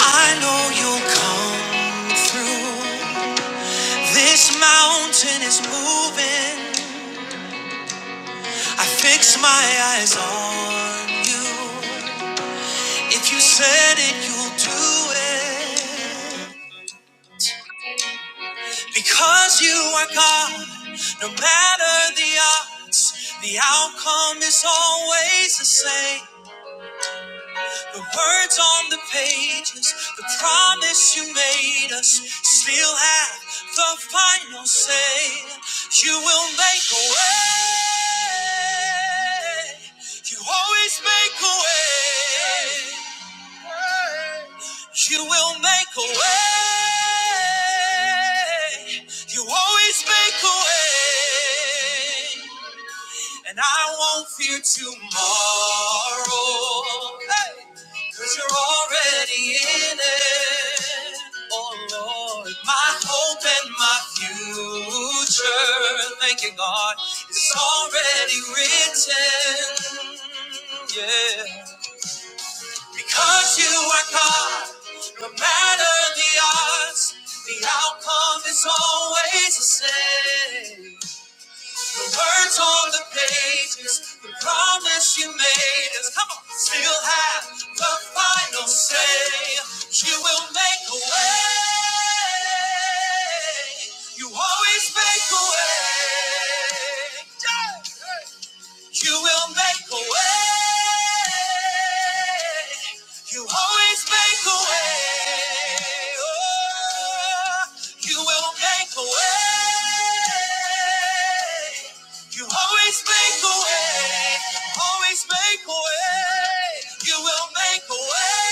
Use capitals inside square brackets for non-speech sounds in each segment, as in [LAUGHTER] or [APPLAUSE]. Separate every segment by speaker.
Speaker 1: I know you'll come through. This mountain is moving. I fix my eyes on you. If you said it, you'll do it. Because you are God, no matter the odds, the outcome is always the same. The words on the pages, the promise you made us, still have the final say. You will make a way. You always make a way. You will make a way. You always make a way. And I won't fear tomorrow. Hey, Cause you're already in it. Oh Lord, my hope and my future. Thank you, God. It's already written. Yeah. Because you are God, no matter the odds, the outcome is always the same words on the pages, the promise you made us. Come on, still have the final say. You will make a way. You always make a way. Yeah. You will make a way. You always make a way. Oh, you will make a way. You always make a way. Always make a way. You will make a way.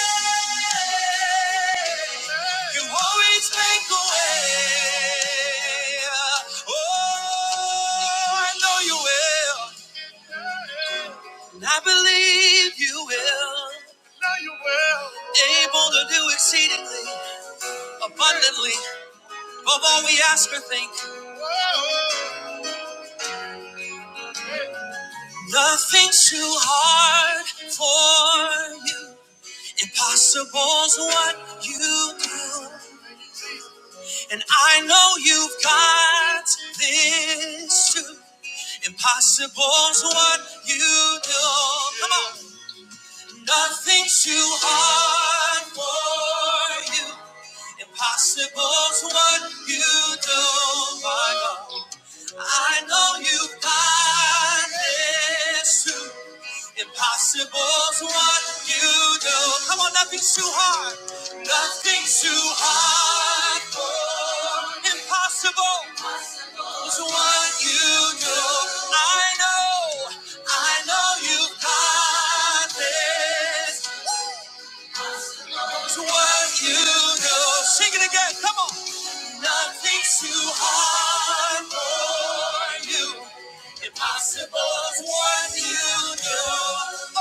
Speaker 1: You always make a way. Oh, I know you will. And I believe you will. Now you will. Able to do exceedingly, abundantly, above all we ask or think. Whoa. Nothing's too hard for you. Impossible's what you do. And I know you've got this too. Impossible's what you do. Come on. Nothing's too hard for you. Impossible's what you do, my God. I know you've got this too. Impossible's what you do. Come on, nothing's too hard. Nothing's too hard for you. impossible is what you do. I know, I know you've got this. to what you do. Sing it again, come on. Nothing's too hard for you. Impossible's what you do. Oh,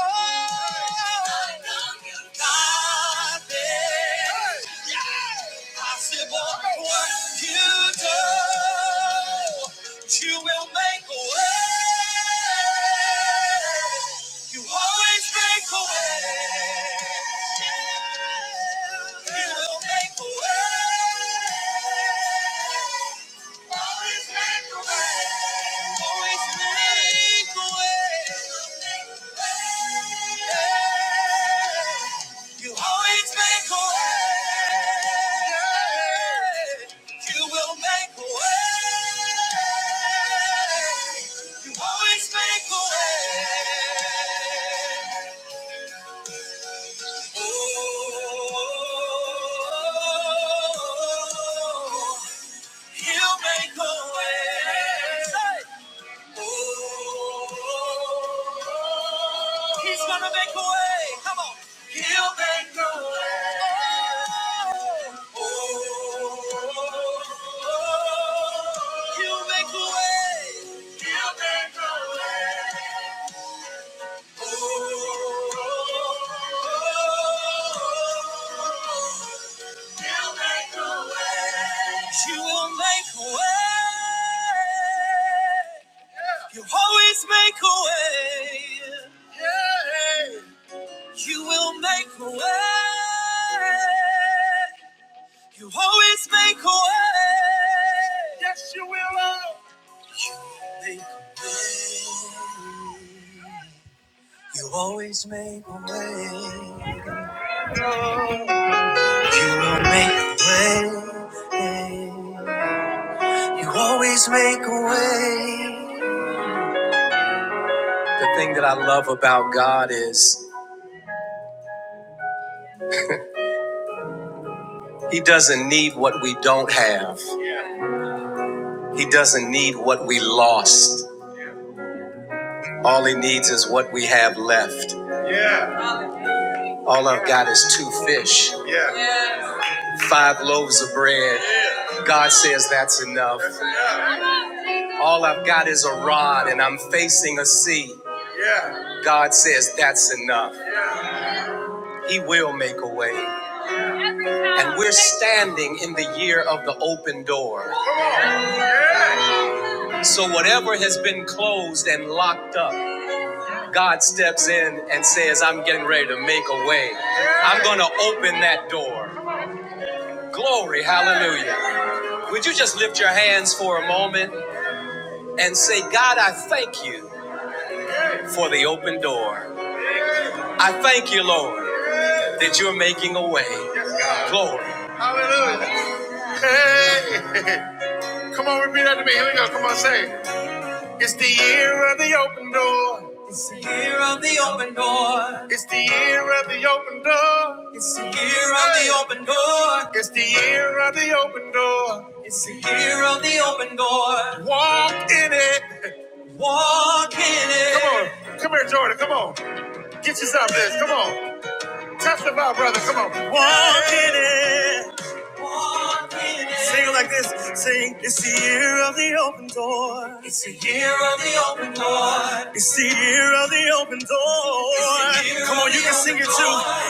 Speaker 1: I know you got this impossible. What you do, you will make a way. You always make a way. You will make a way. You always make a way. You will make a way. You always make a way. Oh, you make a way. Hey. He's gonna make a way. Come on. He'll make a way. Oh, oh, He'll make a way. He'll make a way. Oh, oh, oh, She'll make a way. She will make a way. Yeah. You always make a way. Yeah. You will make a way. You always make a way. Yes, you will. Lord. You make a way. You always make a way. You will make a way. You always make a way. The thing that I love about God is He doesn't need what we don't have, He doesn't need what we lost. All He needs is what we have left. Yeah. All I've got is two fish, yeah. five loaves of bread. Yeah. God says that's enough. That's enough. All I've got is a rod and I'm facing a sea. Yeah. God says that's enough. Yeah. He will make a way. And we're standing in the year of the open door. So, whatever has been closed and locked up, God steps in and says, I'm getting ready to make a way. I'm going to open that door. Glory, hallelujah. Would you just lift your hands for a moment and say, God, I thank you for the open door. I thank you, Lord, that you're making a way. Glory. Hallelujah. Hey. [LAUGHS] Come on, repeat that to me. Here we go. Come on, say. it. It's the year of the open door. It's the year of the open door. It's the year of the open door. It's the year of the open door. It's the year of the open door. It's the year of the open door. Walk in it. Walk in it. Come on. Come here, Jordan. Come on. Get yourself this. Come on. Testify, brother. Come on. Walk in it. Sing it like this. Sing, it's the year of the open door. It's the year of the open door. It's the year of the open door. Come on, you can sing it too.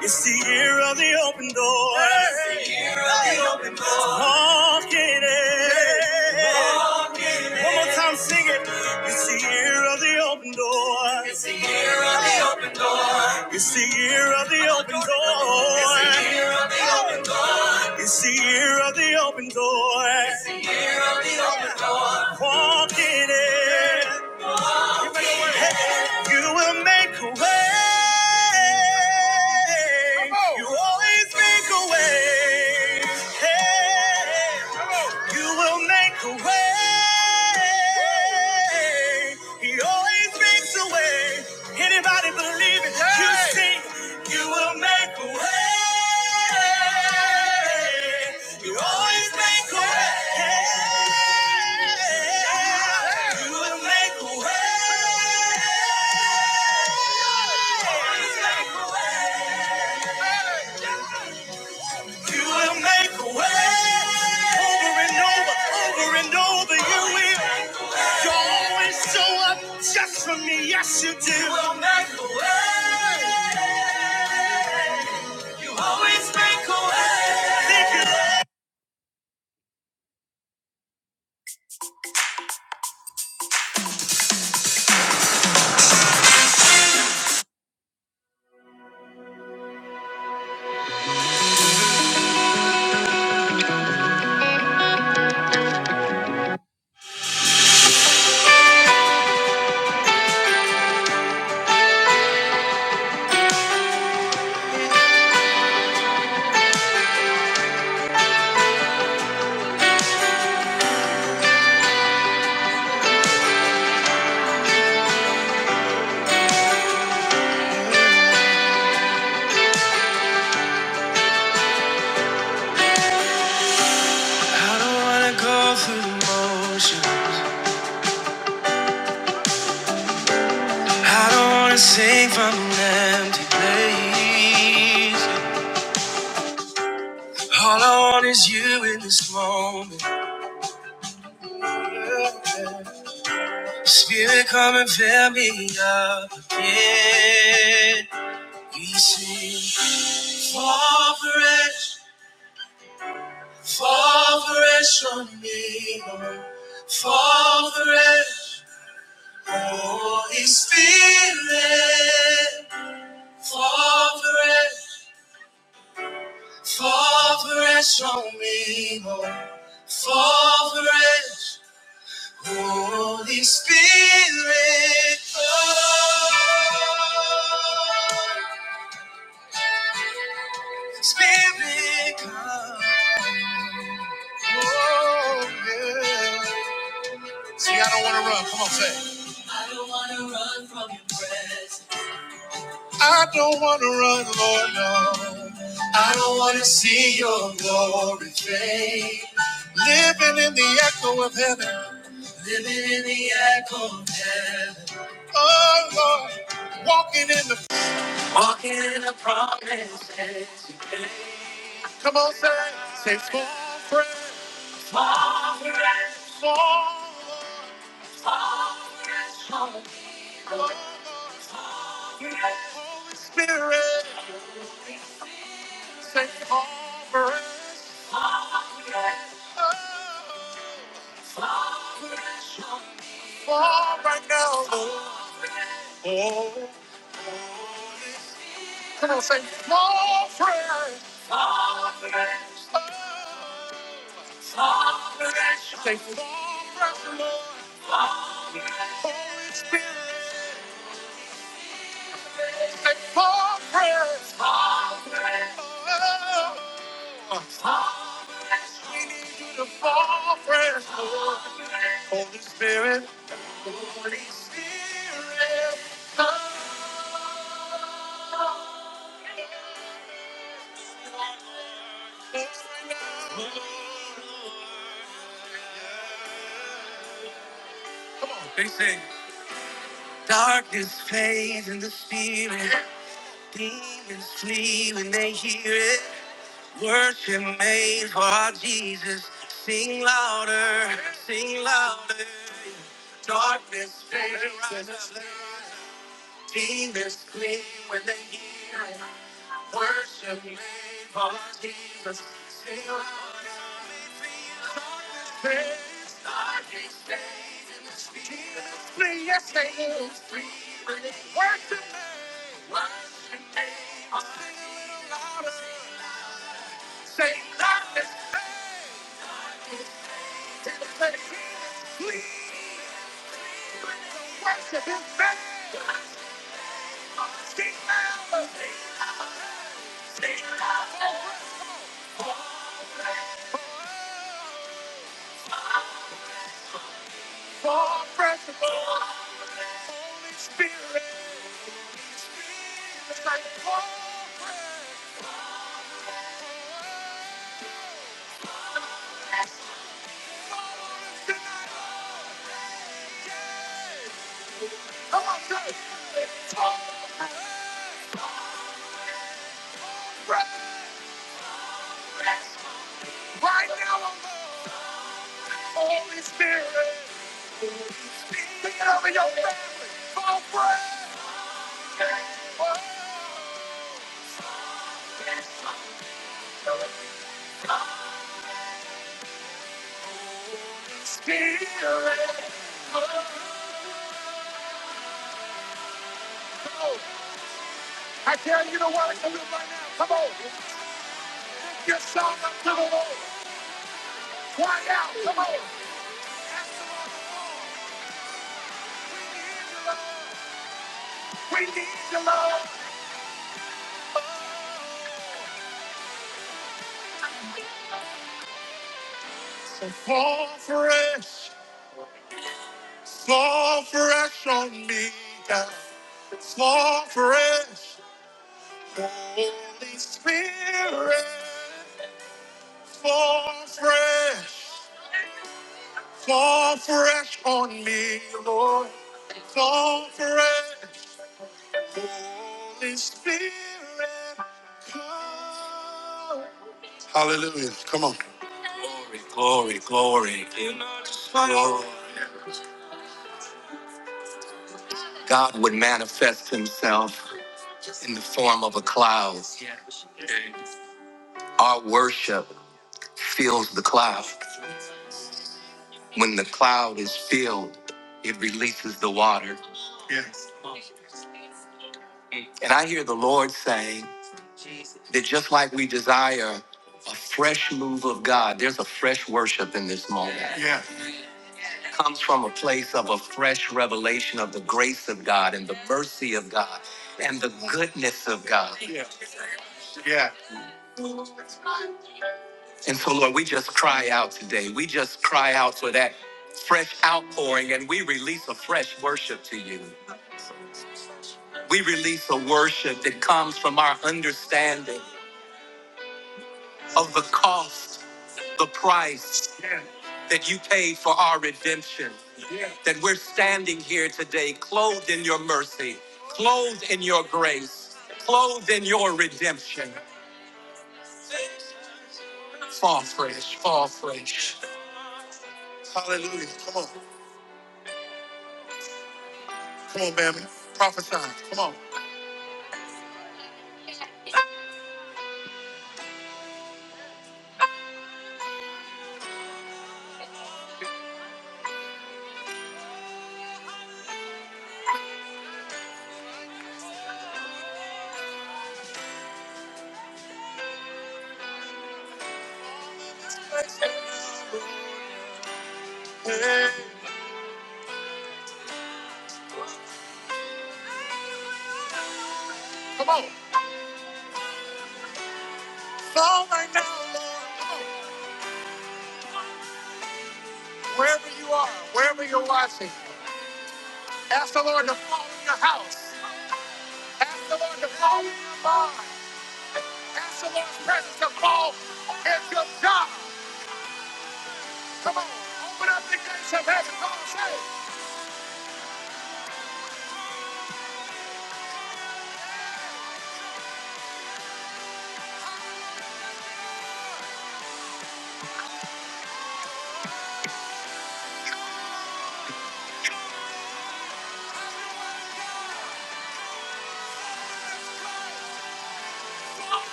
Speaker 1: It's the year of the open door. It's the year of the open door. Walk in it. Walk in it. One more time, sing it. It's the year of the open door. It's the year of the open door. It's the year of the open door. It's the year of the open door. It's the year of the open door. It's the year of the open door. Walk in it. Walk in it. You will make it. You will make it. You will make a way. You always make a way. You will make a way. You Always make a way. You will make a way. Over it, over it, you will. You always show up just for me. Yes, you do. You will make a way. You always make a way. All I want is you in this moment. Spirit, come and fill me up again. We sing, fall fresh, fall fresh on me, Lord. fall fresh, Holy Spirit, fall fresh, fall fresh on me, Lord. fall fresh. Holy Spirit, come. Spirit, come. Oh, yeah. See, I don't want to run. Come on, say. it. I don't want to run, I don't want to run, Lord, no. I don't want to see your glory fade. Living in the echo of heaven. Living in the echo of heaven. Oh, Lord. Walking in the. Come on, say. it. Say, full my More right now. Come on, say more prayer. Say more prayer, Lord. Holy Spirit. Say more prayer. Oh, need you to fall prayer. Holy Spirit. Holy Spirit.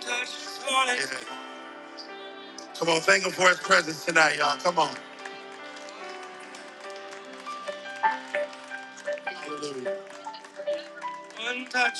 Speaker 1: Touch one, one touch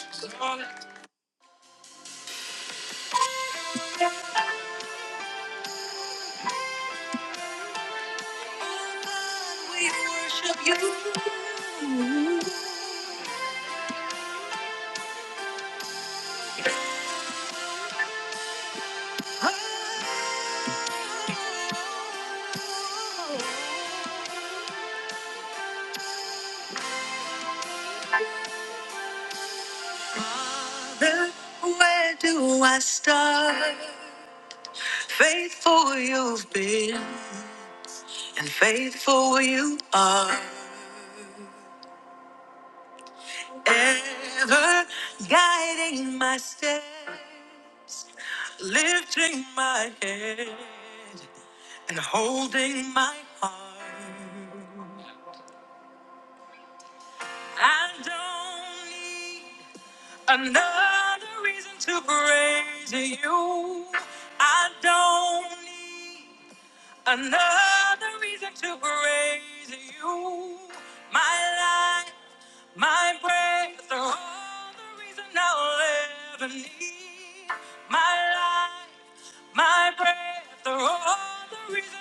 Speaker 1: Now,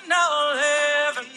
Speaker 1: now, now, heaven.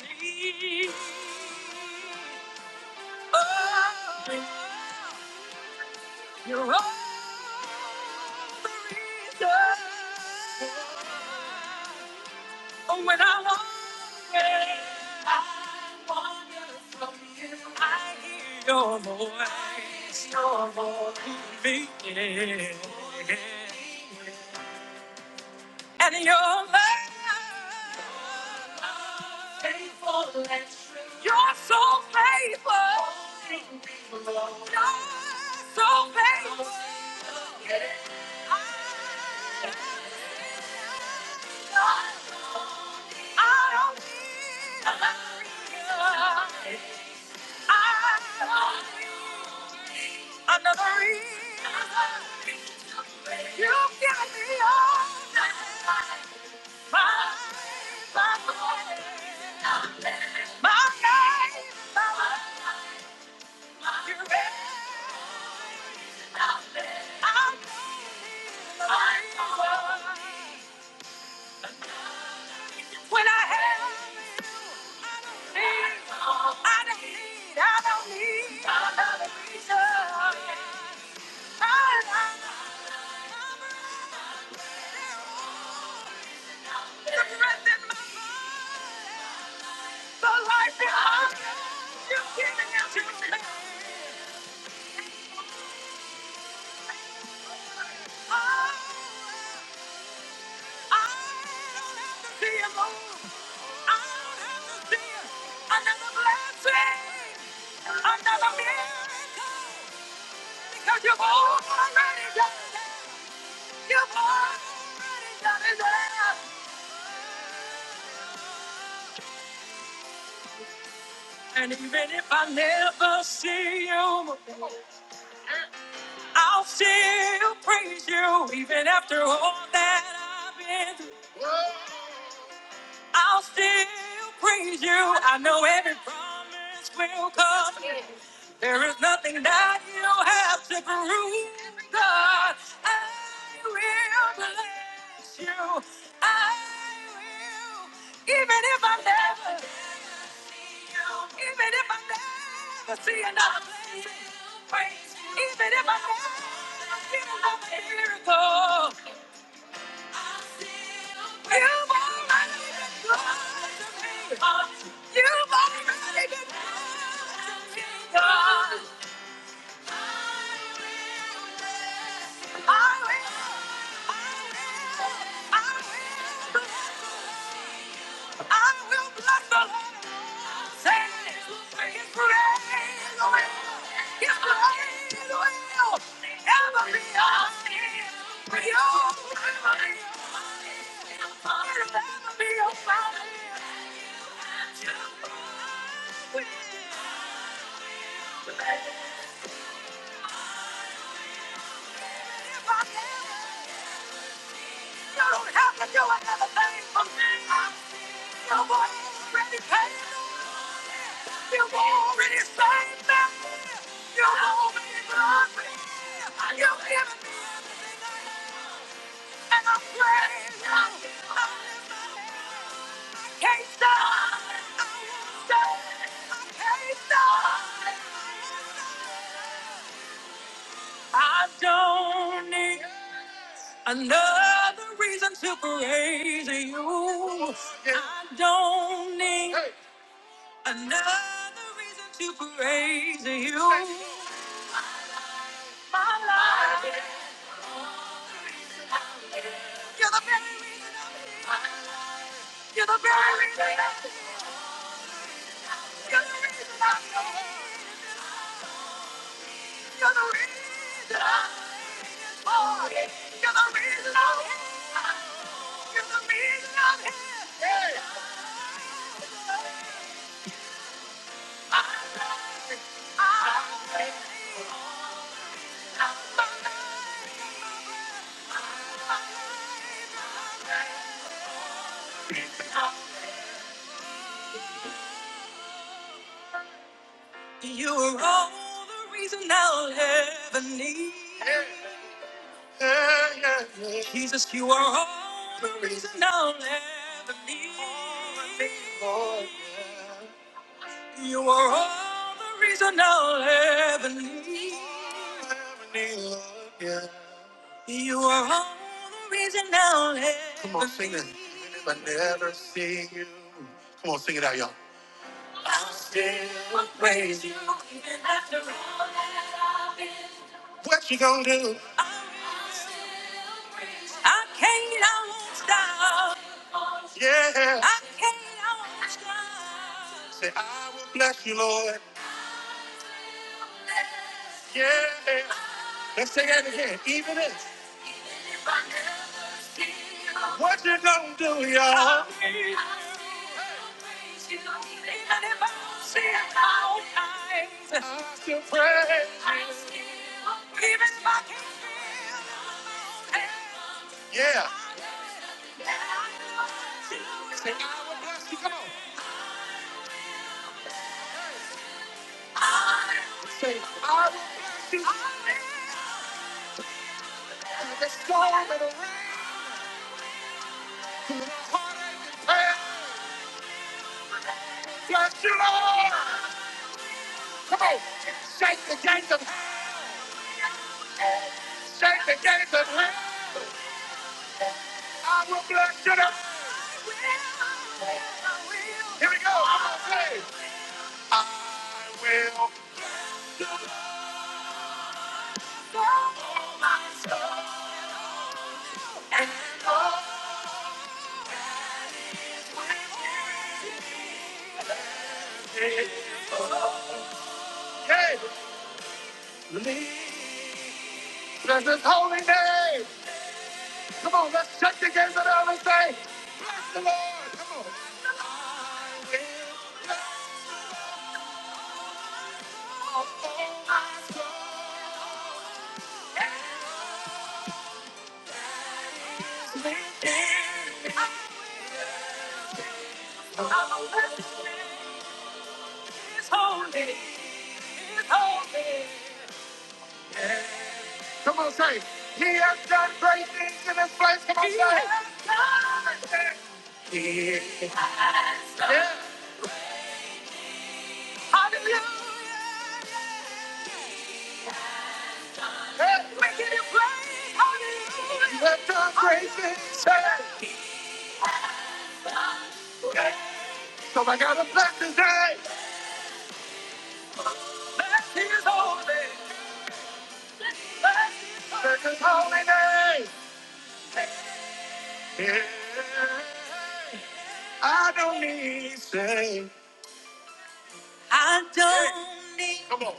Speaker 1: come on.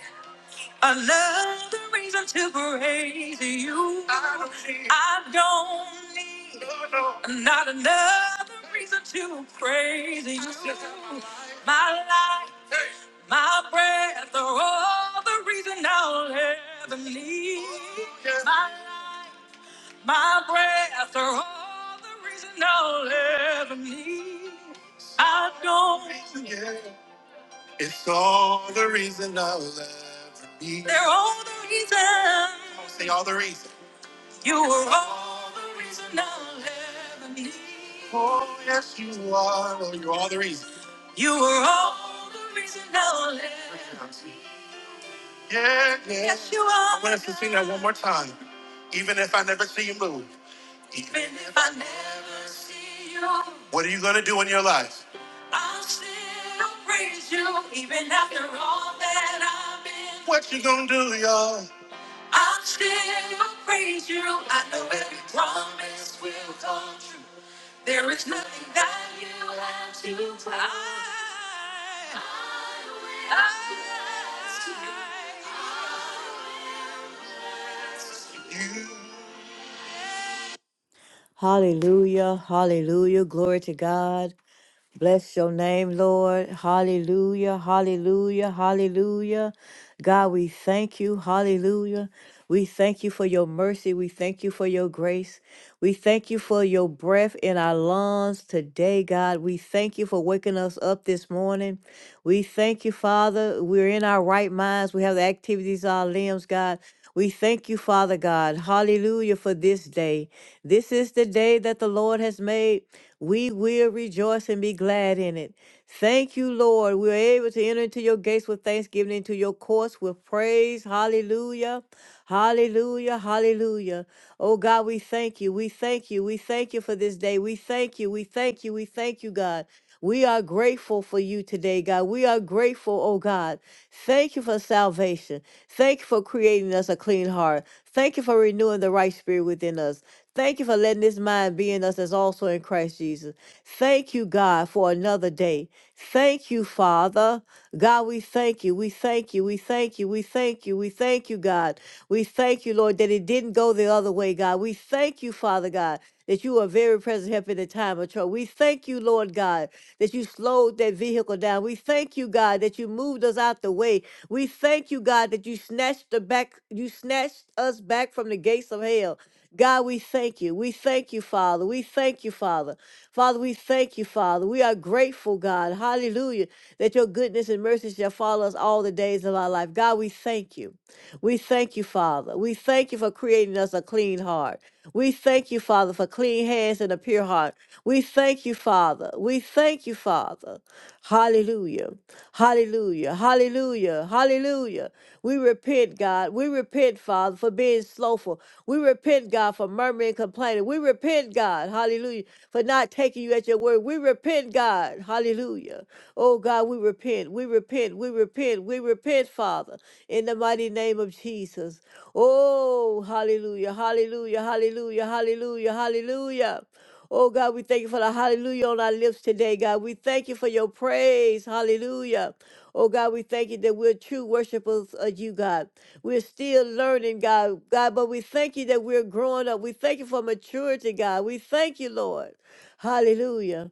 Speaker 1: grace. We thank you for your breath in our lungs today, God. We thank you for waking us up this morning. We thank you, Father. We're in our right minds. We have the activities of our limbs, God. We thank you, Father God. Hallelujah for this day. This is the day that the Lord has made. We will rejoice and be glad in it. Thank you, Lord. We're able to enter into your gates with thanksgiving, into your courts with praise. Hallelujah. Hallelujah, hallelujah. Oh God, we thank you. We thank you. We thank you for this day. We thank you. We thank you. We thank you, God. We are grateful for you today, God. We are grateful, oh God. Thank you for salvation. Thank you for creating us a clean heart. Thank you for renewing the right spirit within us. Thank you for letting this mind be in us as also in Christ Jesus. Thank you, God, for another day. Thank you, Father. God, we thank you. We thank you. We thank you. We thank you. We thank you, God. We thank you, Lord, that it didn't go the other way, God. We thank you, Father God, that you are very present help in the time of trouble. We thank you, Lord God, that you slowed that vehicle down. We thank you, God, that you moved us out the way. We thank you, God, that you snatched the back, you snatched us back from the gates of hell. God, we thank you. We thank you, Father. We thank you, Father. Father, we thank you, Father. We are grateful, God. Hallelujah. That your goodness and mercy shall follow us all the days of our life. God, we thank you. We thank you, Father. We thank you for creating us a clean heart. We thank you, Father, for clean hands and a pure heart. We thank you, Father. We thank you, Father. Hallelujah. Hallelujah. Hallelujah. Hallelujah. We repent, God. We repent, Father, for being slowful. We repent, God, for murmuring and complaining. We repent, God. Hallelujah. For not taking you at your word. We repent, God. Hallelujah. Oh, God, we repent. We repent. We repent. We repent, Father, in the mighty name of Jesus. Oh, hallelujah. Hallelujah. Hallelujah. Hallelujah. Hallelujah. Oh God, we thank you for the hallelujah on our lips today, God. We thank you for your praise. Hallelujah. Oh God, we thank you that we're true worshipers of you, God. We're still learning, God, God, but we thank you that we're growing up. We thank you for maturity, God. We thank you, Lord. Hallelujah.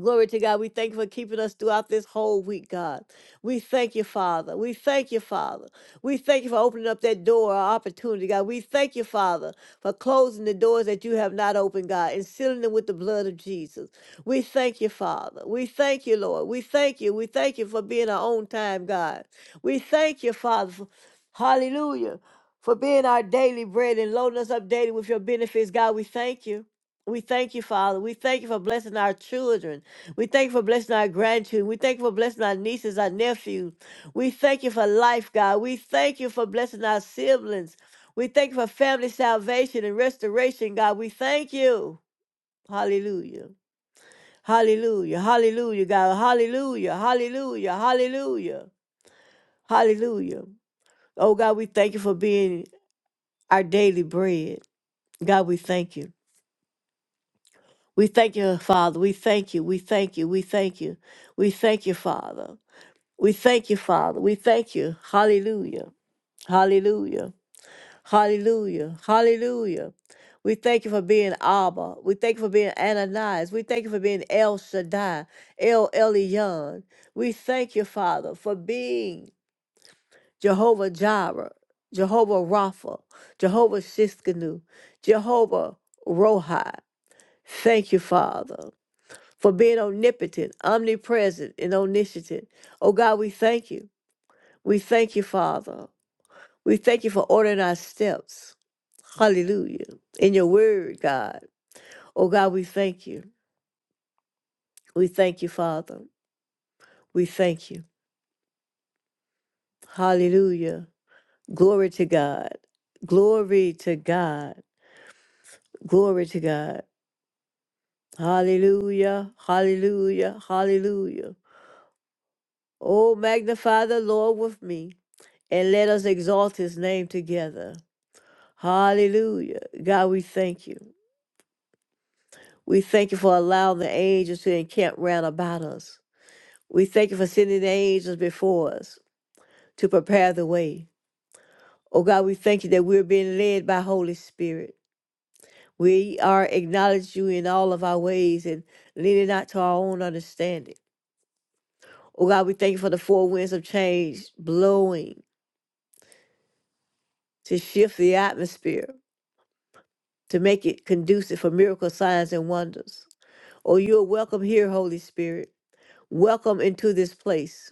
Speaker 1: Glory to God. We thank you for keeping us throughout this whole week, God. We thank you, Father. We thank you, Father. We thank you for opening up that door, or opportunity, God. We thank you, Father, for closing the doors that you have not opened, God, and sealing them with the blood of Jesus. We thank you, Father. We thank you, Lord. We thank you. We thank you for being our own time, God. We thank you, Father. for- hallelujah. For being our daily bread and loading us up daily with your benefits, God. We thank you. We thank you, Father. We thank you for blessing our children. We thank you for blessing our grandchildren. We thank you for blessing our nieces, our nephews. We thank you for life, God. We thank you for blessing our siblings. We thank you for family salvation and restoration, God. We thank you. Hallelujah. Hallelujah. Hallelujah, God. Hallelujah. Hallelujah. Hallelujah. Hallelujah. Oh, God, we thank you for being our daily bread. God, we thank you. We thank you, Father. We thank you. We thank you. We thank you. We thank you, Father. We thank you, Father. We thank you. Hallelujah. Hallelujah. Hallelujah. Hallelujah. We thank you for being Abba. We thank you for being Ananias. We thank you for being El Shaddai, El Elyon. We thank you, Father, for being Jehovah Jireh, Jehovah Rapha, Jehovah Shiskanu, Jehovah Rohi. Thank you, Father for being omnipotent, omnipresent, and omniscient. Oh God, we thank you. We thank you, Father. We thank you for ordering our steps. Hallelujah. In your word, God. Oh God, we thank you. We thank you, Father. We thank you. Hallelujah. Glory to God. Glory to God. Glory to God. Hallelujah. Hallelujah. Hallelujah. Oh, magnify the Lord with me and let us exalt his name together. Hallelujah. God, we thank you. We thank you for allowing the angels to encamp round about us. We thank you for sending the angels before us to prepare the way. Oh God, we thank you that we're being led by Holy Spirit. We are acknowledge you in all of our ways and leaning not to our own understanding. Oh God, we thank you for the four winds of change blowing to shift the atmosphere, to make it conducive for miracle signs and wonders. Oh, you're welcome here, Holy Spirit. Welcome into this place.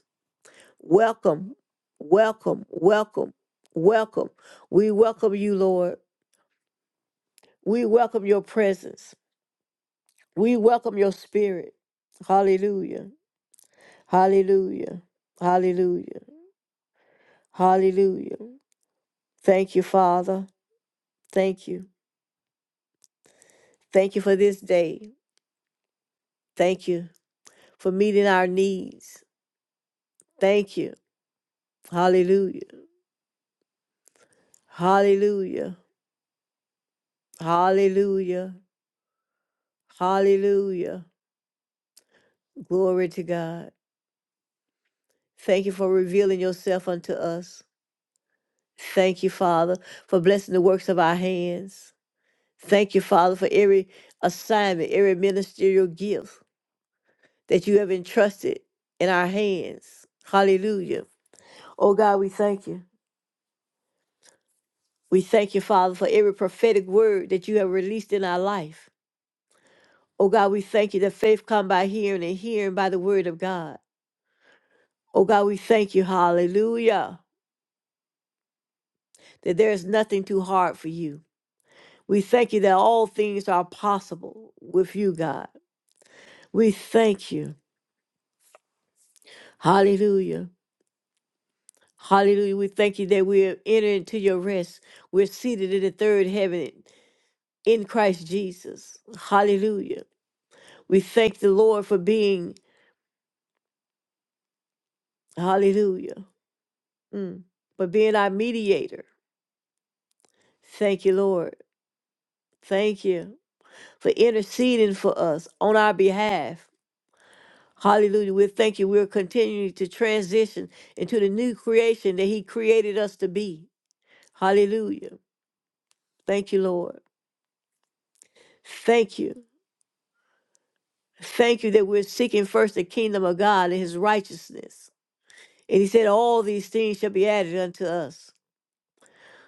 Speaker 1: Welcome, welcome, welcome, welcome. We welcome you, Lord. We welcome your presence. We welcome your spirit. Hallelujah. Hallelujah. Hallelujah. Hallelujah. Thank you, Father. Thank you. Thank you for this day. Thank you for meeting our needs. Thank you. Hallelujah. Hallelujah. Hallelujah. Hallelujah. Glory to God. Thank you for revealing yourself unto us. Thank you, Father, for blessing the works of our hands. Thank you, Father, for every assignment, every ministerial gift that you have entrusted in our hands. Hallelujah. Oh God, we thank you. We thank you, Father, for every prophetic word that you have released in our life. Oh God, we thank you that faith come by hearing and hearing by the word of God. Oh God, we thank you, hallelujah, that there is nothing too hard for you. We thank you that all things are possible with you, God. We thank you. Hallelujah. Hallelujah. We thank you that we are entered into your rest. We're seated in the third heaven in Christ Jesus. Hallelujah. We thank the Lord for being, hallelujah, mm, for being our mediator. Thank you, Lord. Thank you for interceding for us on our behalf. Hallelujah. We thank you. We're continuing to transition into the new creation that He created us to be. Hallelujah. Thank you, Lord. Thank you. Thank you that we're seeking first the kingdom of God and His righteousness. And He said, All these things shall be added unto us.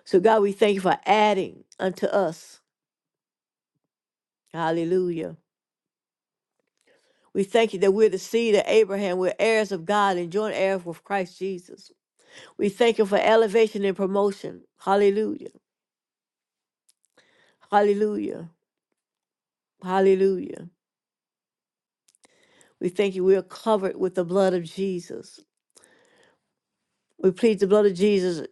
Speaker 1: So, God, we thank you for adding unto us. Hallelujah. We thank you that we're the seed of Abraham. We're heirs of God and joint heirs with Christ Jesus. We thank you for elevation and promotion. Hallelujah. Hallelujah. Hallelujah. We thank you. We are covered with the blood of Jesus. We plead the blood of Jesus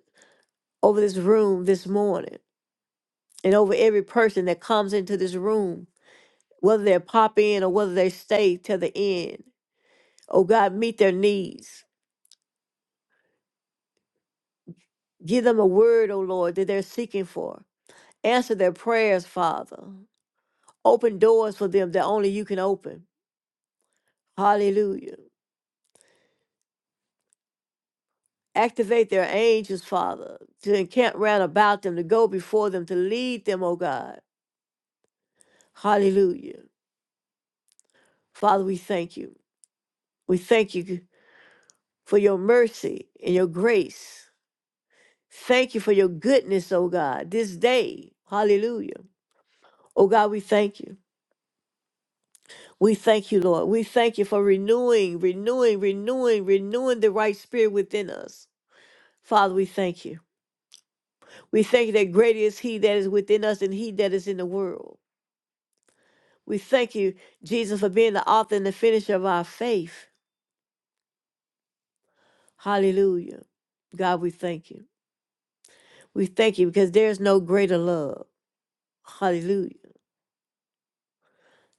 Speaker 1: over this room this morning and over every person that comes into this room, whether they pop in or whether they stay till the end. Oh God, meet their needs. Give them a word, oh Lord, that they're seeking for. Answer their prayers, Father. Open doors for them that only you can open. Hallelujah. Activate their angels, Father, to encamp round about them, to go before them, to lead them, oh God Hallelujah. Father, we thank you. We thank you for your mercy and your grace. Thank you for your goodness, oh God, this day. Hallelujah. Oh God, we thank you. We thank you, Lord. We thank you for renewing, renewing, renewing, renewing the right spirit within us. Father, we thank you. We thank you that greater is He that is within us than He that is in the world. We thank you, Jesus, for being the author and the finisher of our faith. Hallelujah. God, we thank you. We thank you because there is no greater love. Hallelujah.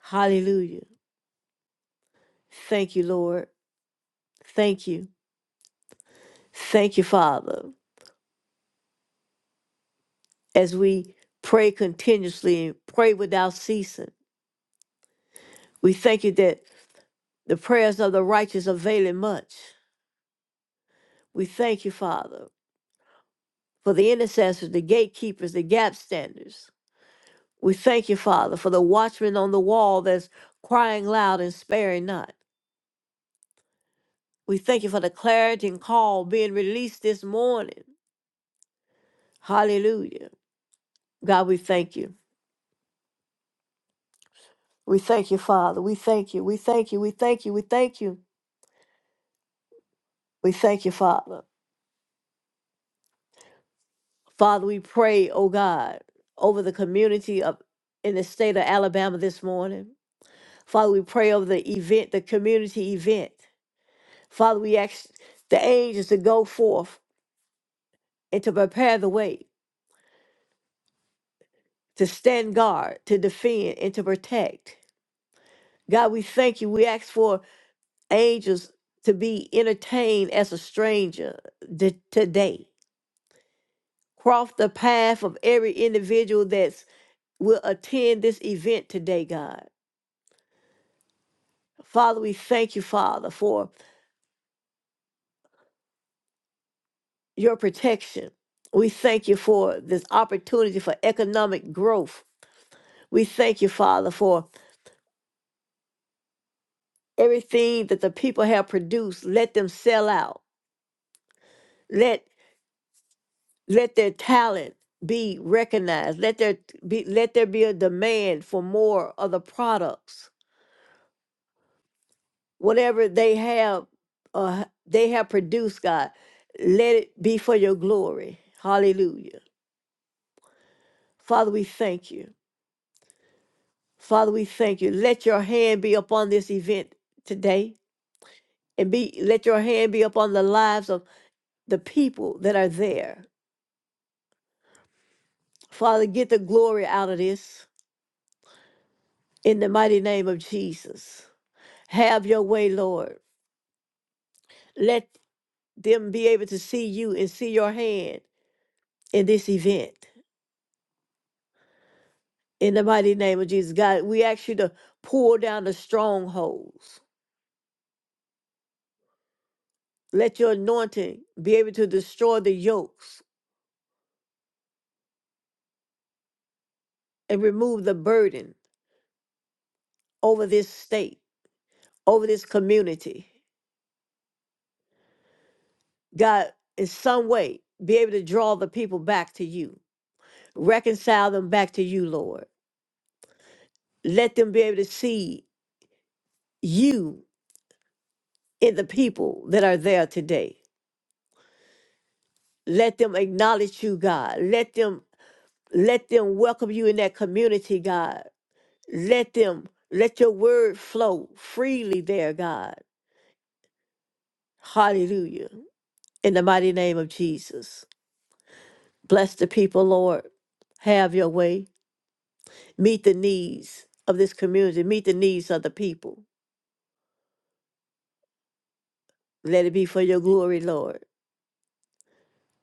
Speaker 1: Hallelujah. Thank you, Lord. Thank you. Thank you, Father. As we pray continuously and pray without ceasing, we thank you that the prayers of the righteous avail much. We thank you, Father, for the intercessors, the gatekeepers, the gap standers. We thank you, Father, for the watchman on the wall that's crying loud and sparing not. We thank you for the clarity and call being released this morning. Hallelujah. God, we thank you. We thank you, Father. We thank you. We thank you. We thank you. We thank you. We thank you, Father. Father, we pray, oh God, over the community of in the state of Alabama this morning. Father, we pray over the event, the community event. Father, we ask the angels to go forth and to prepare the way, to stand guard, to defend, and to protect. God, we thank you. We ask for angels to be entertained as a stranger d- today. Cross the path of every individual that's will attend this event today, God. Father, we thank you, Father, for your protection. We thank you for this opportunity for economic growth. We thank you, Father, for everything that the people have produced. Let them sell out. Let let their talent be recognized let there be let there be a demand for more of the products whatever they have uh they have produced god let it be for your glory hallelujah father we thank you father we thank you let your hand be upon this event today and be let your hand be upon the lives of the people that are there father get the glory out of this in the mighty name of jesus have your way lord Let them be able to see you and see your hand in this event. In the mighty name of Jesus, God, we ask you to pull down the strongholds. Let your anointing be able to destroy the yokes and remove the burden over this state, over this community. God, in some way, be able to draw the people back to you, reconcile them back to you, Lord. Let them be able to see you in the people that are there today. Let them acknowledge you, God. Let them let them welcome you in that community, God. Let them let your word flow freely there, God. Hallelujah. In the mighty name of Jesus. Bless the people, Lord. Have your way. Meet the needs of this community. Meet the needs of the people. Let it be for your glory, Lord.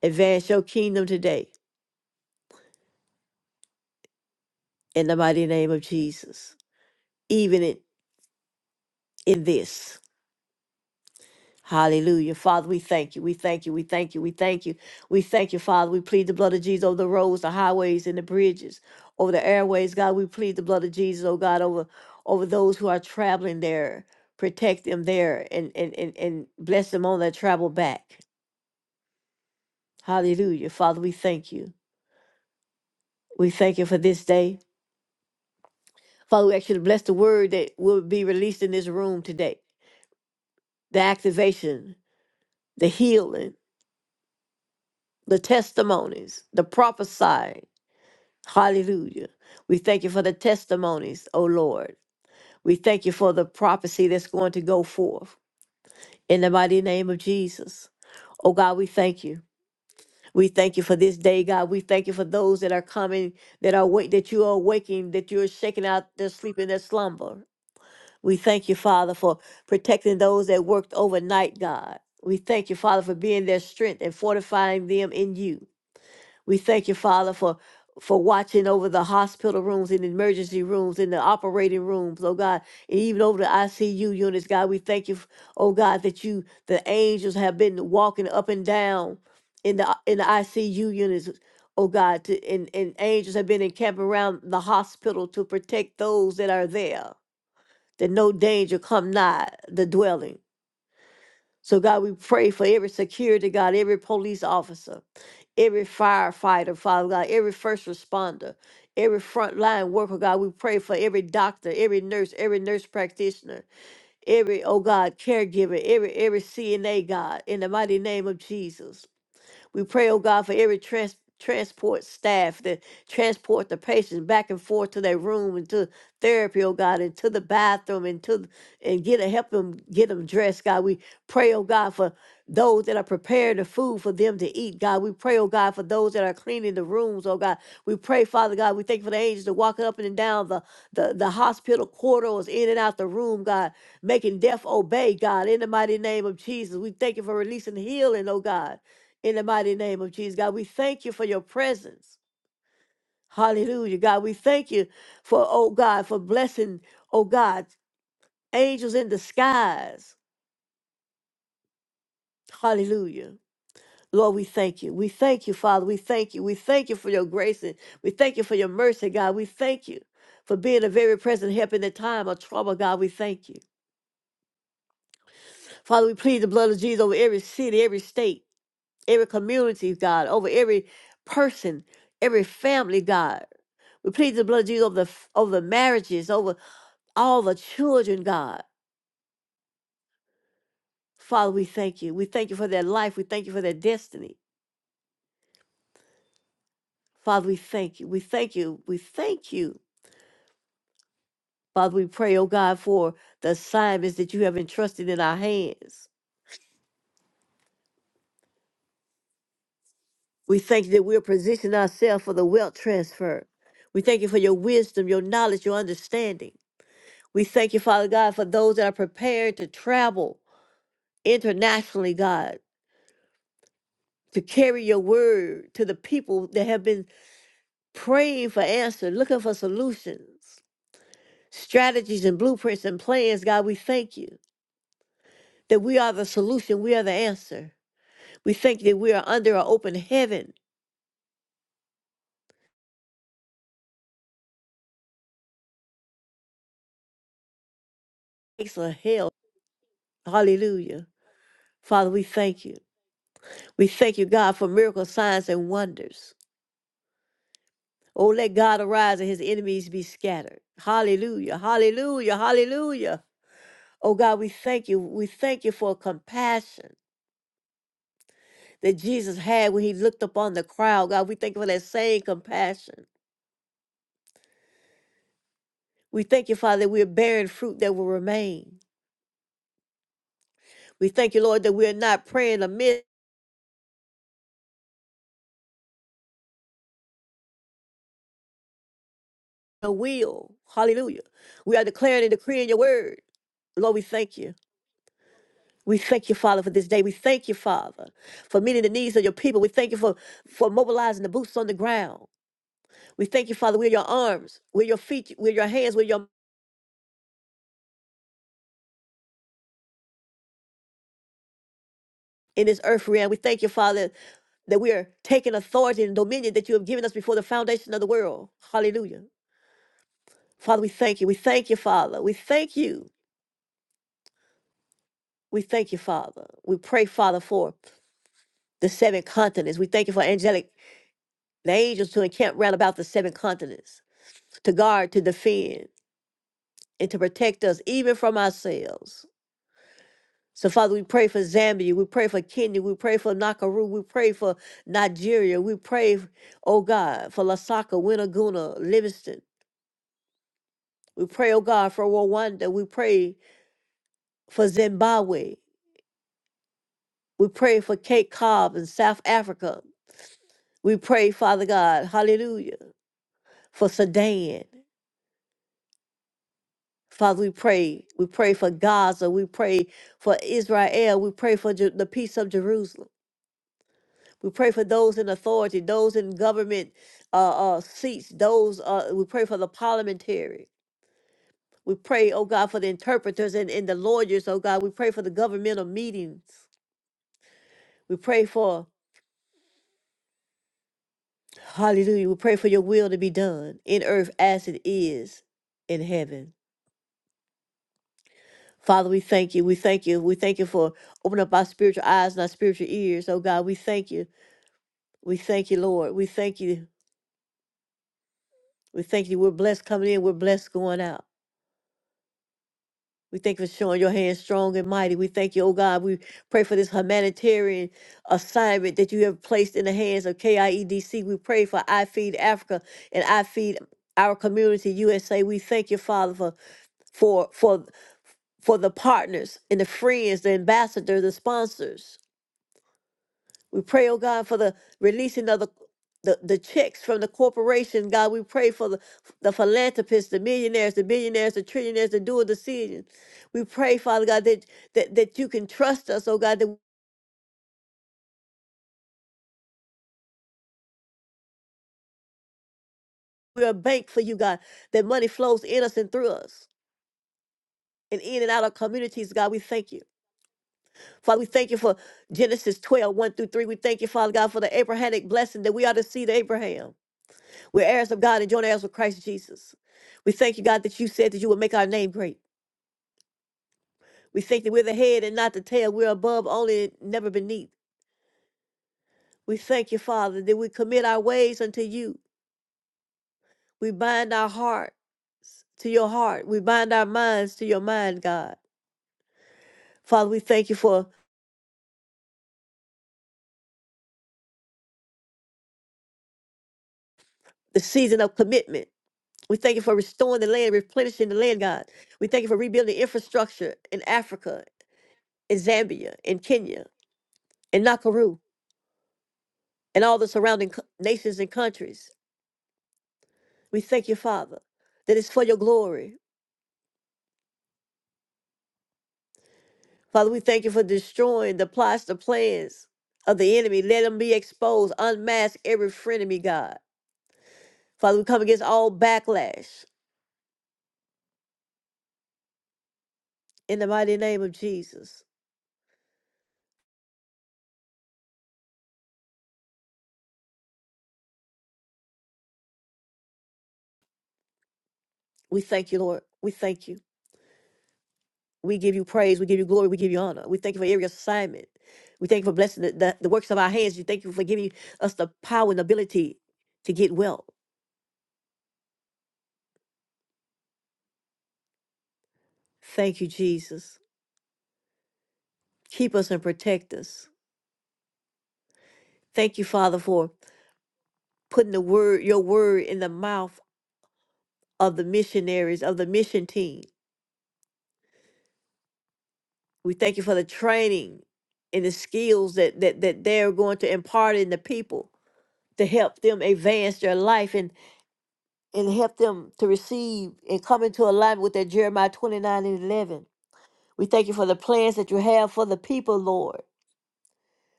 Speaker 1: Advance your kingdom today in the mighty name of Jesus. Even in, in this. Hallelujah. Father, we thank you. We thank you. We thank you. We thank you. We thank you, Father. We plead the blood of Jesus over the roads, the highways, and the bridges, over the airways. God, we plead the blood of Jesus, oh God, over over those who are traveling there. Protect them there and and and, and bless them on their travel back. Hallelujah. Father, we thank you. We thank you for this day. Father, we actually bless the word that will be released in this room today. The activation, the healing, the testimonies, the prophesied. Hallelujah. We thank you for the testimonies, O Lord. We thank you for the prophecy that's going to go forth in the mighty name of Jesus. Oh God, we thank you. We thank you for this day, God. We thank you for those that are coming, that are wake, that you are waking, that you are shaking out their sleep and their slumber. We thank you, Father, for protecting those that worked overnight, God. We thank you, Father, for being their strength and fortifying them in you. We thank you, Father, for for watching over the hospital rooms and emergency rooms and the operating rooms, oh God, and even over the ICU units, God. We thank you, oh God, that you the angels have been walking up and down in the in the ICU units, oh God, to, and and angels have been encamped around the hospital to protect those that are there, that no danger come nigh the dwelling. So, God, we pray for every security guard, every police officer, every firefighter, Father God, every first responder, every frontline worker, God. We pray for every doctor, every nurse, every nurse practitioner, every, oh God, caregiver, every, every CNA, God, in the mighty name of Jesus. We pray, oh God, for every trans- transport staff that transport the patients back and forth to their room and to therapy, oh God, and to the bathroom and to th- and get a, help them get them dressed, God. We pray, oh God, for those that are preparing the food for them to eat, God. We pray, oh God, for those that are cleaning the rooms, oh God. We pray, Father God, we thank you for the angels that walking up and down the, the, the hospital corridors, in and out the room, God, making death obey, God, in the mighty name of Jesus. We thank you for releasing healing, oh God in the mighty name of Jesus. God, we thank you for your presence. Hallelujah. God, we thank you for, oh God, for blessing, oh God, angels in the skies. Hallelujah. Lord, we thank you. We thank you, Father. We thank you. We thank you for your grace and we thank you for your mercy, God. We thank you for being a very present help in the time of trouble, God. We thank you. Father, we plead the blood of Jesus over every city, every state. every community, God, over every person, every family, God. We plead the blood of Jesus over the, f- over the marriages, over all the children, God. Father, we thank you. We thank you for their life. We thank you for their destiny. Father, we thank you. We thank you. We thank you. Father, we pray, oh God, for the assignments that you have entrusted in our hands. We thank you that we're positioning ourselves for the wealth transfer. We thank you for your wisdom, your knowledge, your understanding. We thank you, Father God, for those that are prepared to travel internationally, God, to carry your word to the people that have been praying for answers, looking for solutions, strategies and blueprints and plans. God, we thank you that we are the solution, we are the answer. We thank you that we are under an open heaven, excellent hell. Hallelujah. Father, we thank you. We thank you, God, for miracle signs and wonders. Oh, let God arise and his enemies be scattered. Hallelujah, hallelujah, hallelujah. Oh God, we thank you. We thank you for compassion that Jesus had when he looked upon the crowd. God, we thank you for that same compassion. We thank you, Father, that we're bearing fruit that will remain. We thank you, Lord, that we're not praying amid the will. Hallelujah. We are declaring and decreeing your word. Lord, we thank you. We thank you, Father, for this day. We thank you, Father, for meeting the needs of your people. We thank you for, for mobilizing the boots on the ground. We thank you, Father. We're your arms, we're your feet, we're your hands, we're your in this earth realm. We thank you, Father, that we are taking authority and dominion that you have given us before the foundation of the world. Hallelujah. Father, we thank you. We thank you, Father. We thank you. We thank you, Father. We pray, Father, for the seven continents. We thank you for angelic, the angels to encamp round about the seven continents, to guard, to defend. and to protect us even from ourselves. So, Father, we pray for Zambia, we pray for Kenya, we pray for Nakuru, we pray for Nigeria, we pray, oh God, for Lasaka, Winaguna, Livingston. We pray, oh God, for Rwanda, we pray for Zimbabwe, we pray for Cape Cobb in South Africa. We pray, Father God, hallelujah, for Sudan. Father, we pray. We pray for Gaza. We pray for Israel. We pray for Ju- the peace of Jerusalem. We pray for those in authority, those in government uh, uh, seats, those, uh, we pray for the parliamentary. We pray, oh God, for the interpreters and, and the lawyers, oh God. We pray for the governmental meetings. We pray for, hallelujah, we pray for your will to be done in earth as it is in heaven. Father, we thank you. We thank you. We thank you for opening up our spiritual eyes and our spiritual ears, oh God. We thank you. We thank you, Lord. We thank you. We thank you. We're blessed coming in, we're blessed going out. We thank you for showing your hand strong and mighty. We thank you, oh God. We pray for this humanitarian assignment that you have placed in the hands of KIEDC. We pray for I Feed Africa and I Feed Our Community USA. We thank you, Father, for for for for the partners and the friends, the ambassadors, the sponsors. We pray, oh God, for the releasing of the the, the checks from the corporation, God, we pray for the, the philanthropists, the millionaires, the billionaires, the trillionaires, the dual decisions. We pray, Father God, that, that that you can trust us, oh God, that we're a bank for you, God, that money flows in us and through us and in and out of communities, God. We thank you. Father, we thank you for Genesis twelve one through 3. We thank you, Father God, for the Abrahamic blessing that we are the seed of Abraham. We're heirs of God and joint heirs with Christ Jesus. We thank you, God, that you said that you would make our name great. We thank that we're the head and not the tail. We're above only and never beneath. We thank you, Father, that we commit our ways unto you. We bind our heart to your heart. We bind our minds to your mind, God. Father, we thank you for the season of commitment. We thank you for restoring the land, replenishing the land, God. We thank you for rebuilding infrastructure in Africa, in Zambia, in Kenya, in Nakuru, and all the surrounding co- nations and countries. We thank you, Father, that it's for your glory. Father, we thank you for destroying the plots, the plans of the enemy. Let them be exposed. Unmask every frenemy, God. Father, we come against all backlash in the mighty name of Jesus. We thank you, Lord. We thank you. We give you praise. We give you glory. We give you honor. We thank you for every assignment. We thank you for blessing the, the, the works of our hands. We thank you for giving us the power and ability to get well. Thank you, Jesus. Keep us and protect us. Thank you, Father, for putting the word, your word in the mouth of the missionaries of the mission team. We thank you for the training and the skills that that that they're going to impart in the people to help them advance their life and and help them to receive and come into alignment with that Jeremiah 29 and 11. We thank you for the plans that you have for the people, Lord.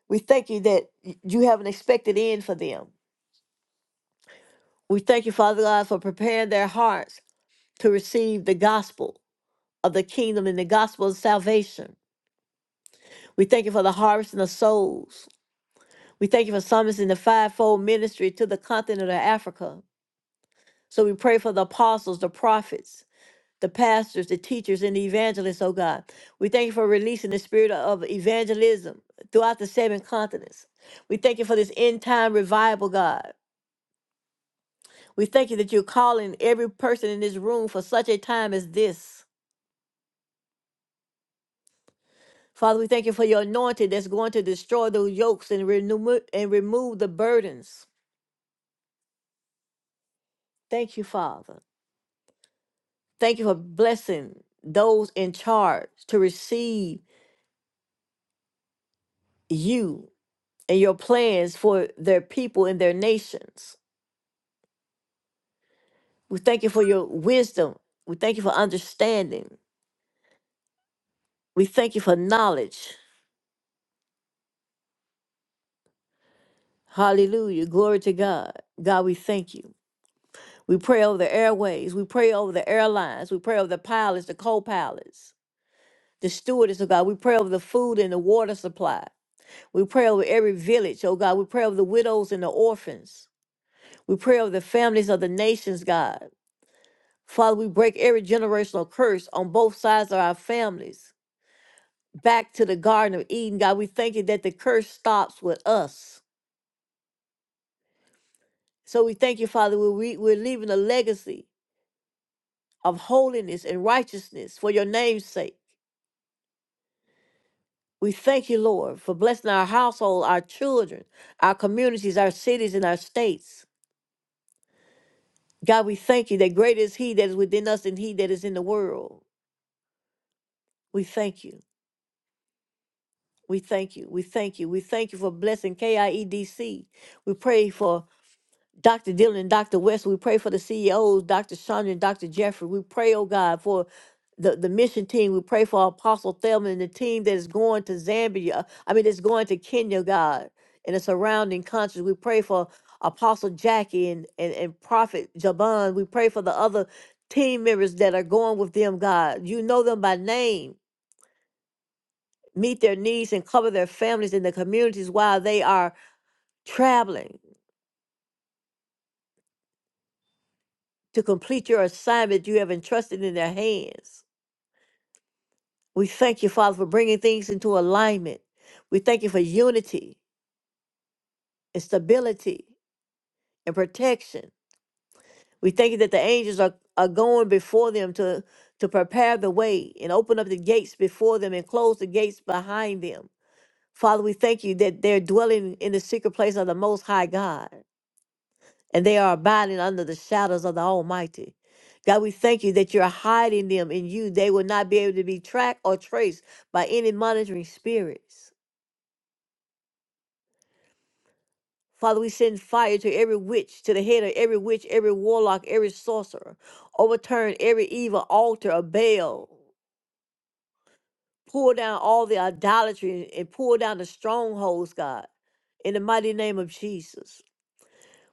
Speaker 1: We thank you that y- you have an expected end for them. We thank you, Father God, for preparing their hearts to receive the gospel of the kingdom and the gospel of salvation. We thank you for the harvest and the souls. We thank you for summoning the fivefold ministry to the continent of Africa. So we pray for the apostles, the prophets, the pastors, the teachers, and the evangelists, oh God. We thank you for releasing the spirit of evangelism throughout the seven continents. We thank you for this end time revival, God. We thank you that you're calling every person in this room for such a time as this. Father, we thank you for your anointing that's going to destroy those yokes and, renew- and remove the burdens. Thank you, Father. Thank you for blessing those in charge to receive you and your plans for their people and their nations. We thank you for your wisdom. We thank you for understanding. We thank you for knowledge. Hallelujah. Glory to God. God, we thank you. We pray over the airways. We pray over the airlines. We pray over the pilots, the co pilots, the stewardess, oh God. We pray over the food and the water supply. We pray over every village, oh God. We pray over the widows and the orphans. We pray over the families of the nations, God. Father, we break every generational curse on both sides of our families. Back to the Garden of Eden, God, we thank you that the curse stops with us. So we thank you, Father, we're, re- we're leaving a legacy of holiness and righteousness for your name's sake. We thank you, Lord, for blessing our household, our children, our communities, our cities, and our states. God, we thank you that greater is He that is within us than He that is in the world. We thank you. We thank you. We thank you. We thank you for blessing KIEDC. We pray for Dr. Dillon and Dr. West. We pray for the CEOs, Dr. Chandra and Dr. Jeffrey. We pray, oh God, for the, the mission team. We pray for Apostle Thelma and the team that is going to Zambia. I mean, that's going to Kenya, God, and the surrounding countries. We pray for Apostle Jackie and, and, and Prophet Jaban. We pray for the other team members that are going with them, God. You know them by name meet their needs and cover their families and their communities while they are traveling to complete your assignment you have entrusted in their hands. We thank you, Father, for bringing things into alignment. We thank you for unity and stability and protection. We thank you that the angels are, are going before them to, to prepare the way and open up the gates before them and close the gates behind them. Father, we thank you that they're dwelling in the secret place of the Most High God. and they are abiding under the shadows of the Almighty. God, we thank you that you're hiding them in you. They will not be able to be tracked or traced by any monitoring spirits. Father, we send fire to every witch, to the head of every witch, every warlock, every sorcerer. Overturn every evil altar of Baal. Pull down all the idolatry and pull down the strongholds, God, in the mighty name of Jesus.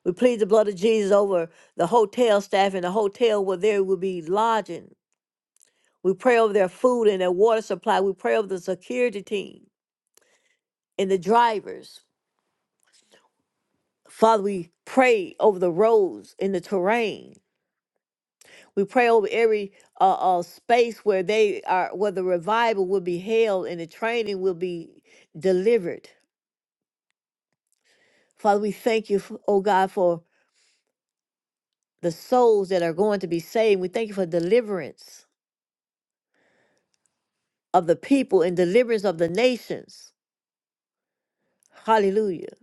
Speaker 1: We plead the blood of Jesus over the hotel staff and the hotel where there will be lodging We pray over their food and their water supply. We pray over the security team and the drivers. Father, we pray over the roads and the terrain. We pray over every uh, uh, space where they are, where the revival will be held and the training will be delivered. Father, we thank you, f- oh God, for the souls that are going to be saved. We thank you for deliverance of the people and deliverance of the nations. Hallelujah.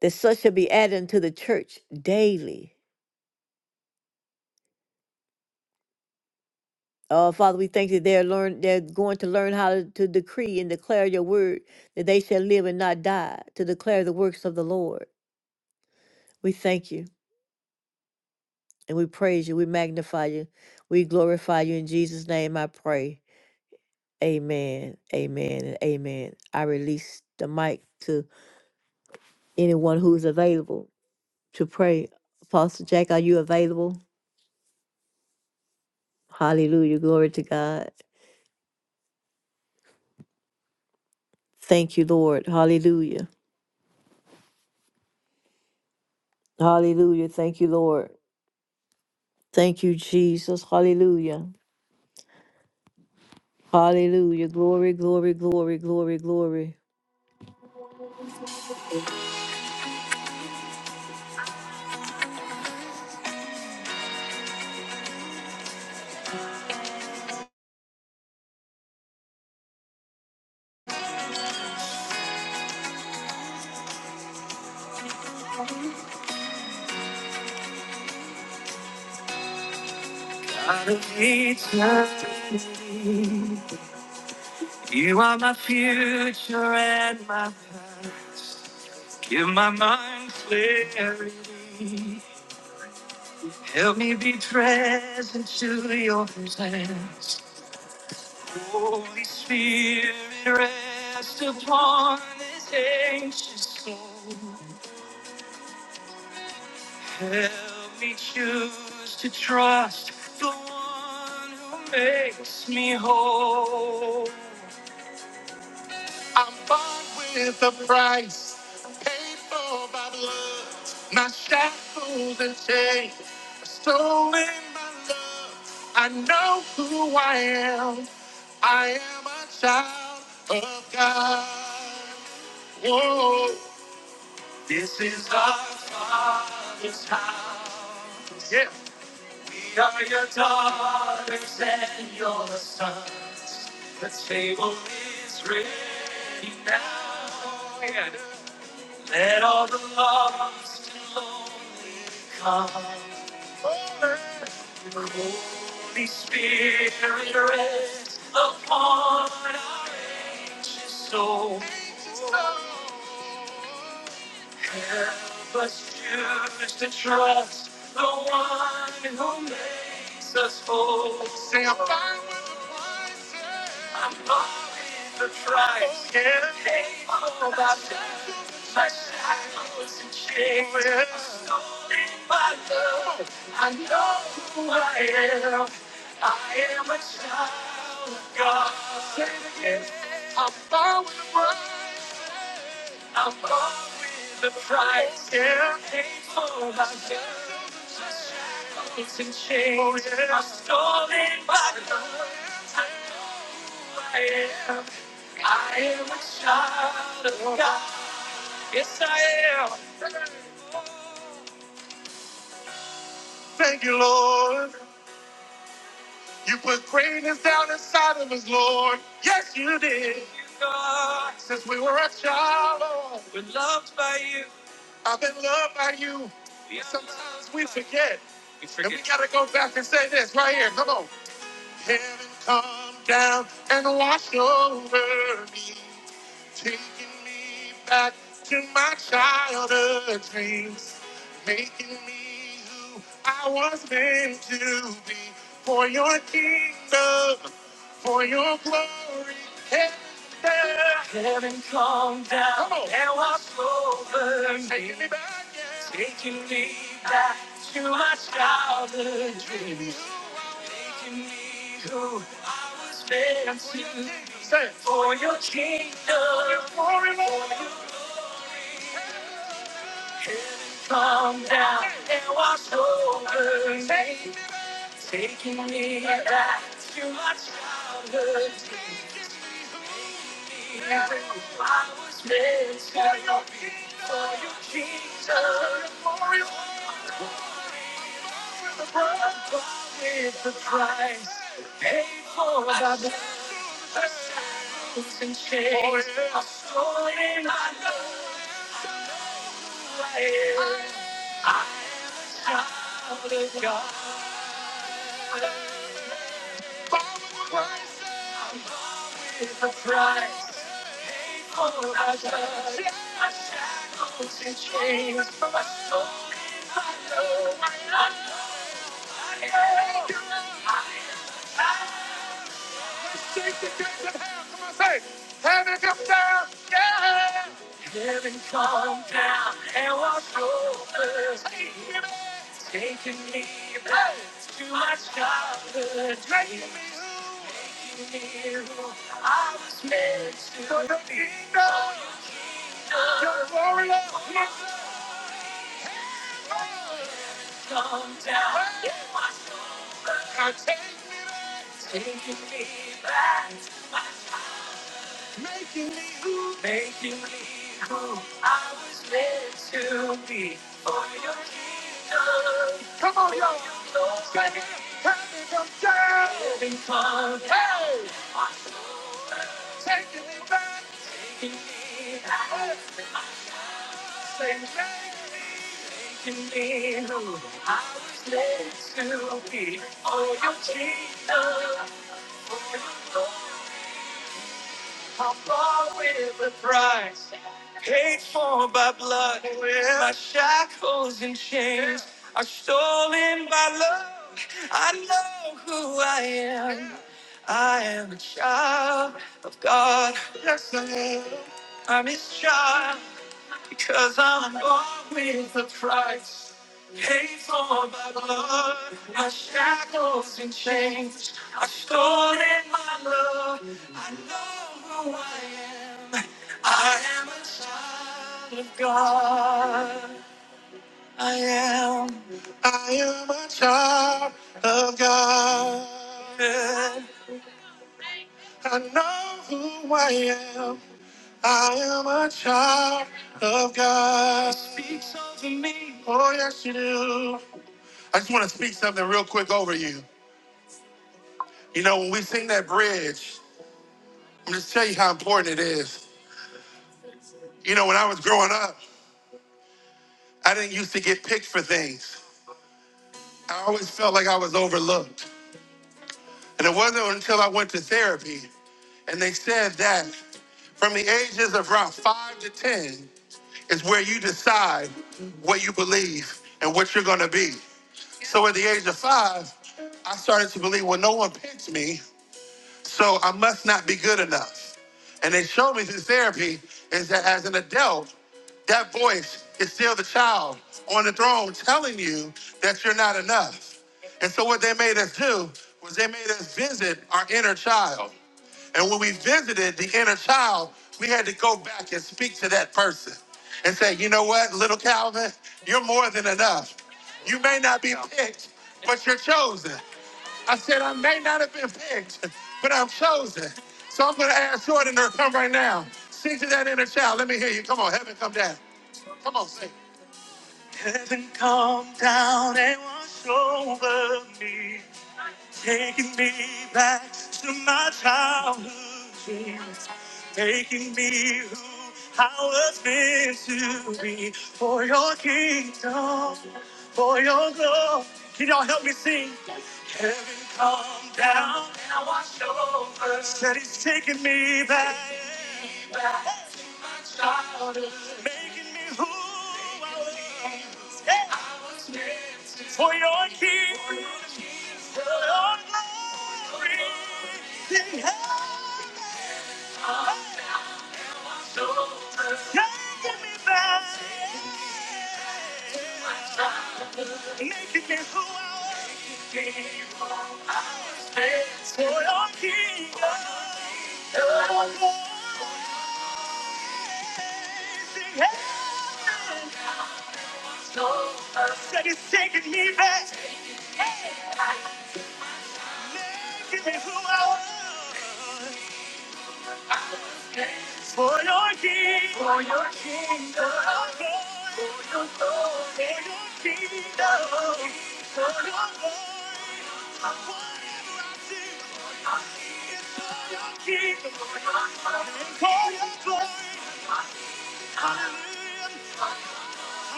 Speaker 1: That such shall be added unto the church daily. Uh, Father, we thank you they're learn they're going to learn how to, to decree and declare your word that they shall live and not die to declare the works of the Lord. We thank you and we praise you. We magnify you. We glorify you in Jesus' name. I pray. Amen. Amen. And amen. I release the mic to anyone who's available to pray. Apostle Jack, are you available? Hallelujah. Glory to God. Thank you, Lord. Hallelujah. Hallelujah. Thank you, Lord. Thank you, Jesus. Hallelujah. Hallelujah. Glory, glory, glory, glory, glory. Rest of your Holy Spirit, rest upon this anxious soul. Help me, God, we're loved by you. And to be for your kingdom, for your glory. yes.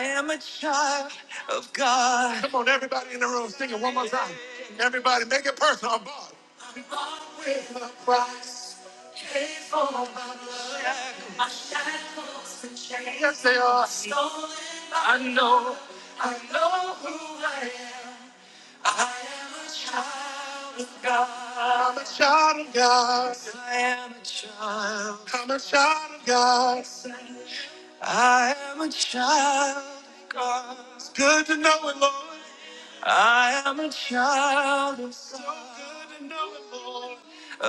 Speaker 1: I am a child of God. I am a child. I am a child.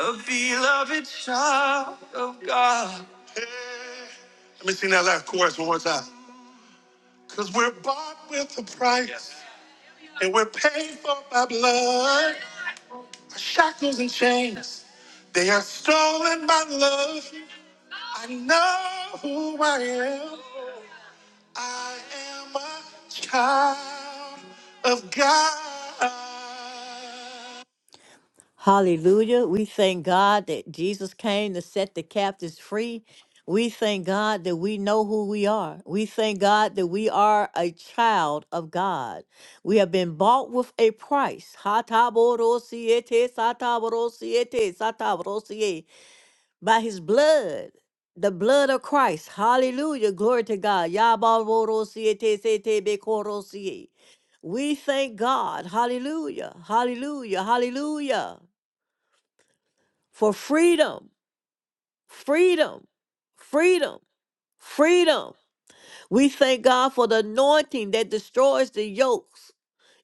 Speaker 1: of God, Hallelujah. We thank God that Jesus came to set the captives free. We thank God that we know who we are. We thank God that we are a child of God. We have been bought with a price. Hataborosiete, sataborosiete, sataborosiete. By his blood, the blood of Christ. Hallelujah. Glory to God. Yabarosiete, setebekorosiete. We thank God. Hallelujah. Hallelujah. Hallelujah for freedom, freedom, freedom, freedom. We thank God for the anointing that destroys the yokes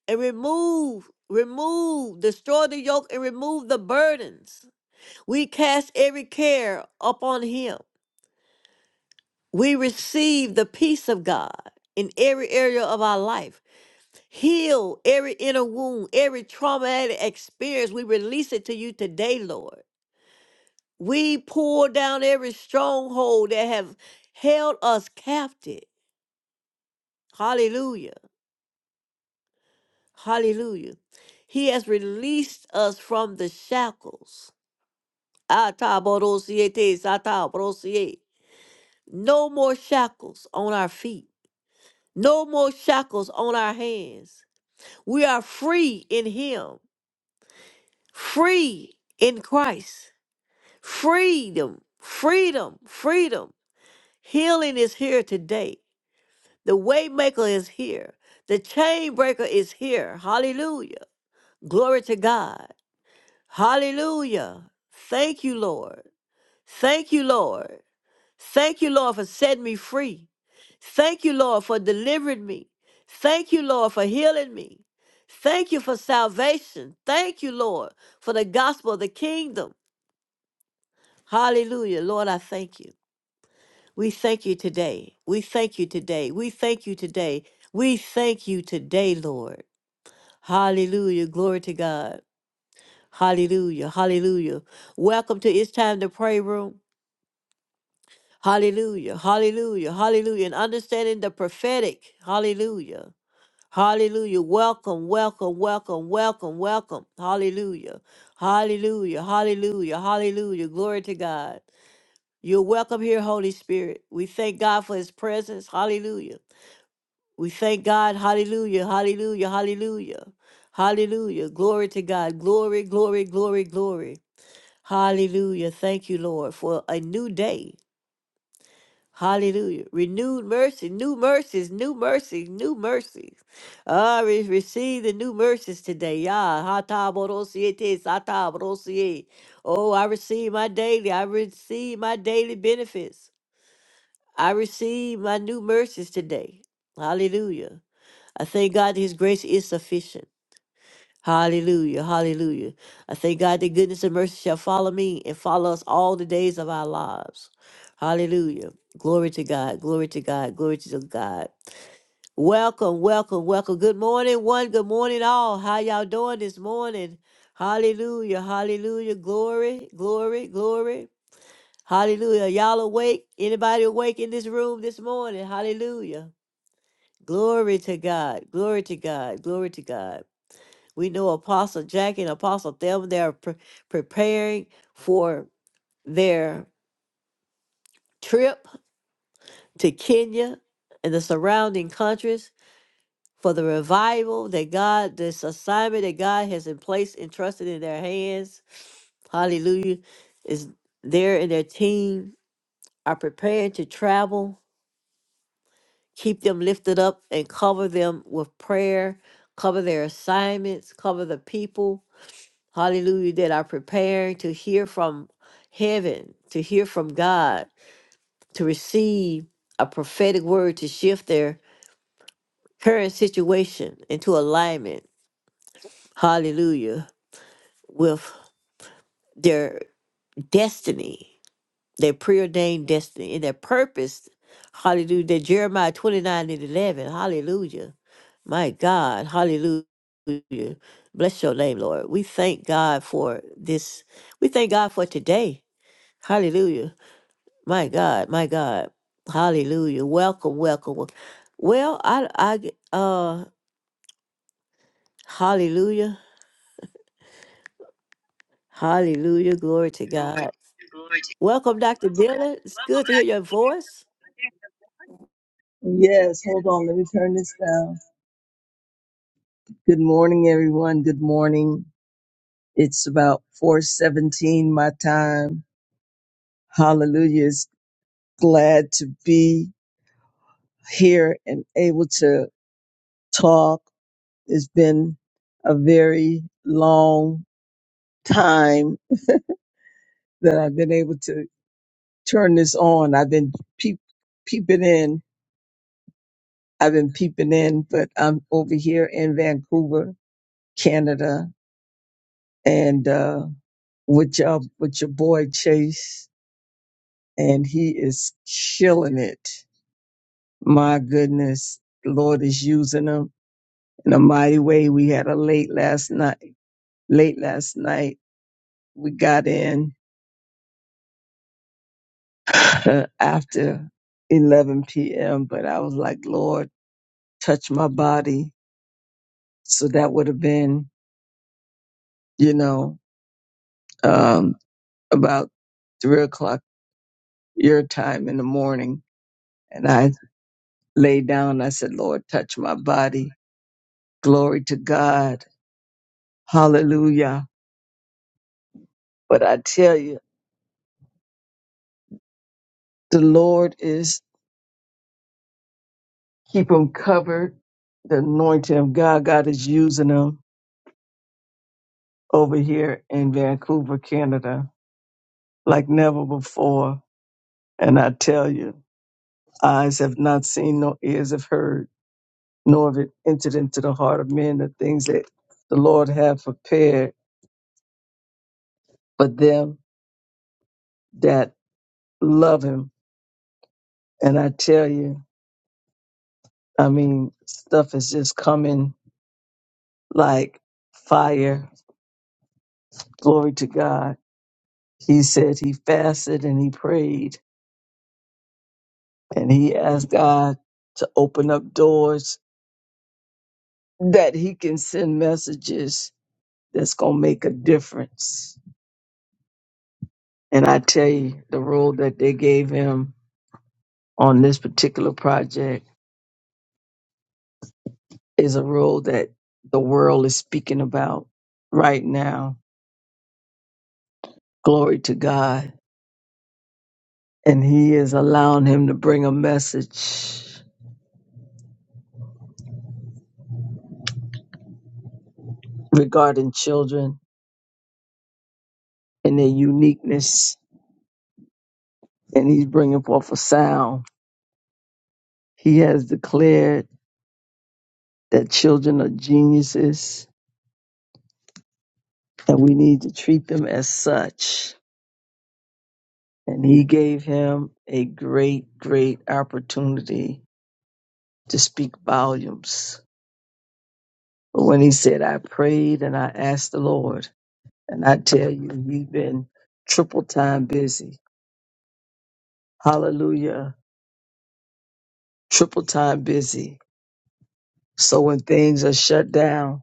Speaker 1: and remove, remove, destroy the yoke and remove the burdens. We cast every care upon Him. We receive the peace of God in every area of our life. Heal every inner wound, every traumatic experience. We release it to you today, Lord. We pull down every stronghold that have held us captive. Hallelujah. Hallelujah. He has released us from the shackles. Atabarosiete, satabarosie. No more shackles on our feet. No more shackles on our hands. We are free in him. Free in Christ. Freedom. Freedom. Freedom. Healing is here today. The waymaker is here. The chain breaker is here. Hallelujah. Glory to God. Hallelujah. Thank you, Lord. Thank you, Lord. Thank you, Lord, for setting me free. Thank you, Lord, for delivering me. Thank you, Lord, for healing me. Thank you for salvation. Thank you, Lord, for the gospel of the kingdom. Hallelujah. Lord, I thank you. We thank you today. We thank you today. We thank you today. We thank you today, Lord. Hallelujah. Glory to God. Hallelujah. Hallelujah. Welcome to It's Time to Pray Room. Hallelujah. Hallelujah. Hallelujah. And understanding the prophetic. Hallelujah. Hallelujah. Welcome, welcome, welcome, welcome, welcome. Hallelujah. Hallelujah. Hallelujah. Hallelujah. Glory to God. You're welcome here, Holy Spirit. We thank God for his presence. Hallelujah. We thank God. Hallelujah. Hallelujah. Hallelujah. Hallelujah. Glory to God. Glory, glory, glory, glory. Hallelujah. Thank you, Lord, for a new day. Hallelujah. Renewed mercy, new mercies, new mercies, new mercies. Ah, re- receive the new mercies today. Yah. Hata borosiete, sata borosie. Oh, I receive my daily. I receive my daily benefits. I receive my new mercies today. Hallelujah. I thank God that His grace is sufficient. Hallelujah. Hallelujah. I thank God that goodness and mercy shall follow me and follow us all the days of our lives. Hallelujah. Glory to God. Glory to God. Glory to God. Welcome, welcome, welcome. Good morning, one. Good morning, all. How y'all doing this morning? Hallelujah. Hallelujah. Glory, glory, glory. Hallelujah. Y'all awake? Anybody awake in this room this morning? Hallelujah. Glory to God. Glory to God. Glory to God. We know Apostle Jackie and Apostle Thelma, they are pre- preparing for their trip to Kenya and the surrounding countries for the revival that God, this assignment that God has in place entrusted in their hands. Hallelujah. Is there and their team are preparing to travel. Keep them lifted up and cover them with prayer, cover their assignments, cover the people Hallelujah, that are preparing to hear from heaven, to hear from God, to receive a prophetic word to shift their current situation into alignment. Hallelujah, with their destiny, their preordained destiny, and their purpose. Hallelujah, that Jeremiah 29 and 11. Hallelujah. My God, hallelujah. Bless your name, Lord. We thank God for this. We thank God for today. Hallelujah My God, my God. Hallelujah. Welcome, welcome. wel- Well, I I g- uh hallelujah. Hallelujah. Glory to God. Welcome, Dr. Dillon. It's good to hear your voice.
Speaker 2: Yes, hold on. Let me turn this down. Good morning, everyone. Good morning. It's about 417 my time. Hallelujah. It's glad to be here and able to talk. It's been a very long time that I've been able to turn this on. I've been peep, peeping in. I've been peeping in, but I'm over here in Vancouver, Canada, and, uh with your with your boy Chase, and he is killing it. My goodness, the Lord is using him in a mighty way. We had a late last night. Late last night, we got in [LAUGHS] after 11 p.m. But I was like, Lord, touch my body. So that would have been, you know, um, about three o'clock your time in the morning. And I laid down. I said, Lord, touch my body Glory to God. Hallelujah. But I tell you, the Lord is keep them covered. The anointing of God, God is using them over here in Vancouver, Canada, like never before. And I tell you, eyes have not seen, nor ears have heard, nor have it entered into the heart of men the things that the Lord have prepared for them that love Him. And I tell you, I mean, stuff is just coming like fire. Glory to God. He said he fasted and he prayed and he asked God to open up doors that he can send messages that's going to make a difference. And I tell you, the role that they gave him on this particular project is a role that the world is speaking about right now. Glory to God. And he is allowing him to bring a message regarding children in their uniqueness, and he's bringing forth a sound. He has declared that children are geniuses, and we need to treat them as such. And he gave him a great, great opportunity to speak volumes. But when he said, I prayed and I asked the Lord, and I tell you, he's been triple time busy. Hallelujah. Triple time busy. So when things are shut down,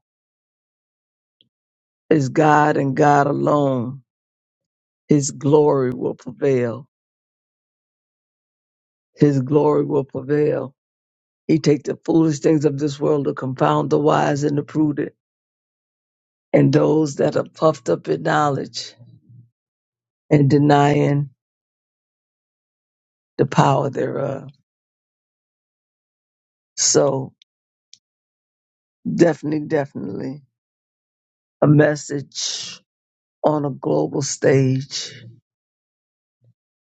Speaker 2: it's God and God alone his glory will prevail. His glory will prevail. He take the foolish things of this world to confound the wise and the prudent, and those that are puffed up in knowledge and denying the power thereof. So definitely, definitely a message on a global stage.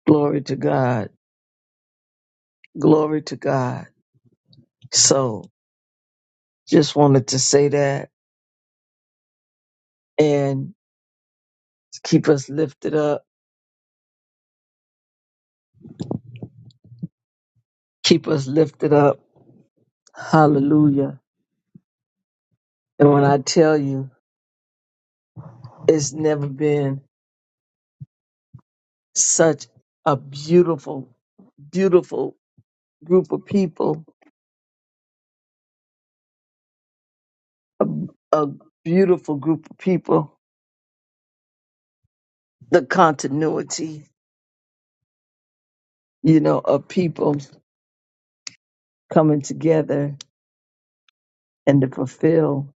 Speaker 2: Glory to God. Glory to God. So just wanted to say that and keep us lifted up. Keep us lifted up. Hallelujah And when I tell you, it's never been such a beautiful, beautiful group of people, a beautiful group of people, the continuity, you know, of people coming together and to fulfill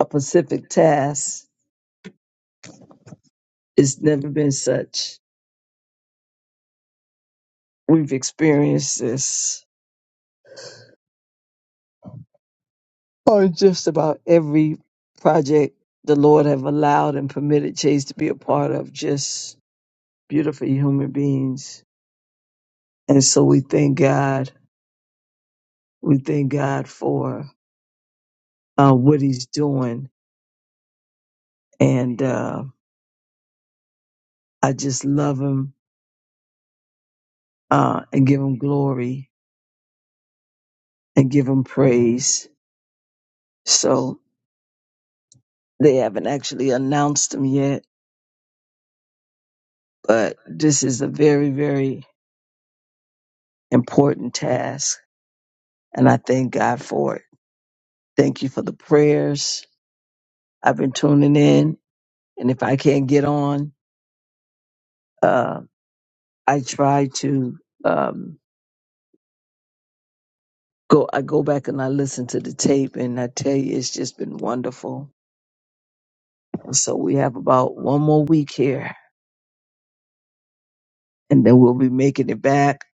Speaker 2: a specific task. It's never been such. We've experienced this on just about every project the Lord have allowed and permitted Chase to be a part of, just beautiful human beings And so we thank God. We thank God for uh, what he's doing. And uh, I just love him uh, and give him glory and give him praise. So they haven't actually announced him yet, but this is a very, very important task. And I thank God for it. Thank you for the prayers. I've been tuning in. And if I can't get on, uh, I try to. Um, go I go back and I listen to the tape and I tell you it's just been wonderful. And so we have about one more week here and then we'll be making it back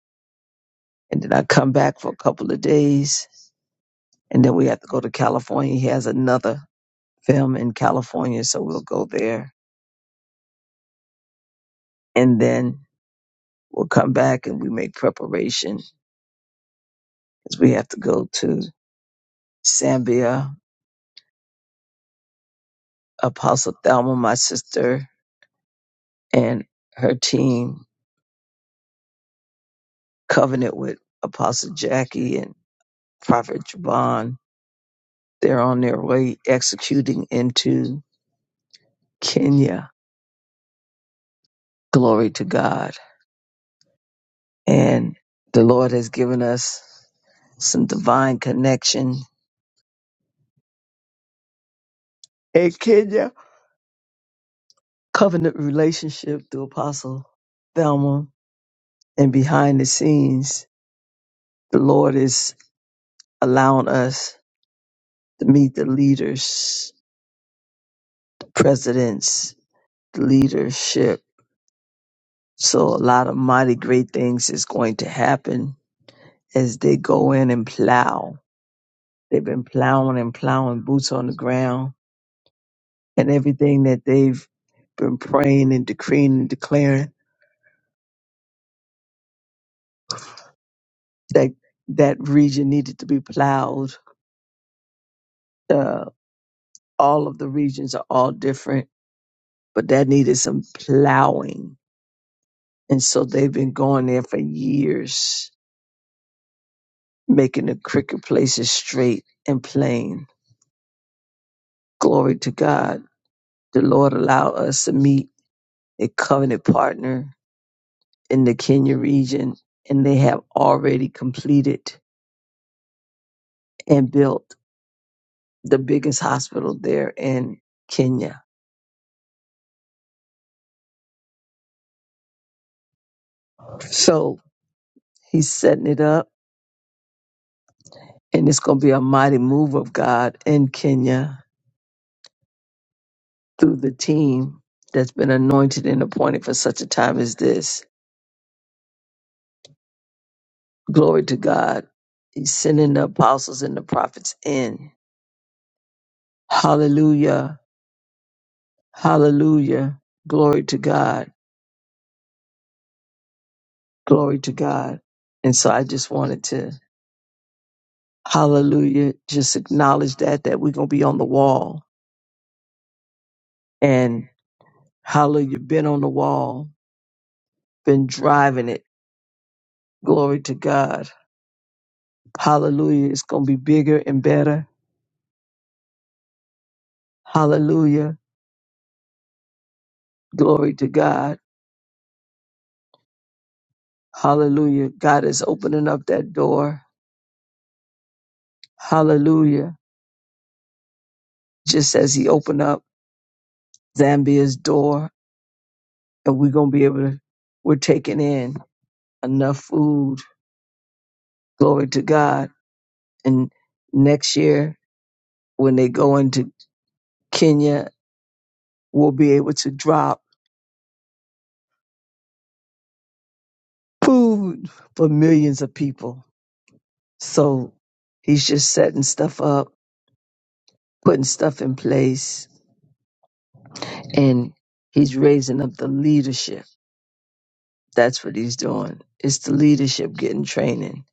Speaker 2: and then I come back for a couple of days and then we have to go to California. He has another film in California, so we'll go there and then we'll come back and we make preparation because we have to go to Zambia. Apostle Thelma, my sister, and her team, Covenant with Apostle Jackie and. Prophet Javon. They're on their way executing into Kenya. Glory to God. And the Lord has given us some divine connection in Kenya, covenant relationship through Apostle Thelma. And behind the scenes, the Lord is allowing us to meet the leaders, the presidents, the leadership. So a lot of mighty great things is going to happen as they go in and plow They've been plowing and plowing boots on the ground and everything that they've been praying and decreeing and declaring that that region needed to be plowed. Uh, all of the regions are all different, but that needed some plowing. And so they've been going there for years, making the cricket places straight and plain. Glory to God. The Lord allowed us to meet a covenant partner in the Kenya region, and they have already completed and built the biggest hospital there in Kenya. So he's setting it up, and it's going to be a mighty move of God in Kenya through the team that's been anointed and appointed for such a time as this. Glory to God. He's sending the apostles and the prophets in. Hallelujah. Hallelujah. Glory to God. Glory to God. And so I just wanted to, hallelujah, just acknowledge that, that we're going to be on the wall. And Hallelujah. Been on the wall, been driving it. Glory to God. Hallelujah. It's going to be bigger and better. Hallelujah. Glory to God. Hallelujah. God is opening up that door. Hallelujah. Just as He opened up Zambia's door, and we're going to be able to, we're taking in enough food. Glory to God. And next year, when they go into Kenya, we'll be able to drop food for millions of people So he's just setting stuff up, putting stuff in place, and he's raising up the leadership. That's what he's doing. It's the leadership getting training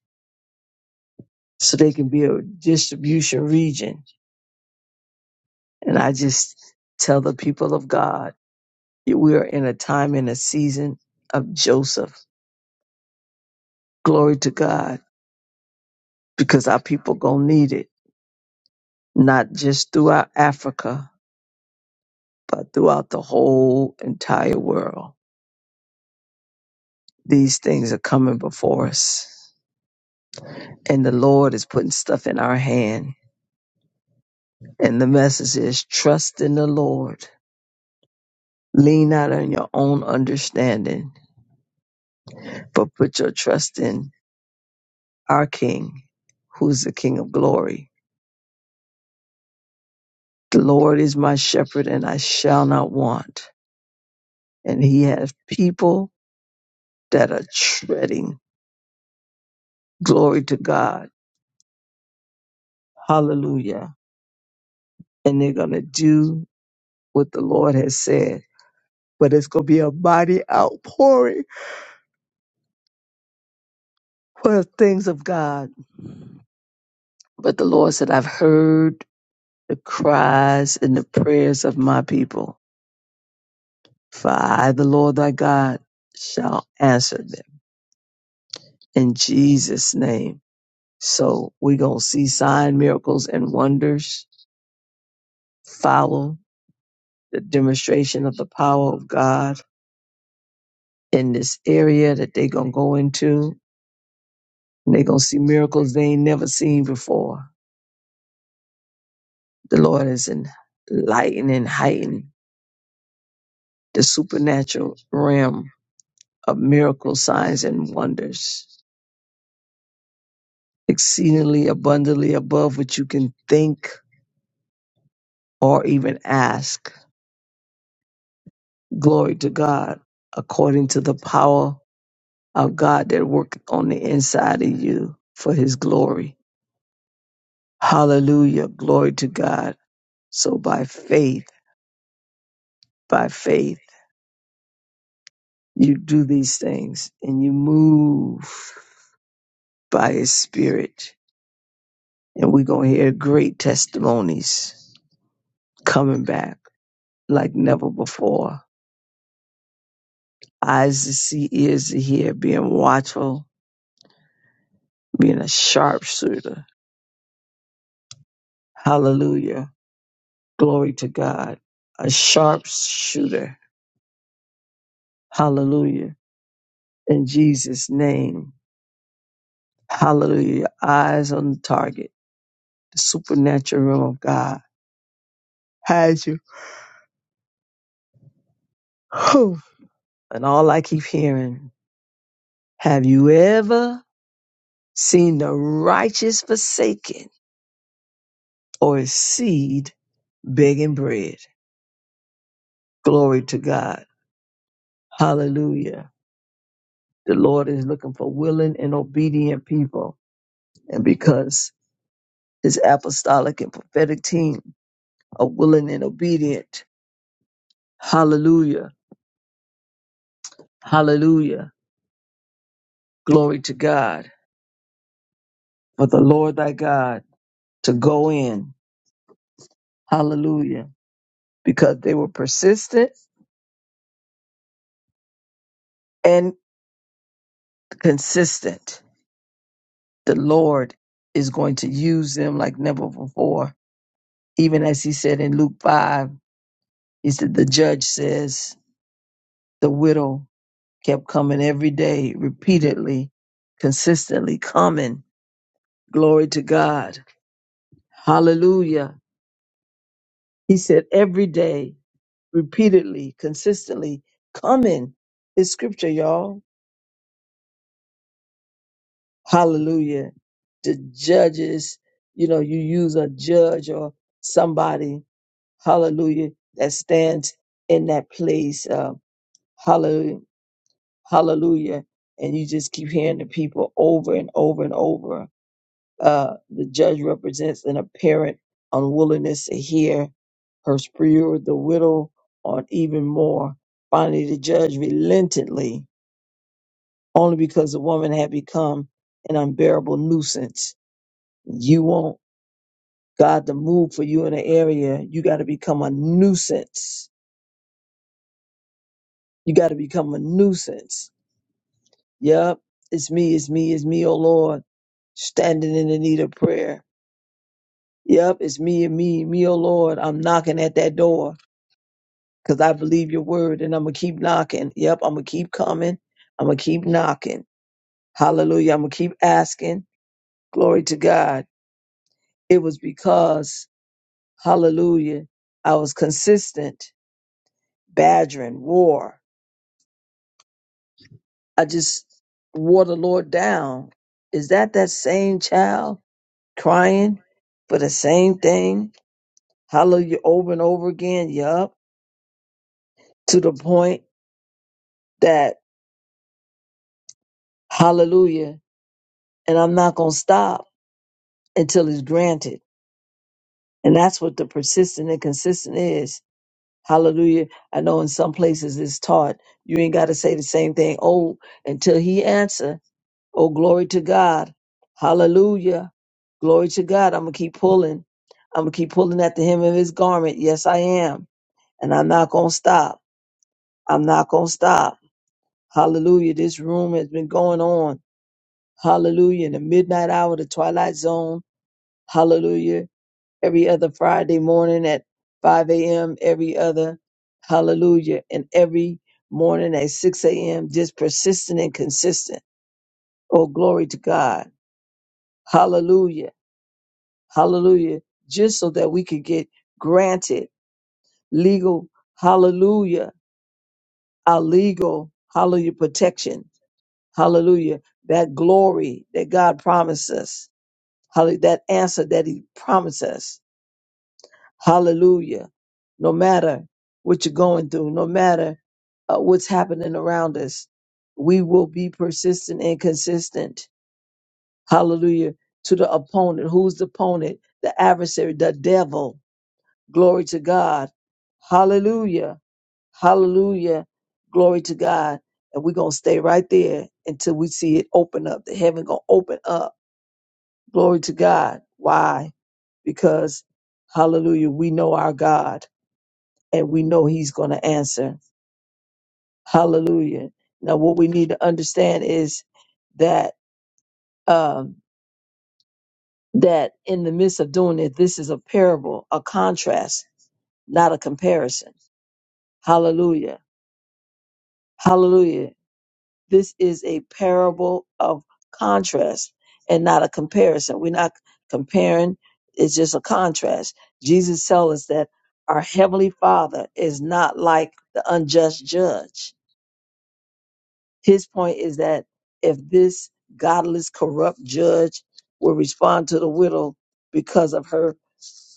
Speaker 2: so they can be a distribution region. And I just tell the people of God, we are in a time and a season of Joseph. Glory to God, because our people gonna need it, not just throughout Africa, but throughout the whole entire world. These things are coming before us. And the Lord is putting stuff in our hand. And the message is trust in the Lord. Lean not on your own understanding, but put your trust in our King, who's the King of glory. The Lord is my shepherd, and I shall not want. And he has people that are treading. Glory to God. Hallelujah. And they're going to do what the Lord has said. But it's going to be a mighty outpouring for the things of God. But the Lord said, I've heard the cries and the prayers of my people. For I, the Lord thy God, shall answer them in Jesus' name. So we're going to see sign, miracles, and wonders follow the demonstration of the power of God in this area that they're going to go into. And they're going to see miracles they ain't never seen before. The Lord is enlightening and heightening the supernatural realm of miracle signs and wonders, exceedingly abundantly above what you can think or even ask. Glory to God, according to the power of God that work on the inside of you for his glory. Hallelujah. Glory to God. So by faith, by faith, you do these things and you move by his spirit. And we're going to hear great testimonies coming back like never before eyes to see, ears to hear, being watchful, being a sharpshooter. Hallelujah. Glory to God. A sharpshooter. Hallelujah. In Jesus' name. Hallelujah. Eyes on the target. The supernatural realm of God has you. Whew. And all I keep hearing, have you ever seen the righteous forsaken or his seed begging bread? Glory to God. Hallelujah The Lord is looking for willing and obedient people. And because his apostolic and prophetic team are willing and obedient, hallelujah, hallelujah, glory to God, for the Lord thy God to go in, hallelujah, because they were persistent and consistent. The Lord is going to use them like never before. Even as he said in Luke 5, he said, The judge says, The widow kept coming every day, repeatedly, consistently coming. Glory to God. Hallelujah. He said every day, repeatedly, consistently coming. It's scripture, y'all. Hallelujah. The judges, you know, you use a judge or somebody, hallelujah, that stands in that place. Uh, hallelujah. Hallelujah. And you just keep hearing the people over and over and over. Uh, the judge represents an apparent unwillingness to hear her spew the widow on even more. Finally, the judge relentedly, only because the woman had become an unbearable nuisance. You want God to move for you in an area, you got to become a nuisance. You got to become a nuisance. Yep, it's me, it's me, it's me, oh Lord, standing in the need of prayer. Yep, it's me and me, me, oh Lord, I'm knocking at that door. because I believe your word and I'm going to keep knocking. Yep, I'm going to keep coming. I'm going to keep knocking. Hallelujah. I'm going to keep asking. Glory to God. It was because, hallelujah, I was consistent, badgering, war. I just wore the Lord down. Is that that same child crying for the same thing? Hallelujah, over and over again. Yup. To the point that, hallelujah, and I'm not going to stop until it's granted And that's what the persistent and consistent is. Hallelujah. I know in some places it's taught. You ain't got to say the same thing. Oh, until he answer. Oh, glory to God. Hallelujah. Glory to God. I'm going to keep pulling. I'm going to keep pulling at the hem of his garment. Yes, I am. And I'm not going to stop. I'm not going to stop. Hallelujah. This room has been going on. Hallelujah. In the midnight hour, the twilight zone. Hallelujah. every other Friday morning at 5 a.m., every other hallelujah, and every morning at 6 a.m., just persistent and consistent. Oh, glory to God. Hallelujah. Hallelujah. Just so that we could get granted legal, hallelujah, our legal, hallelujah, protection. Hallelujah. That glory that God promised us. Hallelujah. That answer that He promised us. Hallelujah. No matter what you're going through, no matter uh, what's happening around us, we will be persistent and consistent. Hallelujah. To the opponent. Who's the opponent? The adversary, the devil. Glory to God. Hallelujah. Hallelujah. Glory to God. And we're going to stay right there until we see it open up. The heaven going to open up. Glory to God. Why? Because, hallelujah, we know our God and we know he's going to answer. Hallelujah. Now, what we need to understand is that um, that in the midst of doing it, this is a parable, a contrast, not a comparison. Hallelujah. Hallelujah. This is a parable of contrast and not a comparison. We're not comparing, it's just a contrast. Jesus tells us that our Heavenly Father is not like the unjust judge. His point is that if this godless, corrupt judge will respond to the widow because of her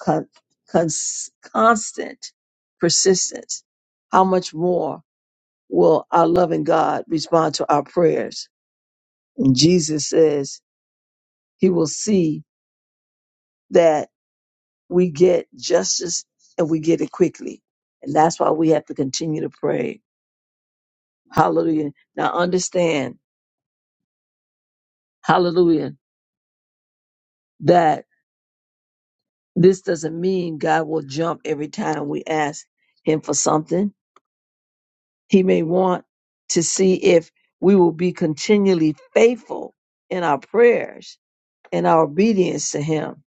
Speaker 2: con- cons- constant persistence, how much more will our loving God respond to our prayers? And Jesus says he will see that we get justice and we get it quickly. And that's why we have to continue to pray. Hallelujah. Now understand, hallelujah, that This doesn't mean God will jump every time we ask Him for something. He may want to see if we will be continually faithful in our prayers and our obedience to Him.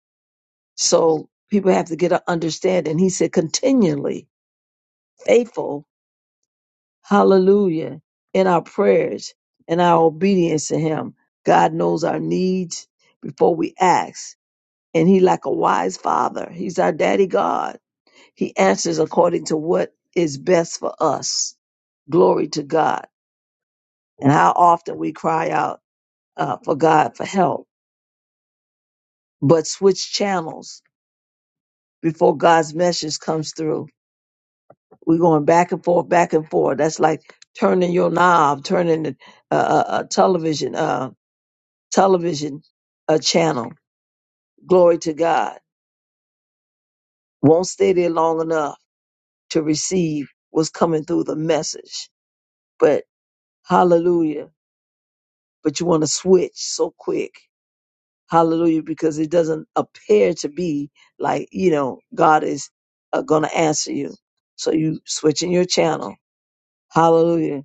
Speaker 2: So people have to get an understanding. He said, continually faithful, hallelujah, in our prayers and our obedience to Him. God knows our needs before we ask. And he like a wise father. He's our daddy God He answers according to what is best for us. Glory to God. And how often we cry out uh, for God for help, but switch channels before God's message comes through. We're going back and forth, back and forth. That's like turning your knob, turning the uh, uh, uh, television, uh, television uh, channel. Glory to God. Won't stay there long enough to receive what's coming through the message. But hallelujah but you want to switch so quick. Hallelujah, because it doesn't appear to be like, you know, God is uh, going to answer you. So you switching your channel. Hallelujah.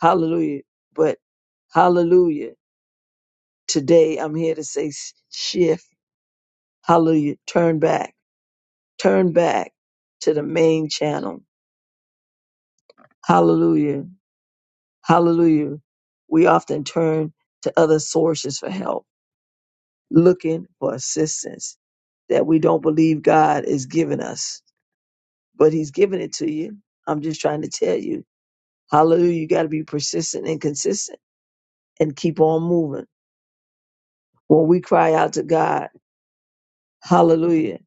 Speaker 2: Hallelujah. But hallelujah. Today I'm here to say s- shift. Hallelujah. Turn back. Turn back to the main channel. Hallelujah. Hallelujah. We often turn to other sources for help looking for assistance that we don't believe God is giving us, but He's giving it to you. I'm just trying to tell you, hallelujah, you got to be persistent and consistent and keep on moving. When we cry out to God, hallelujah,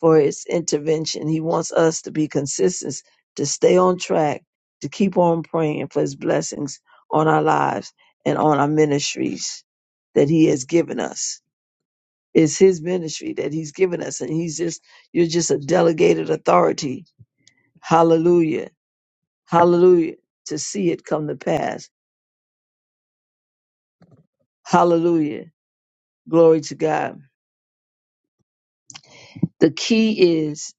Speaker 2: for His intervention, He wants us to be consistent, to stay on track, to keep on praying for His blessings on our lives and on our ministries that He has given us. It's his ministry that he's given us, and he's just you're just a delegated authority. Hallelujah. Hallelujah. To see it come to pass. Hallelujah. Glory to God. The key is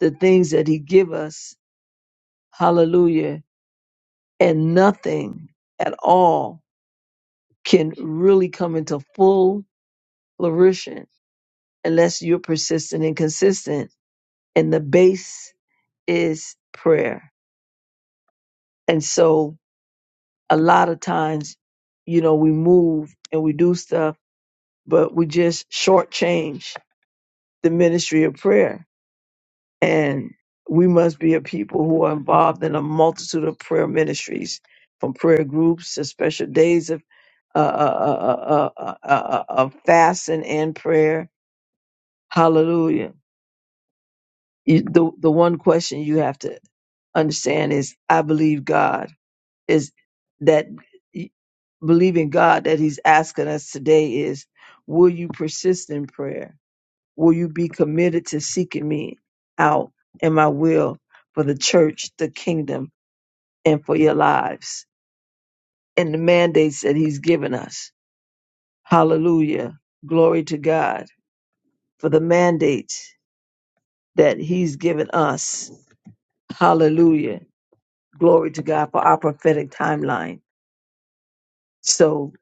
Speaker 2: the things that he give us. Hallelujah. And nothing at all can really come into full flourishing unless you're persistent and consistent. And the base is prayer. And so a lot of times, you know, we move and we do stuff, but we just shortchange the ministry of prayer. And we must be a people who are involved in a multitude of prayer ministries, from prayer groups to special days of uh, uh, uh, uh, uh, uh, uh, uh, uh, of fasting and prayer. Hallelujah. You, the, the one question you have to understand is I believe God is that believing God that He's asking us today is, will you persist in prayer? Will you be committed to seeking me out and my will for the church, the kingdom, and for your lives and the mandates that He's given us? Hallelujah. Glory to God for the mandates that He's given us. Hallelujah. Glory to God for our prophetic timeline. So,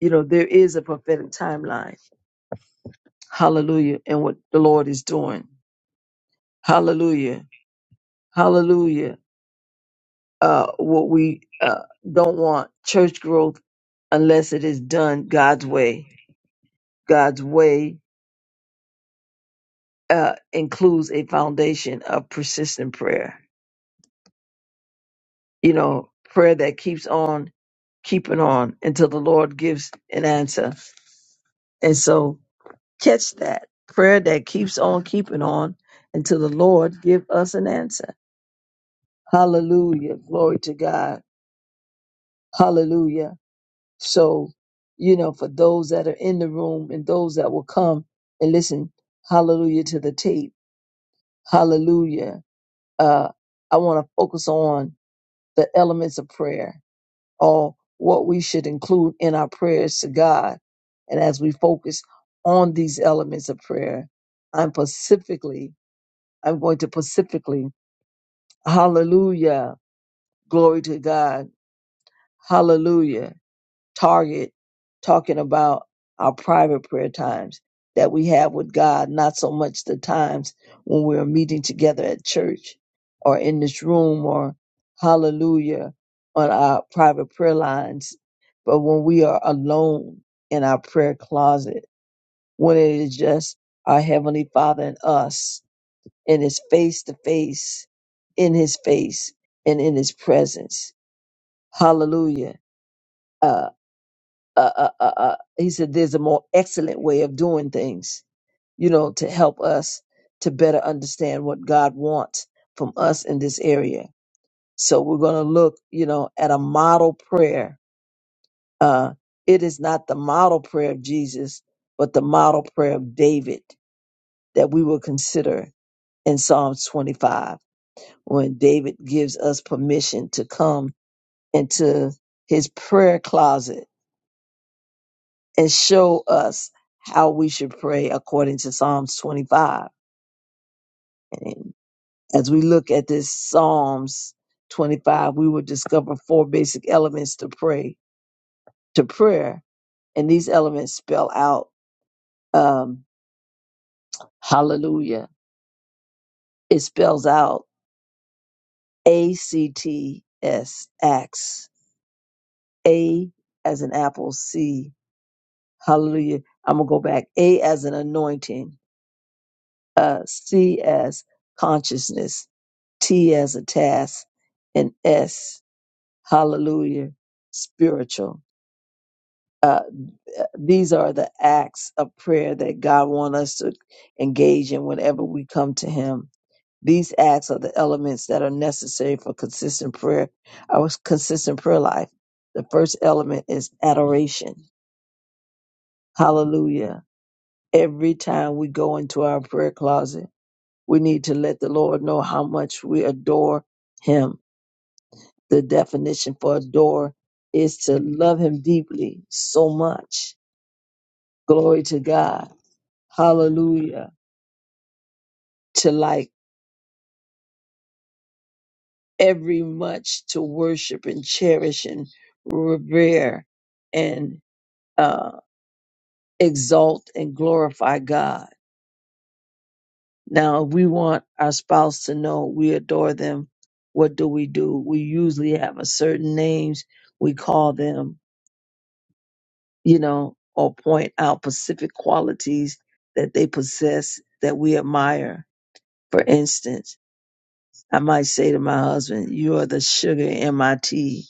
Speaker 2: you know, there is a prophetic timeline Hallelujah. And what the Lord is doing. Hallelujah. Hallelujah. Uh, what we uh, don't want church growth unless it is done God's way. God's way uh, includes a foundation of persistent prayer. You know, prayer that keeps on keeping on until the Lord gives an answer. And so catch that prayer that keeps on keeping on until the Lord give us an answer. Hallelujah. Glory to God. Hallelujah. So, you know, for those that are in the room and those that will come and listen, hallelujah to the tape, hallelujah. Uh, I want to focus on the elements of prayer or what we should include in our prayers to God. And as we focus on these elements of prayer, I'm specifically, I'm going to specifically, hallelujah, glory to God, hallelujah target talking about our private prayer times that we have with God, not so much the times when we're meeting together at church or in this room or hallelujah on our private prayer lines, but when we are alone in our prayer closet, when it is just our Heavenly Father and us, and it's face to face, in His face, and in His presence. Hallelujah Uh, uh, uh, uh, uh, he said there's a more excellent way of doing things, you know, to help us to better understand what God wants from us in this area. So we're going to look, you know, at a model prayer. Uh, it is not the model prayer of Jesus, but the model prayer of David that we will consider in Psalms 25 when David gives us permission to come into his prayer closet and show us how we should pray according to Psalms 25. And as we look at this Psalms 25, we will discover four basic elements to pray to prayer, and these elements spell out um, Hallelujah. It spells out A C T S acts A as an apple, C Hallelujah. I'm gonna go back. A as an anointing, uh, C as consciousness, T as a task, and S, hallelujah, spiritual. Uh, uh, these are the acts of prayer that God wants us to engage in whenever we come to Him. These acts are the elements that are necessary for consistent prayer, our consistent prayer life. The first element is adoration. Hallelujah. Every time we go into our prayer closet, we need to let the Lord know how much we adore him. The definition for adore is to love him deeply, so much. Glory to God. Hallelujah. To like every much to worship and cherish and revere and uh, exalt and glorify God. Now, if we want our spouse to know we adore them, what do we do? We usually have a certain names we call them you know, or point out specific qualities that they possess that we admire. For instance, I might say to my husband, You are the sugar in my tea.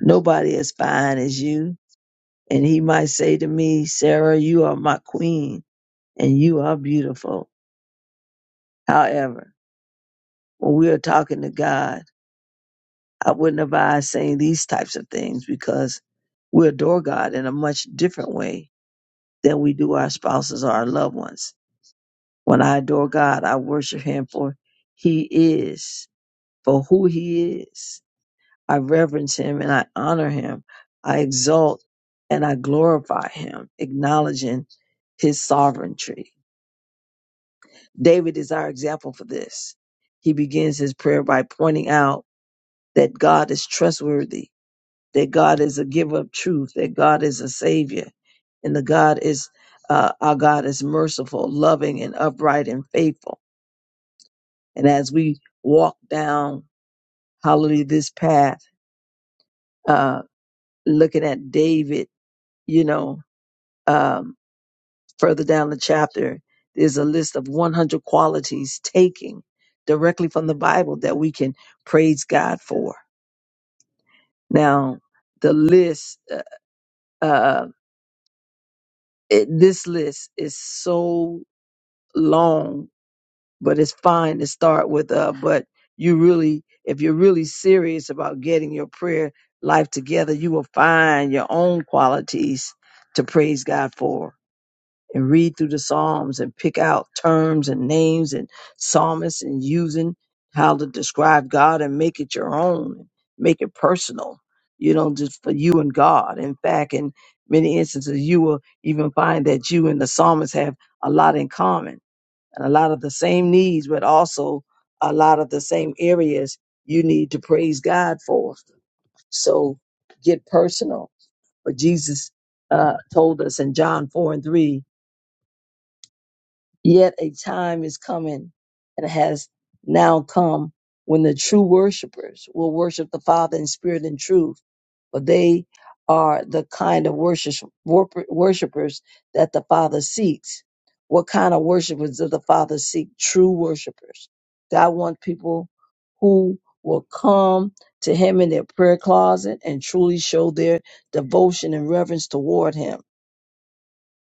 Speaker 2: Nobody as fine as you. And he might say to me, Sarah, you are my queen and you are beautiful. However, when we are talking to God, I wouldn't advise saying these types of things because we adore God in a much different way than we do our spouses or our loved ones When I adore God, I worship Him for He is, for who He is. I reverence Him and I honor Him. I exalt and I glorify Him, acknowledging His sovereignty. David is our example for this. He begins his prayer by pointing out that God is trustworthy, that God is a giver of truth, that God is a savior, and the God is uh, our God is merciful, loving, and upright and faithful And as we walk down, hallelujah, this path, uh, looking at David, you know, um, further down the chapter, there's a list of 100 qualities taking directly from the Bible that we can praise God for. Now, the list, uh, uh, it, this list is so long but it's fine to start with uh but you really if you're really serious about getting your prayer life together you will find your own qualities to praise god for and read through the psalms and pick out terms and names and psalmists and using how to describe god and make it your own make it personal you know just for you and god in fact in many instances you will even find that you and the psalmist have a lot in common and a lot of the same needs, but also a lot of the same areas you need to praise God for. So get personal. But Jesus uh, told us in John 4 and 3 Yet a time is coming and has now come when the true worshipers will worship the Father in spirit and truth for they are the kind of worship, worp- worshipers that the Father seeks. What kind of worshipers does the Father seek? True worshipers. God wants people who will come to Him in their prayer closet and truly show their devotion and reverence toward Him.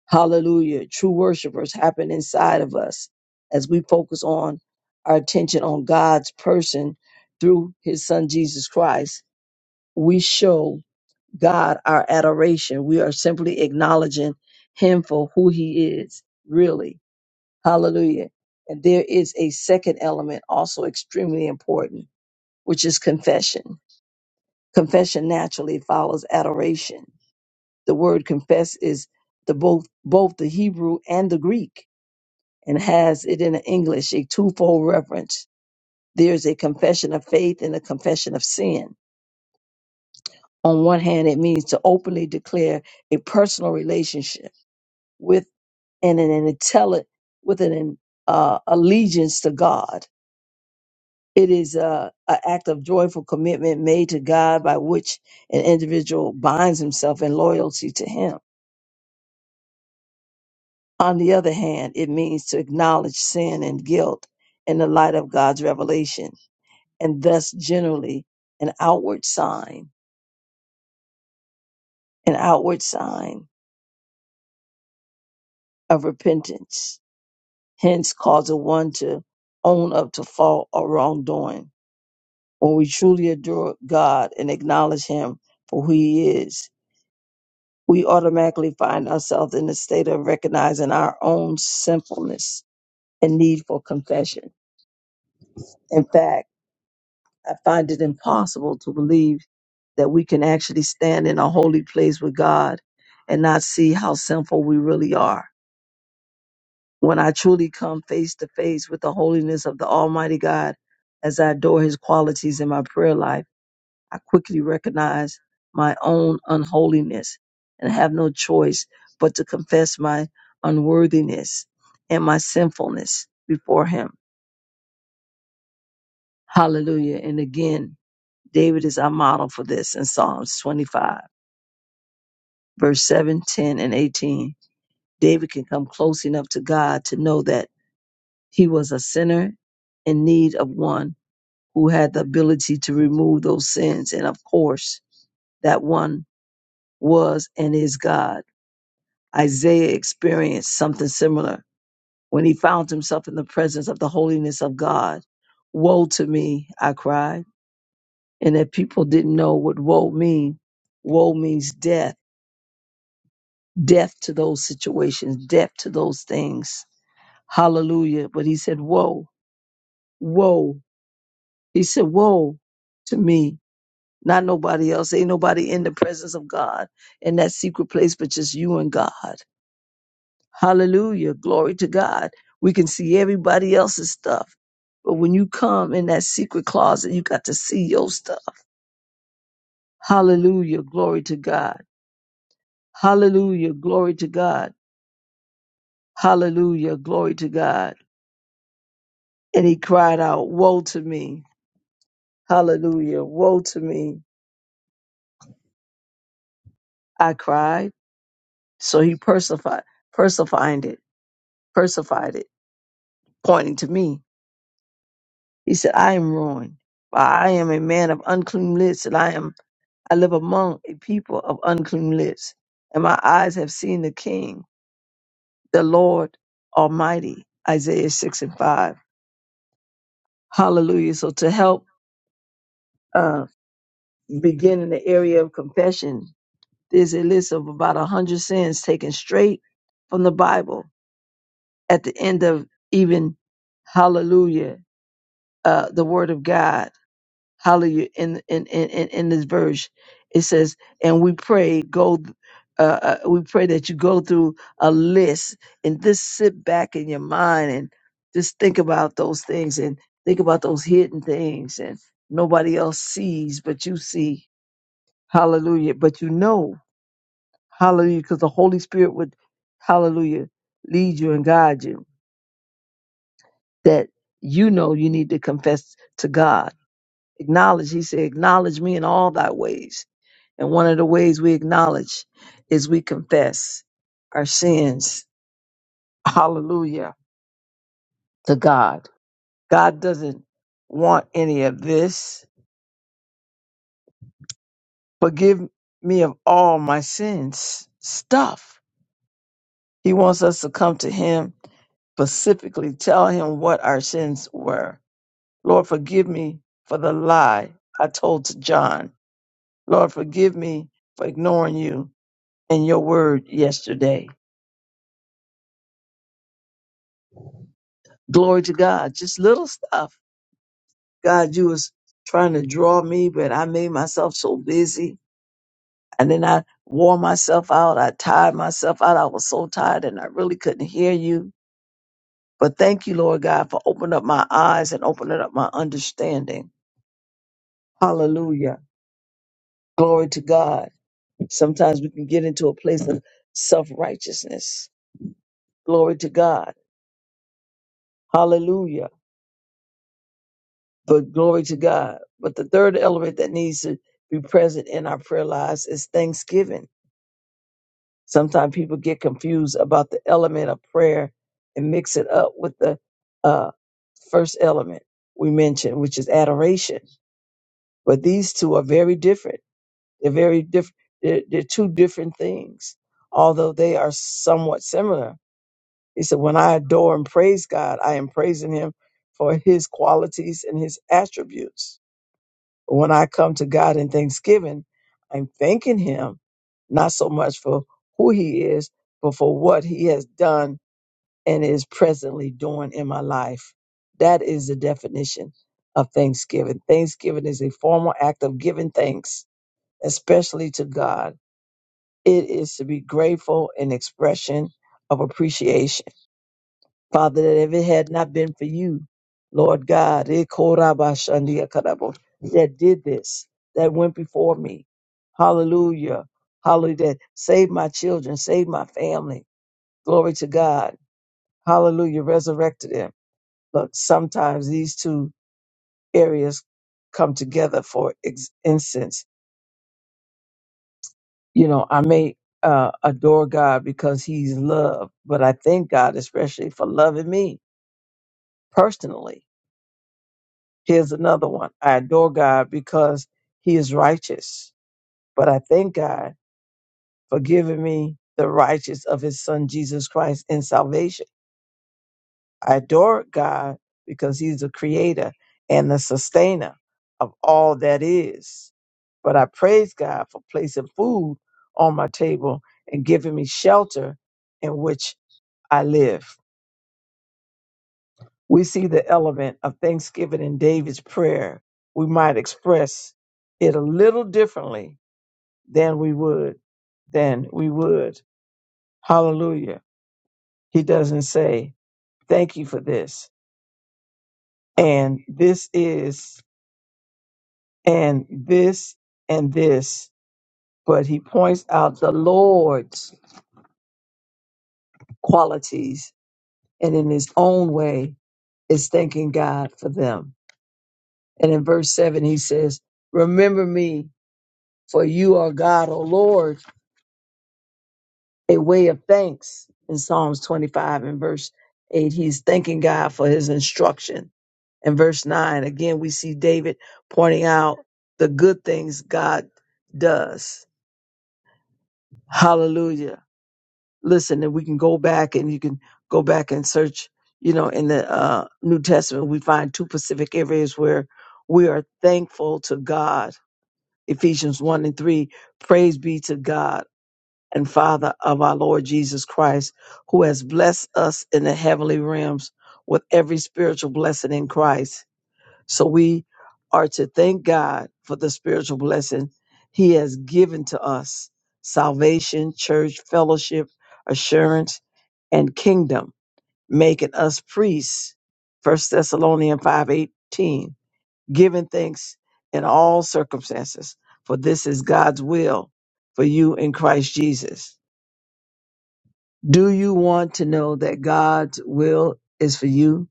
Speaker 2: Hallelujah. True worshipers happen inside of us as we focus on our attention on God's person through His Son Jesus Christ. We show God our adoration. We are simply acknowledging Him for who He is, really. Hallelujah. And there is a second element, also extremely important, which is confession. Confession naturally follows adoration. The word confess is the both both the Hebrew and the Greek and has it in English a twofold reference. There's a confession of faith and a confession of sin. On one hand, it means to openly declare a personal relationship with. and an intelligent with an in- uh, allegiance to God. It is a, a act of joyful commitment made to God by which an individual binds himself in loyalty to Him. On the other hand, it means to acknowledge sin and guilt in the light of God's revelation, and thus generally an outward sign, an outward sign of repentance. Hence, causes one to own up to fault or wrongdoing When we truly adore God and acknowledge Him for who He is, we automatically find ourselves in a state of recognizing our own sinfulness and need for confession. In fact, I find it impossible to believe that we can actually stand in a holy place with God and not see how sinful we really are. When I truly come face to face with the holiness of the Almighty God as I adore His qualities in my prayer life, I quickly recognize my own unholiness and have no choice but to confess my unworthiness and my sinfulness before Him. Hallelujah. And again, David is our model for this in Psalms 25, verse 7, 10, and 18. David can come close enough to God to know that he was a sinner in need of one who had the ability to remove those sins. And of course, that one was and is God. Isaiah experienced something similar when he found himself in the presence of the holiness of God. Woe to me, I cried. And if people didn't know what woe mean, woe means death, death to those situations, death to those things. Hallelujah. But he said, woe, woe. He said, woe to me, not nobody else. Ain't nobody in the presence of God in that secret place, but just you and God. Hallelujah. Glory to God. We can see everybody else's stuff. But when you come in that secret closet, you got to see your stuff. Hallelujah. Glory to God. Hallelujah. Glory to God. Hallelujah. Glory to God. And he cried out, Woe to me. Hallelujah. Woe to me. I cried. So he persified, persified it, persified it, pointing to me. He said, I am ruined. For I am a man of unclean lips, and I am I live among a people of unclean lips, and my eyes have seen the King, the Lord Almighty. Isaiah 6 and 5. Hallelujah. So to help uh, begin in the area of confession, there's a list of about 100 sins taken straight from the Bible at the end of even, hallelujah, uh, the Word of God Hallelujah. In in in in in this verse, it says, "And we pray go." Uh, uh, we pray that you go through a list and just sit back in your mind and just think about those things and think about those hidden things and nobody else sees but you see. Hallelujah. But you know, hallelujah, because the Holy Spirit would, hallelujah, lead you and guide you that you know you need to confess to God. Acknowledge, he said, acknowledge me in all thy ways And one of the ways we acknowledge is we confess our sins. [LAUGHS] Hallelujah to God. God doesn't want any of this. Forgive me of all my sins stuff. He wants us to come to Him specifically, tell Him what our sins were. Lord, forgive me for the lie I told to John. Lord, forgive me for ignoring you and your word yesterday. Glory to God. Just little stuff God, you was trying to draw me, but I made myself so busy. And then I wore myself out. I tired myself out. I was so tired and I really couldn't hear you. But thank you, Lord God, for opening up my eyes and opening up my understanding. Hallelujah. Glory to God. Sometimes we can get into a place of self righteousness. Glory to God. Hallelujah. But glory to God. But the third element that needs to be present in our prayer lives is thanksgiving Sometimes people get confused about the element of prayer and mix it up with the uh, first element we mentioned, which is adoration. But these two are very different. They're very different. They're, they're two different things, although they are somewhat similar. He said, When I adore and praise God, I am praising Him for His qualities and His attributes when I come to God in thanksgiving, I'm thanking Him not so much for who He is, but for what He has done and is presently doing in my life. That is the definition of thanksgiving. Thanksgiving is a formal act of giving thanks, especially to God. It is to be grateful an expression of appreciation Father, that if it had not been for you, Lord God, eh, korabashandia that did this, that went before me. Hallelujah. Hallelujah. That saved my children, saved my family. Glory to God. Hallelujah. Resurrected them. Look, sometimes these two areas come together for ex- instance. You know, I may uh, adore God because He's love, but I thank God especially for loving me personally Here's another one. I adore God because he is righteous, but I thank God for giving me the righteous of his son Jesus Christ in salvation. I adore God because he's the creator and the sustainer of all that is. But I praise God for placing food on my table and giving me shelter in which I live. We see the element of thanksgiving in David's prayer. We might express it a little differently than we would, than we would. Hallelujah. He doesn't say, thank you for this. And this is, and this, and this. But he points out the Lord's qualities and in his own way is thanking God for them. And in verse seven, he says, remember me for you are God, O Lord, a way of thanks in Psalms 25 and verse eight. He's thanking God for his instruction And verse 9, again, we see David pointing out the good things God does. Hallelujah. Listen, and we can go back and you can go back and search, you know, in the uh, New Testament, we find two specific areas where we are thankful to God. Ephesians 1 and 3, praise be to God and Father of our Lord Jesus Christ, who has blessed us in the heavenly realms with every spiritual blessing in Christ. So we are to thank God for the spiritual blessing He has given to us salvation, church, fellowship, assurance, and kingdom, making us priests. First Thessalonians 5:18, giving thanks in all circumstances, for this is God's will for you in Christ Jesus. Do you want to know that God's will is for you?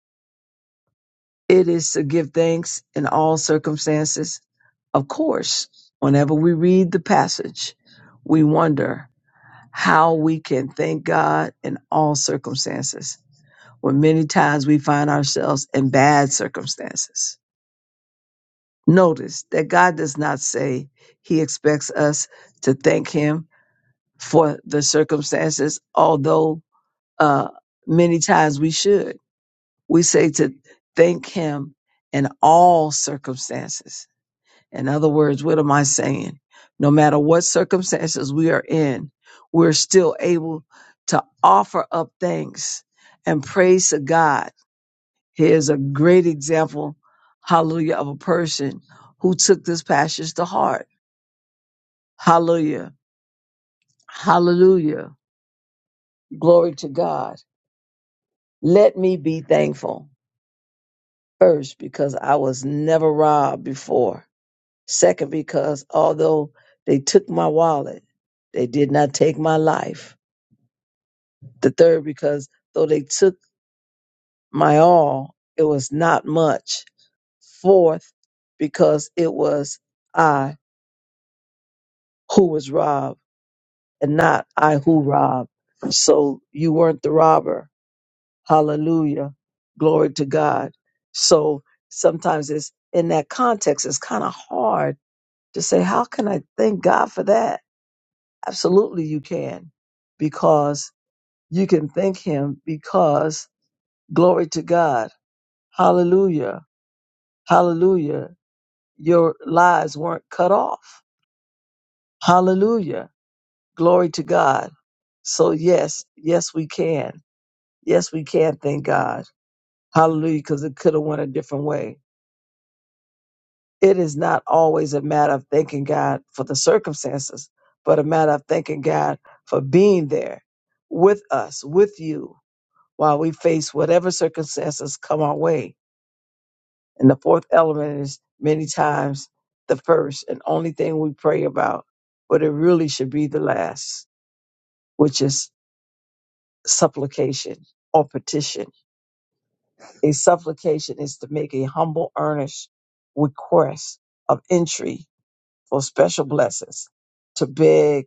Speaker 2: It is to give thanks in all circumstances. Of course, whenever we read the passage, we wonder how we can thank God in all circumstances, when many times we find ourselves in bad circumstances. Notice that God does not say he expects us to thank him for the circumstances, although uh, many times we should. We say to thank him in all circumstances In other words, what am I saying? No matter what circumstances we are in, we're still able to offer up thanks and praise to God. Here's a great example, hallelujah, of a person who took this passage to heart. Hallelujah. Hallelujah. Glory to God. Let me be thankful. First, because I was never robbed before. Second, because although they took my wallet, they did not take my life. the third because though they took my all it was not much fourth because it was i who was robbed and not i who robbed so you weren't the robber hallelujah glory to god so sometimes it's in that context it's kind of hard to say how can i thank god for that absolutely you can because you can thank him because glory to god hallelujah Hallelujah. Your lives weren't cut off. Hallelujah. Glory to God. So yes, yes we can. Yes we can, thank God. Hallelujah, because it could have went a different way. It is not always a matter of thanking God for the circumstances, but a matter of thanking God for being there with us, with you, while we face whatever circumstances come our way. And the fourth element is many times the first and only thing we pray about, but it really should be the last, which is supplication or petition. A supplication is to make a humble, earnest request of entry for special blessings, to beg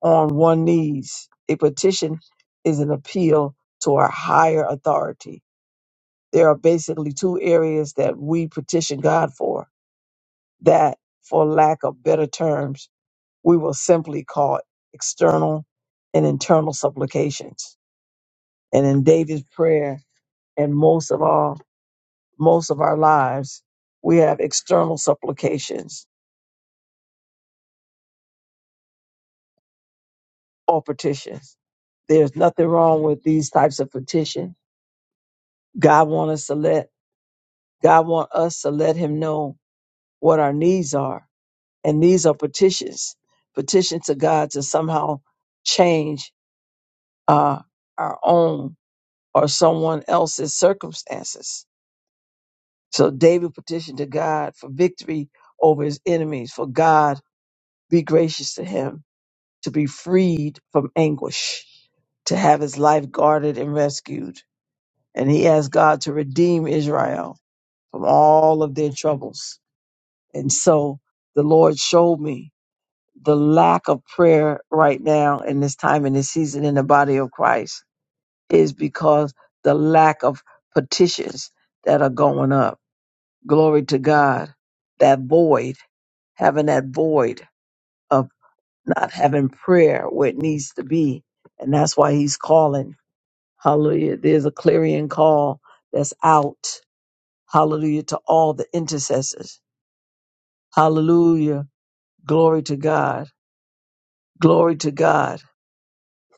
Speaker 2: on one knees. A petition is an appeal to our higher authority. There are basically two areas that we petition God for that, for lack of better terms, we will simply call external and internal supplications. And in David's prayer and most of our most of our lives, we have external supplications or petitions. There's nothing wrong with these types of petitions. God want us to let God want us to let him know what our needs are. And these are petitions. Petitions to God to somehow change uh, our own or someone else's circumstances. So David petitioned to God for victory over his enemies, for God be gracious to him to be freed from anguish, to have his life guarded and rescued. And he asked God to redeem Israel from all of their troubles. And so the Lord showed me the lack of prayer right now in this time in this season in the body of Christ is because the lack of petitions that are going up Glory to God. That void, having that void of not having prayer where it needs to be. And that's why he's calling. Hallelujah. There's a clarion call that's out. Hallelujah to all the intercessors. Hallelujah. Glory to God. Glory to God.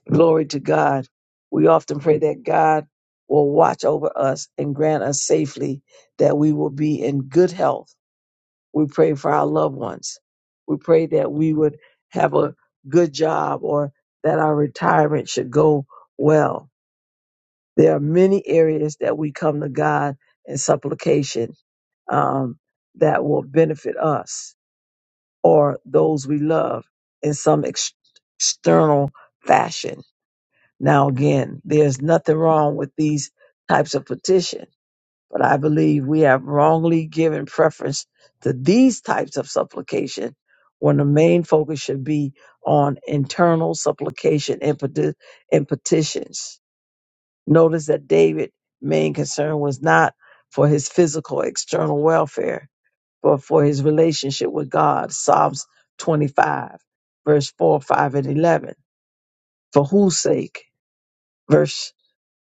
Speaker 2: Glory to God. We often pray that God will watch over us and grant us safely that we will be in good health We pray for our loved ones. We pray that we would have a good job or that our retirement should go well. There are many areas that we come to God in supplication um, that will benefit us or those we love in some ex- external fashion. Now, again, there's nothing wrong with these types of petitions but I believe we have wrongly given preference to these types of supplication when the main focus should be on internal supplication and, peti- and petitions. Notice that David's main concern was not for his physical external welfare, but for his relationship with God. Psalms 25, verse 4, 5, and 11. For whose sake? Verse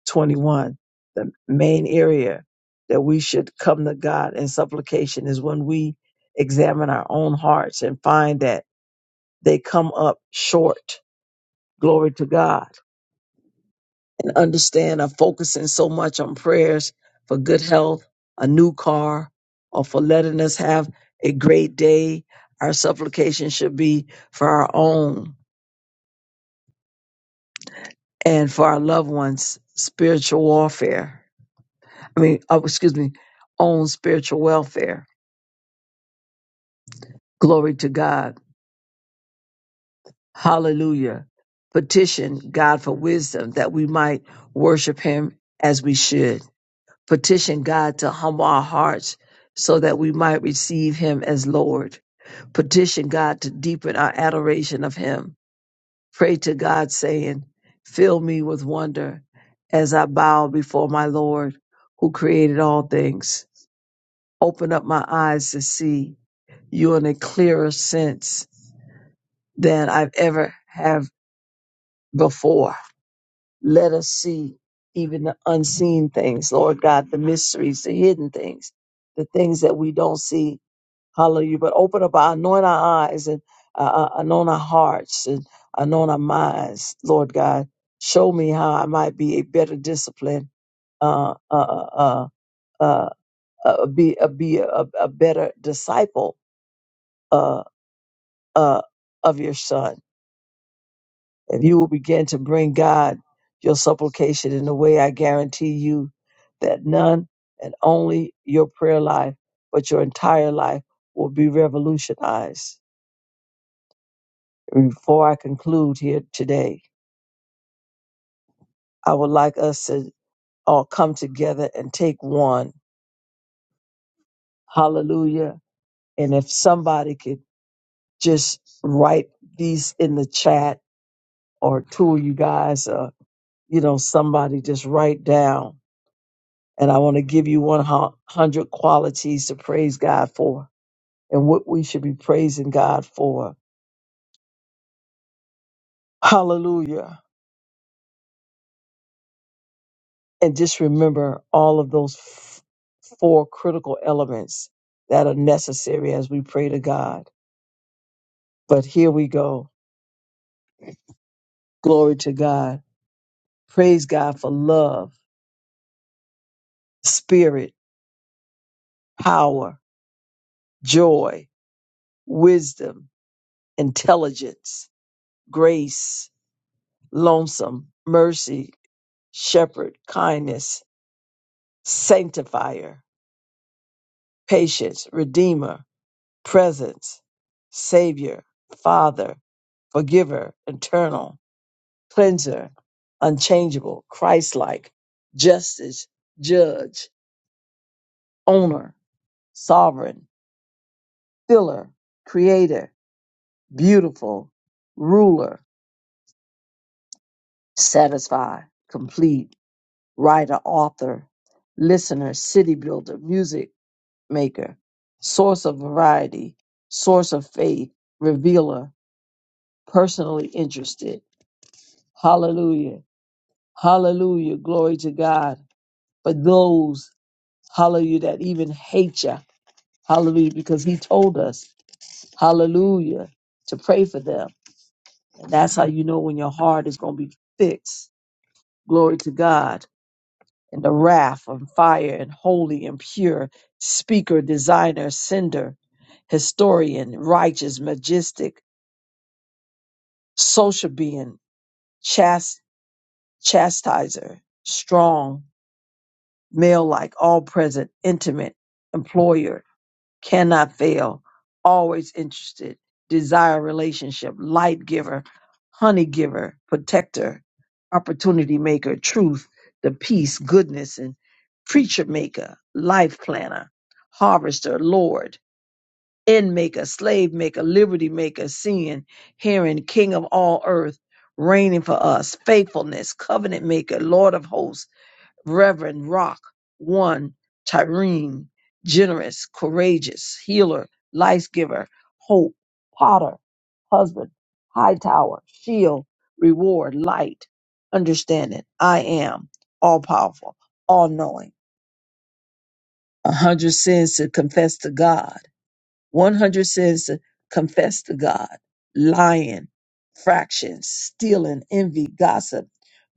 Speaker 2: 21. The main area that we should come to God in supplication is when we examine our own hearts and find that they come up short. Glory to God. And understand I'm focusing so much on prayers for good health, a new car, or for letting us have a great day. Our supplication should be for our own and for our loved ones' spiritual warfare. I mean, oh, excuse me, own spiritual welfare Glory to God. Hallelujah. Petition God for wisdom that we might worship him as we should. Petition God to humble our hearts so that we might receive him as Lord. Petition God to deepen our adoration of him. Pray to God saying, fill me with wonder as I bow before my Lord who created all things. Open up my eyes to see you in a clearer sense than I've ever have before. Let us see even the unseen things, Lord God, the mysteries, the hidden things, the things that we don't see. Hallelujah. But open up our, anoint our eyes and uh, uh, anoint our hearts and anoint our minds, Lord God. Show me how I might be a better discipline, uh, uh, uh, uh, uh, uh, be, uh, be a, a better disciple uh, uh, of your son If you will begin to bring God your supplication in a way, I guarantee you that none and only your prayer life, but your entire life will be revolutionized. Before I conclude here today, I would like us to all come together and take one. Hallelujah. And if somebody could just write these in the chat or two of you guys, uh, you know, somebody just write down And I want to give you 100 qualities to praise God for and what we should be praising God for. Hallelujah. And just remember all of those f- four critical elements that are necessary as we pray to God. But here we go. Glory to God. Praise God for love, spirit, power, joy, wisdom, intelligence, grace, lonesome, mercy, shepherd, kindness, sanctifier, patience, redeemer, presence, savior, father, forgiver, eternal, cleanser, unchangeable, Christ-like, justice, judge, owner, sovereign, filler, creator, beautiful, ruler, satisfy, complete, writer, author, listener, city builder, music maker, source of variety, source of faith, revealer, personally interested. Hallelujah. Hallelujah. Glory to God. But those, hallelujah, that even hate you. Hallelujah. Because he told us, hallelujah, to pray for them. And that's how you know when your heart is going to be fixed. Glory to God. And the wrath and fire and holy and pure speaker, designer, sender, historian, righteous, majestic, social being, chast- chastiser, strong, male like, all present, intimate, employer, cannot fail, always interested, desire relationship, light giver, honey giver, protector, opportunity maker, truth, the peace, goodness, and preacher maker, life planner, harvester, Lord, end maker, slave maker, liberty maker, seeing, hearing, king of all earth, reigning for us, faithfulness, covenant maker, Lord of hosts Reverend Rock, one, Tyreen, generous, courageous, healer, life giver, hope, potter, husband, high tower, shield, reward, light, understanding. I am all powerful, all knowing. A hundred sins to confess to God. 100 says, confess to God, lying, fractions, stealing, envy, gossip,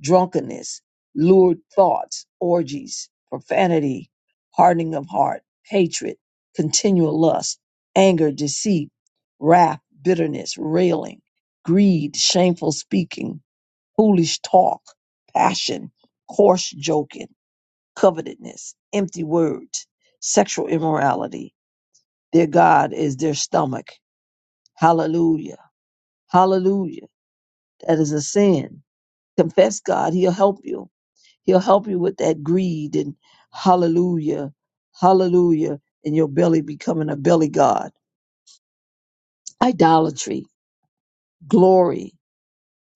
Speaker 2: drunkenness, lured thoughts, orgies, profanity, hardening of heart, hatred, continual lust, anger, deceit, wrath, bitterness, railing, greed, shameful speaking, foolish talk, passion, coarse joking, covetousness, empty words, sexual immorality, their God is their stomach. Hallelujah. Hallelujah. That is a sin. Confess God. He'll help you. He'll help you with that greed and hallelujah. Hallelujah. And your belly becoming a belly God. Idolatry, glory.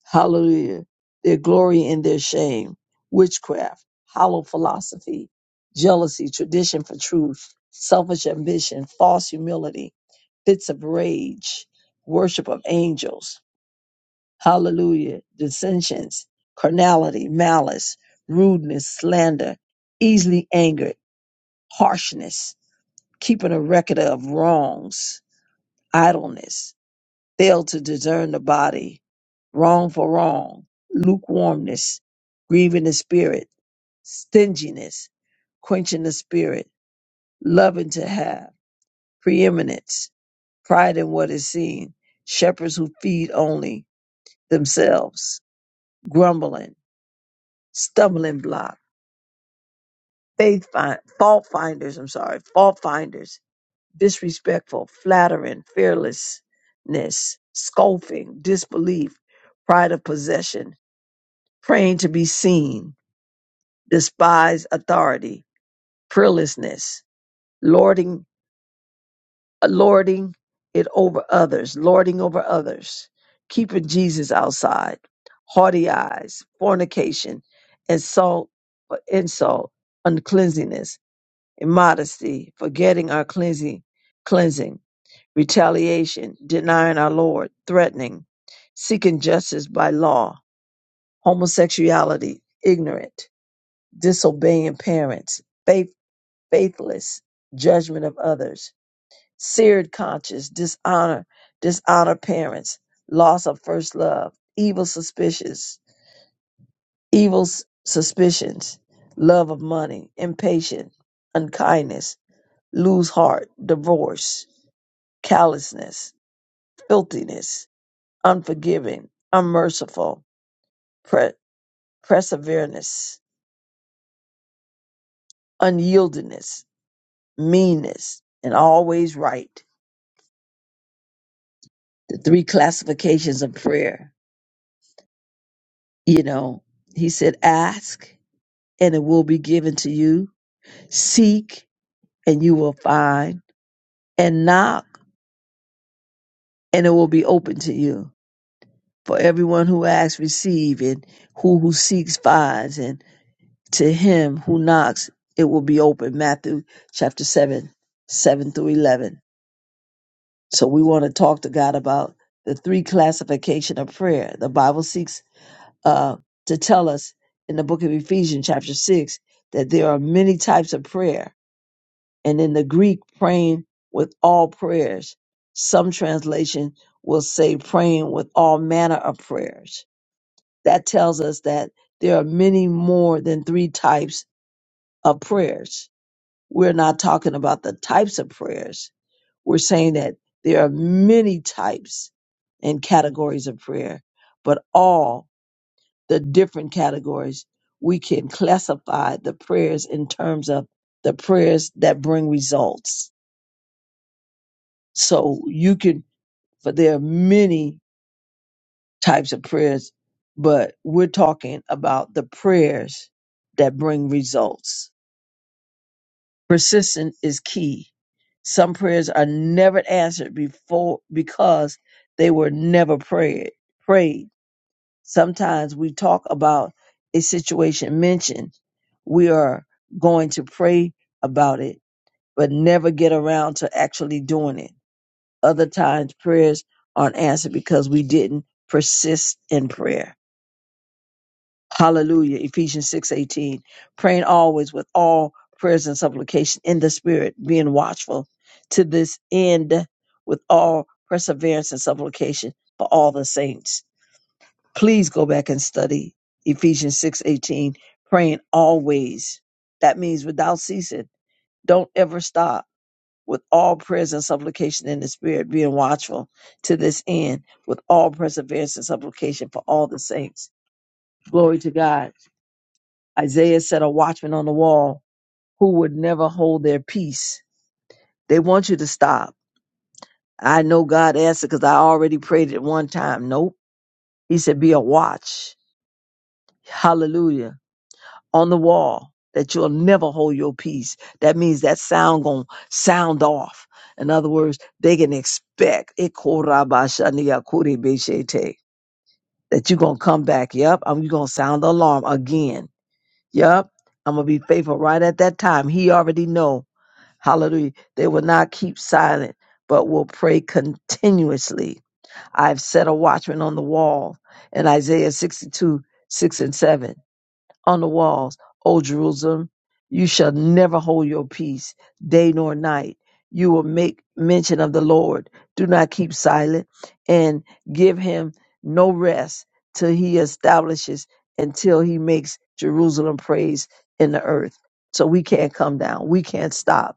Speaker 2: Hallelujah. Their glory and their shame. Witchcraft, hollow philosophy, jealousy, tradition for truth, selfish ambition, false humility, fits of rage, worship of angels. Hallelujah. Dissensions, carnality, malice, rudeness, slander, easily angered, harshness, keeping a record of wrongs, idleness, fail to discern the body, wrong for wrong, lukewarmness, grieving the spirit, stinginess, quenching the spirit, loving to have, preeminence, pride in what is seen, shepherds who feed only themselves, grumbling stumbling block, faith find, fault finders, I'm sorry, fault finders, disrespectful, flattering, fearlessness, scoffing, disbelief, pride of possession, praying to be seen, despise authority, prayerlessness, lording, uh, lording it over others, lording over others, keeping Jesus outside, haughty eyes, fornication, insult for insult, uncleanliness, immodesty, forgetting our cleansing, cleansing, retaliation, denying our Lord, threatening, seeking justice by law, homosexuality, ignorant, disobeying parents, faith, faithless, judgment of others, seared conscience, dishonor, dishonor parents, loss of first love, evil suspicious, evil s- suspicions, love of money, impatient, unkindness, lose heart, divorce callousness, filthiness, unforgiving, unmerciful, pre- perseverance, unyieldingness, meanness, and always right. The three classifications of prayer. You know, he said, ask and it will be given to you. Seek and you will find. And knock and it will be open to you. For everyone who asks, receive, and who who seeks finds. and to him who knocks, it will be open. Matthew chapter 7, 7 through 11. So we want to talk to God about the three classification of prayer. The Bible seeks uh, to tell us in the book of Ephesians chapter 6 that there are many types of prayer. And in the Greek, praying with all prayers. Some translation will say praying with all manner of prayers. That tells us that there are many more than three types of prayers We're not talking about the types of prayers. We're saying that there are many types and categories of prayer, but all the different categories, we can classify the prayers in terms of the prayers that bring results. So you can, but there are many types of prayers, but we're talking about the prayers that bring results. Persistence is key. Some prayers are never answered before because they were never prayed. Prayed. Sometimes we talk about a situation mentioned. We are going to pray about it, but never get around to actually doing it. Other times prayers aren't answered because we didn't persist in prayer. Hallelujah. Ephesians 6:18. Praying always with all prayers and supplication in the spirit, being watchful to this end with all perseverance and supplication for all the saints. Please go back and study Ephesians 6:18. Praying always. That means without ceasing. Don't ever stop. With all prayers and supplication in the spirit, being watchful to this end, with all perseverance and supplication for all the saints. Glory to God. Isaiah said a watchman on the wall who would never hold their peace. They want you to stop. I know God answered because I already prayed it one time. Nope. He said, be a watch. Hallelujah. On the wall that you'll never hold your peace. That means that sound going to sound off. In other words, they can expect it korabashaniyakuribeshete, that you're going to come back. Yep. I'm you going to sound the alarm again. Yep. I'm going to be faithful right at that time. He already know Hallelujah. They will not keep silent, but will pray continuously. I've set a watchman on the wall in Isaiah 62, 6 and 7. On the walls, O Jerusalem, you shall never hold your peace, day nor night. You will make mention of the Lord. Do not keep silent and give him no rest till he establishes, until he makes Jerusalem praise in the earth. So we can't come down. We can't stop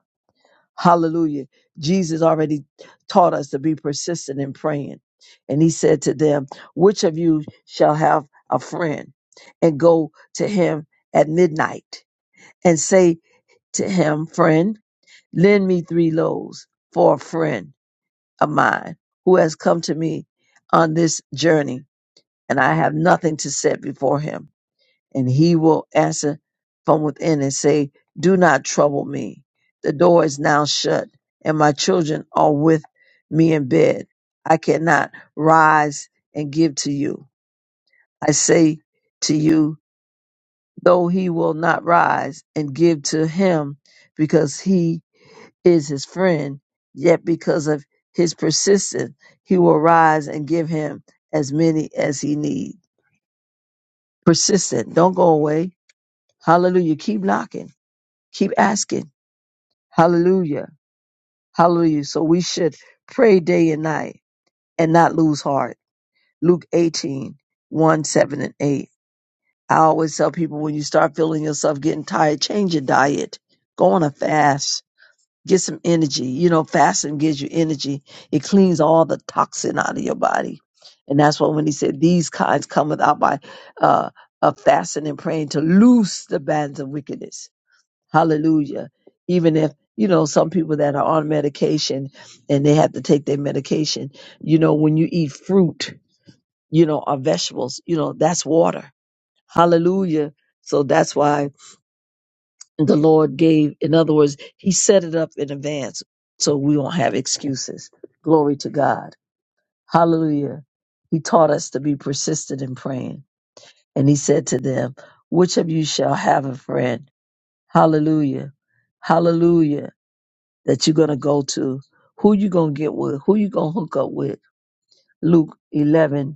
Speaker 2: Hallelujah. Jesus already taught us to be persistent in praying. And he said to them, Which of you shall have a friend and go to him at midnight and say to him, Friend, lend me three loaves for a friend of mine who has come to me on this journey and I have nothing to set before him and he will answer from within and say, Do not trouble me. The door is now shut, and my children are with me in bed. I cannot rise and give to you. I say to you, though he will not rise and give to him because he is his friend, yet because of his persistence, he will rise and give him as many as he needs. Persistent. Don't go away. Hallelujah. Keep knocking Keep asking. Hallelujah. Hallelujah. So we should pray day and night and not lose heart. Luke eighteen one, 7, and 8. I always tell people when you start feeling yourself getting tired, change your diet. Go on a fast. Get some energy. You know, fasting gives you energy. It cleans all the toxin out of your body. And that's why when he said these kinds cometh out by uh, uh fasting and praying to loose the bands of wickedness Hallelujah. Even if, you know, some people that are on medication and they have to take their medication, you know, when you eat fruit, you know, or vegetables, you know, that's water. Hallelujah. So that's why the Lord gave, in other words, He set it up in advance so we won't have excuses. Glory to God. Hallelujah. He taught us to be persistent in praying. And He said to them, Which of you shall have a friend? Hallelujah. Hallelujah that you're going to go to, who you going to get with, who you going to hook up with. Luke 11:5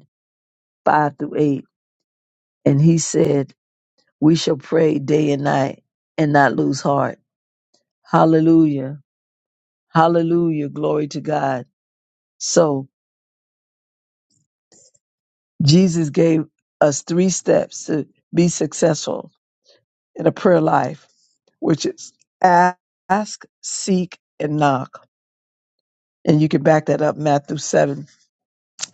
Speaker 2: through 8. And he said, we shall pray day and night and not lose heart. Hallelujah. Hallelujah. Glory to God. So Jesus gave us three steps to be successful in a prayer life, which is ask, seek, and knock. And you can back that up, Matthew 7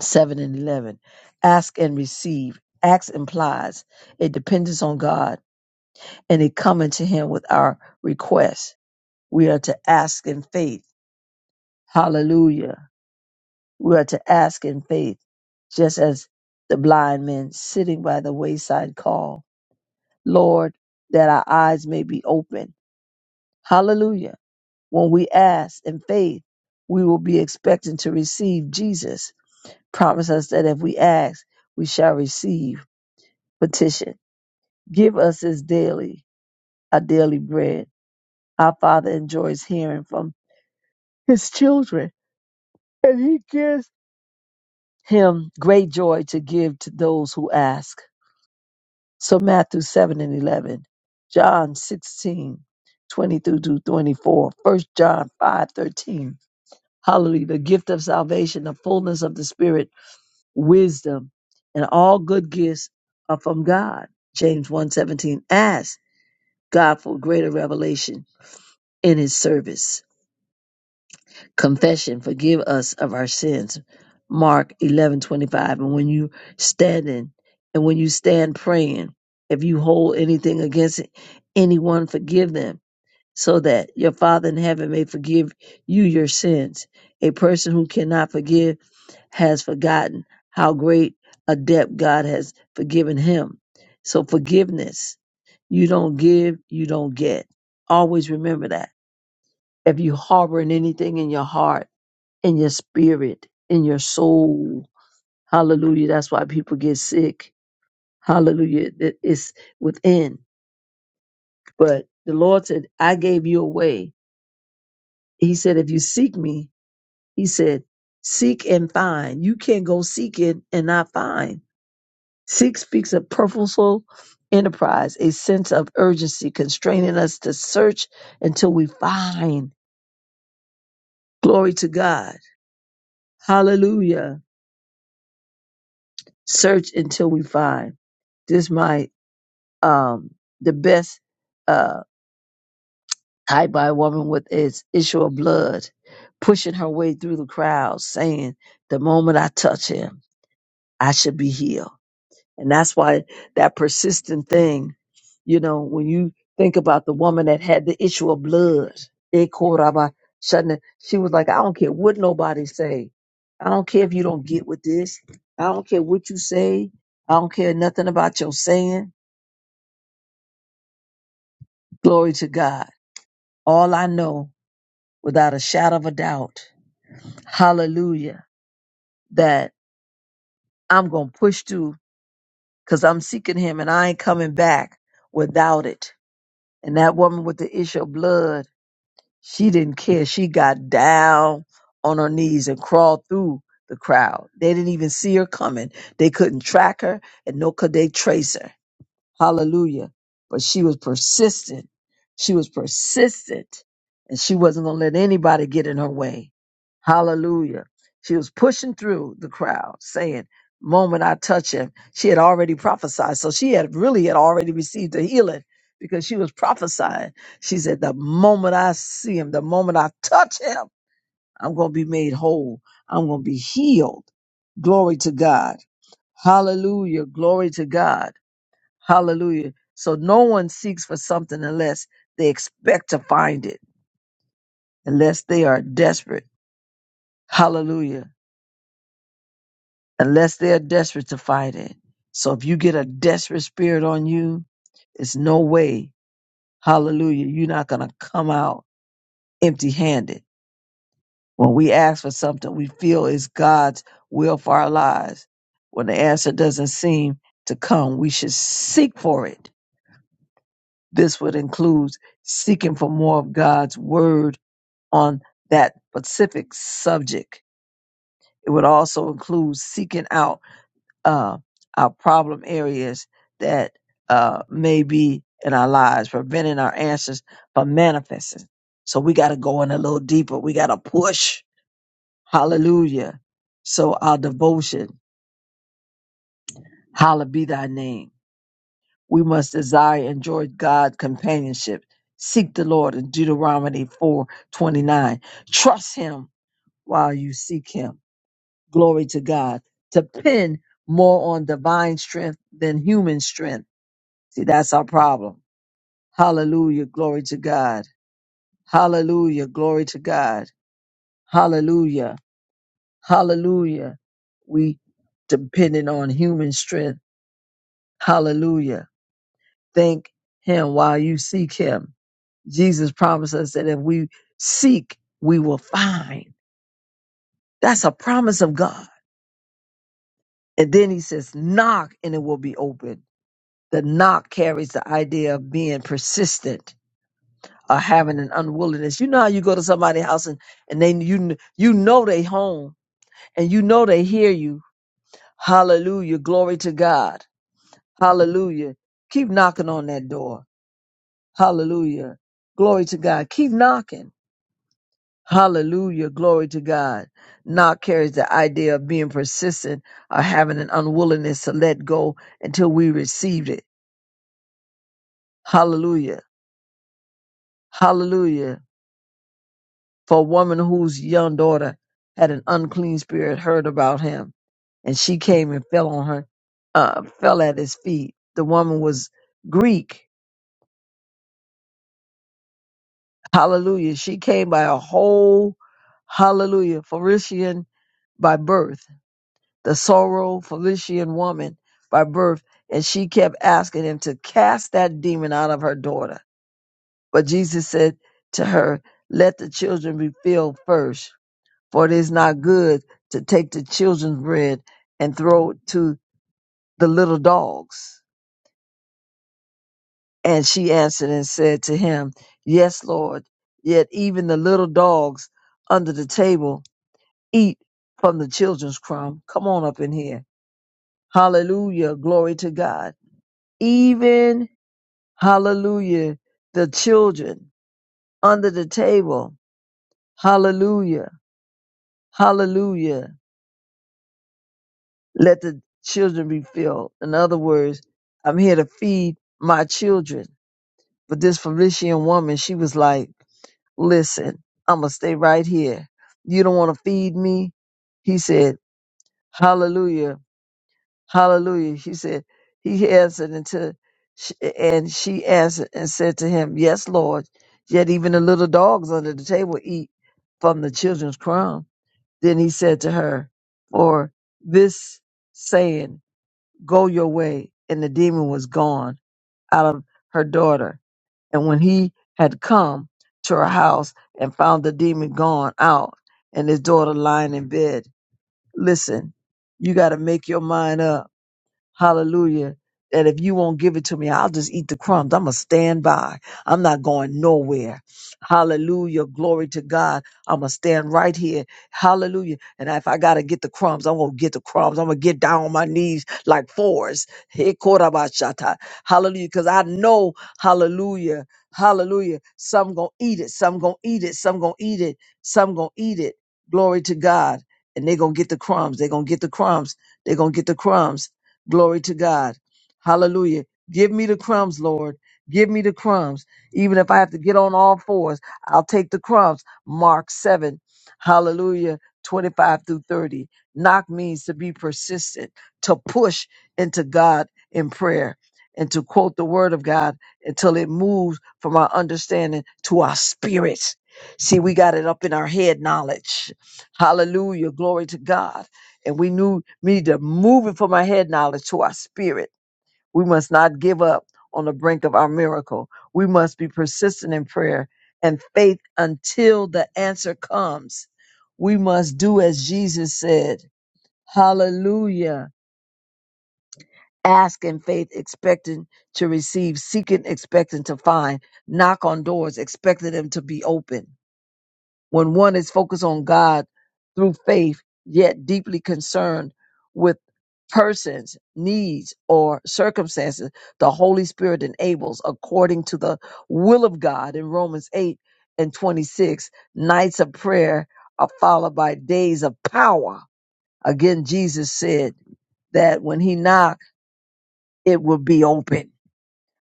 Speaker 2: 7 and 11. Ask and receive. Acts implies a dependence on God and a coming to Him with our request. We are to ask in faith. Hallelujah. We are to ask in faith, just as the blind men sitting by the wayside call, Lord, that our eyes may be open. Hallelujah. When we ask in faith, we will be expecting to receive Jesus. Promise us that if we ask, we shall receive petition. Give us this daily, our daily bread. Our Father enjoys hearing from His children, and He gives Him great joy to give to those who ask. So, Matthew 7 and 11, John 16, twenty through to 24, First John 5 13. Hallelujah. The gift of salvation, the fullness of the Spirit, wisdom, and all good gifts are from God. James one 17. ask God for greater revelation in His service. confession forgive us of our sins mark 11:25 and when you standing and when you stand praying if you hold anything against anyone forgive them so that your father in heaven may forgive you your sins a person who cannot forgive has forgotten how great a debt God has forgiven him so forgiveness you don't give you don't get always remember that if you harboring anything in your heart in your spirit, in your soul. Hallelujah. That's why people get sick. Hallelujah. That it's within. But the Lord said, I gave you a way." He said, if you seek me, he said, seek and find. You can't go seeking and not find. Seek speaks of purposeful enterprise, a sense of urgency constraining us to search until we find. Glory to God. Hallelujah. Search until we find. This might um, the best uh, type by a woman with its issue of blood, pushing her way through the crowd, saying, "The moment I touch him, I should be healed." And that's why that persistent thing, you know, when you think about the woman that had the issue of blood, eh, koraba, shouldn't- she was like, "I don't care what nobody say. I don't care if you don't get with this. I don't care what you say. I don't care nothing about your saying. Glory to God. All I know." without a shadow of a doubt. Hallelujah. That I'm going to push through because I'm seeking him and I ain't coming back without it. And that woman with the issue of blood, she didn't care. She got down on her knees and crawled through the crowd. They didn't even see her coming. They couldn't track her and no could they trace her. Hallelujah. But she was persistent. She was persistent and she wasn't going to let anybody get in her way. Hallelujah. She was pushing through the crowd saying, moment I touch him, she had already prophesied. So she had really had already received the healing because she was prophesying. She said, the moment I see him, the moment I touch him, I'm going to be made whole. I'm going to be healed. Glory to God. Hallelujah. Glory to God. Hallelujah. So no one seeks for something unless they expect to find it, unless they are desperate. Hallelujah. Unless they are desperate to find it. So if you get a desperate spirit on you, it's no way. Hallelujah. You're not going to come out empty handed. When we ask for something we feel is God's will for our lives, when the answer doesn't seem to come, we should seek for it. This would include seeking for more of God's word on that specific subject. It would also include seeking out uh, our problem areas that uh, may be in our lives, preventing our answers from manifesting. So we got to go in a little deeper. We got to push. Hallelujah. So our devotion, hallowed be thy name. We must desire and enjoy God's companionship. Seek the Lord in Deuteronomy 4 29. Trust him while you seek him glory to God, depend more on divine strength than human strength. See, that's our problem. Hallelujah. Glory to God. Hallelujah. Glory to God. Hallelujah. Hallelujah. We dependent on human strength. Hallelujah. Thank him while you seek him. Jesus promised us that if we seek, we will find. That's a promise of God. And then he says, knock and it will be open. The knock carries the idea of being persistent or having an unwillingness. You know how you go to somebody's house and, and they you you know they home and you know they hear you. Hallelujah. Glory to God. Hallelujah. Keep knocking on that door. Hallelujah. Glory to God. Keep knocking. Hallelujah. Glory to God. Knock carries the idea of being persistent or having an unwillingness to let go until we received it. Hallelujah. Hallelujah. for a woman whose young daughter had an unclean spirit heard about him, and she came and fell on her, uh, fell at his feet. The woman was Greek. Hallelujah. She came by a whole, hallelujah, Phoenician by birth, the sorrow Phoenician woman by birth. And she kept asking him to cast that demon out of her daughter. But Jesus said to her, Let the children be filled first for it is not good to take the children's bread and throw it to the little dogs. And she answered and said to him, Yes, Lord, yet even the little dogs under the table eat from the children's crumb. Come on up in here. Hallelujah. Glory to God. Even, hallelujah, the children under the table. Hallelujah. Hallelujah Let the children be filled. In other words, I'm here to feed my children. But this Felician woman, she was like, listen, I'm going to stay right here. You don't want to feed me? He said, hallelujah, hallelujah. She said, he answered until, sh- and she answered and said to him, yes, Lord. Yet even the little dogs under the table eat from the children's crumb. Then he said to her, for this saying Go your way. And the demon was gone out of her daughter. And when he had come to her house and found the demon gone out and his daughter lying in bed, listen, you got to make your mind up Hallelujah. That if you won't give it to me, I'll just eat the crumbs. I'm going to stand by. I'm not going nowhere. Hallelujah. Glory to God. I'm going to stand right here. Hallelujah. And if I got to get the crumbs, I'm going to get the crumbs. I'm going to get down on my knees like Forrest. Hey, Korabashata. Hallelujah. Because I know, hallelujah, hallelujah, some going to eat it. Some going to eat it. Some going to eat it. Some going to eat it. Glory to God. And they going to get the crumbs. they going to get the crumbs. they going to get the crumbs Glory to God. Hallelujah. Give me the crumbs, Lord. Give me the crumbs. Even if I have to get on all fours, I'll take the crumbs. Mark 7. Hallelujah. 25 through 30. Knock means to be persistent, to push into God in prayer, and to quote the word of God until it moves from our understanding to our spirits. See, we got it up in our head knowledge. Hallelujah. Glory to God and we knew we need to move it from our head knowledge to our spirit. We must not give up on the brink of our miracle. We must be persistent in prayer and faith until the answer comes. We must do as Jesus said. Hallelujah. Ask in faith, expecting to receive, seeking, expecting to find, knock on doors, expecting them to be open. When one is focused on God through faith, yet deeply concerned with persons, needs, or circumstances, the Holy Spirit enables, according to the will of God in Romans 8 and 26, nights of prayer are followed by days of power. Again, Jesus said that when he knocked, it will be open.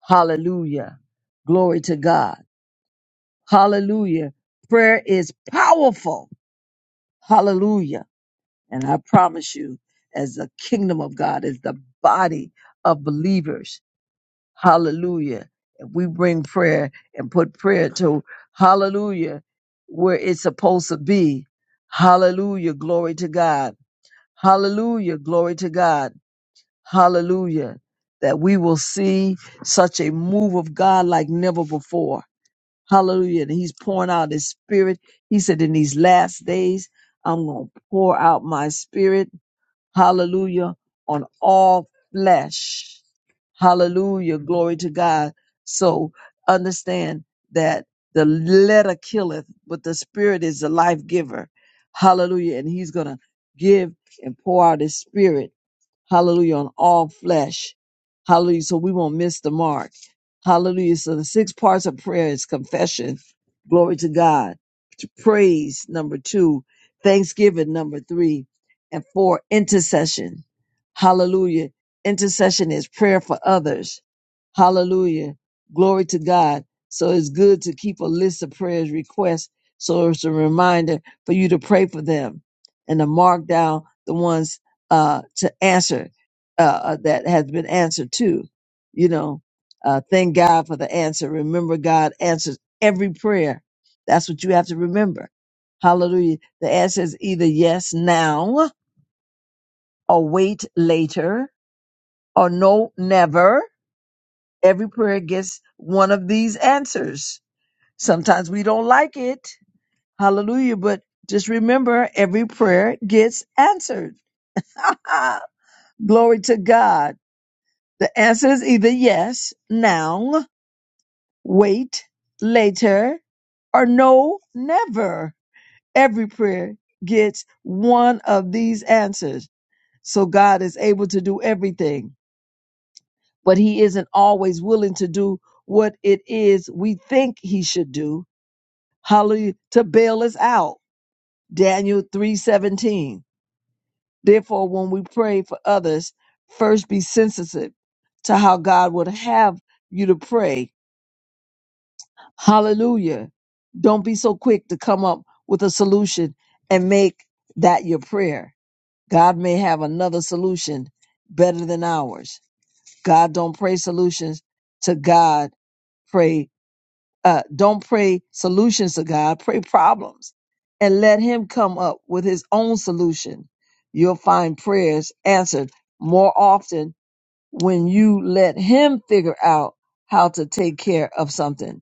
Speaker 2: Hallelujah. Glory to God. Hallelujah. Prayer is powerful. Hallelujah And I promise you, as the kingdom of God, as the body of believers, hallelujah. If we bring prayer and put prayer to hallelujah where it's supposed to be, hallelujah, glory to God, hallelujah, glory to God, hallelujah, that we will see such a move of God like never before. Hallelujah. And he's pouring out his spirit. He said, in these last days, I'm going to pour out my spirit Hallelujah. On all flesh. Hallelujah. Glory to God. So understand that the letter killeth, but the spirit is the life giver. Hallelujah. And he's going to give and pour out his spirit Hallelujah. On all flesh. Hallelujah. So we won't miss the mark. Hallelujah. So the six parts of prayer is confession. Glory to God. Praise, number two. Thanksgiving, number three. And four, intercession. Hallelujah. Intercession is prayer for others. Hallelujah. Glory to God. So it's good to keep a list of prayers requests. So it's a reminder for you to pray for them and to mark down the ones uh, to answer uh, uh, that has been answered too, You know, uh, thank God for the answer. Remember, God answers every prayer. That's what you have to remember. Hallelujah. The answer is either yes now or wait later or no never. Every prayer gets one of these answers. Sometimes we don't like it. Hallelujah. But just remember every prayer gets answered. [LAUGHS] Glory to God. The answer is either yes, now, wait, later, or no, never. Every prayer gets one of these answers. So God is able to do everything, but He isn't always willing to do what it is we think He should do. Hallelujah. To bail us out. Daniel 3:17. Therefore, when we pray for others, first be sensitive to how God would have you to pray Hallelujah. Don't be so quick to come up with a solution and make that your prayer. God may have another solution better than ours. God don't pray solutions to God. Pray, uh, don't pray solutions to God. Pray problems and let him come up with his own solution. You'll find prayers answered more often when you let him figure out how to take care of something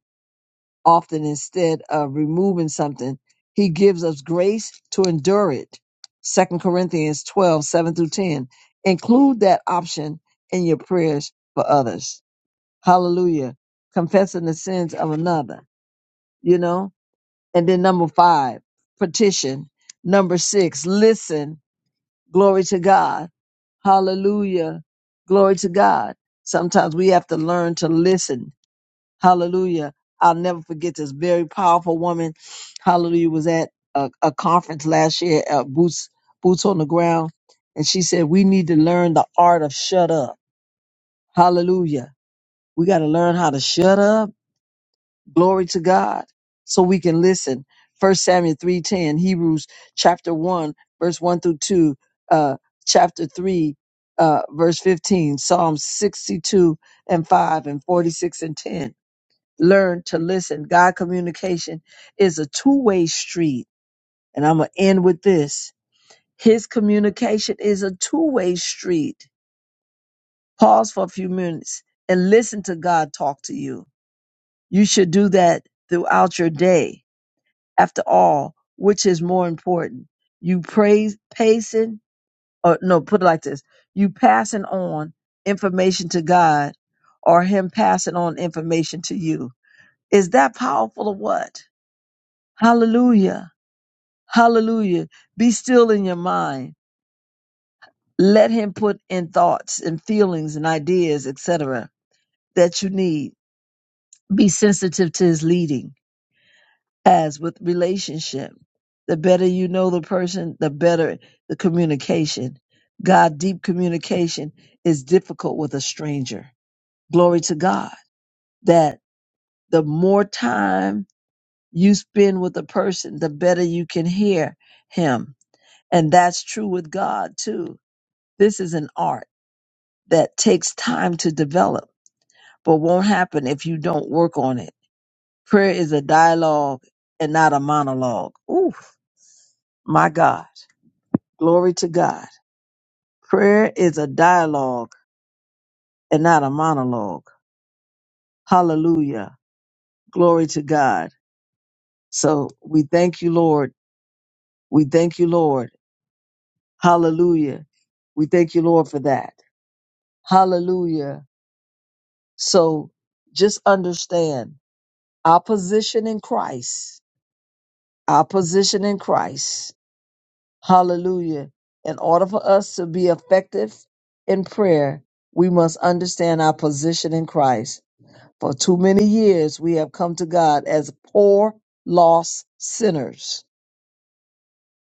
Speaker 2: often instead of removing something. He gives us grace to endure it. Second Corinthians 12 7 through 10. Include that option in your prayers for others. Hallelujah. Confessing the sins of another, you know? And then number five, petition. Number six, listen. Glory to God. Hallelujah. Glory to God. Sometimes we have to learn to listen Hallelujah. I'll never forget this very powerful woman. Hallelujah was at a, a conference last year at Boots Boots on the Ground. And she said, We need to learn the art of shut up. Hallelujah. We got to learn how to shut up. Glory to God. So we can listen. First Samuel 3:10, Hebrews chapter 1, verse 1 through 2, uh, chapter 3, uh, verse 15, Psalm 62 and 5 and 46 and 10 learn to listen. God communication is a two way street. And I'm going to end with this. His communication is a two way street. Pause for a few minutes and listen to God talk to you. You should do that throughout your day. After all, which is more important? You praise, pacing, or no, put it like this. You passing on information to God or him passing on information to you. Is that powerful or what? Hallelujah. Hallelujah. Be still in your mind. Let him put in thoughts and feelings and ideas, etc., that you need. Be sensitive to his leading. As with relationship, the better you know the person, the better the communication. God, deep communication is difficult with a stranger. Glory to God that the more time you spend with a person, the better you can hear him. And that's true with God too. This is an art that takes time to develop, but won't happen if you don't work on it. Prayer is a dialogue and not a monologue. Oof, my God. Glory to God. Prayer is a dialogue and not a monologue. Hallelujah. Glory to God. So we thank you, Lord. We thank you, Lord. Hallelujah. We thank you, Lord, for that. Hallelujah. So just understand our position in Christ, our position in Christ Hallelujah. In order for us to be effective in prayer, we must understand our position in Christ. For too many years, we have come to God as poor, lost sinners.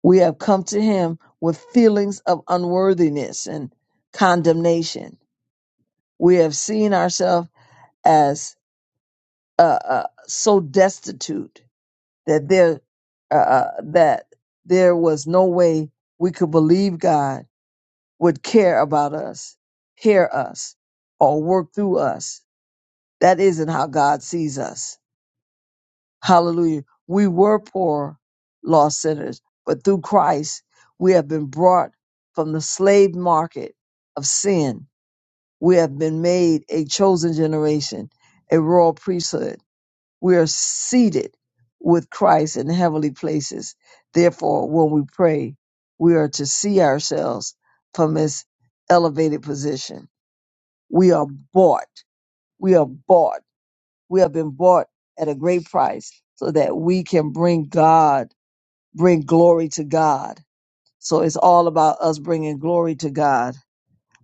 Speaker 2: We have come to Him with feelings of unworthiness and condemnation. We have seen ourselves as uh, uh, so destitute that there uh, uh, that there was no way we could believe God would care about us, hear us, or work through us. That isn't how God sees us. Hallelujah. We were poor, lost sinners, but through Christ, we have been brought from the slave market of sin. We have been made a chosen generation, a royal priesthood. We are seated with Christ in heavenly places. Therefore, when we pray, we are to see ourselves from his elevated position we are bought. We are bought. We have been bought at a great price so that we can bring God, bring glory to God. So it's all about us bringing glory to God.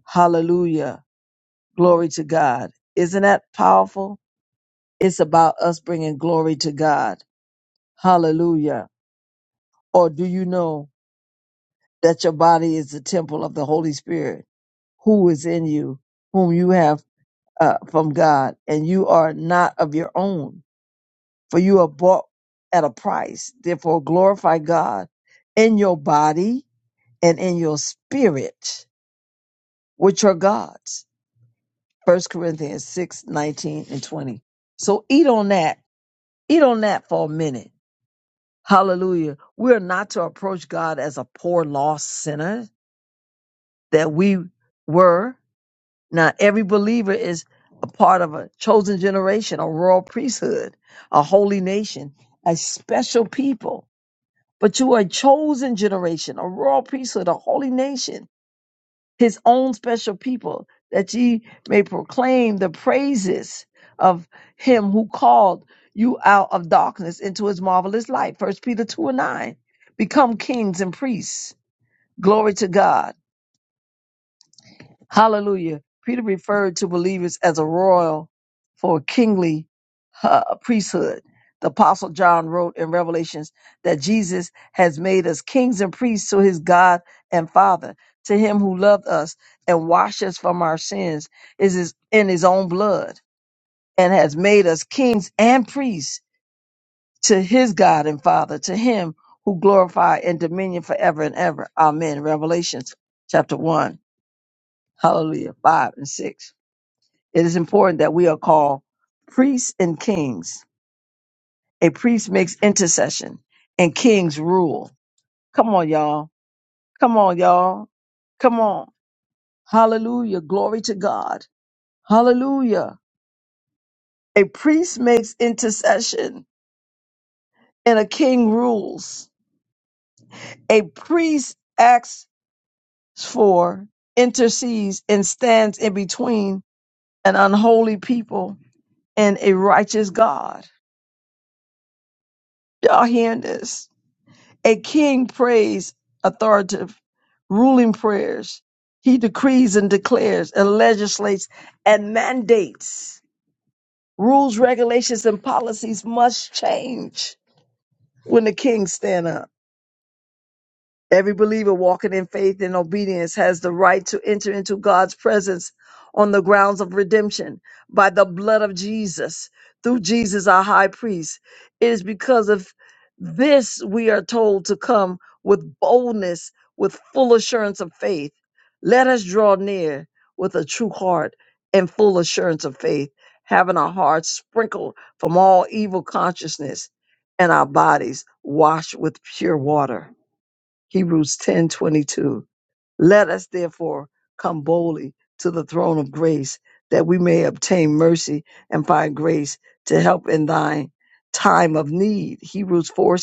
Speaker 2: Hallelujah. Glory to God. Isn't that powerful? It's about us bringing glory to God. Hallelujah. Or do you know that your body is the temple of the Holy Spirit who is in you, whom you have uh, from God, and you are not of your own? for you are bought at a price. Therefore, glorify God in your body and in your spirit, which are God's. First Corinthians 6 19 and 20. So eat on that. Eat on that for a minute. Hallelujah. We are not to approach God as a poor, lost sinner that we were. Now, every believer is a part of a chosen generation, a royal priesthood, a holy nation, a special people But you are a chosen generation, a royal priesthood, a holy nation, his own special people, that ye may proclaim the praises of him who called you out of darkness into his marvelous light. First Peter 2 and 9. Become kings and priests. Glory to God. Hallelujah. Peter referred to believers as a royal for a kingly uh, priesthood. The apostle John wrote in Revelations that Jesus has made us kings and priests to his God and Father. To him who loved us and washed us from our sins is his, in his own blood and has made us kings and priests to his God and Father, to him who glorify and dominion forever and ever. Amen. Revelations chapter 1, hallelujah, 5 and 6. It is important that we are called priests and kings. A priest makes intercession and kings rule. Come on, y'all. Come on, y'all. Come on. Hallelujah. Glory to God. Hallelujah. A priest makes intercession and a king rules. A priest acts for, intercedes, and stands in between an unholy people and a righteous God. Y'all hearing this? A king prays authoritative, ruling prayers. He decrees and declares and legislates and mandates. Rules, regulations, and policies must change when the king stands up. Every believer walking in faith and obedience has the right to enter into God's presence on the grounds of redemption by the blood of Jesus, through Jesus, our high priest. It is because of this we are told to come with boldness, with full assurance of faith. Let us draw near with a true heart and full assurance of faith, having our hearts sprinkled from all evil consciousness and our bodies washed with pure water. Hebrews 10:22. Let us therefore come boldly to the throne of grace that we may obtain mercy and find grace to help in thine time of need. Hebrews 4:16.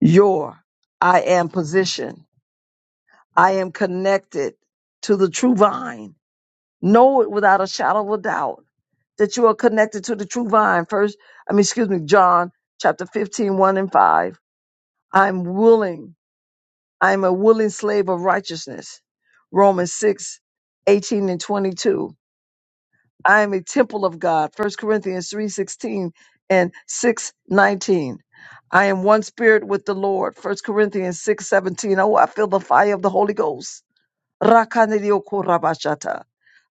Speaker 2: Your I am position. I am connected to the true vine. Know it without a shadow of a doubt that you are connected to the true vine. First, I mean, excuse me, John chapter 15, one and 5. I'm willing I am a willing slave of righteousness. Romans 6, 18 and 22. I am a temple of God. First Corinthians 3, 16 and 6, 19. I am one spirit with the Lord. First Corinthians 6, 17. Oh, I feel the fire of the Holy Ghost. Rakanidiokorabashata.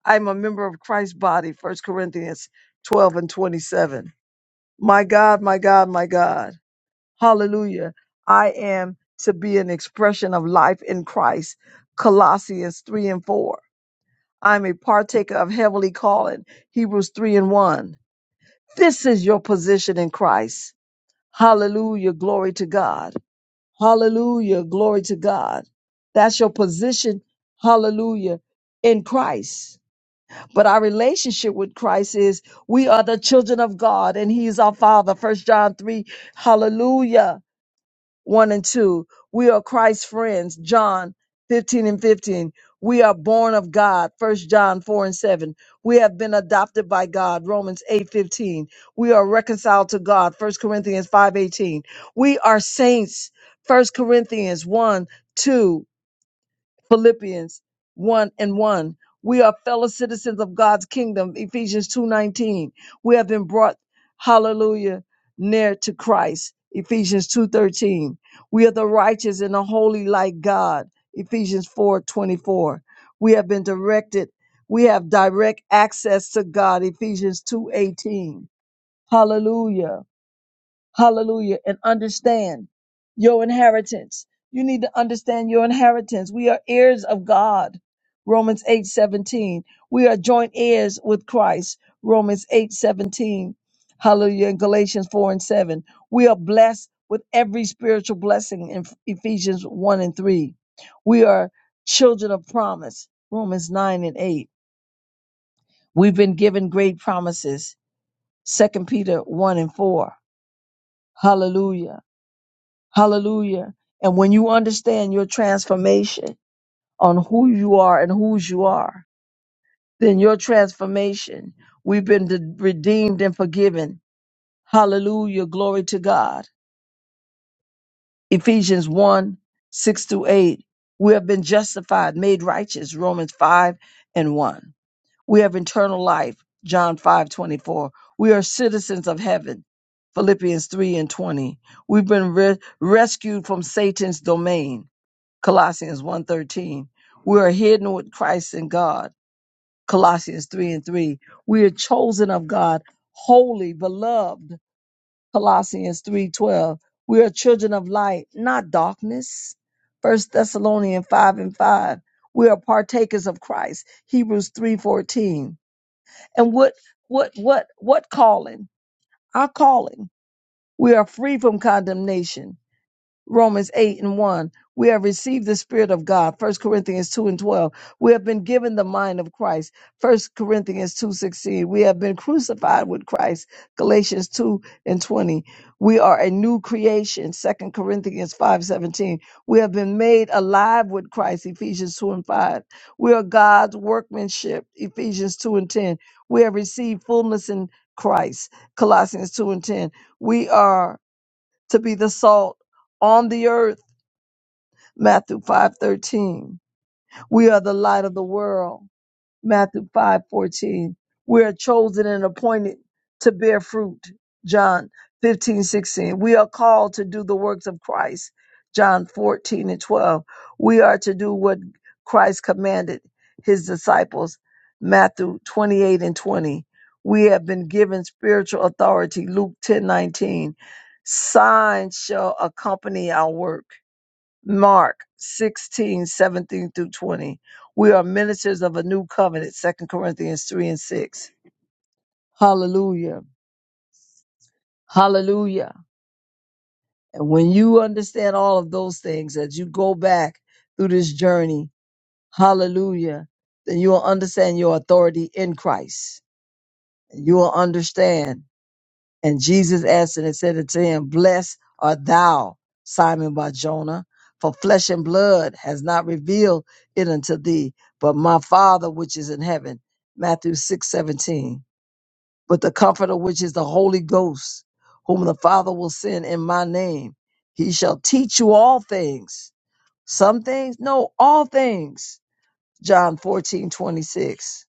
Speaker 2: I am a member of Christ's body. First Corinthians 12 and 27. My God, my God, my God. Hallelujah. I am to be an expression of life in Christ. Colossians 3 and 4. I'm a partaker of heavenly calling. Hebrews 3 and 1. This is your position in Christ. Hallelujah. Glory to God. Hallelujah. Glory to God. That's your position. Hallelujah. In Christ. But our relationship with Christ is we are the children of God and He is our Father. First John 3. Hallelujah. 1 and 2. We are Christ's friends, John 15 and 15. We are born of God, First John 4 and 7. We have been adopted by God, Romans 8 15. We are reconciled to God, First Corinthians 5 18. We are saints, First Corinthians 1 2. Philippians 1 and 1. We are fellow citizens of God's kingdom, Ephesians 2:19. We have been brought hallelujah near to Christ, Ephesians 2:13. We are the righteous and the holy like God, Ephesians 4:24. We have been directed, we have direct access to God, Ephesians 2:18. Hallelujah. Hallelujah. And understand your inheritance. You need to understand your inheritance. We are heirs of God. Romans 8 17. We are joint heirs with Christ. Romans 8 17. Hallelujah. And Galatians 4 and 7. We are blessed with every spiritual blessing in Ephesians 1 and 3. We are children of promise. Romans 9 and 8. We've been given great promises. Second Peter 1 and 4. Hallelujah. Hallelujah. And when you understand your transformation on who you are and whose you are, then your transformation, we've been de- redeemed and forgiven. Hallelujah. Glory to God. Ephesians 1 6 to 8. We have been justified, made righteous. Romans 5 and 1. We have eternal life. John 5 24. We are citizens of heaven. Philippians 3 and 20. We've been re- rescued from Satan's domain. Colossians one thirteen, We are hidden with Christ in God. Colossians 3 and 3. We are chosen of God, holy, beloved. Colossians 3.12. We are children of light, not darkness. First Thessalonians 5 and 5. We are partakers of Christ. Hebrews 3.14. And what what what what calling? Our calling. We are free from condemnation. Romans 8 and 1. We have received the Spirit of God. First Corinthians 2 and 12. We have been given the mind of Christ. First Corinthians 2 16, We have been crucified with Christ. Galatians 2 and 20. We are a new creation. Second Corinthians 5 17, We have been made alive with Christ. Ephesians 2 and 5. We are God's workmanship. Ephesians 2 and 10. We have received fullness in Christ. Colossians 2 and 10. We are to be the salt on the earth. Matthew 5:13. We are the light of the world. Matthew 5:14. We are chosen and appointed to bear fruit, John 15:16. We are called to do the works of Christ, John 14 and 12. We are to do what Christ commanded his disciples, Matthew 28 and 20. We have been given spiritual authority, Luke 10:19. Signs shall accompany our work. Mark 16, 17 through 20. We are ministers of a new covenant, Second Corinthians 3 and 6. Hallelujah. Hallelujah. And when you understand all of those things as you go back through this journey, hallelujah, then you will understand your authority in Christ. You will understand. And Jesus answered and said unto him, Blessed art thou, Simon Bar Jonah, for flesh and blood has not revealed it unto thee, but my Father which is in heaven. Matthew six seventeen. But the Comforter, which is the Holy Ghost, whom the Father will send in my name, he shall teach you all things. Some things? No, all things. John fourteen twenty six.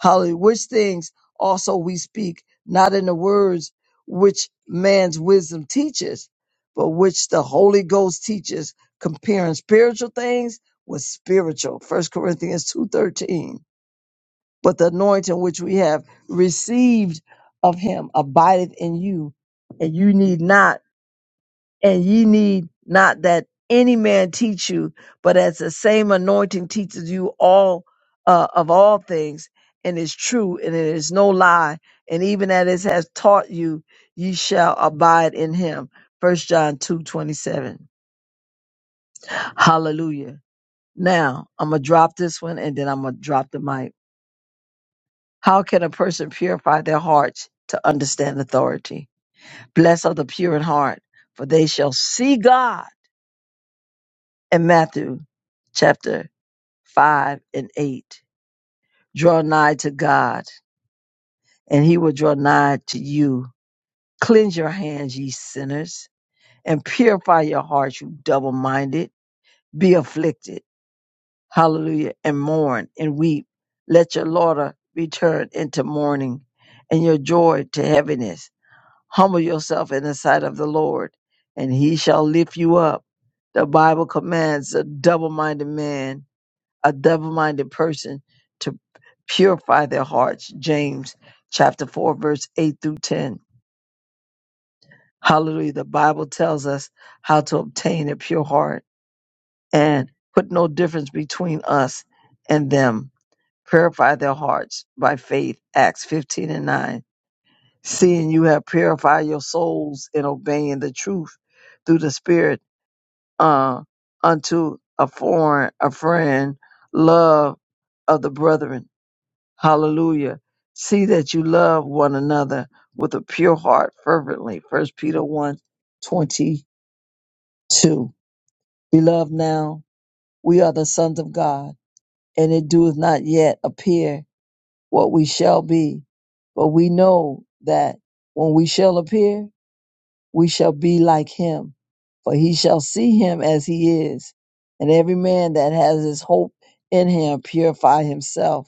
Speaker 2: Hallelujah. Which things also we speak, not in the words which man's wisdom teaches, but which the Holy Ghost teaches, comparing spiritual things with spiritual. First Corinthians 2.13. But the anointing which we have received of him abideth in you, and you need not and ye need not that any man teach you, but as the same anointing teaches you all uh, of all things, and is true, and it is no lie, and even as it has taught you, ye shall abide in him. First John two twenty seven. Hallelujah. Now I'm gonna drop this one, and then I'm gonna drop the mic. How can a person purify their hearts to understand authority? Blessed are the pure in heart, for they shall see God. and Matthew chapter 5 and 8. Draw nigh to God, and he will draw nigh to you. Cleanse your hands, ye sinners, and purify your hearts, you double minded. Be afflicted, hallelujah, and mourn and weep. Let your laughter be turned into mourning, and your joy to heaviness. Humble yourself in the sight of the Lord, and he shall lift you up. The Bible commands a double minded man a double-minded person to purify their hearts. James chapter 4 verse 8 through 10. Hallelujah. The Bible tells us how to obtain a pure heart and put no difference between us and them. Purify their hearts by faith. Acts 15 and 9. Seeing you have purified your souls in obeying the truth through the Spirit uh, unto a foreign, a friend, love of the brethren Hallelujah. See that you love one another with a pure heart fervently. First Peter one twenty two. Beloved, now we are the sons of God, and it doeth not yet appear what we shall be. But we know that when we shall appear, we shall be like him, for he shall see him as he is. And every man that has his hope in him purify himself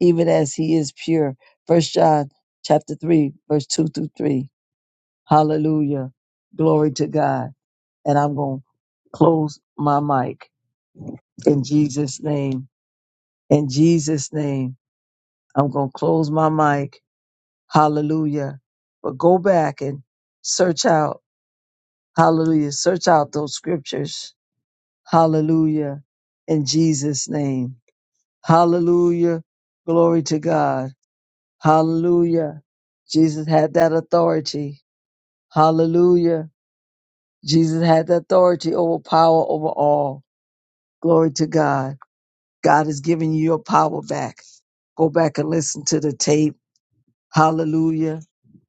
Speaker 2: even as he is pure. First John chapter three, verse two through three. Hallelujah. Glory to God. And I'm going to close my mic in Jesus name. In Jesus name, I'm going to close my mic. Hallelujah. But go back and search out. Hallelujah. Search out those scriptures. Hallelujah. In Jesus name. Hallelujah. Glory to God. Hallelujah. Jesus had that authority. Hallelujah. Jesus had the authority over power over all. Glory to God. God has given you your power back. Go back and listen to the tape. Hallelujah.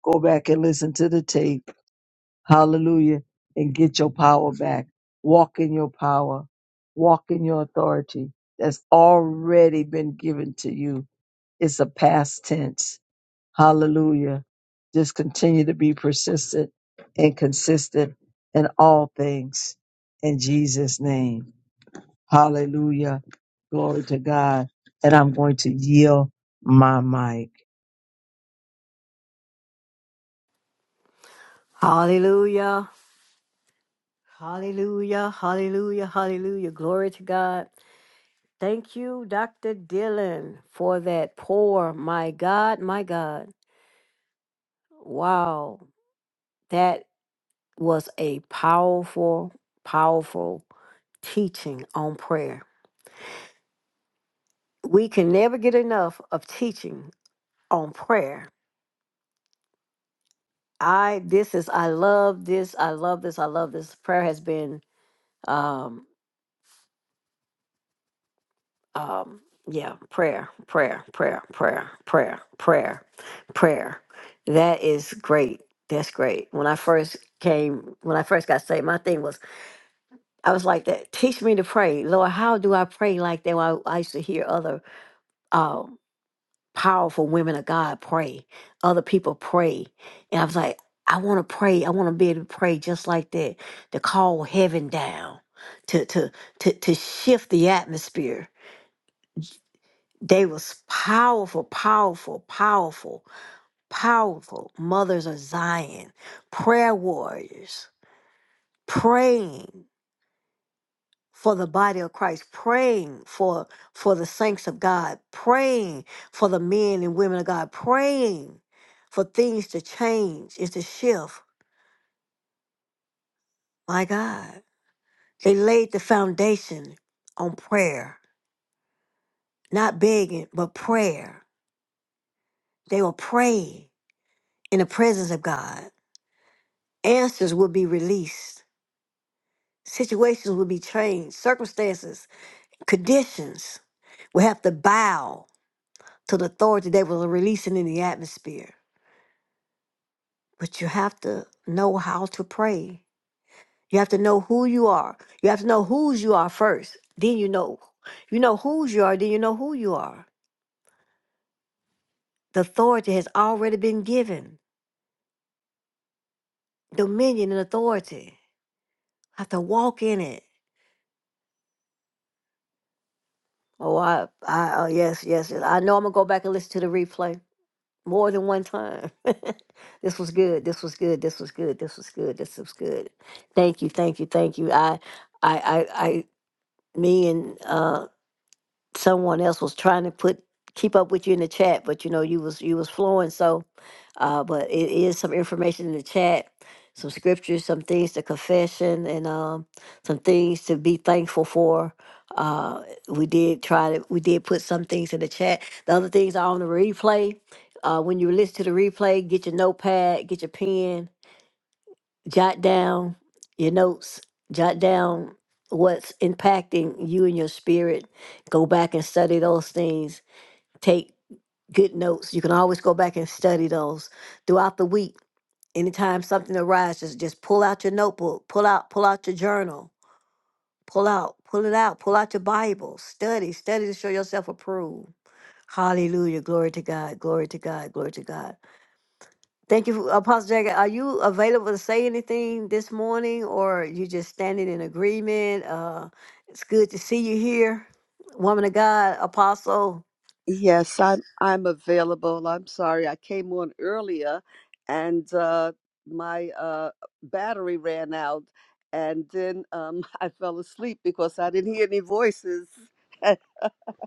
Speaker 2: Go back and listen to the tape. Hallelujah. And get your power back. Walk in your power. Walk in your authority that's already been given to you. It's a past tense. Hallelujah. Just continue to be persistent and consistent in all things in Jesus' name. Hallelujah. Glory to God. And I'm going to yield my mic.
Speaker 1: Hallelujah. Hallelujah. Hallelujah. Hallelujah. Glory to God. Thank you, Dr. Dillon, for that pour. My God, my God. Wow. That was a powerful, powerful teaching on prayer. we can never get enough of teaching on prayer. I this is I love this. I love this. I love this. Prayer has been um um yeah, prayer, prayer, prayer, prayer, prayer, prayer, prayer. That is great. That's great. When I first came, when I first got saved, my thing was I was like that. Teach me to pray, Lord. How do I pray like that? Well, I, I used to hear other. um, powerful women of God pray. Other people pray. And I was like, I want to pray. I want to be able to pray just like that, to call heaven down, to to to to shift the atmosphere. They was powerful, powerful, powerful, powerful mothers of Zion, prayer warriors, praying. for the body of Christ, praying for for the saints of God, praying for the men and women of God, praying for things to change and to shift. My God, they laid the foundation on prayer, not begging, but prayer. They will pray in the presence of God. Answers will be released. Situations will be changed. Circumstances, conditions will have to bow to the authority they were releasing in the atmosphere. But you have to know how to pray. You have to know who you are. You have to know whose you are first. Then you know. You know whose you are, then you know who you are. The authority has already been given. Dominion and authority. I have to walk in it. Oh, I, I, oh, yes, yes, yes. I know I'm gonna go back and listen to the replay more than one time. [LAUGHS] this was good. This was good. This was good. This was good. This was good. Thank you. Thank you. Thank you. I, I, I, I. Me and uh, someone else was trying to put keep up with you in the chat, but you know you was you was flowing. So, uh, but it is some information in the chat, some scriptures, some things to confession, and um, some things to be thankful for. Uh, we did try to we did put some things in the chat. The other things are on the replay. Uh, when you listen to the replay, get your notepad, get your pen, jot down your notes, jot down what's impacting you and your spirit. Go back and study those things. Take good notes. You can always go back and study those throughout the week. Anytime something arises, just pull out your notebook, pull out, pull out your journal, pull out, pull it out, pull out your Bible, study, study to show yourself approved. Hallelujah. Glory to God. Glory to God. Glory to God. Thank you, Apostle Jack. Are you available to say anything this morning, or you just standing in agreement? Uh, it's good to see you here, woman of God, Apostle.
Speaker 3: Yes, I'm I'm available. I'm sorry, I came on earlier and uh my uh battery ran out and then um [LAUGHS] I fell asleep because I didn't hear any voices. [LAUGHS]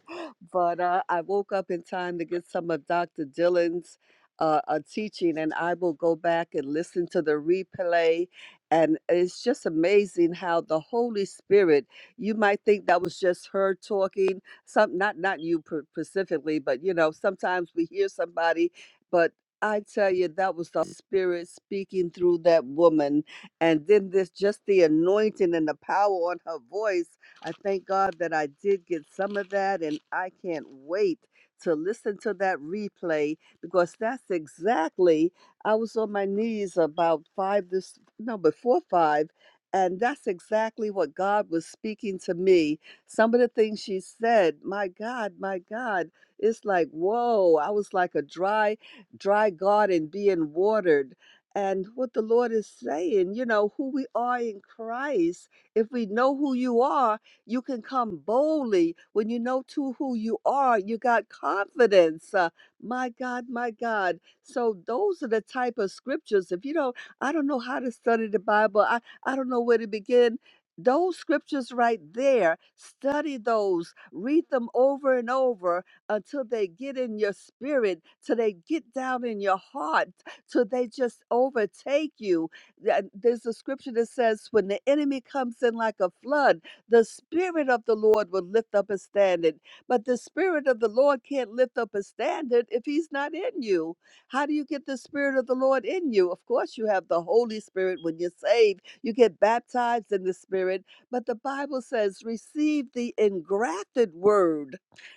Speaker 3: [LAUGHS] but uh, I woke up in time to get some of Dr. Dylan's, uh, uh, teaching, and I will go back and listen to the replay. And it's just amazing how the Holy Spirit. You might think that was just her talking, some not not you per- specifically, but you know sometimes we hear somebody, but I tell you that was the Spirit speaking through that woman, and then this just the anointing and the power on her voice. I thank God that I did get some of that, and I can't wait to listen to that replay because that's exactly I was on my knees about five this no before five, and that's exactly what God was speaking to me. Some of the things she said, my God, my God, it's like whoa! I was like a dry, dry garden being watered. And what the Lord is saying, you know, who we are in Christ, if we know who you are, you can come boldly when you know to who you are. You got confidence. Uh, my God, my God. So those are the type of scriptures. If you don't, I don't know how to study the Bible. I, I don't know where to begin. Those scriptures right there, study those, read them over and over until they get in your spirit, till they get down in your heart, till they just overtake you. Th- There's a scripture that says, When the enemy comes in like a flood, the Spirit of the Lord will lift up a standard, but the Spirit of the Lord can't lift up a standard if He's not in you. How do you get the Spirit of the Lord in you? Of course, you have the Holy Spirit when you're saved, you get baptized in the Spirit, but the Bible says, receive the engrafted word.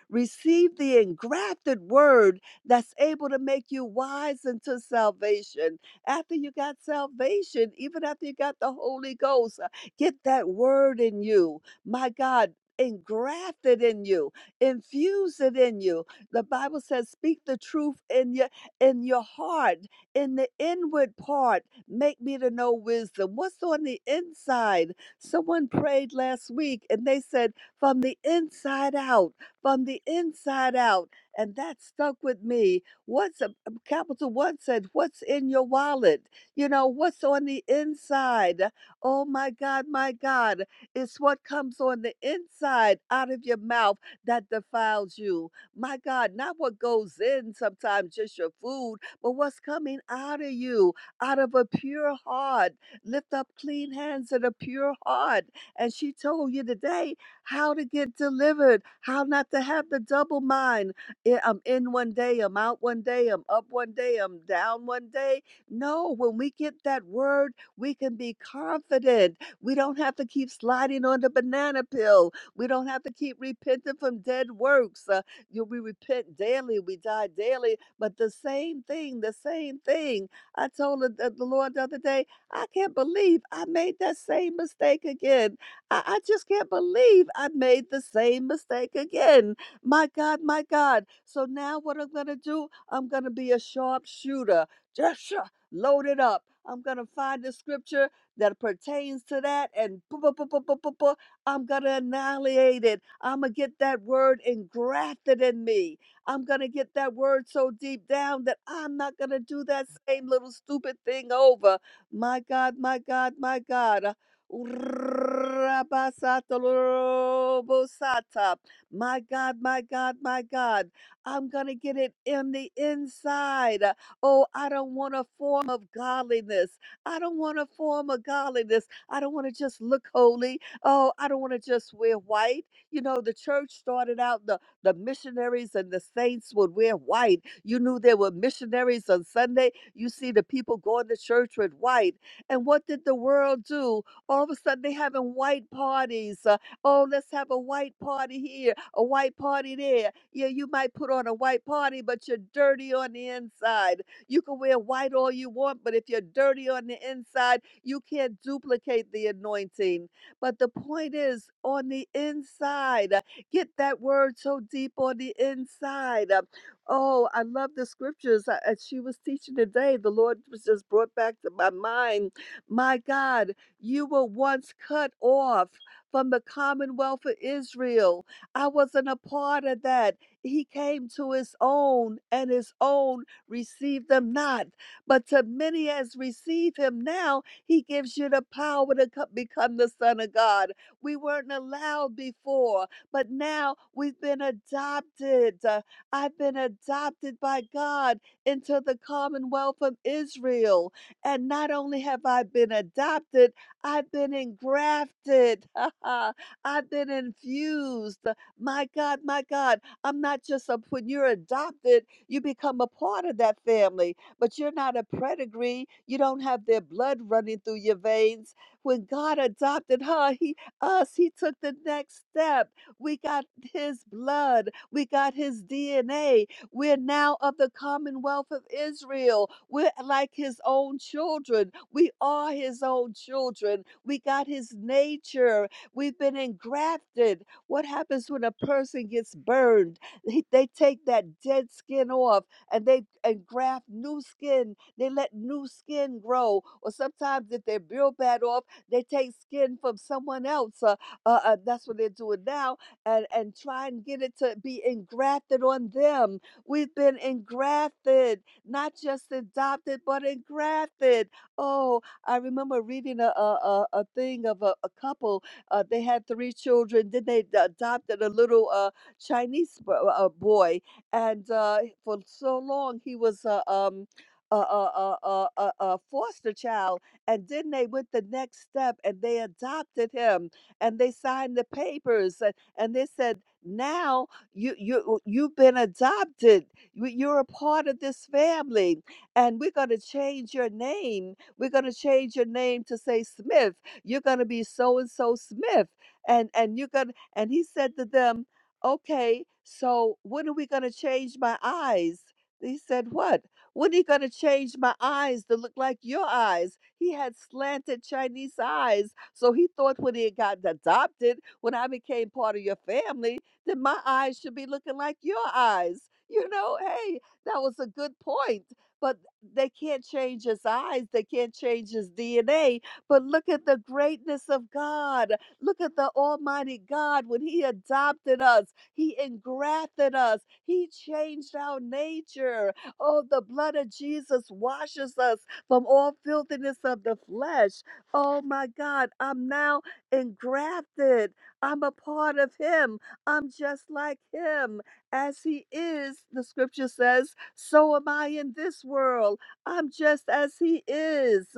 Speaker 3: Receive the engrafted word that's able to make you wise unto salvation after you got salvation, even after you got the Holy Ghost. uh, Get that word in you my God, engraft it in you, infuse it in you. The Bible says, speak the truth in your in your heart, in the inward part. Make me to know wisdom. What's on the inside? Someone prayed last week and they said, from the inside out, from the inside out. And that stuck with me. What's a capital one said, what's in your wallet? You know, what's on the inside? Oh my God, my God. It's what comes on the inside out of your mouth that defiles you. My God, not what goes in sometimes, just your food, but what's coming out of you, out of a pure heart. Lift up clean hands and a pure heart. And she told you today how to get delivered, how not to have the double mind. I- I'm in one day, I'm out one day, I'm up one day, I'm down one day. No, when we get that word, we can be confident we don't have to keep sliding on the banana peel. We don't have to keep repenting from dead works. Uh, you, we repent daily, we die daily, but the same thing, the same thing. I told the, the Lord the other day, I can't believe I made that same mistake again. I, I just can't believe I made the same mistake again. My God, my God. So now what I'm going to do, I'm going to be a sharp shooter. Just sha- load it up. I'm going to find the scripture that pertains to that, and pu- pu- pu- pu- pu- pu- pu- I'm going to annihilate it. I'm going to get that word engrafted in me. I'm going to get that word so deep down that I'm not going to do that same little stupid thing over. My God, my God, my God. Uh, Rabasatolobosata. My God, my God, my God. I'm going to get it in the inside. Uh, Oh, I don't want a form of godliness. I don't want to form a godliness. I don't want to just look holy. Oh, I don't want to just wear white. You know, the church started out, the, the missionaries and the saints would wear white. You knew there were missionaries on Sunday. You see the people going to church with white. And what did the world do? All of a sudden, they having white parties. Uh, oh, let's have a white party here, a white party there. Yeah, you might put on a white party, but you're dirty on the inside you can wear white all you want, but if you're dirty on the inside, you can't duplicate the anointing. But the point is, on the inside, uh, get that word so deep on the inside. Uh, Oh, I love the scriptures. uh, As she was teaching today, the Lord was just brought back to my mind. My God, you were once cut off from the commonwealth of Israel. I wasn't a part of that. He came to his own, and his own receive them not. But to many as receive him now, he gives you the power to co- become the Son of God. We weren't allowed before, but now we've been adopted. Uh, I've been adopted by God into the commonwealth of Israel. And not only have I been adopted, I've been engrafted. [LAUGHS] I've been infused. My God, my God, I'm not just a, when you're adopted, you become a part of that family, but you're not a pedigree. You don't have their blood running through your veins. When God adopted her, he us, he took the next step. We got his blood. We got his DNA. We're now of the Commonwealth of Israel. We're like his own children. We are his own children. We got his nature. We've been engrafted. What happens when a person gets burned? They, they take that dead skin off and they and graft new skin. They let new skin grow. Or sometimes if they're real bad off, they take skin from someone else. Uh, uh, uh, that's what they're doing now, and and try and get it to be engrafted on them. We've been engrafted, not just adopted, but engrafted. Oh, I remember reading a a, a, a thing of a, a couple. Uh, they had three children. Then they uh, adopted a little. uh, Chinese b- uh, uh, boy, and uh, for so long he was a um, a, a, a, a, a a foster child, and then they went the next step and they adopted him, and they signed the papers, and, and they said, "Now you you you've been adopted. You- You're a part of this family, and we're going to change your name. We're going to change your name to say Smith. You're going to be so and so Smith." And and you're gonna and he said to them, okay, so when are we going to change my eyes? He said, What? When are you going to change my eyes to look like your eyes? He had slanted Chinese eyes. So he thought when he had gotten adopted, when I became part of your family, that my eyes should be looking like your eyes. You know, hey, that was a good point. But they can't change his eyes, they can't change his DNA. But look at the greatness of God. Look at the Almighty God when He adopted us. He engrafted us. He changed our nature. Oh, the blood of Jesus washes us from all filthiness of the flesh. Oh my God, I'm now engrafted. I'm a part of Him. I'm just like Him. As He is, the scripture says, so am I in this world. I'm just as He is.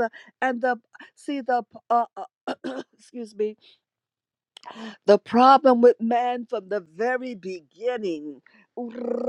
Speaker 3: And the, see, the, uh, uh, [CLEARS THROAT] excuse me, the problem with man from the very beginning. The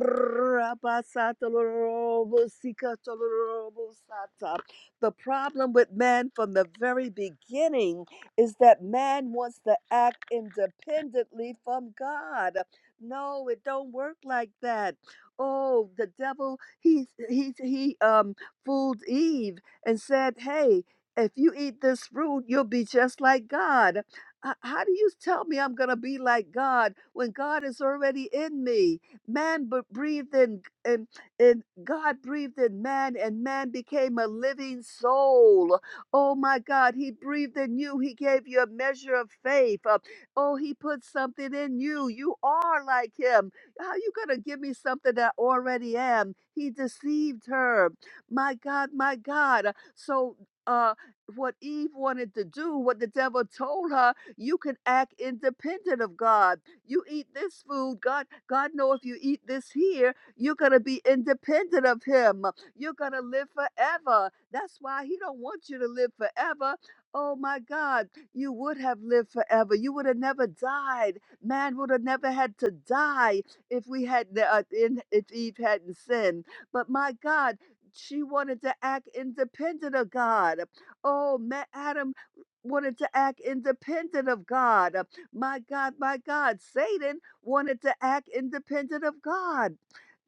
Speaker 3: problem with man from the very beginning is that man wants to act independently from God. No, it don't work like that. Oh, the devil, he he he um fooled Eve and said, "Hey, if you eat this fruit, you'll be just like God." h- how do you tell me I'm going to be like God when God is already in me? Man b- breathed in, and, and God breathed in man, and man became a living soul. Oh my God, He breathed in you. He gave you a measure of faith. Uh, oh, He put something in you. You are like Him. How you going to give me something that I already am? He deceived her. My God, my God. So, uh, what Eve wanted to do, what the devil told her. You can act independent of God. You eat this food, God, God know if you eat this here, you're going to be independent of him. You're going to live forever. That's why he don't want you to live forever. Oh my God, you would have lived forever. You would have never died. Man would have never had to die if we had uh, in, if Eve hadn't sinned. But my God, she wanted to act independent of God. Oh, man, wanted to act independent of God. Uh, My God, my God, Satan wanted to act independent of God.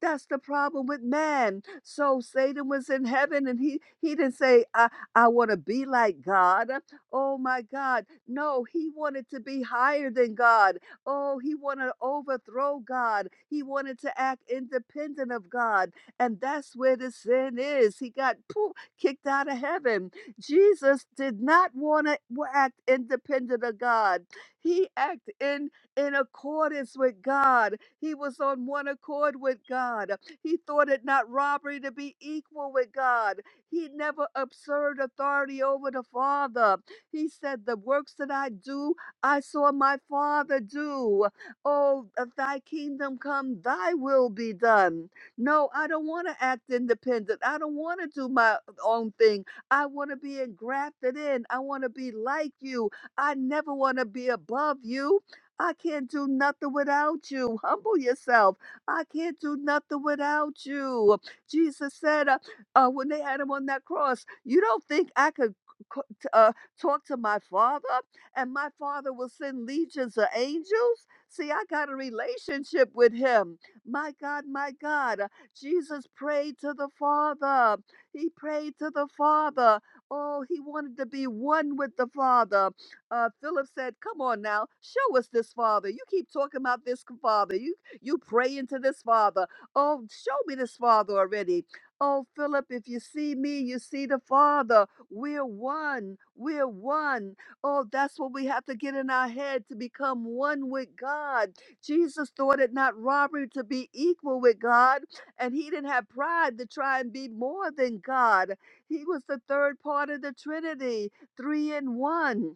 Speaker 3: That's the problem with man. So Satan was in heaven and he he didn't say, I, I want to be like God. Uh, Oh my God. No, he wanted to be higher than God. Oh, he wanted to overthrow God. He wanted to act independent of God. And that's where the sin is. He got poof, kicked out of heaven Jesus did not want to act independent of God. He acted in in accordance with God. He was on one accord with God. He thought it not robbery to be equal with God. He never absurd authority over the Father. He said, "The works that I do, I saw my Father do. Oh, uh, Thy kingdom come, Thy will be done." No, I don't want to act independent. I don't want to do my own thing. I want to be engrafted in. I want to be like you. I never want to be above you. I can't do nothing without you. Humble yourself. I can't do nothing without you. Jesus said uh, uh, when they had him on that cross, You don't think I could c- t- uh, talk to my father and my father will send legions of angels? See, I got a relationship with him. My God, my God. Uh, Jesus prayed to the Father. He prayed to the Father. Oh, he wanted to be one with the Father. Uh, Philip said, "Come on now, show us this Father. You keep talking about this Father. You you praying to this Father. Oh, show me this Father already." Oh, Philip, if you see me, you see the Father. We're one. We're one. Oh, that's what we have to get in our head to become one with God. Jesus thought it not robbery to be equal with God, and he didn't have pride to try and be more than God. He was the third part of the Trinity, three in one.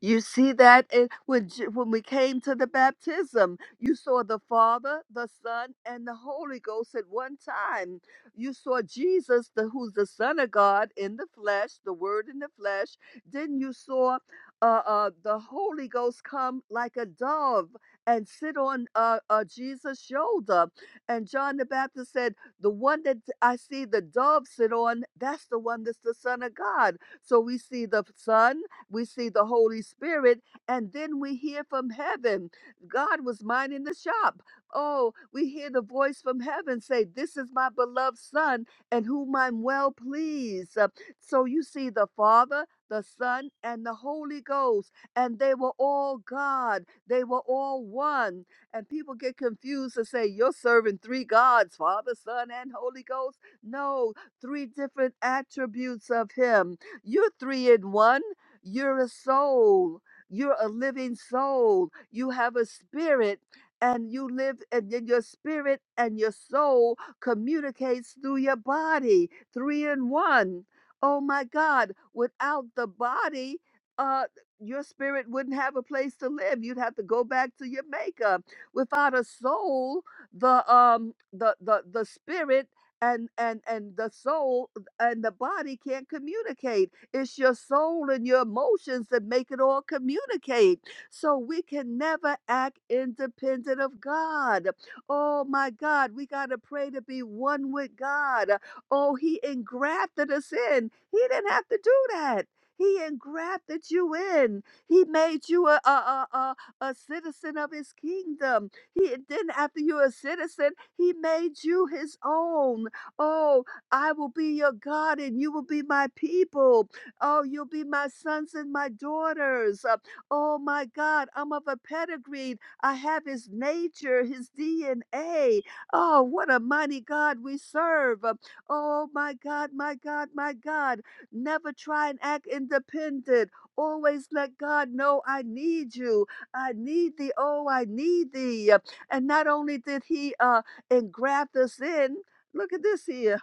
Speaker 3: You see that in, when, J- when we came to the baptism, you saw the Father, the Son, and the Holy Ghost at one time. You saw Jesus, the, who's the Son of God in the flesh, the Word in the flesh. Then you saw uh, uh, the Holy Ghost come like a dove and sit on uh, uh, Jesus' shoulder. And John the Baptist said, The one that I see the dove sit on, that's the one that's the Son of God. So we see the Son we see the Holy Spirit, and then we hear from heaven. God was minding the shop. Oh, we hear the voice from heaven say, This is my beloved Son, and whom I'm well pleased. Uh, So you see the Father, the Son, and the Holy Ghost, and they were all God. They were all one. And people get confused and say, You're serving three gods, Father, Son, and Holy Ghost. No, three different attributes of Him. You're three in one. You're a soul. You're a living soul. You have a spirit and you live and then your spirit and your soul communicates through your body. Three in one. Oh my God. Without the body, uh your spirit wouldn't have a place to live. You'd have to go back to your makeup. Without a soul, the um the the the spirit and and and the soul and the body can't communicate it's your soul and your emotions that make it all communicate. So we can never act independent of God. Oh my God, we got to pray to be one with God. Oh, He engrafted us in. He didn't have to do that. He engrafted you in. He made you a, a, a, a, a citizen of his kingdom. He then, after you're a citizen, he made you his own. Oh, I will be your God and you will be my people. Oh, you'll be my sons and my daughters. Uh, Oh my God, I'm of a pedigree. I have his nature, his DNA. Oh, what a mighty God we serve. Uh, Oh my God, my God, my God. Never try and act independent. Always let God know I need you. I need thee. Oh, I need thee. Uh, And not only did he uh, engraft us in, look at this here.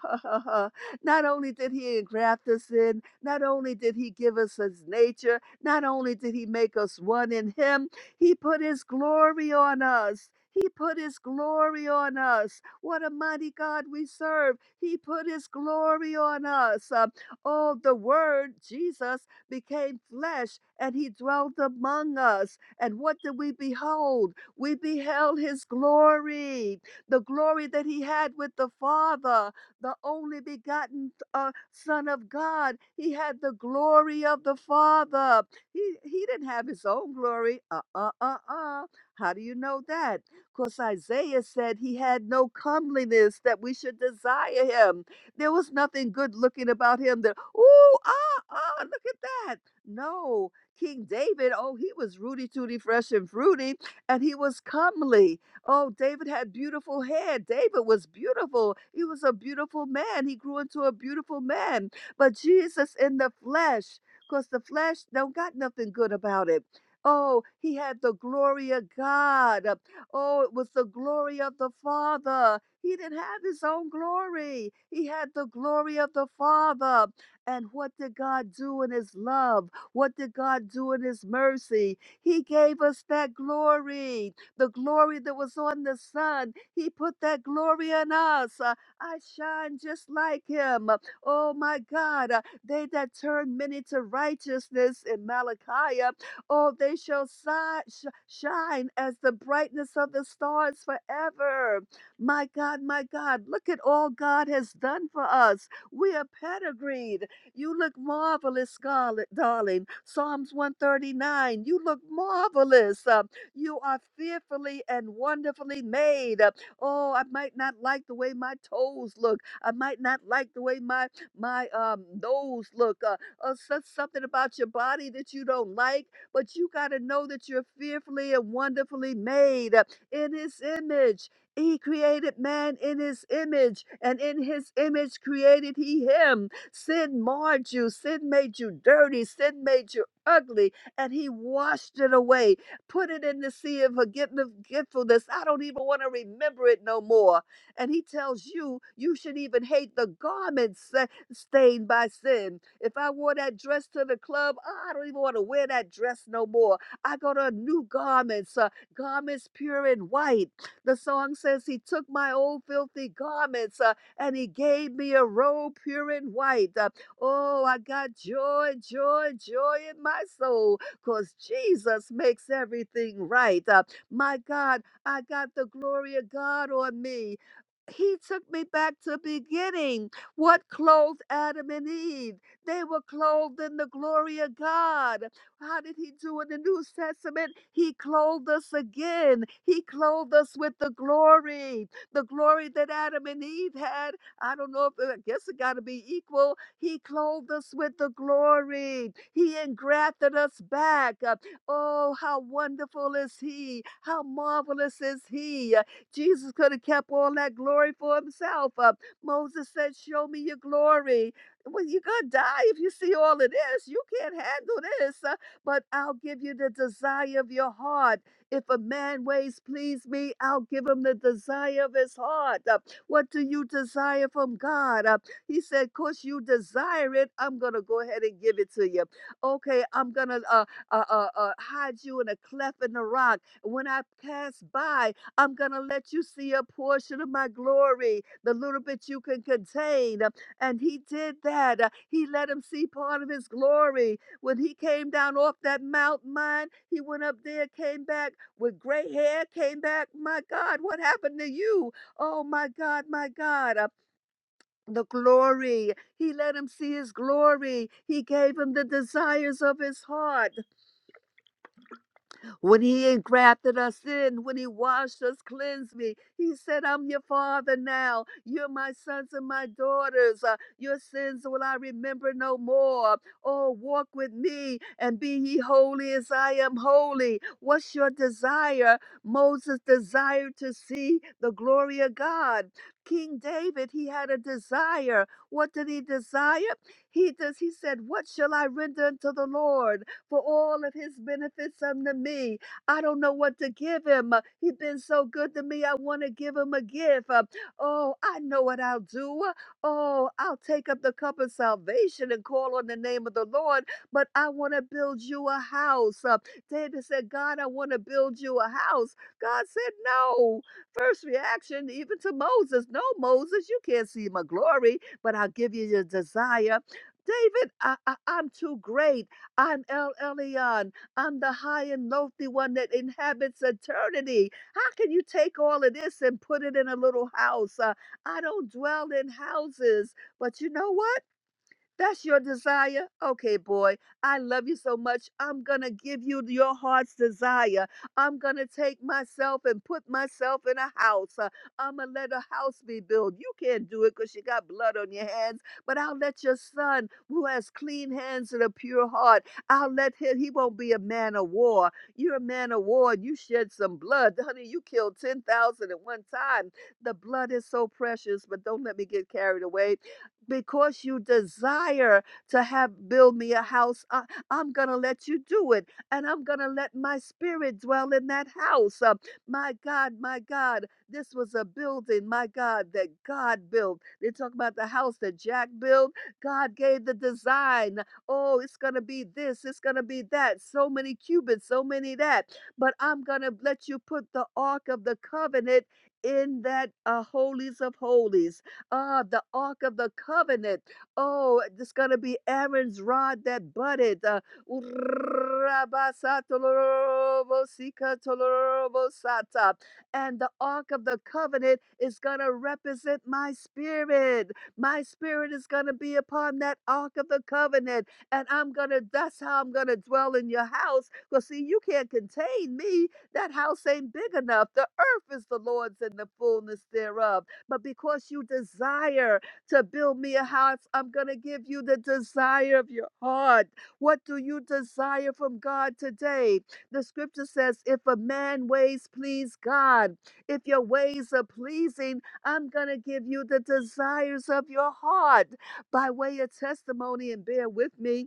Speaker 3: [LAUGHS] Not only did he engraft us in, not only did he give us his nature, not only did he make us one in him, he put his glory on us. He put his glory on us. What a mighty God we serve. He put his glory on us. Uh, oh, the word Jesus became flesh and he dwelt among us. And what did we behold? We beheld his glory, the glory that he had with the Father the only begotten uh, Son of God. He had the glory of the Father. He, he didn't have his own glory. Uh uh uh uh. How do you know that? Because Isaiah said he had no comeliness that we should desire him. There was nothing good looking about him that, ooh, ah, ah, look at that. No, King David, oh, he was rooty tooty, fresh and fruity, and he was comely. Oh, David had beautiful hair. David was beautiful. He was a beautiful man. He grew into a beautiful man. But Jesus in the flesh, because the flesh don't got nothing good about it. Oh, he had the glory of God. Oh, it was the glory of the Father. He didn't have his own glory. He had the glory of the Father. And what did God do in his love? What did God do in his mercy? He gave us that glory the glory that was on the sun. He put that glory in us. Uh, I shine just like him. Uh, Oh my God, uh, they that turn many to righteousness in Malachi, uh, oh, they shall si- sh- shine as the brightness of the stars forever. My God, my God, look at all God has done for us. We are pedigreed. You look marvelous, Scarlet, darling. Psalms 139, you look marvelous. Uh, you are fearfully and wonderfully made. Uh, Oh, I might not like the way my toes look. I might not like the way my my um nose look. Uh, uh so- something about your body that you don't like, but you got to know that you're fearfully and wonderfully made uh, in His image. He created man in his image, and in his image created he him. Sin marred you, sin made you dirty, sin made you ugly, and he washed it away Put it in the sea of forget- forgetfulness. I don't even want to remember it no more. And he tells you, you should even hate the garment sa- stained by sin. If I wore that dress to the club, I don't even want to wear that dress no more. I go to new garments, uh, garments pure and white. The song says, He took my old filthy garments uh, and He gave me a robe pure and white. Uh, oh, I got joy, joy, joy in my soul because Jesus makes everything right. Uh, my God, I got the glory of God on me. He took me back to beginning. What clothed Adam and Eve? They were clothed in the glory of God. How did he do in the New Testament? He clothed us again. He clothed us with the glory, the glory that Adam and Eve had. I don't know if uh, I guess it got to be equal. He clothed us with the glory. He engrafted us back. Uh, Oh, how wonderful is He! How marvelous is He! Uh, Jesus could have kept all that glory for Himself. Uh, Moses said, Show me your glory. Well, you're going to die if you see all of this. You can't handle this. Uh, But I'll give you the desire of your heart. If a man ways please me, I'll give him the desire of his heart. Uh, What do you desire from God? Uh, he said, "Course you desire it, I'm gonna go ahead and give it to you. Okay, I'm gonna uh, uh, uh, uh, hide you in a cleft in the rock. When I pass by, I'm gonna let you see a portion of my glory, the little bit you can contain." And he did that. Uh, He let him see part of his glory. When he came down off that mountain, mine, he went up there, came back with gray hair, came back. My God, what happened to you? Oh my God, my God. Uh, the glory. He let him see his glory. He gave him the desires of his heart. When he engrafted us in, when he washed us, cleansed me, he said, I'm your father now. You're my sons and my daughters. Uh, your sins will I remember no more. Oh, walk with me and be ye holy as I am holy. What's your desire? Moses desired to see the glory of God. King David, he had a desire. What did he desire? He does. He said, "What shall I render unto the Lord?" for all of his benefits unto me. I don't know what to give him. Uh, He's been so good to me. I want to give him a gift. Uh, Oh, I know what I'll do. Uh, Oh, I'll take up the cup of salvation and call on the name of the Lord. But I want to build you a house. Uh, David said, God, I want to build you a house. God said, No. First reaction, even to Moses, No, Moses, you can't see my glory, but I'll give you your desire. David, I, I, I'm too great. I'm El Elyon. I'm the high and lofty one that inhabits eternity. How can you take all of this and put it in a little house? Uh, I don't dwell in houses. But you know what? That's your desire? Okay, boy, I love you so much. I'm going to give you your heart's desire. I'm going to take myself and put myself in a house. Uh, I'm going to let a house be built. You can't do it because you got blood on your hands, but I'll let your son, who has clean hands and a pure heart, I'll let him, he won't be a man of war. You're a man of war and you shed some blood. Honey, you killed 10,000 at one time. The blood is so precious, but don't let me get carried away because you desire to have build me a house I, am gonna let you do it and i'm gonna let my spirit dwell in that house Uh, my god my god this was a building my god that god built they talk about the house that jack built god gave the design oh it's gonna be this it's gonna be that so many cubits so many that but i'm gonna let you put the ark of the covenant in that uh, holies of holies Ah, the Ark of the Covenant. Oh, it's going to be Aaron's rod that budded. Uh, and the Ark of the Covenant is going to represent my spirit. My spirit is going to be upon that Ark of the Covenant. And I'm going to, that's how I'm going to dwell in your house. Because, see, you can't contain me. That house ain't big enough. The earth is the Lord's and the fullness thereof. But because you desire to build me a house, I'm going to give you the desire of your heart. What do you desire from God today? The scripture says, if a man ways please God, if your ways are pleasing, I'm going to give you the desires of your heart by way of testimony and bear with me.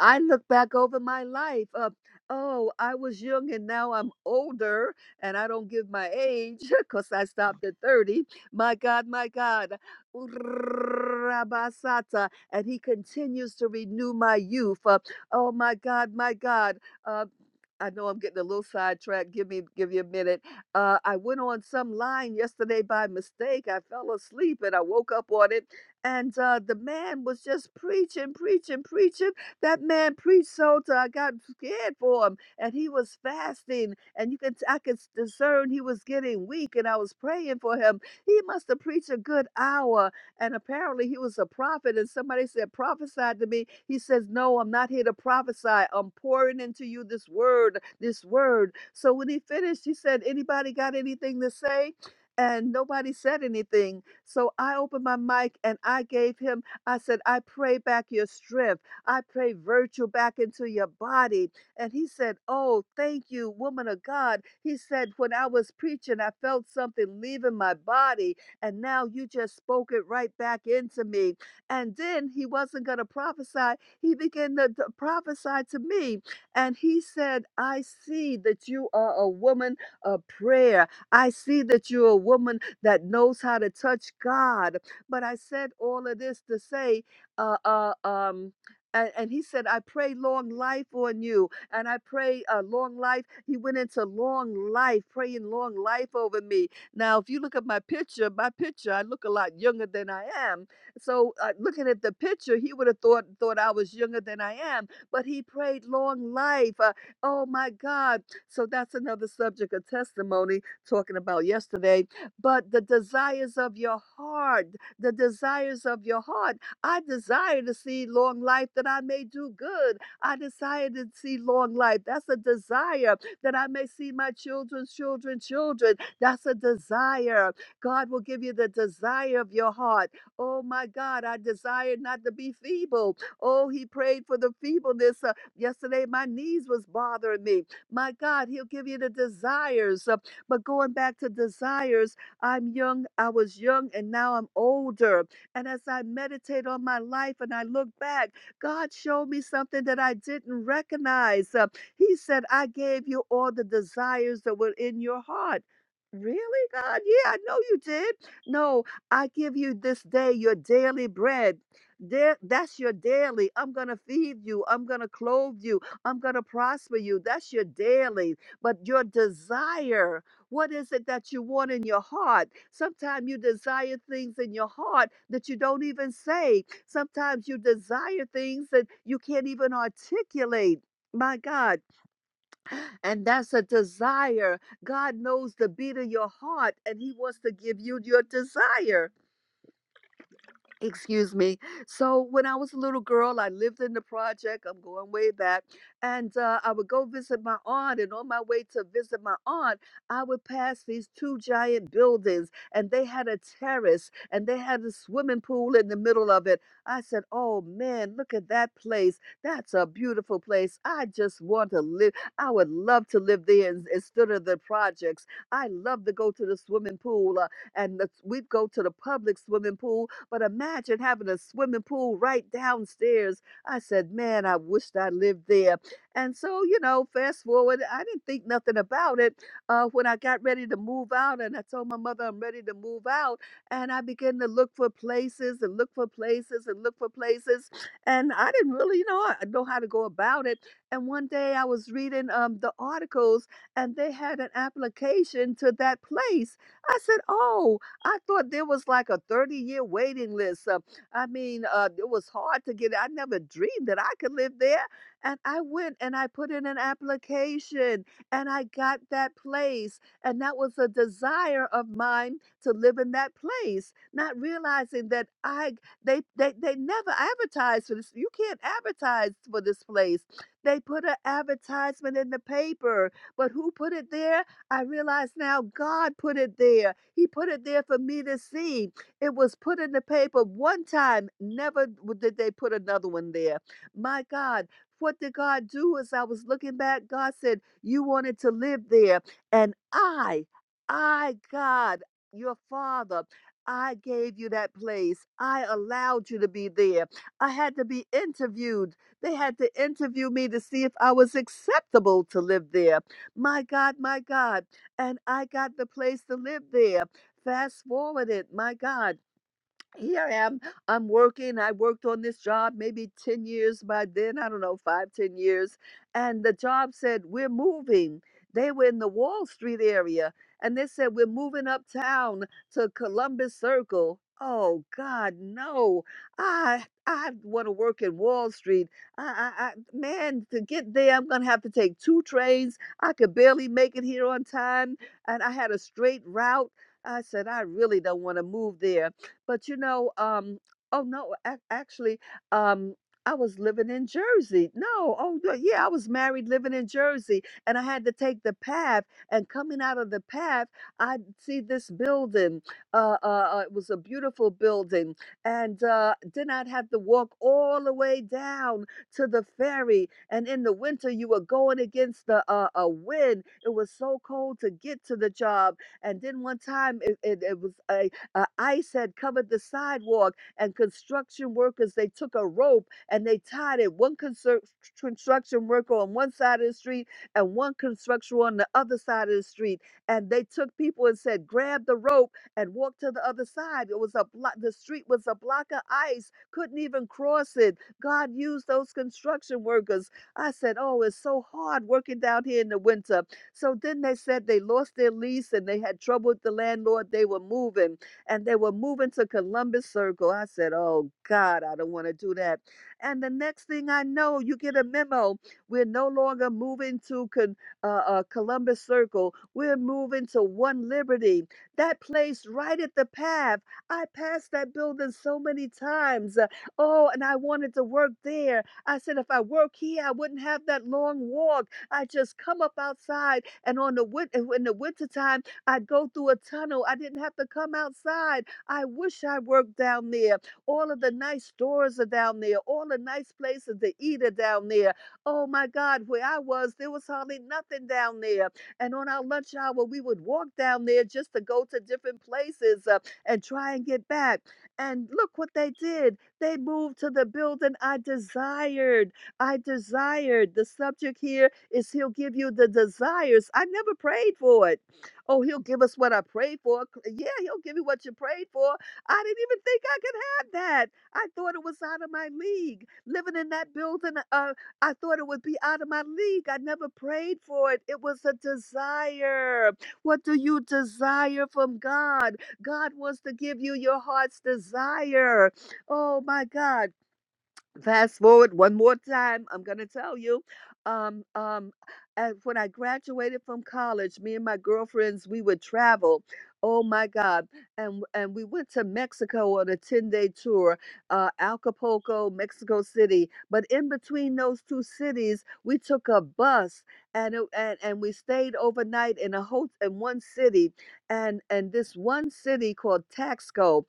Speaker 3: I look back over my life. Uh, oh, I was young and now I'm older, and I don't give my age [LAUGHS] because I stopped at 30. My God, my God. Urrabasata, And he continues to renew my youth. Uh, oh, my God, my God. Uh, I know I'm getting a little sidetracked. Give me, give you a minute. Uh, I went on some line yesterday by mistake. I fell asleep and I woke up on it, and uh, the man was just preaching, preaching, preaching that man preached so till I got scared for him, and he was fasting, and you can t- I could s- discern he was getting weak, and I was praying for him. He must have preached a good hour, and apparently he was a prophet. And somebody said, "Prophesied to me." He says, "No, I'm not here to prophesy. I'm pouring into you this word, this word." So when he finished, he said, "Anybody got anything to say?" And nobody said anything. So I opened my mic and I gave him I said, I pray back your strength. I pray virtue back into your body. And he said, Oh, thank you, woman of God. He said, When I was preaching, I felt something leaving my body. And now you just spoke it right back into me. And then he wasn't going to prophesy. He began to, to prophesy to me. And he said, I see that you are a woman of prayer. I see that you're a woman that knows how to touch God. But I said all of this to say, uh, uh, um, and, and he said, I pray long life on you. And I pray uh, long life. He went into long life, praying long life over me. Now, if you look at my picture, my picture, I look a lot younger than I am. So, uh, looking at the picture, he would have thought thought I was younger than I am. But he prayed long life. Uh, oh my God! So that's another subject of testimony talking about yesterday. But the desires of your heart, the desires of your heart. I desire to see long life that I may do good. I desire to see long life. That's a desire that I may see my children's children's children. That's a desire. God will give you the desire of your heart. Oh my God, I desire not to be feeble. Oh, he prayed for the feebleness. Uh, yesterday, my knees was bothering me. My God, he'll give you the desires. Uh, but going back to desires, I'm young, I was young, and now I'm older. And as I meditate on my life and I look back, God showed me something that I didn't recognize. Uh, he said, I gave you all the desires that were in your heart. Really, God? Yeah, I know you did. No, I give you this day your daily bread. There, that's your daily. I'm going to feed you. I'm going to clothe you. I'm going to prosper you. That's your daily. But your desire, what is it that you want in your heart? Sometimes you desire things in your heart that you don't even say. Sometimes you desire things that you can't even articulate. My God, and that's a desire. God knows the beat of your heart, and He wants to give you your desire. Excuse me. So when I was a little girl, I lived in the project. I'm going way back, and uh, I would go visit my aunt. And on my way to visit my aunt, I would pass these two giant buildings, and they had a terrace, and they had a swimming pool in the middle of it. I said, "Oh man, look at that place. That's a beautiful place. I just want to live. I would love to live there in- instead of the projects. I love to go to the swimming pool, uh, and the, we'd go to the public swimming pool, but imagine having a swimming pool right downstairs. I said, man, I wished I lived there. And so, you know, fast forward, I didn't think nothing about it. Uh, when I got ready to move out, and I told my mother I'm ready to move out, and I began to look for places and look for places and look for places. And I didn't really, you know, I- know how to go about it. And one day I was reading um, the articles, and they had an application to that place. I said, oh, I thought there was like a 30 year waiting list. Uh, I mean, uh, it was hard to get. I never dreamed that I could live there. And I went and I put in an application and I got that place. And that was a desire of mine to live in that place, not realizing that I they they, they never advertised for this. You can't advertise for this place. They put an advertisement in the paper, but who put it there? I realize now God put it there he put it there for me to see. It was put in the paper one time, never w- did they put another one there. My God. What did God do as I was looking back? God said, You wanted to live there. And I, I, God, your father, I gave you that place. I allowed you to be there. I had to be interviewed. They had to interview me to see if I was acceptable to live there. My God, my God and I got the place to live there. Fast forward it, my God here I am. I'm working. I worked on this job maybe 10 years by then. I don't know, five, ten years. And the job said, We're moving. They were in the Wall Street area and they said, We're moving uptown to Columbus Circle. Oh God, no! I I want to work in Wall Street. I, I, I man, to get there, I'm gonna have to take two trains. I could barely make it here on time, and I had a straight route. I said, I really don't want to move there. But you know, um, oh no, ac- actually, um, I was living in Jersey. No, oh no, yeah, I was married living in Jersey, and I had to take the path. And coming out of the path, I see this building. Uh, uh, uh, it was a beautiful building, and uh, then I'd have to walk all the way down to the ferry. And in the winter, you were going against the uh, a wind. It was so cold to get to the job. And then one time, it, it, it was a uh, ice had covered the sidewalk, and construction workers they took a rope and they tied it one constru- construction worker on one side of the street and one construction on the other side of the street. And they took people and said, "Grab the rope and walk to the other side." It was a block. The street was a block of ice. Couldn't even cross it. God used those construction workers. I said, "Oh, it's so hard working down here in the winter." So then they said they lost their lease and they had trouble with the landlord. They were moving and they were moving to Columbus Circle. I said, Oh God, I don't want to do that. And the next thing I know, you get a memo. We're no longer moving to Con- uh, uh, Columbus Circle. We're moving to One Liberty. That place right at the path. I passed that building so many times. Uh, Oh, and I wanted to work there. I said, if I work here, I wouldn't have that long walk. I just come up outside, and on the win- in the wintertime I'd go through a tunnel. I didn't have to come outside. I wish I worked down there. All of the nice stores are down there. All the nice places to eat are down there. Oh my God, where I was, there was hardly nothing down there. And on our lunch hour, we would walk down there just to go to different places uh, and try and get back. And look what they did. They moved to the building I desired. I desired. The subject here is He'll give you the desires. I never prayed for it. Oh, he'll give us what I prayed for. C- Yeah, he'll give you what you prayed for. I didn't even think I could have that. I thought it was out of my league. Living in that building, uh, I thought it would be out of my league. I never prayed for it. It was a desire. What do you desire from God? God wants to give you your heart's desire. Oh my God fast forward one more time i'm going to tell you um um as when i graduated from college me and my girlfriends we would travel oh my god and and we went to mexico on a 10 day tour uh acapulco mexico city but in between those two cities we took a bus and it, and, and we stayed overnight in a hotel in one city and and this one city called taxco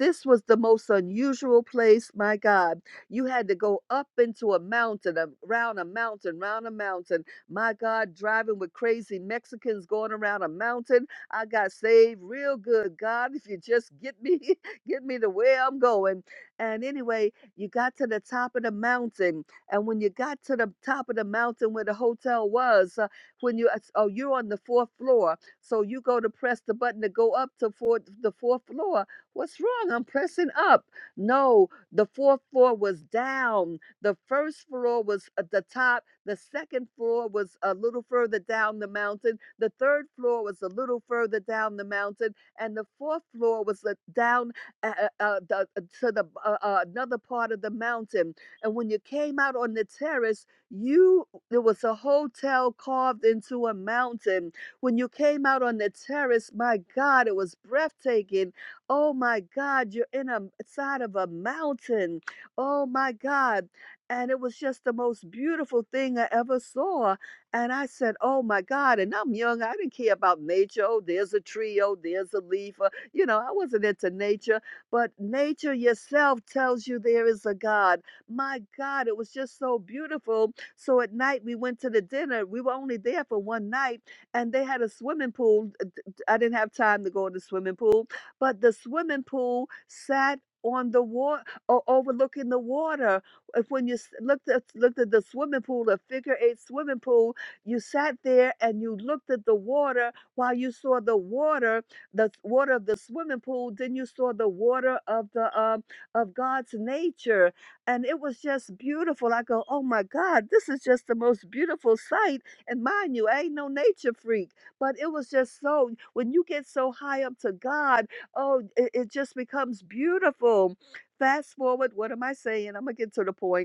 Speaker 3: this was the most unusual place my god you had to go up into a mountain, a- around a mountain, round a mountain. My God, driving with crazy Mexicans going around a mountain. I got saved real good. God, if you just get me, [LAUGHS] get me to where I'm going. And anyway, you got to the top of the mountain. And when you got to the top of the mountain where the hotel was, uh, when you, oh, you're on the fourth floor. So you go to press the button to go up to four, the fourth floor. What's wrong? I'm pressing up. No, the fourth floor was down. The first floor was at the top. The second floor was a little further down the mountain. The third floor was a little further down the mountain. And the fourth floor was uh, down uh, uh, uh, the, uh, to the uh, uh, another part of the mountain. And when you came out on the terrace, you there was a hotel carved into a mountain. When you came out on the terrace, my God, it was breathtaking Oh my God, you're in a side of a mountain. Oh my God. And it was just the most beautiful thing I ever saw. And I said, Oh my God. And I'm young. I didn't care about nature. Oh, there's a tree. Oh, there's a leaf. Uh, You know, I wasn't into nature, but nature yourself tells you there is a God. My God, it was just so beautiful. So at night, we went to the dinner. We were only there for one night, and they had a swimming pool. Uh, d- d- I didn't have time to go in the swimming pool but the swimming pool sat on the water or overlooking the water. If when you s- looked at looked at the swimming pool, a figure eight swimming pool, you sat there and you looked at the water while you saw the water, the water of the swimming pool. Then you saw the water of the um, of God's nature, and it was just beautiful. I go, oh my God, this is just the most beautiful sight. And mind you, I ain't no nature freak, but it was just so. When you get so high up to God Oh, it, it just becomes beautiful. Fast forward, what am I saying? I'm gonna get to the point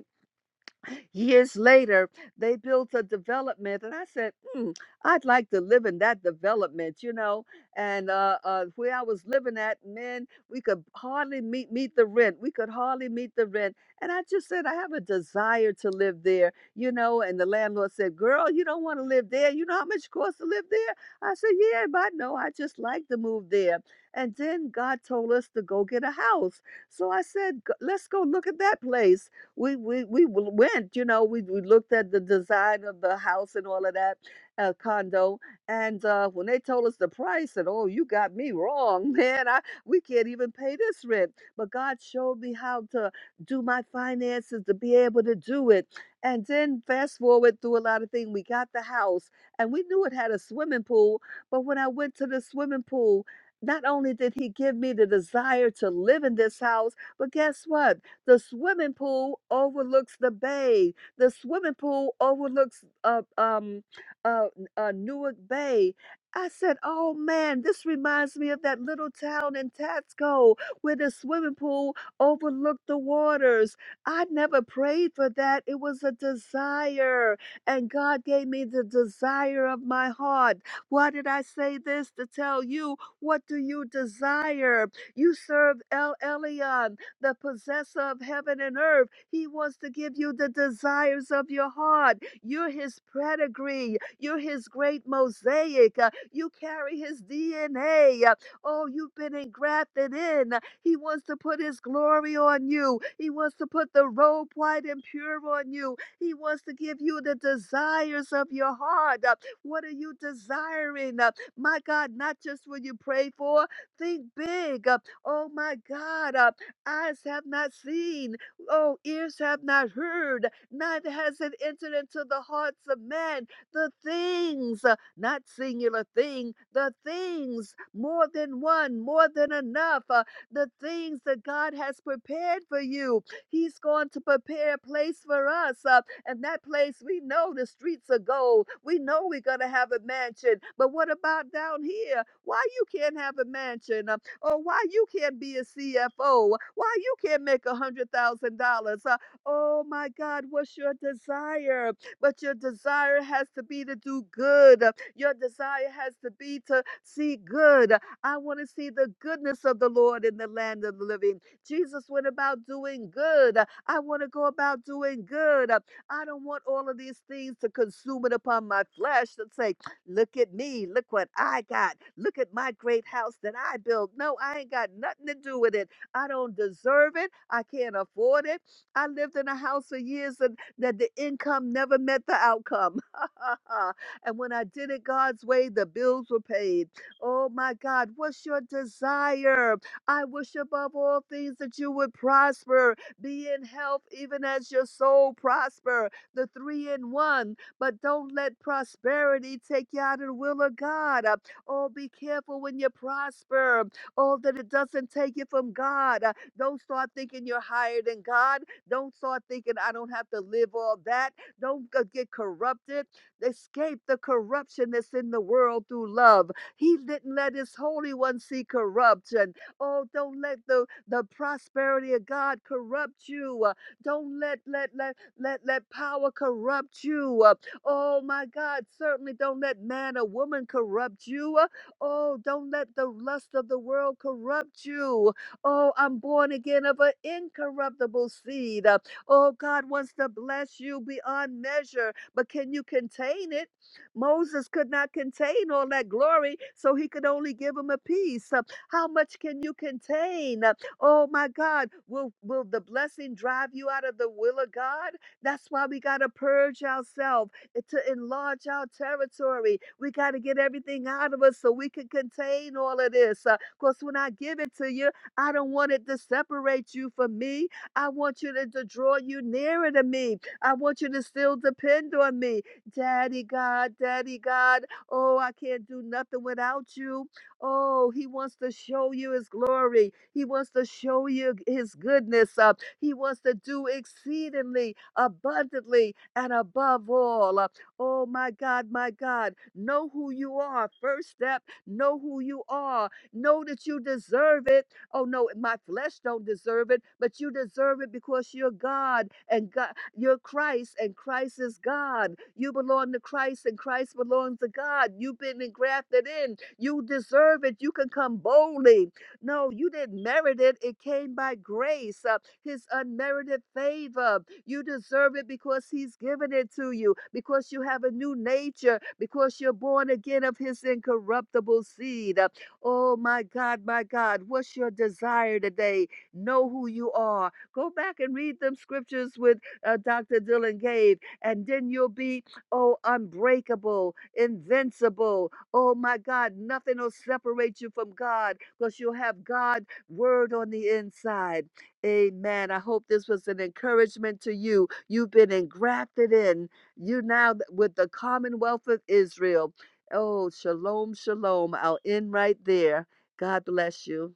Speaker 3: Years later, they built a development, and I said, hmm, I'd like to live in that development, you know. And uh, uh, where I was living at, men, we could hardly meet meet the rent. We could hardly meet the rent. And I just said, I have a desire to live there, you know. And the landlord said, Girl, you don't want to live there. You know how much it costs to live there? I said, Yeah, but I know. I just like to move there. And then God told us to go get a house. So I said, "G- Let's go look at that place we we we w- went. You know, we we looked at the design of the house and all of that uh, condo, and uh, when they told us the price, and oh, you got me wrong, [LAUGHS] man. I we can't even pay this rent. But God showed me how to do my finances to be able to do it. And then fast forward through a lot of things, we got the house, and we knew it had a swimming pool. But when I went to the swimming pool, not only did he give me the desire to live in this house, but guess what? The swimming pool overlooks the bay. The swimming pool overlooks uh, um, uh, uh, Newark Bay. I said, oh man, this reminds me of that little town in Tatsco where the swimming pool overlooked the waters. I never prayed for that. It was a desire, and God gave me the desire of my heart. Why did I say this? To tell you, what do you desire? You serve El Elyon the possessor of heaven and earth. He wants to give you the desires of your heart. You're his pedigree. You're his great mosaic. Uh, You carry his DNA. Uh, Oh, you've been engrafted in. Uh, He wants to put his glory on you. He wants to put the robe white and pure on you. He wants to give you the desires of your heart. Uh, What are you desiring? Uh, My God, not just what you pray for. Think big. Uh, Oh, my God. uh, Eyes have not seen, oh, ears have not heard, neither has it entered into the hearts of man the things, uh, not singular thing, the things, more than one, more than enough, uh, the things that God has prepared for you. He's going to prepare a place for us. uh, and that place, we know the streets are gold. We know we're going to have a mansion. But what about down here? Why you can't have a mansion? Uh, Oh, why you can't be a CFO? Why you can't make a hundred thousand dollars? Uh, Oh my God, what's your desire? But your desire has to be to do good. Uh, Your desire has to be to see good. I want to see the goodness of the Lord in the land of the living. Jesus went about doing good. Uh, I want to go about doing good. Uh, I don't want all of these things to consume it upon my flesh to say, Look at me. Look what I got. Look at my great house that I built. No, I ain't got nothing to do with it. I don't deserve it. I can't afford it. I lived in a house for years and that the income never met the outcome. [LAUGHS] and when I did it God's way, the bills were paid. Oh my God, what's your desire? I wish above all things that you would prosper, be in health even as your soul prosper. The three in one but don't let prosperity take you out of the will of God. Uh, Oh, be careful when you prosper. Oh, that it doesn't take you from God. Uh, Don't start thinking you're higher than God. Don't start thinking I don't have to live all that. Don't g- get corrupted. Escape the corruption that's in the world through love. He didn't let his holy one see corruption. Oh, don't let the, the prosperity of God corrupt you. Uh, Don't let let let let let power corrupt you. Oh my God, certainly don't let man or woman corrupt you. Oh, don't let the lust of the world corrupt you. Oh, I'm born again of an incorruptible seed. Uh, Oh, God wants to bless you beyond measure, but can you contain it? Moses could not contain all that glory, so he could only give him a piece. Uh, How much can you contain? Uh, Oh my God, will will the blessing drive you out of the will of God? That's why we gotta purge ourselves to enlarge our territory. We got to get everything out of us so we can contain all of this. Because when I give it to you, I don't want it to separate you from me. I want you to, to draw you nearer to me. I want you to still depend on me. Daddy God, Daddy God, oh, I can't do nothing without you. Oh, he wants to show you his glory. He wants to show you his goodness. Up, he wants to do exceedingly abundantly and above all. Uh, oh, my God, my God. Know who you are. First step, know who you are. Know that you deserve it. Oh, no, my flesh don't deserve it, but you deserve it because you're God and God, you're Christ and Christ is God. You belong to Christ and Christ belongs to God. You've been engrafted in. You deserve it. You can come boldly. No, you didn't merit it. It came by grace, uh, His unmerited favor. You deserve it because He's given it to you, because you have a new nature, because you're born again of His incorruptible seed. Uh, Oh, my God, my God, what's your desire today? Know who you are. Go back and read them scriptures with uh, Dr. Dylan gave, and then you'll be, oh, unbreakable, invincible, Oh my God, nothing will separate you from God because you'll have God word on the inside. Amen. I hope this was an encouragement to you. You've been engrafted in. You now th- with the Commonwealth of Israel. Oh, shalom, shalom. I'll end right there. God bless you.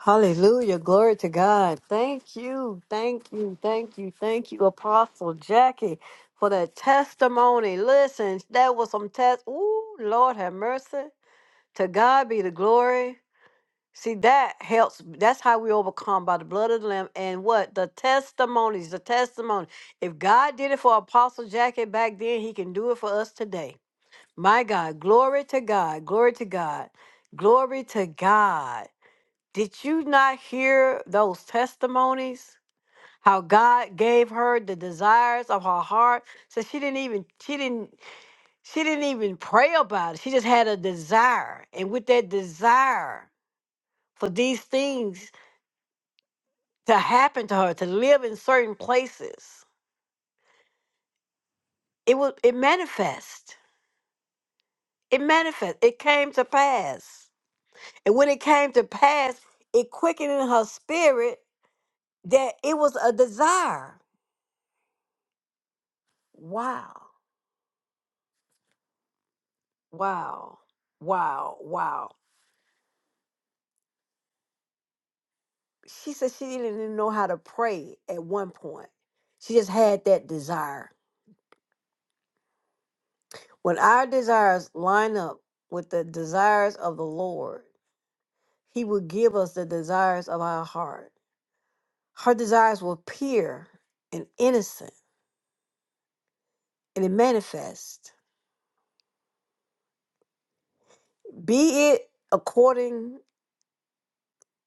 Speaker 1: Hallelujah, glory to God. Thank you, thank you, thank you, thank you, Apostle Jackie, for that testimony. Listen, that was some test. Ooh, Lord have mercy. To God be the glory. See, that helps. That's how we overcome by the blood of the Lamb and what? The testimonies, the testimony. If God did it for Apostle Jackie back then, he can do it for us today. My God, glory to God, glory to God, glory to God. Did you not hear those testimonies? How God gave her the desires of her heart. So she didn't even, she didn't, she didn't even pray about it. She just had a desire. And with that desire for these things, to happen to her to live in certain places it was it manifest it manifest it came to pass and when it came to pass it quickened in her spirit that it was a desire wow wow wow wow she said she didn't even know how to pray at one point she just had that desire when our desires line up with the desires of the lord he will give us the desires of our heart Her desires will pure and innocent, and it manifests. Be it according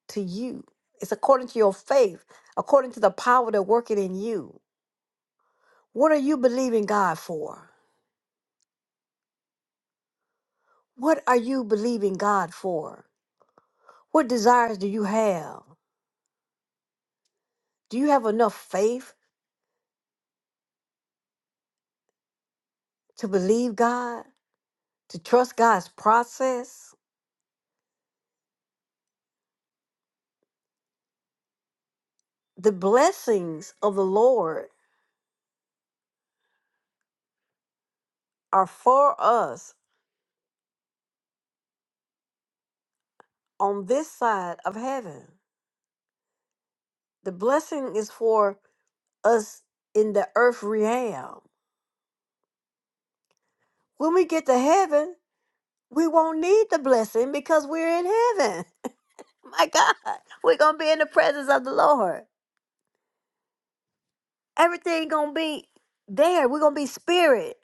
Speaker 1: to you. It's according to your faith, according to the power that working in you. What are you believing God for? What are you believing God for? What desires do you have? Do you have enough faith to believe God, to trust God's process? The blessings of the Lord are for us on this side of heaven. The blessing is for us in the earth realm. When we get to heaven, we won't need the blessing because we're in heaven. [LAUGHS] My God, we're gonna be in the presence of the Lord. Everything gonna be there. We're gonna be spirit,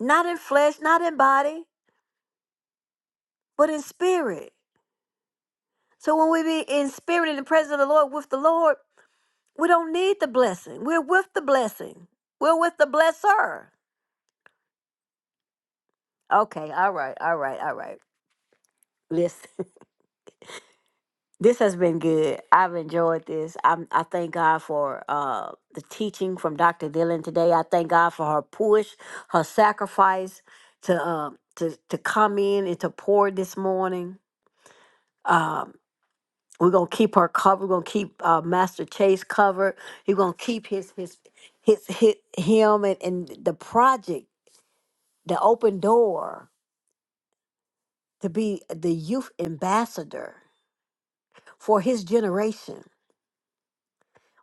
Speaker 1: not in flesh, not in body, but in spirit. So when we be in spirit in the presence of the Lord with the Lord, we don't need the blessing. We're with the blessing. We're with the blesser. Okay, all right, all right, all right. Listen. [LAUGHS] This has been good. I've enjoyed this. I'm, I thank God for uh, the teaching from Dr. Dillon today. I thank God for her push, her sacrifice to uh, to to come in and to pour this morning. Uh, we're gonna keep her covered. We're gonna keep uh, Master Chase covered. He's gonna keep his his his, his him and, and the project, the open door to be the youth ambassador for his generation.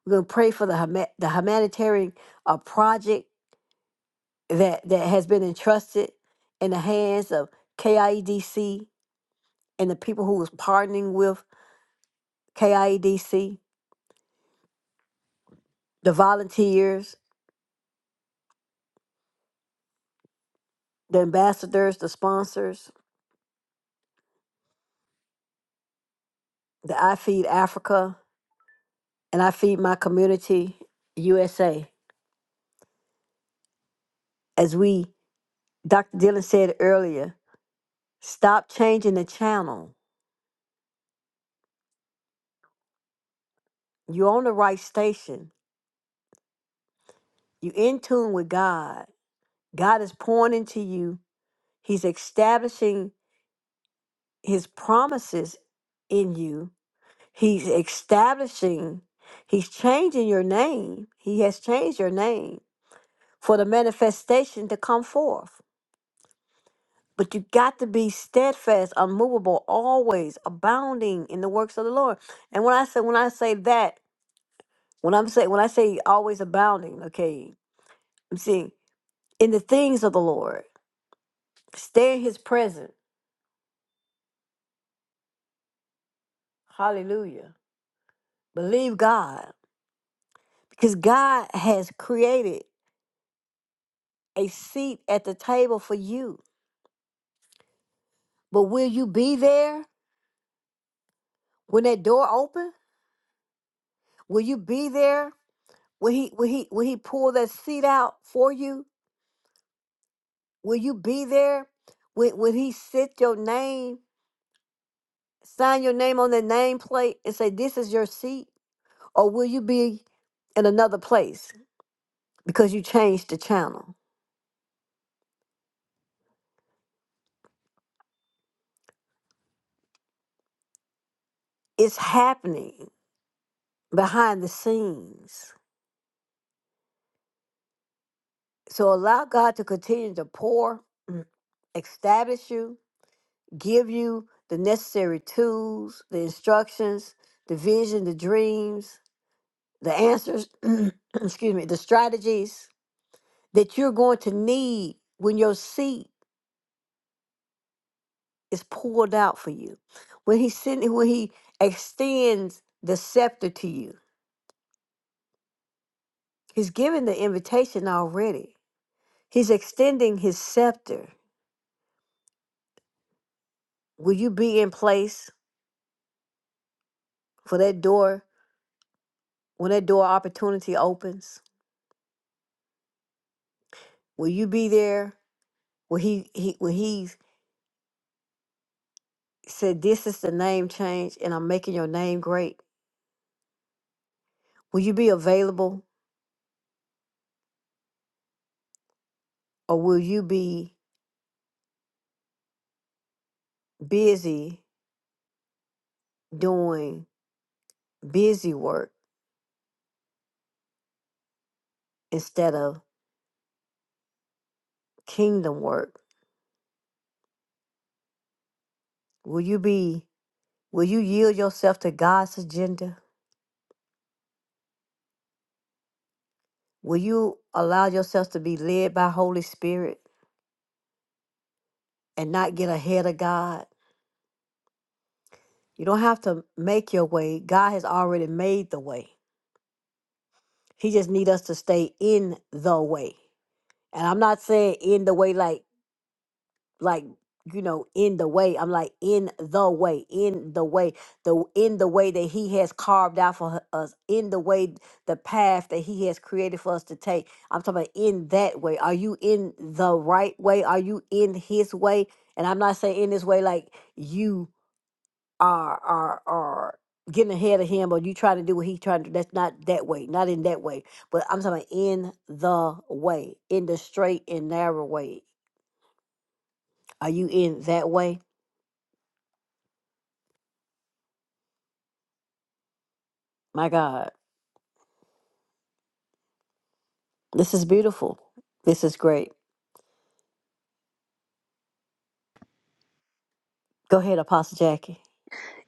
Speaker 1: We're going to pray for the huma- the humanitarian uh, project that that has been entrusted in the hands of KIEDC and the people who is partnering with KIEDC, the volunteers, the ambassadors, the sponsors, the I Feed Africa and I Feed My Community USA. As we, Dr. Dillon said earlier, stop changing the channel. You're on the right station. You're in tune with God. God is pouring into you He's establishing his promises in you. He's establishing, he's changing your name. He has changed your name for the manifestation to come forth. But you got to be steadfast, unmovable, always abounding in the works of the Lord. And when I say when I say that, when I'm say when I say always abounding, okay, I'm saying in the things of the Lord. Stay in his presence. Hallelujah. Believe God. Because God has created a seat at the table for you. But will you be there when that door open? Will you be there when he when he when he pull that seat out for you? Will you be there when when he sit your name, sign your name on the name plate and say this is your seat? Or will you be in another place because you changed the channel? It's happening behind the scenes. So allow God to continue to pour establish you, give you the necessary tools, the instructions, the vision, the dreams, the answers, [CLEARS THROAT] excuse me, the strategies that you're going to need when your seat is poured out for you. When he send, when he extends the scepter to you. He's given the invitation already. He's extending his scepter. Will you be in place for that door when that door opportunity opens? Will you be there When he he when he said, "This is the name change, and I'm making your name great." Will you be available, or will you be busy doing busy work instead of kingdom work? Will you be Will you yield yourself to God's agenda? Will you allow yourself to be led by Holy Spirit and not get ahead of God? You don't have to make your way. God has already made the way. He just need us to stay in the way. And I'm not saying in the way like like you know in the way. I'm like in the way, in the way, the in the way that he has carved out for hu- us, in the way the path that he has created for us to take. I'm talking about in that way. Are you in the right way? Are you in his way? And I'm not saying in this way like you are are are getting ahead of him or you trying to do what he trying to do. That's not that way. Not in that way but I'm talking about in the way, in the straight and narrow way. Are you in that way? My God, this is beautiful. This is great. Go ahead, Apostle Jackie.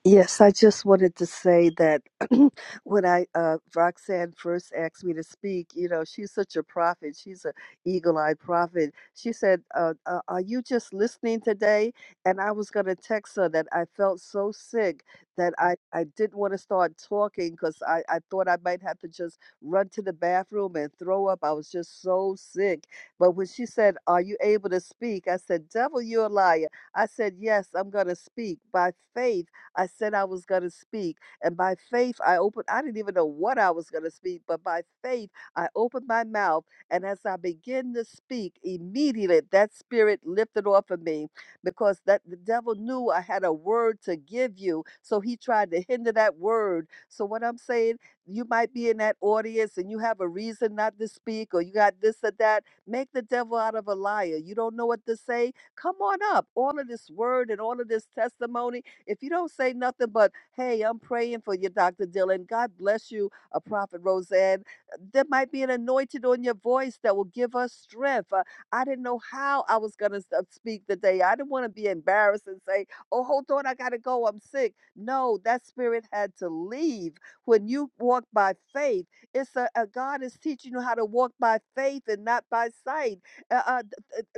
Speaker 3: Yes, I just wanted to say that [CLEARS THROAT] when I uh, Roxanne first asked me to speak, you know, she's such a prophet. She's a eagle-eyed prophet. She said, uh, uh, "Are you just listening today?" And I was going to text her that I felt so sick that I I didn't want to start talking because I I thought I might have to just run to the bathroom and throw up. I was just so sick. But when she said, "Are you able to speak?" I said, "Devil, you're a liar." I said, "Yes, I'm going to speak by faith." I said I was going to speak. And by faith, I opened, I didn't even know what I was going to speak, but by faith, I opened my mouth. And as I began to speak, immediately that spirit lifted off of me because that the devil knew I had a word to give you. So he tried to hinder that word. So what I'm saying, you might be in that audience and you have a reason not to speak or you got this or that. Make the devil out of a liar. You don't know what to say. Come on up. All of this word and all of this testimony if you don't say nothing but, hey, I'm praying for you, Dr. Dylan, God bless you, a prophet Roseanne, there might be an anointed on your voice that will give us strength. Uh, I didn't know how I was going to speak today. I didn't want to be embarrassed and say, oh, hold on, I got to go, I'm sick. No, that spirit had to leave. When you walk by faith, it's a, a God is teaching you how to walk by faith and not by sight. Uh, uh,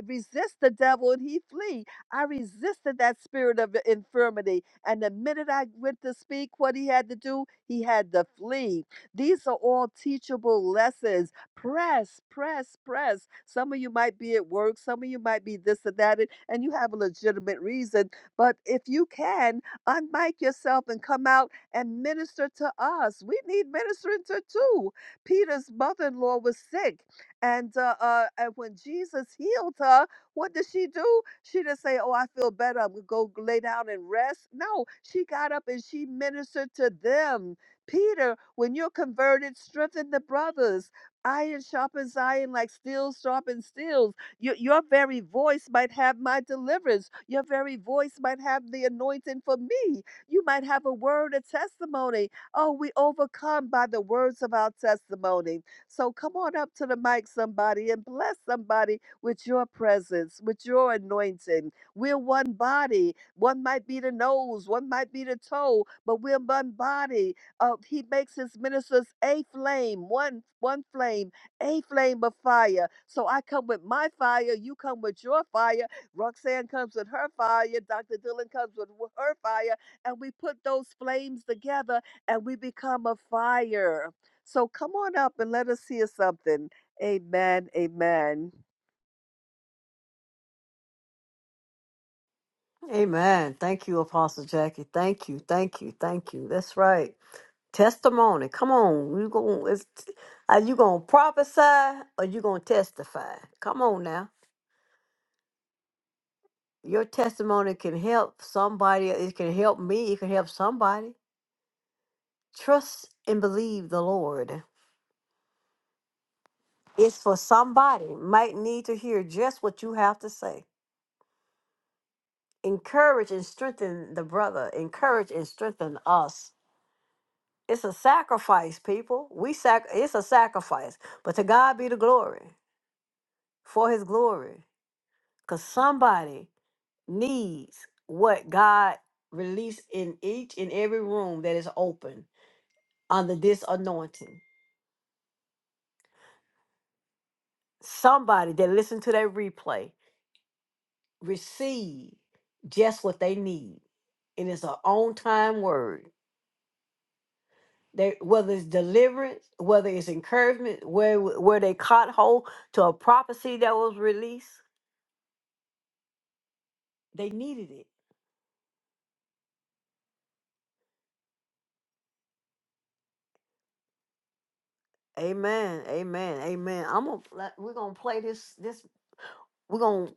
Speaker 3: resist the devil and he flee I resisted that spirit of infirmity. And the minute I went to speak what he had to do, he had to flee. These are all teachable lessons. Press, press, press. Some of you might be at work, some of you might be this and that, and and you have a legitimate reason. But if you can, unmic yourself and come out and minister to us. We need ministering to too. Peter's mother in law was sick, and, uh, uh, and when Jesus healed her, what did she do? She didn't say, Oh, I feel better. I'm going to go lay down and rest. No, she got up and she ministered to them. Peter, when you're converted, strengthen the brothers. Iron sharpens iron like steel sharpens steel. Your, your very voice might have my deliverance. Your very voice might have the anointing for me. You might have a word of testimony. Oh, we overcome by the words of our testimony. So come on up to the mic, somebody, and bless somebody with your presence, with your anointing. We're one body. One might be the nose, one might be the toe, but we're one body. Uh, he makes his ministers a flame, one one flame, a flame of fire. So I come with my fire, you come with your fire. Roxanne comes with her fire, Dr. Dillon comes with wh- her fire, and we put those flames together and we become a fire. So come on up and let us hear something. Amen. Amen.
Speaker 1: Amen. Thank you, Apostle Jackie. Thank you. Thank you. Thank you. That's right. Testimony. Come on. You going are you gonna prophesy or you gonna testify? Come on now. Your testimony can help somebody. It can help me. It can help somebody. Trust and believe the Lord. It's for somebody. Might need to hear just what you have to say. encourage and strengthen the brother encourage and strengthen us it's a sacrifice people we sac it's a sacrifice but to god be the glory for his glory because somebody needs what god released in each and every room that is open under this anointing somebody that listened to that replay receive just what they need it is an on time word They, whether it's deliverance, whether it's encouragement, where where they caught hold to a prophecy that was released, they needed it. Amen. Amen. Amen. I'm gonna let- we're gonna play this this we're gonna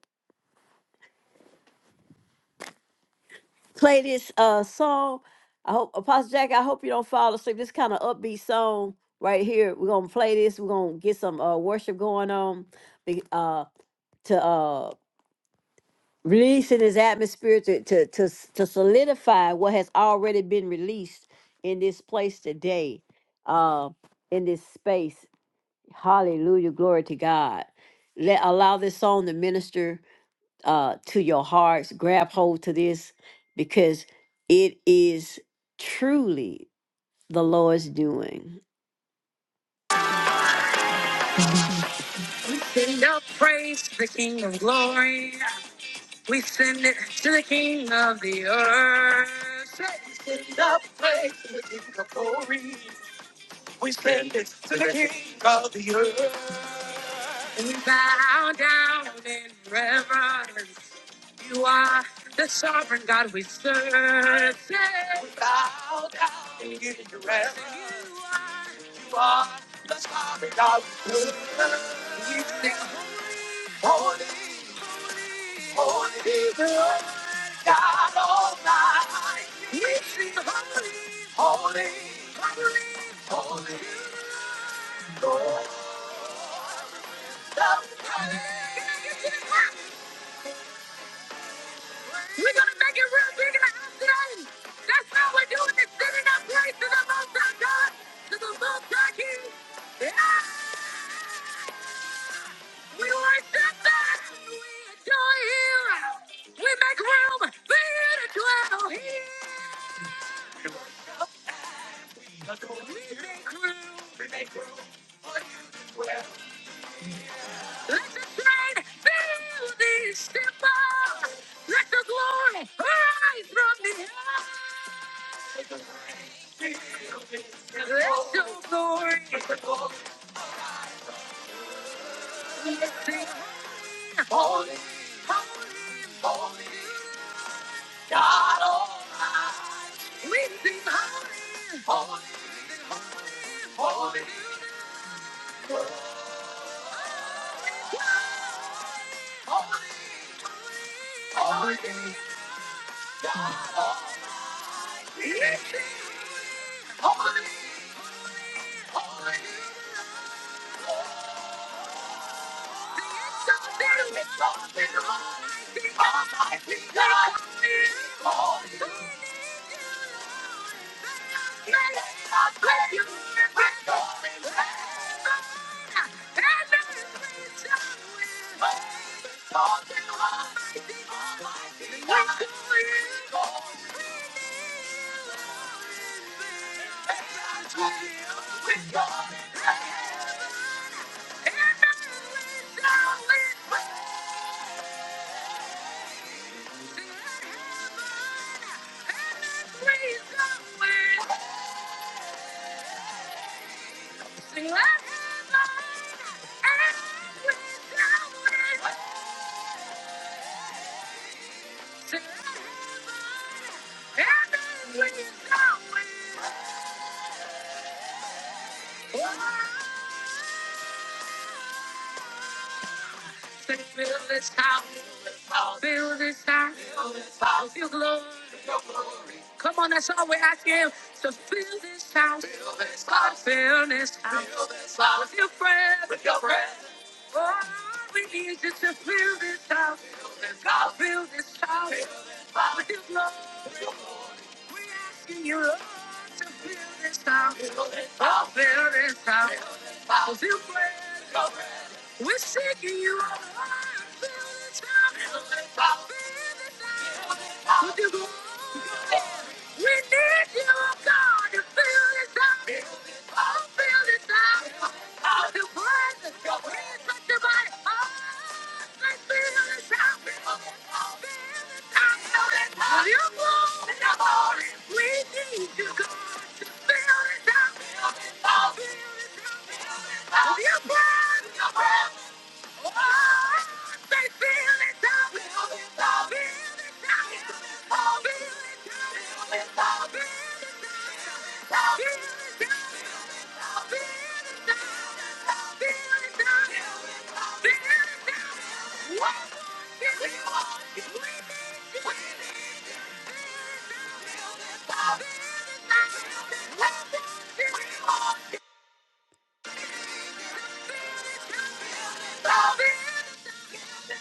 Speaker 1: play this uh song. I hope Apostle Jack, I hope you don't fall asleep. This kind of upbeat song right here. We're gonna play this. We're gonna get some uh worship going on. be- Uh, to uh releasing his atmosphere to, to, to, s- to solidify what has already been released in this place today, uh, in this space. Hallelujah. Glory to God. Let allow this song to minister uh, to your hearts. Grab hold to this because it is truly the Lord's doing.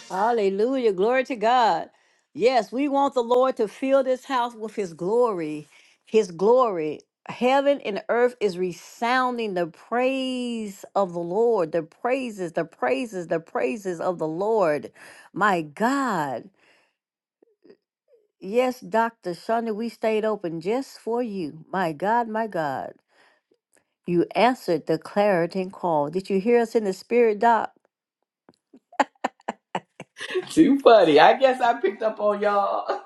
Speaker 1: Hallelujah. Glory to God. Yes, we want the Lord to fill this house with his glory. His glory. Heaven and earth is resounding the praise of the Lord, the praises, the praises, the praises of the Lord. My God. Yes, Dr. Shonda, we stayed open just for you. My God, my God. You answered the clarity call. Did you hear us in the spirit, Doc?
Speaker 4: Too funny. I guess I picked up on y'all.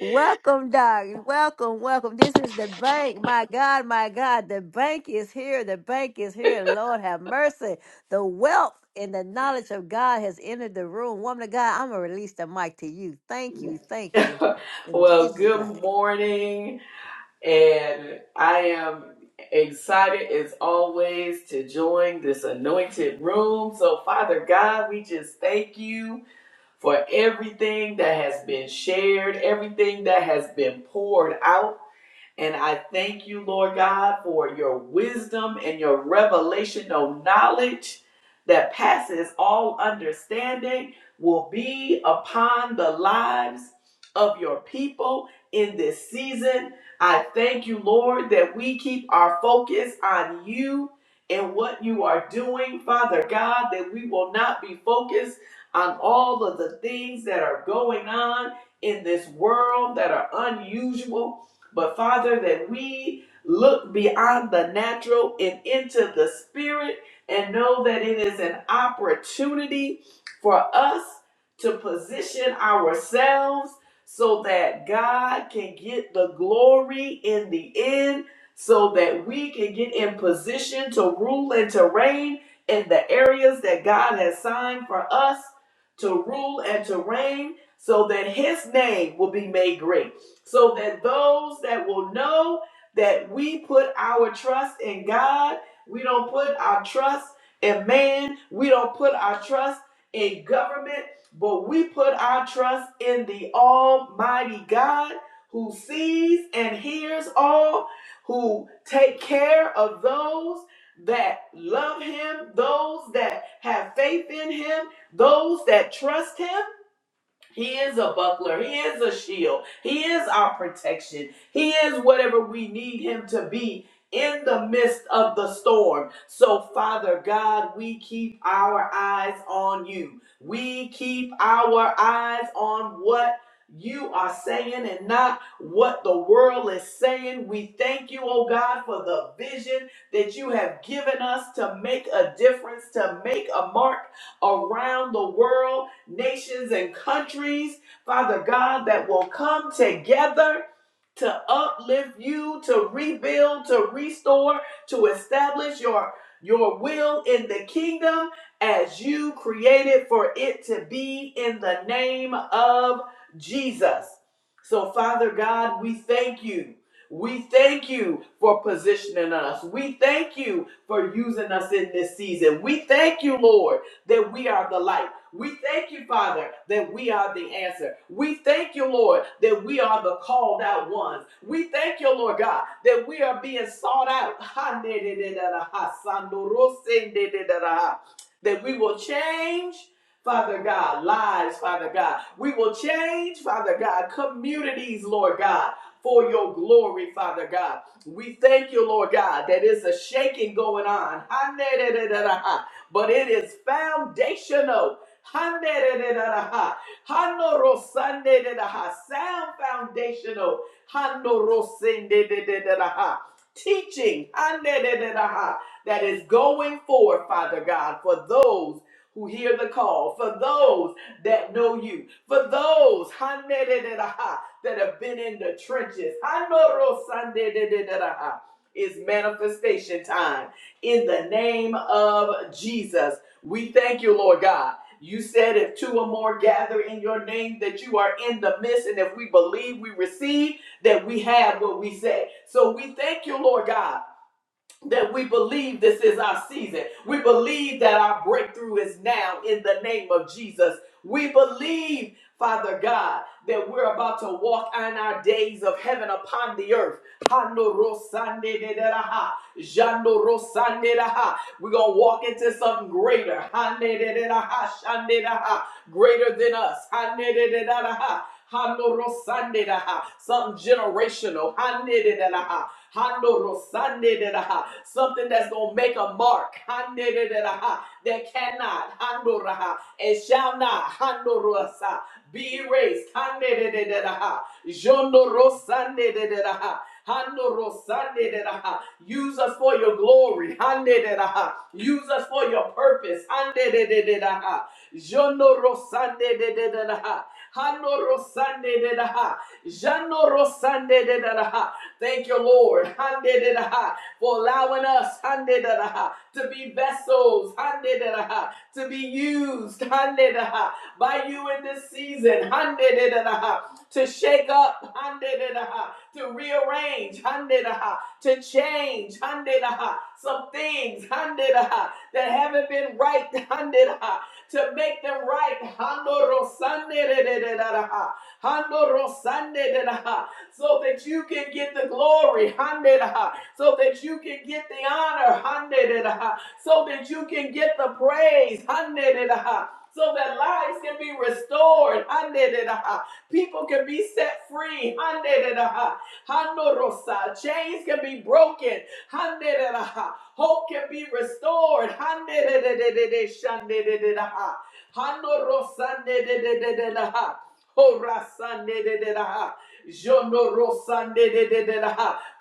Speaker 1: Welcome, Doc. Welcome, welcome. This is the bank. My God, my God, the bank is here. The bank is here. Lord have mercy. The wealth and the knowledge of God has entered the room. Woman of God, I'm going to release the mic to you. Thank you. Thank you.
Speaker 4: [LAUGHS]
Speaker 1: In
Speaker 4: well,
Speaker 1: Jesus'
Speaker 4: good
Speaker 1: name.
Speaker 4: morning. And I am excited as always to join this anointed room. So, Father God, we just thank you for everything that has been shared, everything that has been poured out. And I thank you, Lord God, for your wisdom and your revelational knowledge that passes all understanding will be upon the lives of your people in this season. I thank you, Lord, that we keep our focus on you and what you are doing, Father God, that we will not be focused on all of the things that are going on in this world that are unusual but Father, that we look beyond the natural and into the spirit and know that it is an opportunity for us to position ourselves so that God can get the glory in the end, so that we can get in position to rule and to reign in the areas that God has signed for us to rule and to reign, so that His name will be made great so that those that will know that we put our trust in God, we don't put our trust in man, we don't put our trust in government, but we put our trust in the Almighty God who sees and hears all, who take care of those that love him, those that have faith in him, those that trust him. He is a buckler. He is a shield. He is our protection. He is whatever we need him to be in the midst of the storm. So, Father God, we keep our eyes on you. We keep our eyes on what you are saying and not what the world is saying. We thank you, oh God, for the vision that you have given us to make a difference, to make a mark around the world nations and countries, Father God, that will come together to uplift you, to rebuild, to restore, to establish your your will in the kingdom as you created for it to be in the name of Jesus. So Father God, we thank you. We thank you for positioning us. We thank you for using us in this season. We thank you, Lord, that we are the light. We thank you, Father, that we are the answer. We thank you, Lord, that we are the called out ones. We thank you, Lord God, that we are being sought out. [LAUGHS] That we will change. Father God, lives, Father God. We will change, Father God, communities, Lord God, for your glory, Father God. We thank you, Lord God, that is a shaking going on. [LAUGHS] but it is foundational. Handerereraha. Hanorosanderaha. Sound foundational. Hanorosenderaha. Teaching handereraha, that is going forth, Father God, for those who hear the call, for those that know you, for those handereraha, that have been in the trenches. Hanorosanderaha. It's manifestation time in the name of Jesus. We thank you, Lord God. You said if two or more gather in your name, that you are in the midst. And if we believe, we receive, that we have what we say. So we thank you, Lord God that we believe this is our season. We believe that our breakthrough is now in the name of Jesus. We believe, Father God, that we're about to walk in our days of heaven upon the earth. Hanorosandederaha, Jandorosanderaha. We're going to walk into something greater. Hanederaha, Shanderaha, Greater than us. Hanederaha, Hanorosanderaha, Something generational. Hanederaha. Hando rosande de da Something that's going to make a mark. Hande de de da That cannot. Hando raha. And shall not. Hando rosa. Be erased. Hande de de de da Jondo rosande de de da Use us for your glory. Use us for your purpose. Thank you, Lord. For allowing us to be vessels. To be used. By you in this season to shake up, to rearrange, to change, some things that haven't been right, to make them right. So that you can get the glory, so that you can get the honor, so that you can get the praise. So that lives can be restored. People can be set free. Chains can be broken. Hope can be restored.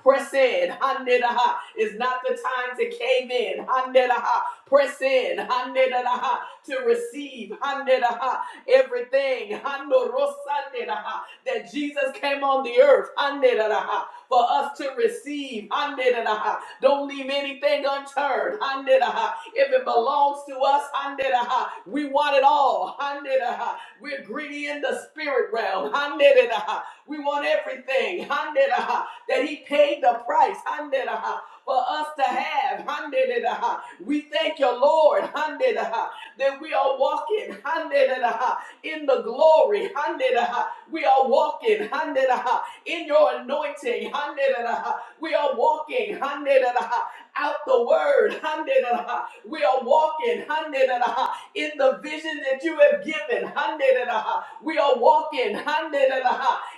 Speaker 4: Press in. Handedadaha. It's not the time to cave in. Press in. To receive. Everything [LAUGHS] that Jesus came on the earth for us to receive. Don't leave anything unturned. If it belongs to us, we want it all. We're greedy in the spirit realm. We want everything that He paid the price. for us to have. We thank you, Lord that we are walking in the glory. We are walking in your anointing. We are walking out the word. We are walking in the vision that you have given. We are walking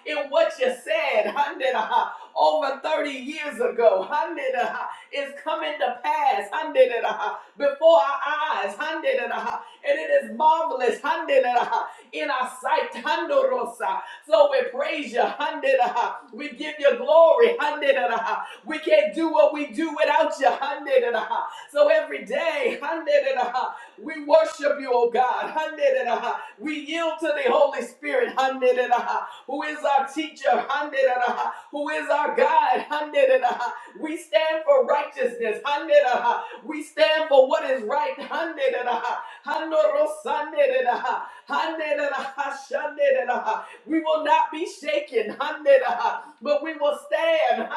Speaker 4: in what you said over 30 years ago. Handeraha. Is coming to pass. Before our eyes and it is marvelous in our sight. So we praise you. We give you glory. We can't do what we do without you. So every day, we worship you, oh God. We yield to the Holy Spirit, who is our teacher, who is our guide. We stand for righteousness. We we stand for what is right. We will not be shaken, but we will stand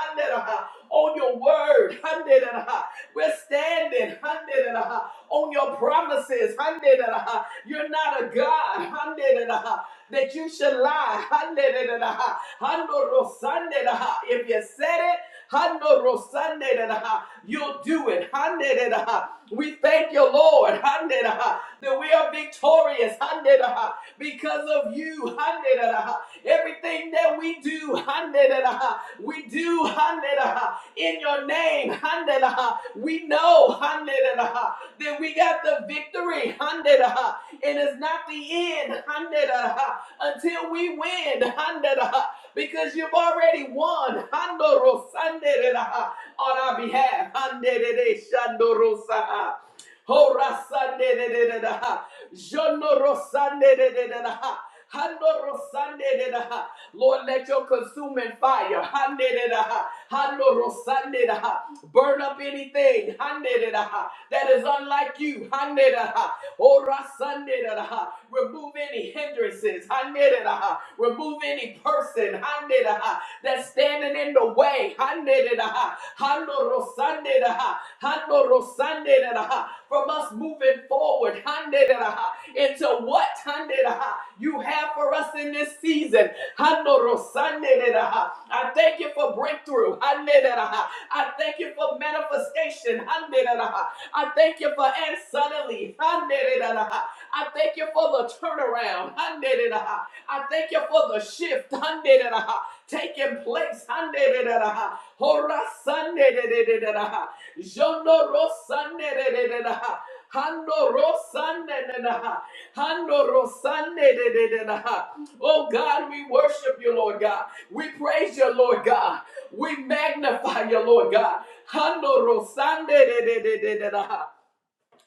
Speaker 4: on your word. We're standing on your promises. You're not a God that you should lie. If you said it, Hando rosande da You'll do it. Hande da We thank you, Lord. Hande da That we are victorious. Hande da Because of you. Hande da Everything that we do. Hande da We do. Hande da In your name. Hande da We know. Hande da That we got the victory. Hande da And it's not the end. Hande da Until we win. Hande da because you've already won. On our behalf. Lord, let your consuming fire. Hando rosande Burn up anything that is unlike you. Hande da Remove any hindrances. Remove any person that's standing in the way. Hande rosande da rosande From us moving forward handeraha, into what handeraha, you have for us in this season. Handorosanderaha. I thank you for breakthrough. Handeraha. I thank you for manifestation. Handeraha. I thank you for and suddenly. Handeraha. I thank you for the turnaround. Handeraha. I thank you for the shift. Handeraha. Taking place. Handeraha. Horasanderaha. Jondorosanderaha. Hando rosande de da ha. Hando rosande de de de da ha. Oh God, we worship you, Lord God. We praise you, Lord God. We magnify you, Lord God. Hando rosande de de de de de da ha.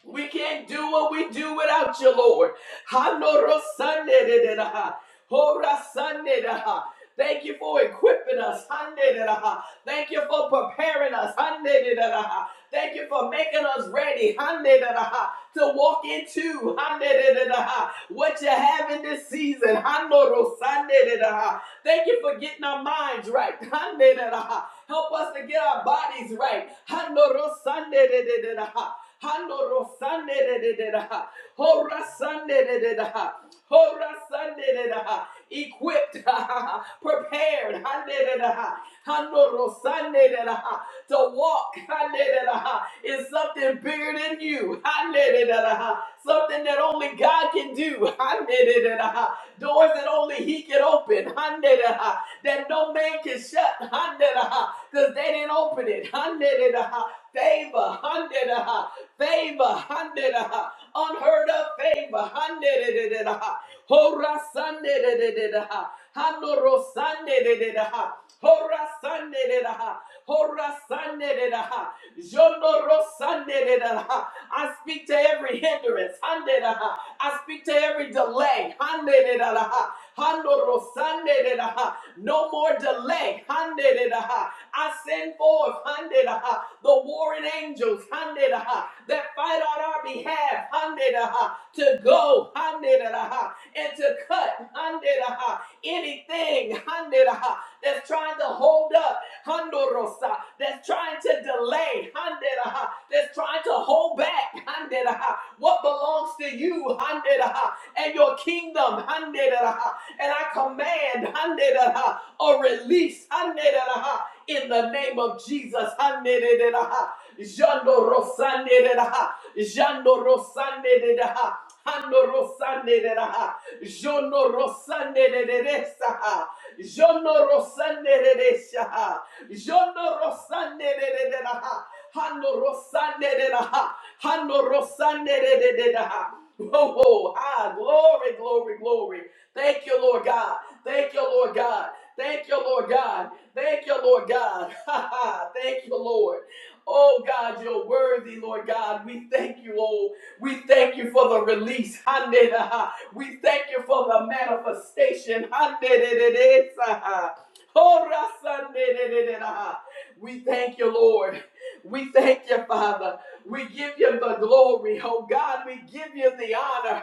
Speaker 4: We can't do what we do without you, Lord. Hanorosandedadaha, horasandedadaha. Thank you for equipping us. handedadaha. Thank you for preparing us. handedadaha. Thank you for making us ready handedadaha, to walk into handedadaha, what you have in this season. Hanorosandedadaha. Thank you for getting our minds right. handedadaha. Help us to get our bodies right. Hanorosandedadaha. Hando Rosande de de de da. Hora Sande de de da. Hora Sande de da. Equipped, [LAUGHS] prepared, Hande de da. Hando Rosande de da. To walk, Hande de da. Is something bigger than you. Hande de da. Something that only God can do. Hande de da. Doors that only He can open. Hande de da. That no man can shut. Hande da. Because they didn't open it. Hande da favor, hundred, uh, favor, hundred, uh, unheard of favor, hundred, hora sunday, handoro sunday, hora sunday, hora sunday, jondoro sunday. I speak to every hindrance, hundred, uh, I speak to every delay, hundred, handoro sunday, no more delay. I send forth the warring angels that fight on our behalf to go and to cut anything that's trying to hold up that's trying to delay that's trying to hold back what belongs to you and your kingdom. And I command a release in the name of Jesus. Jando Rosande, de Raha, Jando Rosande, de Raha, Hando Rosande, de Raha, Jono Rosande, de Raha, Jono rosande de de shaha. Jono rosande de de de da ha. Hano rosande de da ha. Hano rosande de de de da ha. Ho ho ha. Glory, glory, glory. Thank you, Lord God. Thank you, Lord God. Thank you, Lord God. Thank you, Lord God. [LAUGHS] Ha ha. Thank you, Lord. Oh God, you're worthy, Lord God. We thank you, oh, we thank you for the release. We thank you for the manifestation. We thank you, Lord. We thank you, Father. We give you the glory, oh God. We give you the honor.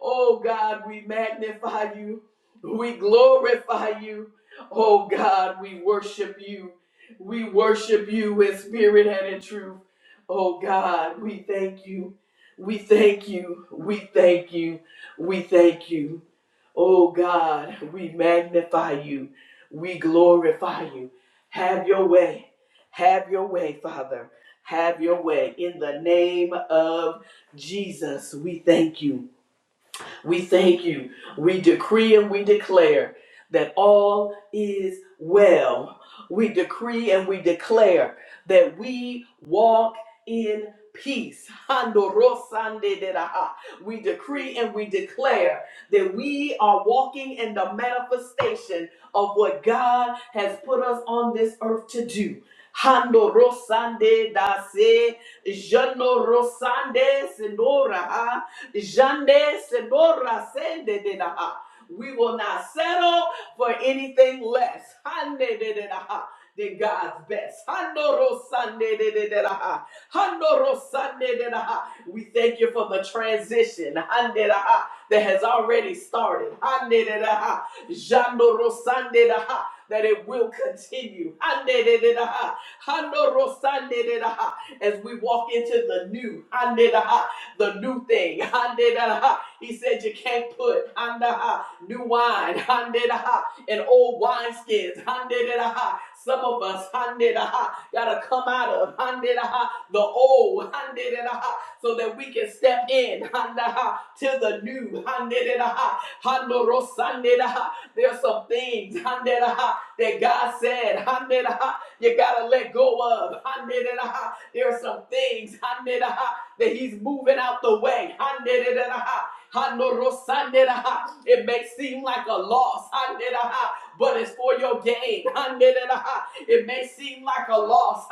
Speaker 4: Oh God, we magnify you. We glorify you. Oh God, we worship you. We worship you in spirit and in truth. Oh God, we thank you. We thank you. We thank you. We thank you. Oh God, we magnify you. We glorify you. Have your way. Have your way, Father. Have your way. In the name of Jesus, we thank you. We thank you. We decree and we declare that all is well. We decree and we declare that we walk in peace. Handorosandederaha. We decree and we declare that we are walking in the manifestation of what God has put us on this earth to do. Handorosandedase, Janorosande, Jande Sebora Sende de la Ha. We will not settle for anything less. Hande de de la Ha. Than God's best. Handoro Sande de de de la Ha. Handoro Sande de la Ha. We thank you for the transition Hande de la Ha, that has already started. Hande de la Ha. Jandoro Sande de la Ha, That it will continue. Hande de de da Ha. Handoro Sande de da Ha. As we walk into the new. Hande de la Ha the new thing. [LAUGHS] He said you can't put new wine [LAUGHS] and old wineskins. Handeraha. Some of us gotta come out of the old so that we can step in to the new. There's some things that God said you gotta let go of. There are some things that He's moving out the way. It may seem like a loss, but it's for your gain. It may seem like a loss,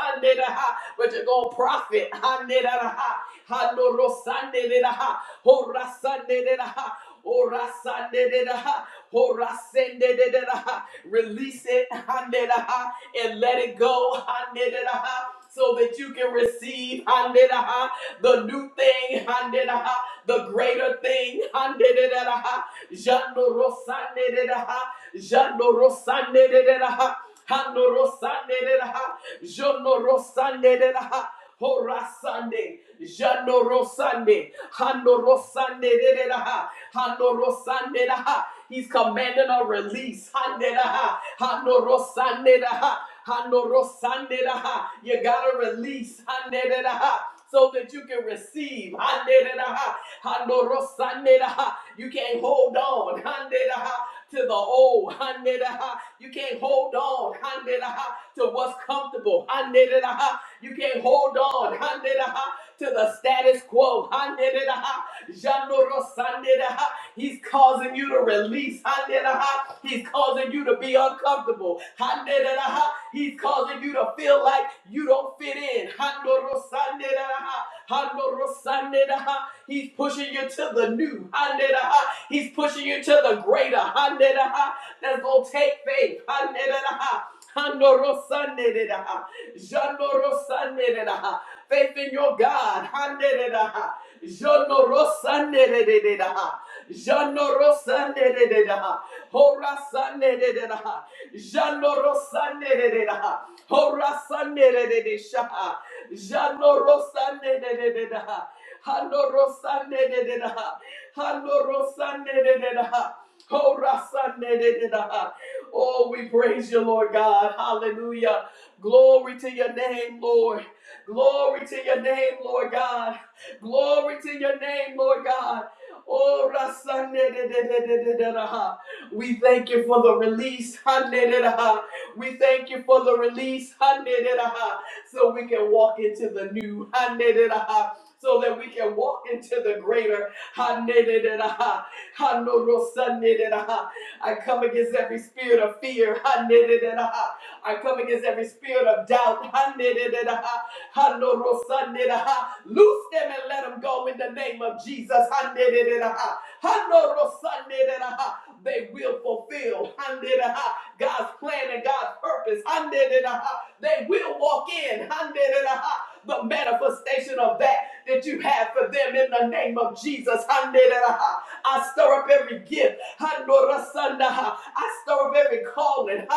Speaker 4: but you're going to profit. Ora sande de da Ora sende de da Release it hande da and let it go hande da so that you can receive hande da the new thing, hande da the greater thing. hande da Jando ro de da Jando ro de da Hanorosanderaha, Jonorosanderaha, Horasande, Janorosande, Hanorosanderaha, Hanorosanderaha. He's commanding a release. Handeraha, Hanorosanderaha, Hanorosanderaha. You gotta release. Handeraha. So that you can receive. Handeraha, Hanorosanderaha. You can't hold on. Handeraha, to the old. [LAUGHS] You can't hold on to what's comfortable. You can't hold on to the status quo. He's causing you to release. He's causing you to be uncomfortable. He's causing you to feel like you don't fit in. He's pushing you to the new. He's pushing you to the greater. That's going to take faith. Faith in your God. Janoro sande de de da. Hora sande de de da. Janoro sande de de da. Hora sande de de Janoro sande de da. Hanoro sande de da. Hanoro sande de da. Oh, we praise you, Lord God. Hallelujah. Glory to your name, Lord. Glory to your name, Lord God. Glory to your name, Lord God. Oh, Rasande We thank you for the release. Hande We thank you for the release. Hande So we can walk into the new. Hande So that we can walk into the greater. Hande de de raha. Hando rosande I come against every spirit of fear. Hande I come against every spirit of doubt. Ha-ne-de-de-da-ha, no ro sa ne Loose them and let them go in the name of Jesus. ha ne de de da they will fulfill God's plan and God's purpose. They will walk in the manifestation of that that you have for them in the name of Jesus. I stir up every gift. I stir up every calling.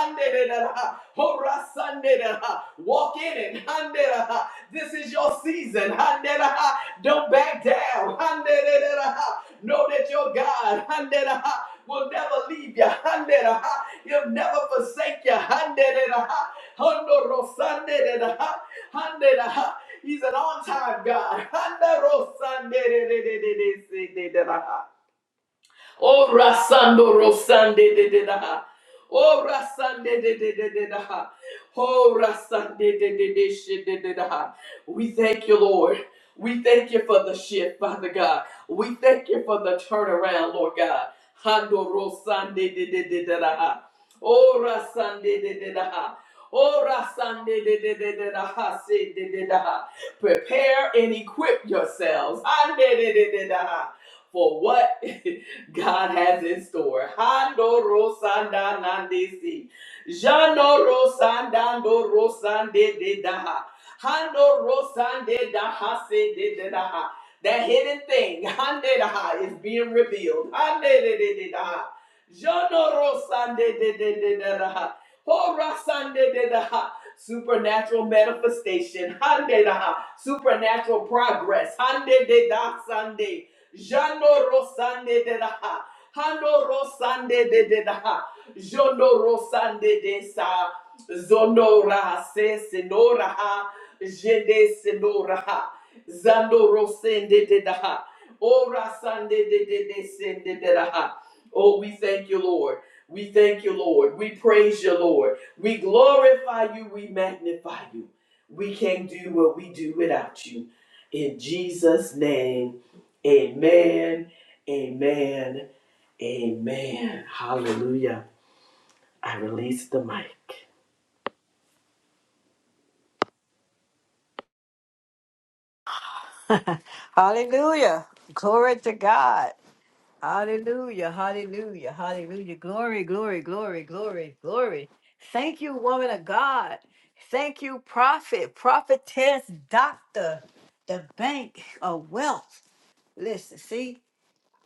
Speaker 4: Walk in it. This is your season. Don't back down. Know that your God will never leave you. Handera. He'll never forsake you. He's an on-time God. Oh, Rasando Rosande de de da. Oh, Rasande de de de de da. Oh, Rasande de de de shi- de de da. We thank you, Lord. We thank you for the shift, Father God. We thank you for the turnaround, Lord God. Hando Rosande de de de de da. Oh, Rasande de de da. Oh, Rasande de de de de da. Se de de da. Prepare and equip yourselves. Hande de de de da. For what? [LAUGHS] God has in store. Hando Rosanda Nandesi. Jano Rosandando Rosande de Daha. Hando Rosande Daha se de de Daha. That hidden thing, [LAUGHS] Hande Daha, is being revealed. Hande de de de Daha. Jonoro sande de de de de da ha. Hora sande de da Supernatural manifestation. Hande da Supernatural progress. Hande de da sande. Jonoro sande de da ha. Hanoro sande de de da ha. Jonoro sande de sa. Zonora se senora ha. Jede senora ha. Zandoro sende de da Ora sande de de de sende de da Oh, we thank you, Lord. We thank you, Lord. We praise you, Lord. We glorify you. We magnify you. We can't do what we do without you. In Jesus' name, amen, amen, amen. Hallelujah. I release the mic.
Speaker 1: [LAUGHS] Hallelujah. Glory to God. Hallelujah, hallelujah, hallelujah. Glory, glory, glory, glory, glory. Thank you, woman of God. Thank you, prophet, prophetess, doctor, the bank of wealth. Listen, see,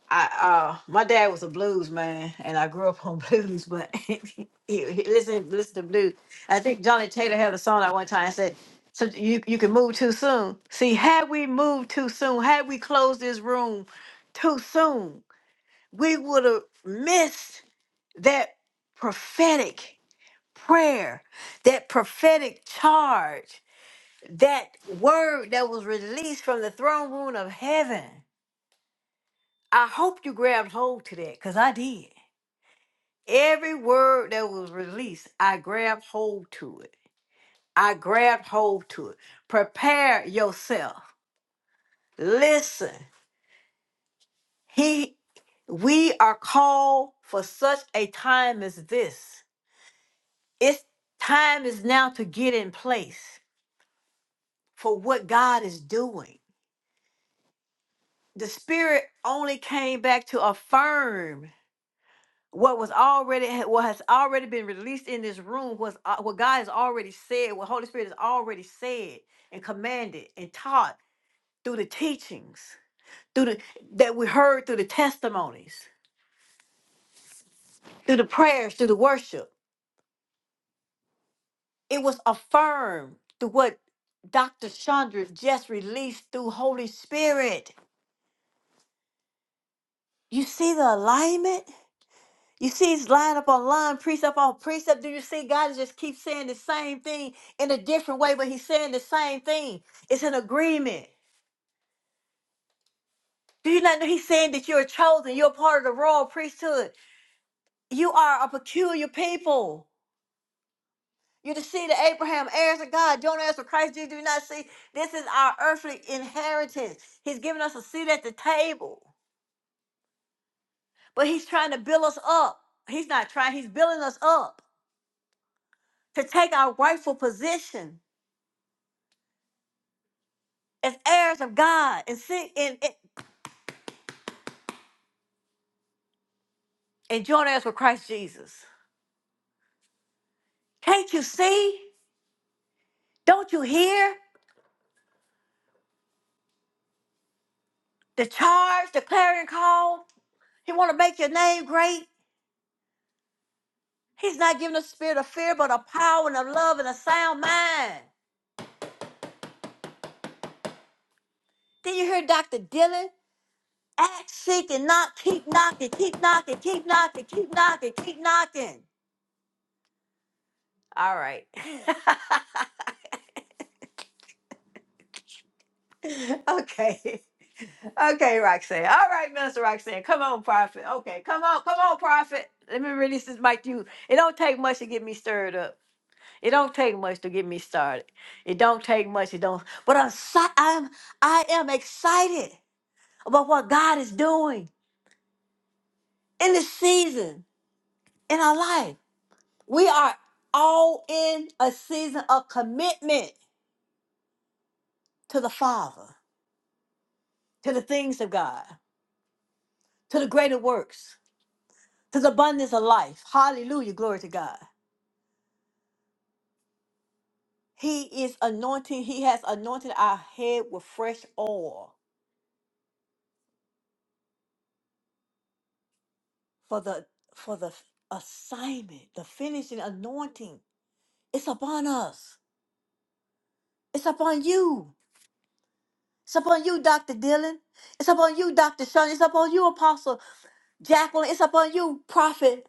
Speaker 1: I uh my dad was a blues man and I grew up on [LAUGHS] blues, but [LAUGHS] he, he- listen, listen to blues. I think Johnny Taylor had a song at one time and said, so you, you can move too soon. See, had we moved too soon, had we closed this room too soon, we would have missed that prophetic prayer, that prophetic charge, that word that was released from the throne room of heaven. I hope you grabbed hold to that because I did. Every word that was released, I grabbed hold to it. I grabbed hold to it. Prepare yourself. Listen, he we are called for such a time as this. It's time is now to get in place for what God is doing. The spirit only came back to affirm what was already what has already been released in this room was uh, what God has already said, what Holy Spirit has already said and commanded and taught through the teachings, through the that we heard through the testimonies, through the prayers, through the worship. It was affirmed through what Dr. Chandra just released through Holy Spirit. You see the alignment? You see it's line up on line, precept on precept. Do you see God just keeps saying the same thing in a different way, but he's saying the same thing. It's an agreement. Do you not know he's saying that you're chosen? You're part of the royal priesthood. You are a peculiar people. You're the seed of Abraham, heirs of God, joint heirs of Christ. Do You do not see this is our earthly inheritance. He's giving us a seat at the table, but he's trying to build us up. He's not trying, he's building us up. to take our rightful position as heirs of God and sit and, and and join heirs with Christ Jesus. Can't you see? Don't you hear the charge, the clarion call? He want to make your name great. He's not giving a spirit of fear, but a power and a love and a sound mind. Then you hear Dr. Dylan act, seek, and knock, keep knocking, keep knocking, keep knocking, keep knocking, keep knocking. All right. [LAUGHS] [LAUGHS] okay. Okay, Roxanne. All right, Minister Roxanne. Come on, Prophet. Okay, come on, come on, Prophet. Let me release this mic to you. It don't take much to get me stirred up. It don't take much to get me started. It don't take much. It don't. But I'm si- I'm I am excited about what God is doing in this season in our life. We are all in a season of commitment to the Father, to the things of God, to the greater works. to the abundance of life. Hallelujah. Glory to God. He is anointing, he has anointed our head with fresh oil for the for the assignment, the finishing anointing. It's upon us. It's upon you. It's upon you, Dr. Dillon. It's upon you, Dr. Sean. It's upon you, Apostle Jacqueline. It's upon you, Prophet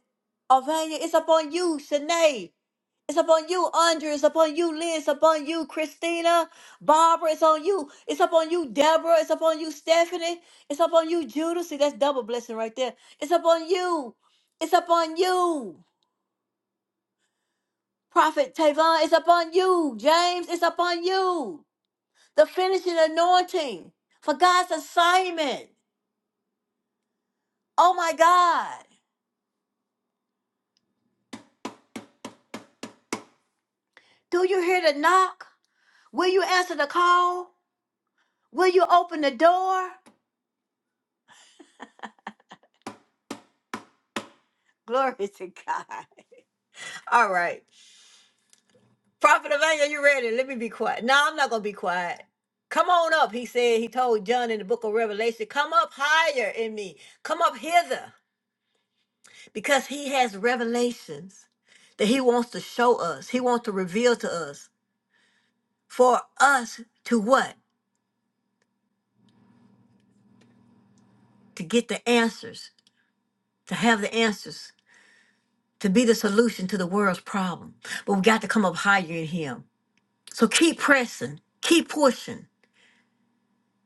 Speaker 1: Avania. It's upon you, Shanae. It's upon you, Andrea. It's upon you, Lynn. It's upon you, Christina. Barbara, it's on you. It's upon you, Deborah. It's upon you, Stephanie. It's upon you, Judas. See, that's double blessing right there. It's upon you. It's upon you, Prophet Tavon. It's upon you, James. It's upon you. The finishing anointing for God's assignment. Oh my God. Do you hear the knock? Will you answer the call? Will you open the door? [LAUGHS] Glory to God. [LAUGHS] All right. Prophet Emmanuel, you ready? Let me be quiet. No, I'm not gonna be quiet. Come on up, he said. He told John in the book of Revelation, come up higher in me. Come up hither. Because he has revelations that he wants to show us. He wants to reveal to us. For us to what? To get the answers. To have the answers. To be the solution to the world's problem. But we got to come up higher in him. So keep pressing. Keep pushing.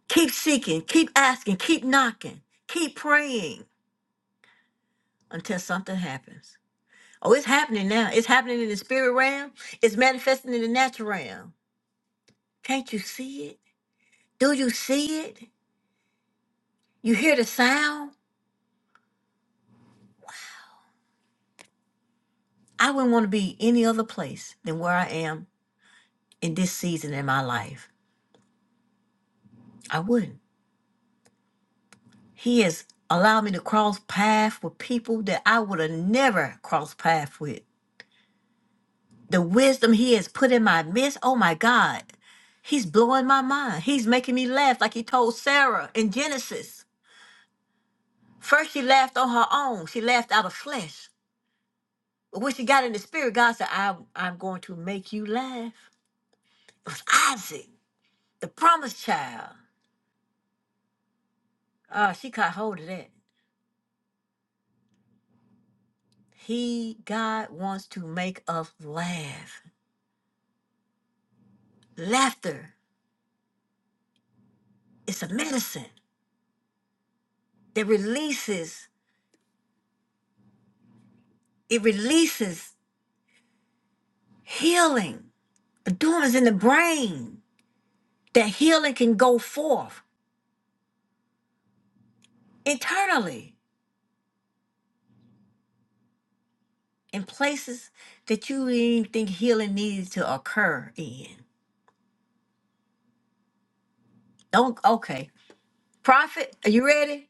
Speaker 1: Keep seeking. Keep asking. Keep knocking. Keep praying until something happens. Oh, it's happening now. It's happening in the spirit realm. It's manifesting in the natural realm. Can't you see it? Do you see it? You hear the sound? I wouldn't want to be any other place than where I am in this season in my life. I wouldn't. He has allowed me to cross paths with people that I would have never crossed paths with. The wisdom he has put in my midst, oh my God, he's blowing my mind. He's making me laugh like he told Sarah in Genesis. First, she laughed on her own. She laughed out of flesh. But when she got in the spirit, God said, I, I'm going to make you laugh. It was Isaac, the promised child. Ah, she caught hold of that. He, God, wants to make us laugh. Laughter is a medicine that releases, it releases healing. The dormants in the brain that healing can go forth internally. in places that you didn't even think healing needed to occur in. Don't okay. Prophet, are you ready?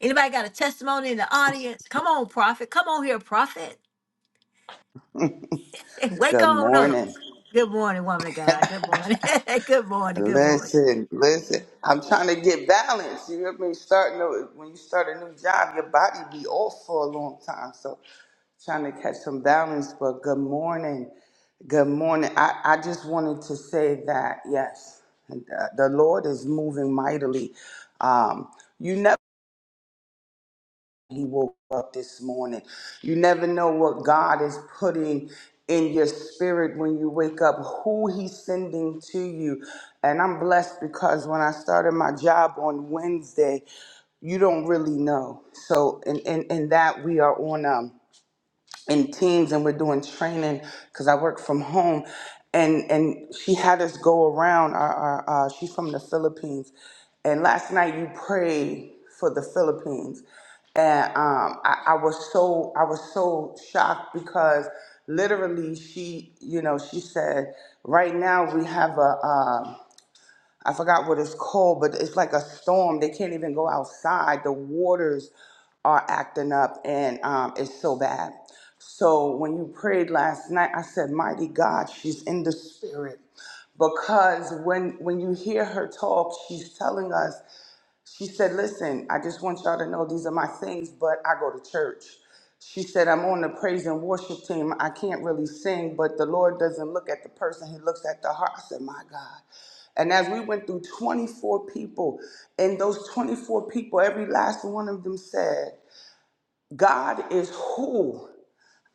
Speaker 1: Anybody got a testimony in the audience? Come on, prophet. Come on here, prophet. [LAUGHS] Wake
Speaker 5: Good
Speaker 1: on up.
Speaker 5: morning.
Speaker 1: Good morning, woman of God. Good morning. [LAUGHS] good morning. Good morning.
Speaker 5: Listen, listen. I'm trying to get balance. You hear me? Starting to, when you start a new job, your body be off for a long time. So trying to catch some balance. But good morning. Good morning. I, I just wanted to say that yes, the, the Lord is moving mightily. Um, you never. he woke up this morning. You never know what God is putting in your spirit when you wake up, who he's sending to you. And I'm blessed because when I started my job on Wednesday, you don't really know. So in in, in that we are on um in teams and we're doing training because I work from home. And and she had us go around. Our, our, uh, she's from the Philippines, and last night you prayed for the Philippines, and um, I, I was so I was so shocked because literally she you know she said right now we have a. Um, I forgot what it's called, but it's like a storm. They can't even go outside. The waters are acting up and um, it's so bad. So when you prayed last night, I said, Mighty God, she's in the spirit. Because when when you hear her talk, she's telling us she said, Listen, I just want y'all to know these are my things, but I go to church. She said, I'm on the praise and worship team. I can't really sing, but the Lord doesn't look at the person, He looks at the heart. I said, My God. And as we went through 24 people, and those 24 people, every last one of them said, God is who?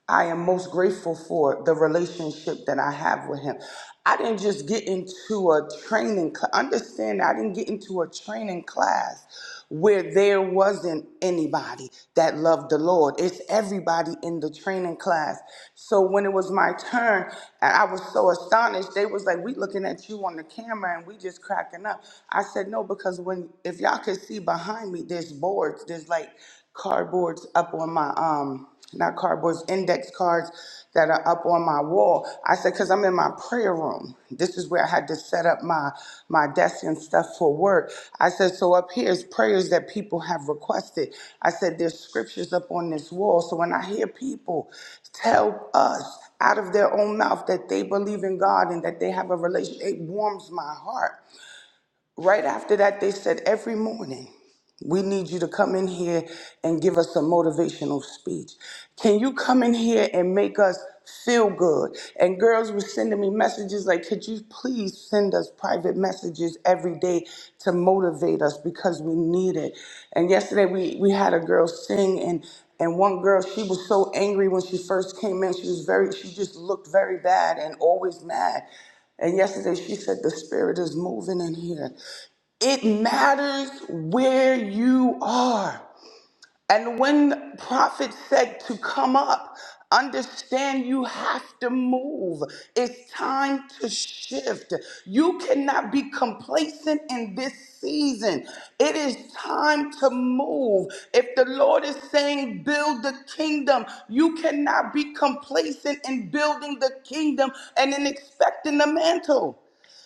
Speaker 5: I am most grateful for the relationship that I have with him. I didn't just get into a training cl- understand I didn't get into a training class where there wasn't anybody that loved the Lord. It's everybody in the training class. So when it was my turn and I was so astonished, they was like, We looking at you on the camera and we just cracking up. I said, No, because when if y'all could see behind me, there's boards, there's like cardboards up on my um not cardboards, index cards that are up on my wall. I said, because I'm in my prayer room. This is where I had to set up my, my desk and stuff for work. I said, so up here is prayers that people have requested. I said, there's scriptures up on this wall. So when I hear people tell us out of their own mouth that they believe in God and that they have a relationship, it warms my heart. Right after that, they said, Every morning, we need you to come in here and give us a motivational speech. Can you come in here and make us feel good? And girls were sending me messages like, Could you please send us private messages every day to motivate us because we need it? And yesterday, we, we had a girl sing and and one girl, she was so angry when she first came in. She was very, she just looked very bad and always mad. And yesterday she said, The spirit is moving in here. It matters where you are. And when the prophet said to come up, understand you have to move. It's time to shift. You cannot be complacent in this season. It is time to move. If the Lord is saying build the kingdom, you cannot be complacent in building the kingdom and in expecting the mantle.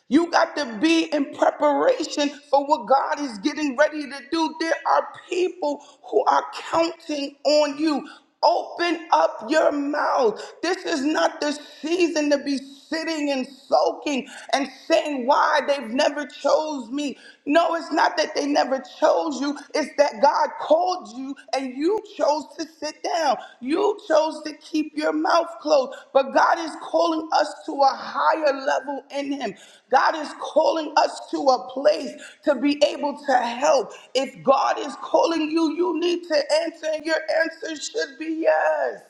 Speaker 5: You got to be in preparation for what God is getting ready to do. There are people who are counting on you. Open up your mouth. This is not the season to be sitting and soaking and saying why they've never chose me. No, it's not that they never chose you. It's that God called you and you chose to sit down. You chose to keep keep your mouth closed. But God is calling us to a higher level in Him. God is calling us to a place to be able to help. If God is calling you, you need to answer, and your answer should be yes.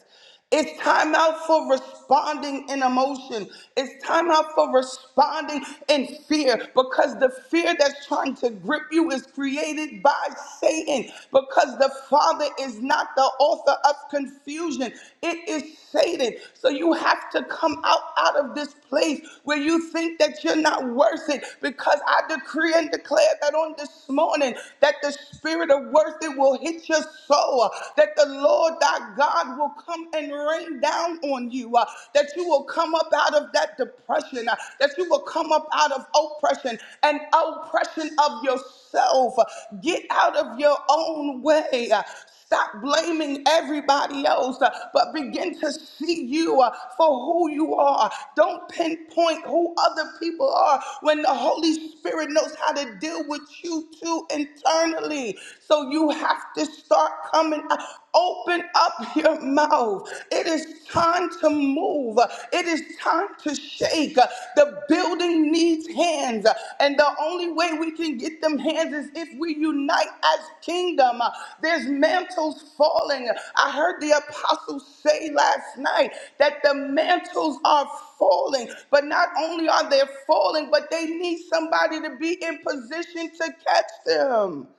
Speaker 5: It's time out for responsibility responding in emotion. It's time out for responding in fear because the fear that's trying to grip you is created by Satan because the Father is not the author of confusion. It is Satan. So you have to come out out of this place where you think that you're not worth it because I decree and declare that on this morning that the spirit of worth it will hit your soul, that the Lord thy God God will come and rain down on you, uh, that you will come up out of that depression, uh, that you will come up out of oppression and oppression of yourself. Get out of your own way. uh, Stop blaming everybody else, uh, but begin to see you uh, for who you are. Don't pinpoint who other people are when the Holy Spirit knows how to deal with you too internally. So you have to start start coming up. Open up your mouth. It is time to move. It is time to shake. The building needs hands. And the only way we can get them hands is if we unite as kingdom. There's mantles falling. I heard the apostles say last night that the mantles are falling. But not only are they falling, but they need somebody to be in position to catch them.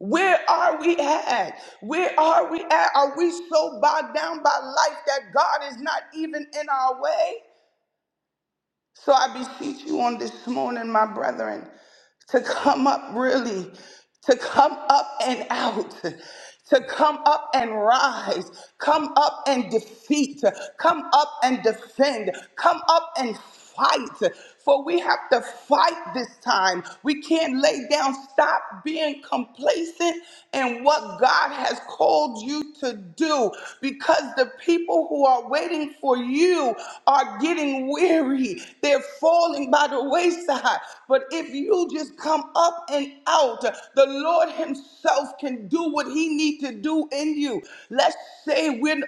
Speaker 5: Where are we at? Where are we at? Are we so bogged down by life that God is not even in our way? So I beseech you on this morning, my brethren, to come up really, to come up and out, to come up and rise, come up and defeat, come up and defend, come up and fight. For we have to fight this time. We can't lay down. Stop being complacent in what God has called you to do because the people who are waiting for you are getting weary. They're falling by the wayside. But if you just come up and out, the Lord Himself can do what He needs to do in you. Let's say we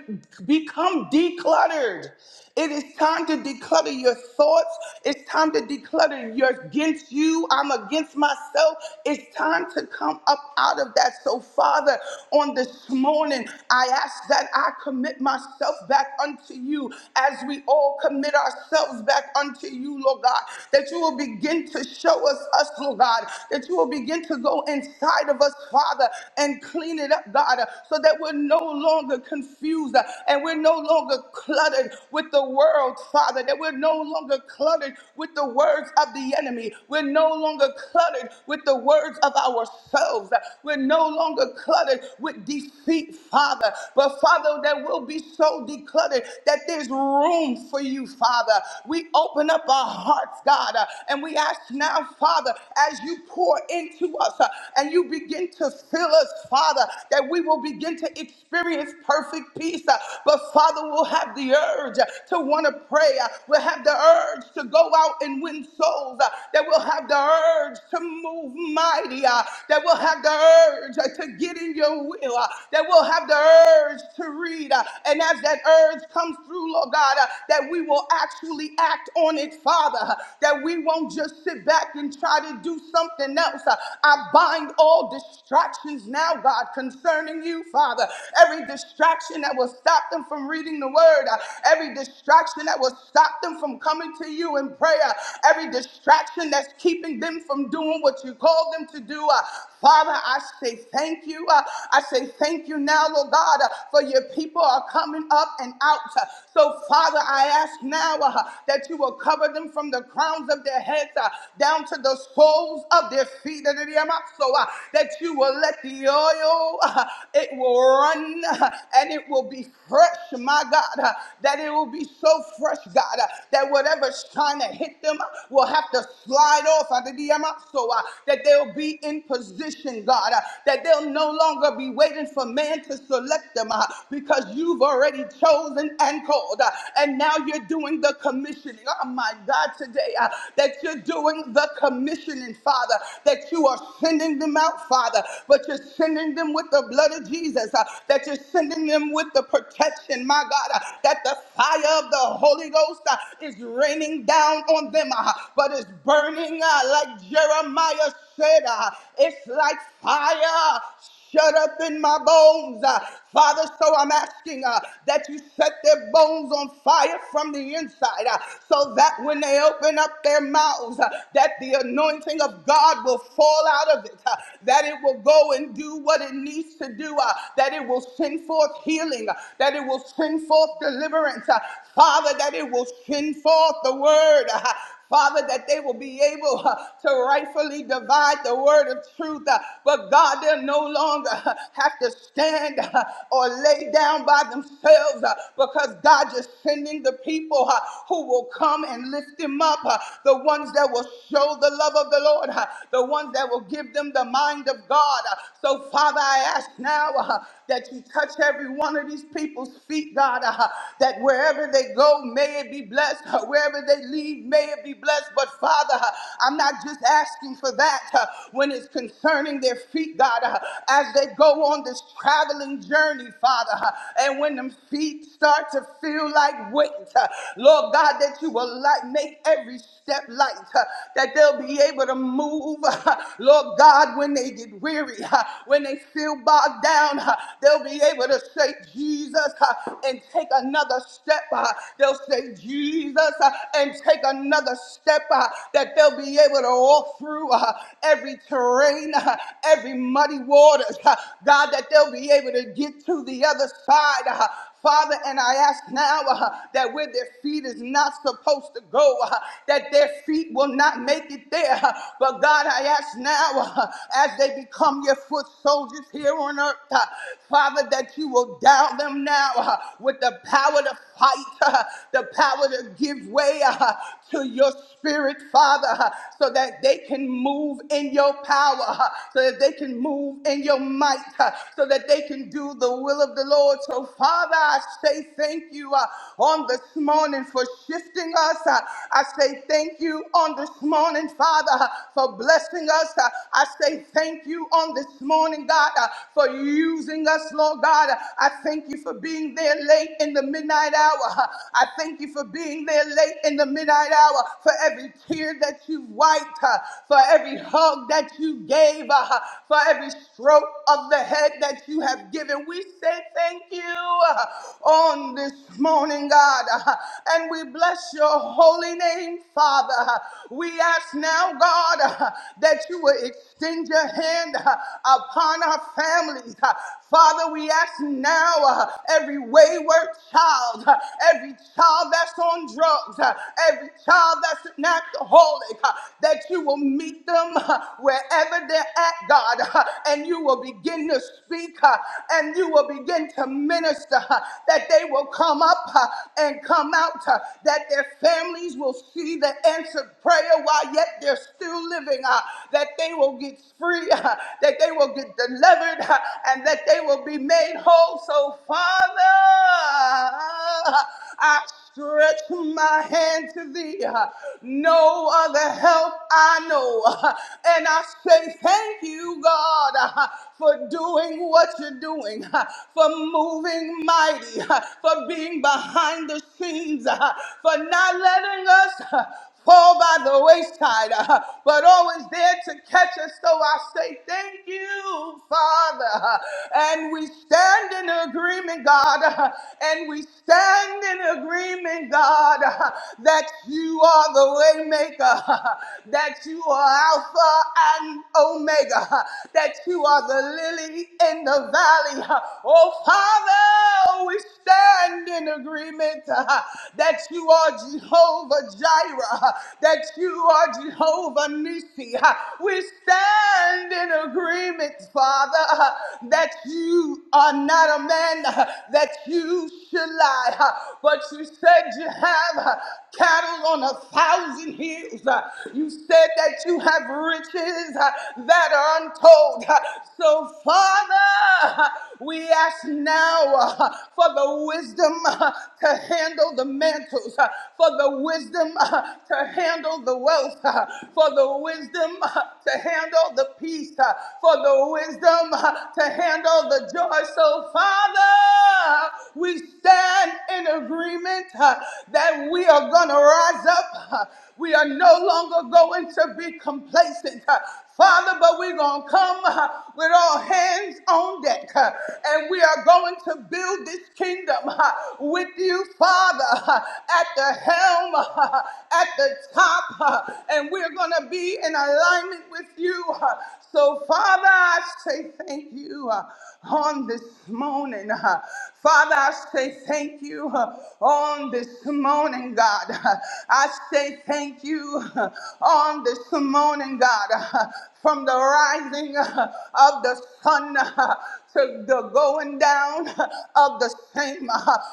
Speaker 5: become decluttered. It is time to declutter your thoughts. It's time to declutter your against you. I'm against myself. It's time to come up out of that. So, Father, on this morning, I ask that I commit myself back unto you as we all commit ourselves back unto you, Lord God, that you will begin to show us us, Lord God, that you will begin to go inside of us, Father, and clean it up, God, so that we're no longer confused uh, and we're no longer cluttered with the world, Father, that we're no longer cluttered with the words of the enemy. We're no longer cluttered with the words of ourselves. We're no longer cluttered with defeat, Father. But Father, that we'll be so decluttered that there's room for you, Father. We open up our hearts, God, uh, and we ask now, Father, as you pour into us uh, and you begin to fill us, Father, that we will begin to experience perfect peace. uh, but Father, we'll have the urge uh, to want to pray. Uh, We'll have the urge to go out and win souls. Uh, That we'll have the urge to move mighty. Uh, That we'll have the urge uh, to get in your will. Uh, That we'll have the urge to read. Uh, And as that urge comes through, Lord God, uh, that we will actually act on it, Father. Uh, That we won't just sit back and try to do something else. Uh, I bind all distractions now, God, concerning you, Father. Every distraction distraction that will stop them from reading the word, uh, every distraction that will stop them from coming to you in prayer, every distraction that's keeping them from doing what you called them to do. uh, Father, I say thank you. uh, I say thank you now, Lord God, uh, for your people are coming up and out. uh, So, Father, I ask now uh, that you will cover them from the crowns of their heads uh, down to the soles of their feet. So, uh, that you will let the oil, uh, it will will run uh, and it will be fresh, my God, uh, that it will be so fresh, God, uh, that whatever's trying to hit them uh, will have to slide off under the amount so uh, that they'll be in position, God, uh, that they'll no longer be waiting for man to select them uh, because you've already chosen and called. uh, and now you're doing the commissioning. Oh, my God, today uh, that you're doing the commissioning, Father, that you are sending them out, Father, but you're sending them them with the blood of Jesus, uh, that you're sending them with the protection, my God, uh, that the fire of the Holy Ghost uh, is raining down on them, uh, but it's burning uh, like Jeremiah said, uh, it's like fire shut up in my bones. Uh, Father, so I'm asking uh, that you set their bones on fire from the inside uh, so that when they open up their mouths, uh, that the anointing of God will fall out of it, uh, that it will go go and do what it needs to do, uh, that it will send forth healing, uh, that it will send forth deliverance, uh, Father, that it will send forth the word. uh, Father, that they will be able uh, to rightfully divide the word of truth. uh, but God, they'll no longer uh, have to stand uh, or lay down by themselves uh, because God is sending the people uh, who will come and lift them up, uh, the ones that will show the love of the Lord, uh, the ones that will give them the them the mind of God. Uh, So, Father, I ask now uh, that you touch every one of these people's feet, God, uh, that wherever they go, may it be blessed. Uh, Wherever they leave, may it be blessed. But, Father, uh, I'm not just asking for that uh, when it's concerning their feet, God, uh, as they go on this traveling journey, Father, uh, and when them feet start to feel like weight, uh, Lord God, that you will light, make every step light, uh, that they'll be able to move, uh, [LAUGHS] Lord God, when they get weary, [LAUGHS] when they feel bogged down, [LAUGHS] they'll be able to say Jesus [LAUGHS] and take another step. [LAUGHS] They'll say Jesus [LAUGHS] and take another step [LAUGHS] that they'll be able to walk through [LAUGHS] every terrain, every muddy waters. [LAUGHS] God, that they'll be able to get to the other side. [LAUGHS] Father, and I ask now [LAUGHS] uh, that where their feet is not supposed to go, [LAUGHS] uh, that their feet will not make it there, [LAUGHS] But God, I ask now, [LAUGHS] as they become your foot soldiers here on earth, [LAUGHS] uh, Father, that you will down them now [LAUGHS] uh, with the power to fight, [LAUGHS] uh, the power to give way [LAUGHS] uh, to your spirit, Father, [LAUGHS] uh, so that they can move in your power, [LAUGHS] uh, so that they can move in your might, [LAUGHS] uh, so that they can do the will of the Lord. So, Father, I say thank you uh, on this morning for shifting us. [LAUGHS] Uh, I say thank you on this morning, Father, for blessing us. Uh, I say thank you on this morning, God, uh, for using us, Lord God. Uh, I thank you for being there late in the midnight hour. Uh, I thank you for being there late in the midnight hour, for every tear that you wiped, uh, for every hug that you gave, uh, for every stroke of the head that you have given. We say thank you uh, on this morning, God, uh, and we bless your holy name hand, Father. We ask now, God, uh, that you will extend your hand uh, upon our families. Uh, Father, we ask now uh, every wayward child, uh, every child that's on drugs, uh, every child that's an alcoholic, uh, that you will meet them uh, wherever they're at, God, uh, and you will begin to speak uh, and you will begin to minister, uh, that they will come up uh, and come out, uh, that their families will see the answered prayer while yet they're still living, uh, that they will get free, [LAUGHS] uh, that they will get delivered, uh, and that they will be made whole. So, Father, I stretch my hand to thee. uh, No other help I know. [LAUGHS] uh, And I say thank you, God, uh, for doing what you're doing, uh, for moving mighty, uh, for being behind the scenes, names uh, for not letting us uh, fall by the wayside, uh, but always there to catch us. So I say thank you, Father. uh, And we stand in agreement, God, uh, and we stand in agreement, God, uh, that you are the way maker, uh, [LAUGHS] that you are Alpha and Omega, [LAUGHS] uh, that you are the lily in the valley. [LAUGHS] uh, Oh, Father, we stand in agreement agreement [LAUGHS] uh, that you are Jehovah Jireh, uh, that you are Jehovah Nisi. [LAUGHS] We stand in agreement, Father, [LAUGHS] uh, that you are not a man [LAUGHS] uh, that you should lie, [LAUGHS] uh, but you said you have. uh, cattle on a thousand hills. Uh, You said that you have riches uh, that are untold. Uh, So, Father, uh, we ask now uh, for the wisdom uh, to handle the mantles, uh, for the wisdom uh, to handle the wealth, uh, for the wisdom uh, to handle the peace, uh, for the wisdom uh, to handle the joy. So, Father, we stand in agreement uh, that we are going to rise up. uh, We are no longer going to be complacent. uh, Father, but we're going to come uh, with all hands on deck uh, and we are going to build this kingdom uh, with you, Father, uh, at the helm, uh, at the top, uh, and we're going to be in alignment with you. uh, so, Father, I say thank you uh, on this morning. uh. Father, I say thank you uh, on this morning, God. [LAUGHS] Uh, I say thank you uh, on this morning, God. Uh, From the rising uh, of the sun uh, to the going down of the same.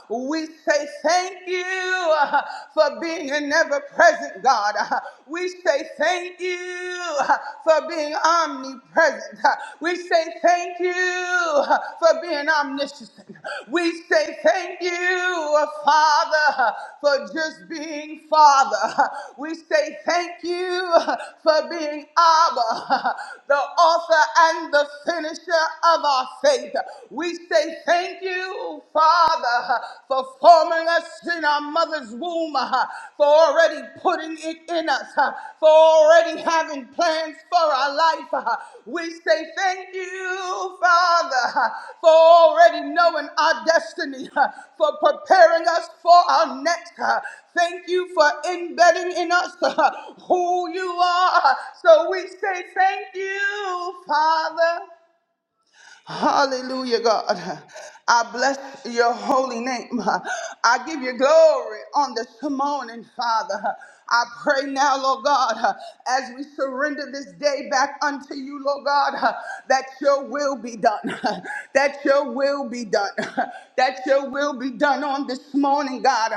Speaker 5: We say thank you for being an ever present God. We say thank you for being omnipresent. We say thank you for being omniscient. We say thank you, Father, for just being Father. We say thank you for being Abba, the author and the finisher of our faith. We say thank you, Father, for forming us in our mother's womb, for already putting it in us, for already having plans for our life. We say thank you, Father, for already knowing our destiny, for preparing us for our next. Thank you for embedding in us who you are. So we say thank you, Father. Hallelujah, God. I bless your holy name. I give you glory on this morning, Father. I pray now, Lord God, as we surrender this day back unto you, Lord God, that your will be done, that your will be done, that your will be done on this morning, God,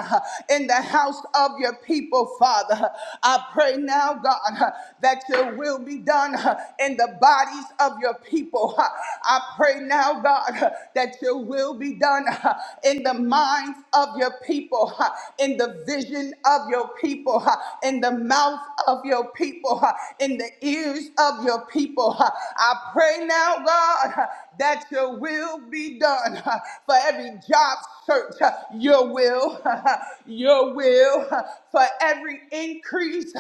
Speaker 5: in the house of your people, Father. I pray now, God, that your will be done in the bodies of your people people. [LAUGHS] I I pray now, God, that your will be done [LAUGHS] in the minds of your people, [LAUGHS] in the vision of your people, [LAUGHS] in the mouth of your people, [LAUGHS] in the ears of your people. [LAUGHS] I pray now, God, [LAUGHS] that your will be done [LAUGHS] for every job search, [LAUGHS] your will, your will, [LAUGHS] for every increase,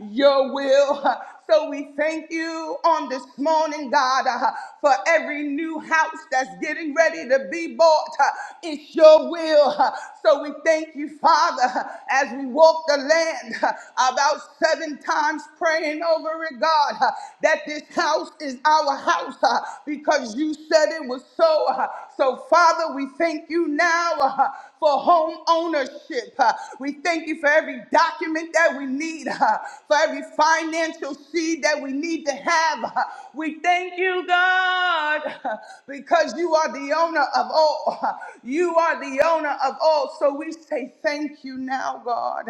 Speaker 5: [LAUGHS] your will, so we thank you on this morning, God, uh, for every new house that's getting ready to be bought. uh, It's your will. uh, So we thank you, Father, uh, as we walk the land uh, about seven times praying over it, God, uh, that this house is our house uh, because you said it was so. uh, So, Father, we thank you now uh, for home ownership. uh, We thank you for every document that we need, uh, for every every financial seed that we need to have. We thank you, God, because you are the owner of all. You are the owner of all. So we say thank you now, God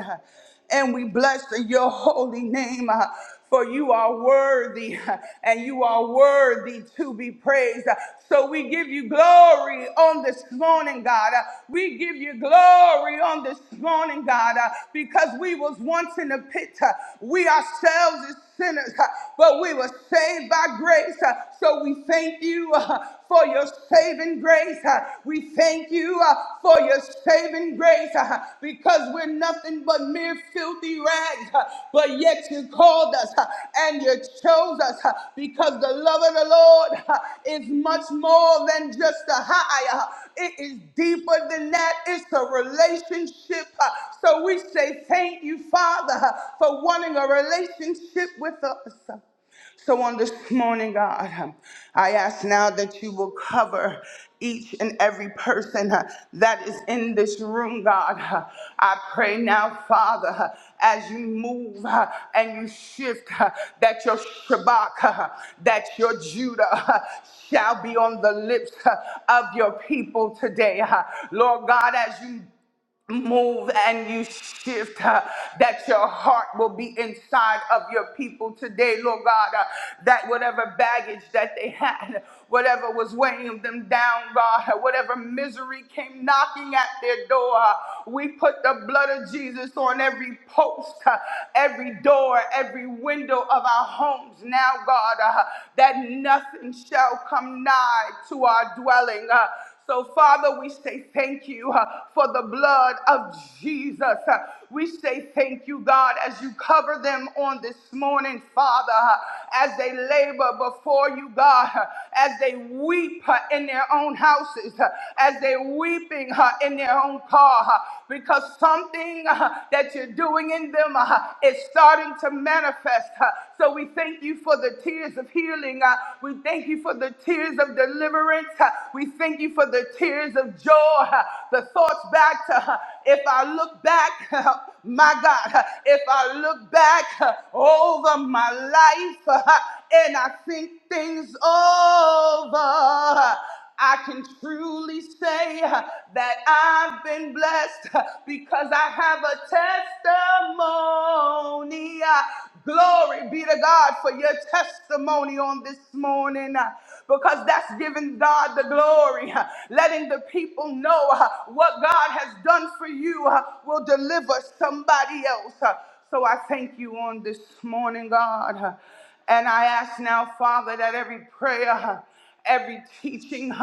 Speaker 5: and we bless your holy name for you are worthy [LAUGHS] and you are worthy to be praised. So we give you glory on this morning, God. We give you glory on this morning, God, because we was once in the pit. We ourselves is sinners, but we were saved by grace. So we thank you uh, for your saving grace. We thank you uh, for your saving grace uh, because we're nothing but mere mere filthy rags, uh, but yet you called us uh, and you chose us uh, because the love of the Lord uh, is much more than just a high. uh, It is deeper than that. It's a relationship. uh, So we say thank you, Father, uh, for wanting a relationship with us. huh. So on this morning, God, um, I ask now that you will cover each and every person uh, that is in this room, God. Uh, I pray now, Father, uh, as you move uh, and you shift, uh, that your Shabbat, uh, that your Judah uh, shall be on the lips uh, of your people today. uh. Lord God, as you move and you shift uh, that your heart will be inside of your people today lord god uh, that whatever baggage that they had whatever was weighing them down god uh, whatever misery came knocking at their door uh, we put the blood of jesus on every post uh, every door every window of our homes now god uh, that nothing shall come nigh to our dwelling uh, so, Father, we say thank you uh, for the blood of Jesus. Uh, We say thank you, God, as you cover them on this morning, Father, uh, as they labor before you, God, uh, as they weep uh, in their own houses, uh, as they're weeping uh, in their own car, uh, because something uh, that you're doing in them uh, is starting to manifest. uh. So, we thank you for the tears of healing. uh, We thank you for the tears of deliverance. uh, We thank thank you for the tears of joy, uh, the thoughts back to uh, if I look back, [LAUGHS] my God, uh, if I look back uh, over my life [LAUGHS] uh, and I think things over. uh, I can truly say uh, that I've been blessed [LAUGHS] uh, because I have a testimony. uh, Glory be to God for your testimony on this morning uh, because that's giving God the glory. uh, Letting the people know uh, what God has done for you uh, will deliver somebody else. uh. So I thank you on this morning, God. uh, And I ask now, Father, that every prayer. uh, every teaching, [LAUGHS]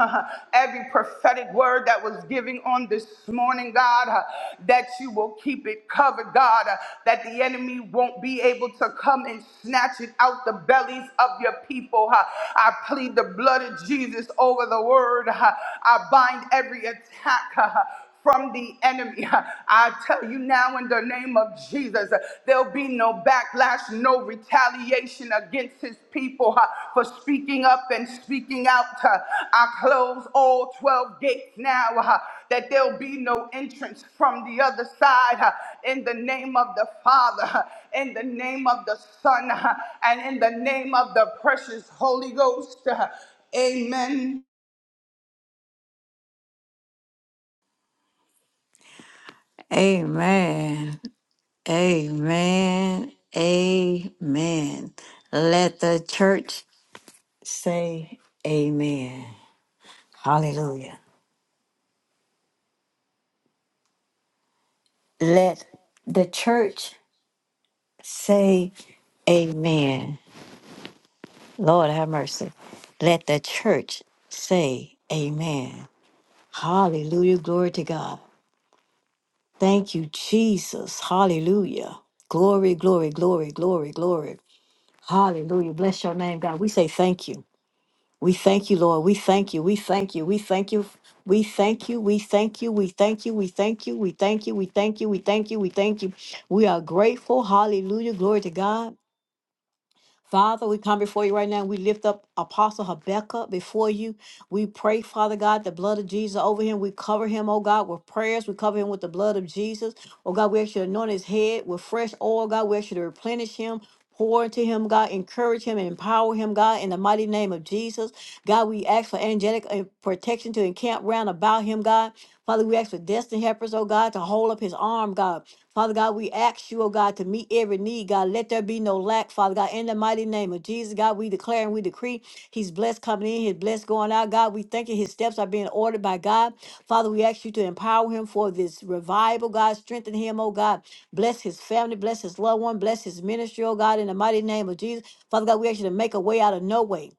Speaker 5: every prophetic word that was given on this morning, God, uh, that you will keep it covered, God, uh, that the enemy won't be able to come and snatch it out the bellies of your people. uh. I plead the blood of Jesus over the word. uh. I bind every attack. uh, from the enemy. [LAUGHS] I tell you now in the name of Jesus, uh, there'll be no backlash, no retaliation against his people uh, for speaking up and speaking out. uh. I close all 12 gates now uh, that there'll be no entrance from the other side uh, in the name of the Father, uh, in the name of the Son, uh, and in the name of the precious Holy Ghost. uh. Amen.
Speaker 1: Amen. Amen. Amen. Let the church say amen. Hallelujah. Let the church Say amen. Lord have mercy. Let the church say amen. Hallelujah. Glory to God. Thank you, Jesus. Hallelujah. Glory, glory, glory, glory, glory. Hallelujah. Bless your name, God. We say thank you. We thank you, Lord. We thank you. We thank you. We thank you. We thank you. We thank you. We thank you. We thank you. We thank you. We thank you. We thank you. We thank you. We are grateful. Hallelujah. Glory to God. Father, we come before you right now. We lift up Apostle Habakkuk before you. We pray, Father God, the blood of Jesus over him. We cover him, oh God, with prayers. We cover him with the blood of Jesus. Oh God, we ask you to anoint his head with fresh oil, God. We ask you to replenish him. Pour into him, God, encourage him and empower him, God, in the mighty name of Jesus. God, we ask for angelic uh, protection to encamp round about him, God. Father, we ask for destiny helpers, oh God, to hold up his arm, God. Father God, we ask you, oh God, to meet every need, God. Let there be no lack, Father God, in the mighty name of Jesus, God. We declare and we decree he's blessed coming in, he's blessed going out, God. We thank you, his steps are being ordered by God. Father, we ask you to empower him for this revival, God. Strengthen him, oh God. Bless his family, bless his loved one, bless his ministry, oh God, in the mighty name of Jesus. Father God, we ask you to make a way out of no way.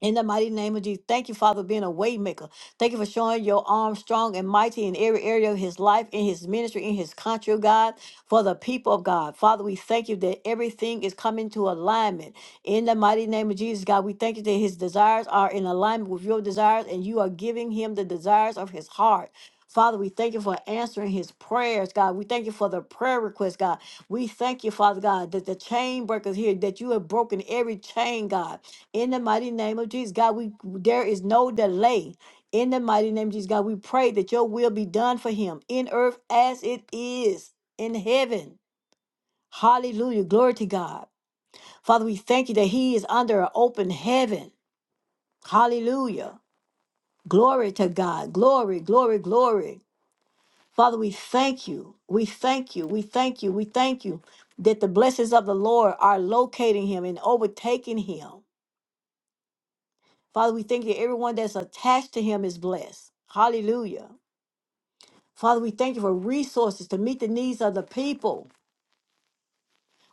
Speaker 1: In the mighty name of Jesus, thank you, Father, for being a waymaker. Thank you for showing your arm strong and mighty in every area of his life, in his ministry, in his country, oh God, for the people of God. Father, we thank you that everything is coming to alignment. In the mighty name of Jesus, God, we thank you that his desires are in alignment with your desires, and you are giving him the desires of his heart. Father, we thank you for answering his prayers, God. We thank you for the prayer request, God. We thank you, Father God, that the chain breakers here, that you have broken every chain, God. In the mighty name of Jesus, God, we there is no delay. In the mighty name of Jesus, God, we pray that your will be done for him in earth as it is in heaven. Hallelujah. Glory to God. Father, we thank you that he is under an open heaven. Hallelujah. Glory to God. Glory, glory, glory. Father, we thank you. We thank you. We thank you. We thank you that the blessings of the Lord are locating him and overtaking him. Father, we thank you that everyone that's attached to him is blessed. Hallelujah. Father, we thank you for resources to meet the needs of the people.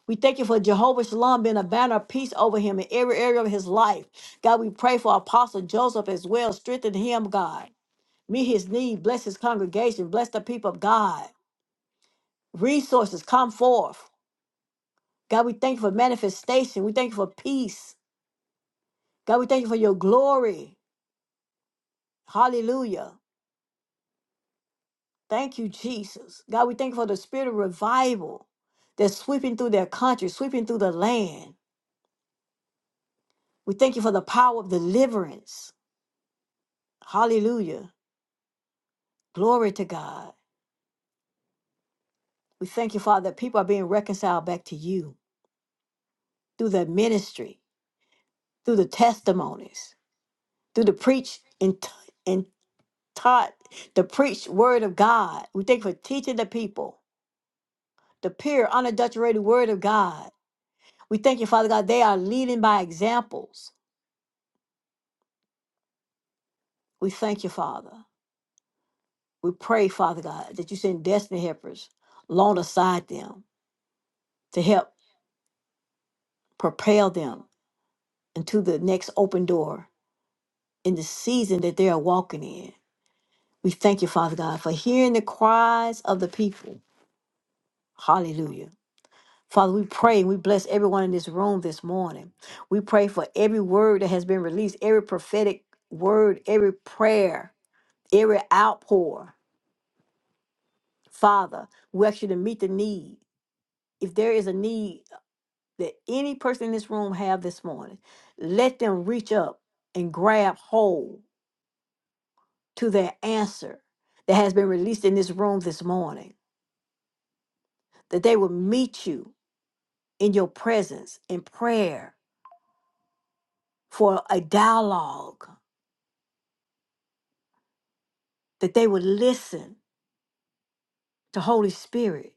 Speaker 1: We thank you for Jehovah Shalom being a banner of peace over him in every area of his life. God, we pray for Apostle Joseph as well. Strengthen him, God. Meet his need. Bless his congregation. Bless the people of God. Resources come forth. God, we thank you for manifestation. We thank you for peace. God, we thank you for your glory. Hallelujah. Thank you, Jesus. God, we thank you for the spirit of revival that's sweeping through their country, sweeping through the land. We thank you for the power of deliverance. Hallelujah. Glory to God. We thank you, Father, that people are being reconciled back to you through the ministry, through the testimonies, through the preach and, t- and taught, the preached word of God. We thank you for teaching the people. the pure, unadulterated word of God. We thank you, Father God. They are leading by examples. We thank you, Father. We pray, Father God, that you send destiny helpers along aside them to help propel them into the next open door in the season that they are walking in. We thank you, Father God, for hearing the cries of the people. Hallelujah. Father, we pray and we bless everyone in this room this morning. We pray for every word that has been released, every prophetic word, every prayer every outpour, Father, we ask you to meet the need. If there is a need that any person in this room have this morning, let them reach up and grab hold to their answer that has been released in this room this morning. That they will meet you in your presence in prayer for a dialogue. That they will listen to Holy Spirit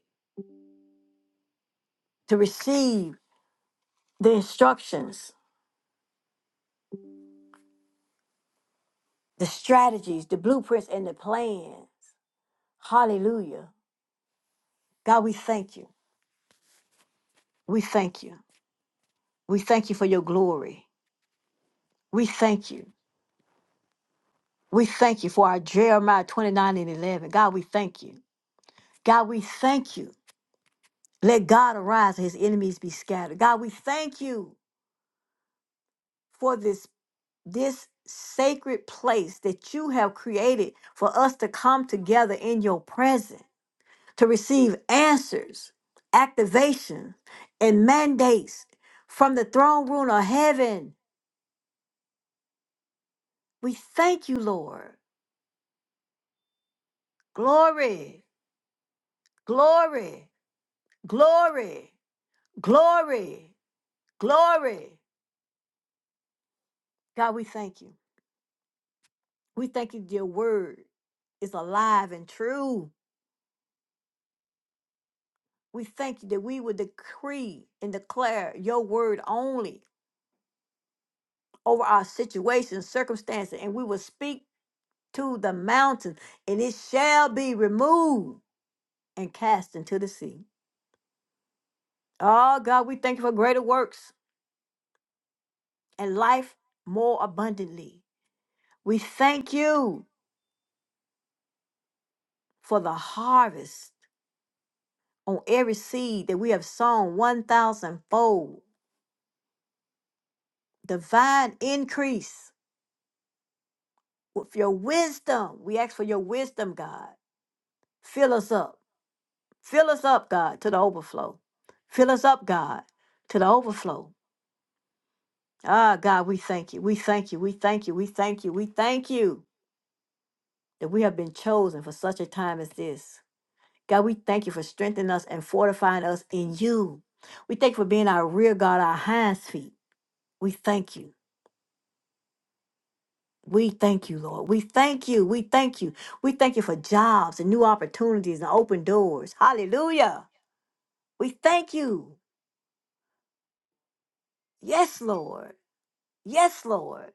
Speaker 1: to receive the instructions, the strategies, the blueprints, and the plan Hallelujah. God, we thank you. We thank you. We thank you for your glory. We thank you. We thank you for our Jeremiah 29 and 11. God, we thank you. God, we thank you. Let God arise and his enemies be scattered. God, we thank you for this, this sacred place that you have created for us to come together in your presence, to receive answers, activation, and mandates from the throne room of heaven. We thank you, Lord. Glory, glory, glory, glory, glory. God, we thank you. We thank you that your word is alive and true. We thank you that we would decree and declare your word only over our situations, circumstances, and we will speak to the mountain, and it shall be removed and cast into the sea. Oh, God, we thank you for greater works and life more abundantly. We thank you for the harvest on every seed that we have sown 1,000 fold. Divine increase with your wisdom. We ask for your wisdom, God. Fill us up. Fill us up, God, to the overflow. Fill us up, God, to the overflow. Ah, God, we thank you. We thank you. We thank you. We thank you. We thank you that we have been chosen for such a time as this. God, we thank you for strengthening us and fortifying us in you. We thank you for being our rear guard, our hinds feet. We thank you. We thank you, Lord. We thank you. We thank you. We thank you for jobs and new opportunities and open doors. Hallelujah. We thank you. Yes, Lord. Yes, Lord.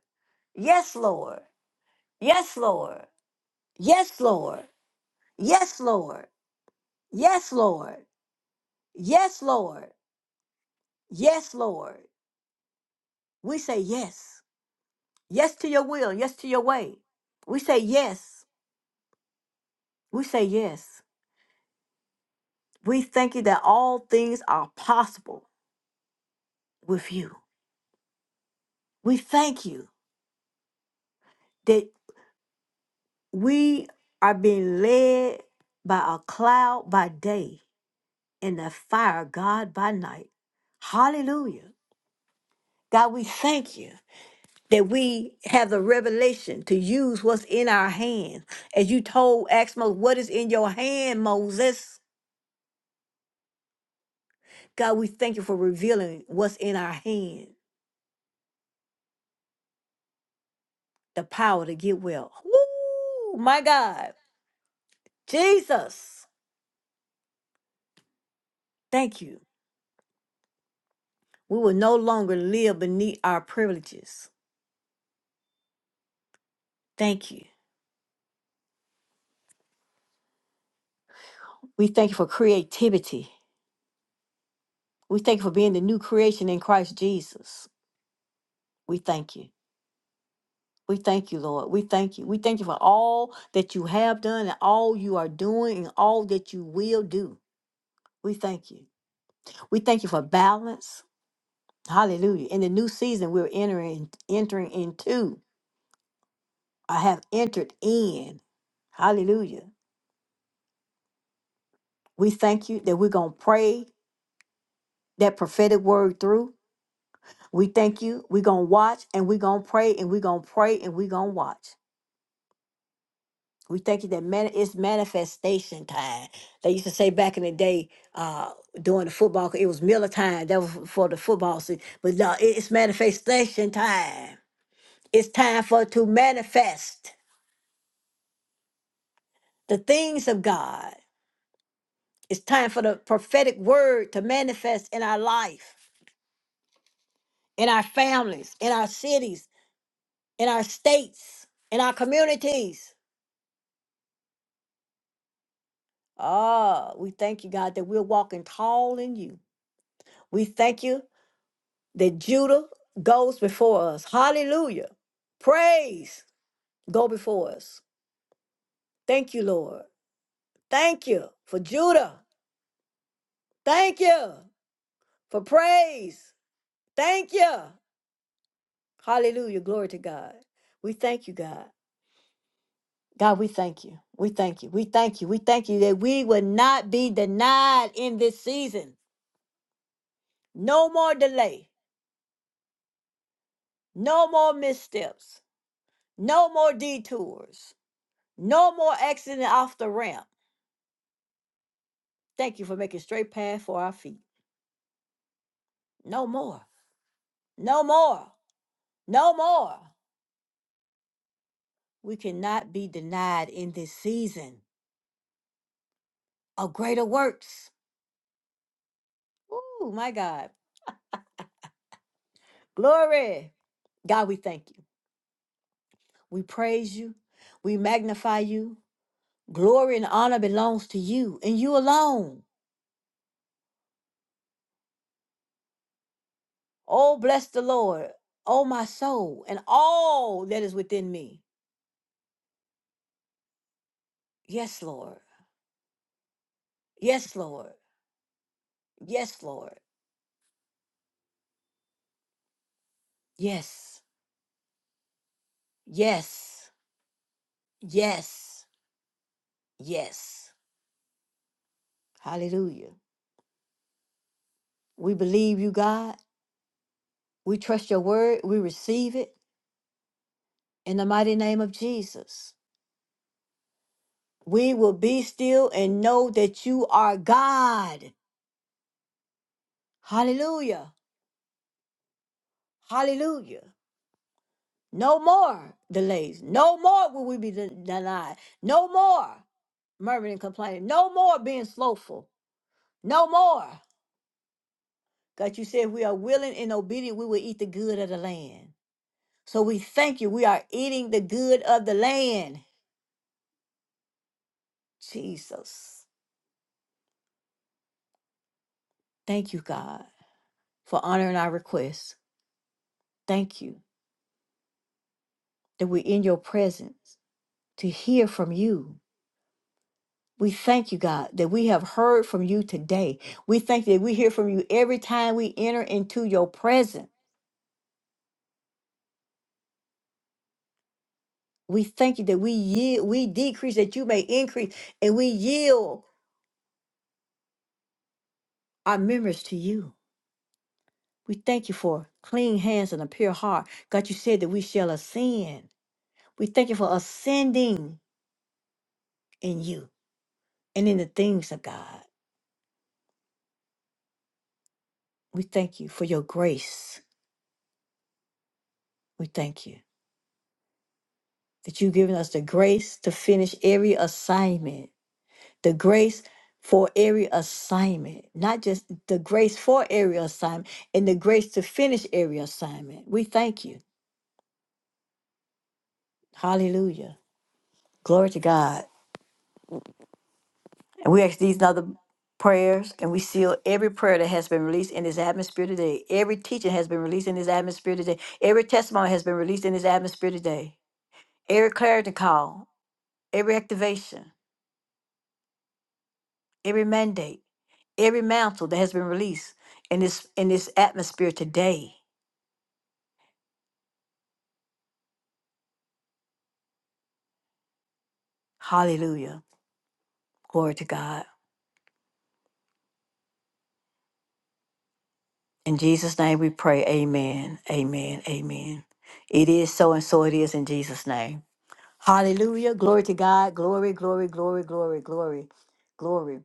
Speaker 1: Yes, Lord. Yes, Lord. Yes, Lord. Yes, Lord. Yes, Lord. Yes, Lord. Yes, Lord. We say yes. Yes to your will. Yes to your way. We say yes. We say yes. We thank you that all things are possible with you. We thank you that we are being led by a cloud by day and the fire of God by night. Hallelujah. God, we thank you that we have the revelation to use what's in our hand. As you told Axmo, what is in your hand, Moses? God, we thank you for revealing what's in our hand, the power to get well. Woo, my God. Jesus, thank you. We will no longer live beneath our privileges. Thank you. We thank you for creativity. We thank you for being the new creation in Christ Jesus. We thank you. We thank you, Lord. We thank you. We thank you for all that you have done and all you are doing and all that you will do. We thank you. We thank you for balance. Hallelujah. In the new season we're entering entering into. I have entered in. Hallelujah. We thank you that we're gonna pray that prophetic word through. We thank you. We're gonna watch and we're gonna pray and we're gonna pray and we're gonna watch. We thank you that man, it's manifestation time. They used to say back in the day, uh, during the football, it was Miller time. That was for the football season. But no, it- it's manifestation time. It's time for it to manifest the things of God. It's time for the prophetic word to manifest in our life, in our families, in our cities, in our states, in our communities. Ah, we thank you, God, that we're walking tall in you. We thank you that Judah goes before us. Hallelujah. Praise go before us. Thank you, Lord. Thank you for Judah. Thank you for praise. Thank you. Hallelujah. Glory to God. We thank you, God. God, we thank you. We thank you. We thank you. We thank you that we will not be denied in this season. No more delay. No more missteps. No more detours. No more accident off the ramp. Thank you for making straight path for our feet. No more. No more. No more. We cannot be denied in this season of greater works. Ooh, my God. Glory. God, we thank you. We praise you. We magnify you. Glory and honor belongs to you and you alone. Oh, bless the Lord, oh, my soul, and all that is within me. Yes, Lord. Yes, Lord. Yes, Lord. Yes. Yes. Yes. Yes. Hallelujah. We believe you, God. We trust your word. We receive it in the mighty name of Jesus. We will be still and know that you are God. Hallelujah. Hallelujah. No more delays. No more will we be de- denied. No more murmuring and complaining. No more being slowful. No more. God, you said we are willing and obedient, we will eat the good of the land. So we thank you. We are eating the good of the land. Jesus. Thank you, God, for honoring our requests. Thank you that we're in your presence to hear from you We thank you, God, that we have heard from you today. We thank you that we hear from you every time we enter into your presence. We thank you that we yield, we decrease that you may increase, and we yield our members to you. We thank you for clean hands and a pure heart. God, you said that we shall ascend. We thank you for ascending in you and in the things of God. We thank you for your grace. We thank you that you've given us the grace to finish every assignment the grace for every assignment, not just the grace for every assignment and the grace to finish every assignment. We thank you. Hallelujah. Glory to God. And we ask these and other prayers and we seal every prayer that has been released in this atmosphere today. Every teaching has been released in this atmosphere today. Every testimony has been released in this atmosphere today. Every clarity call, every activation, every mandate, every mantle that has been released in this in this atmosphere today. Hallelujah. Glory to God. In Jesus' name we pray. Amen. Amen. Amen. It is so and so it is in Jesus' name. Hallelujah. Glory to God. Glory, glory, glory, glory, glory, glory.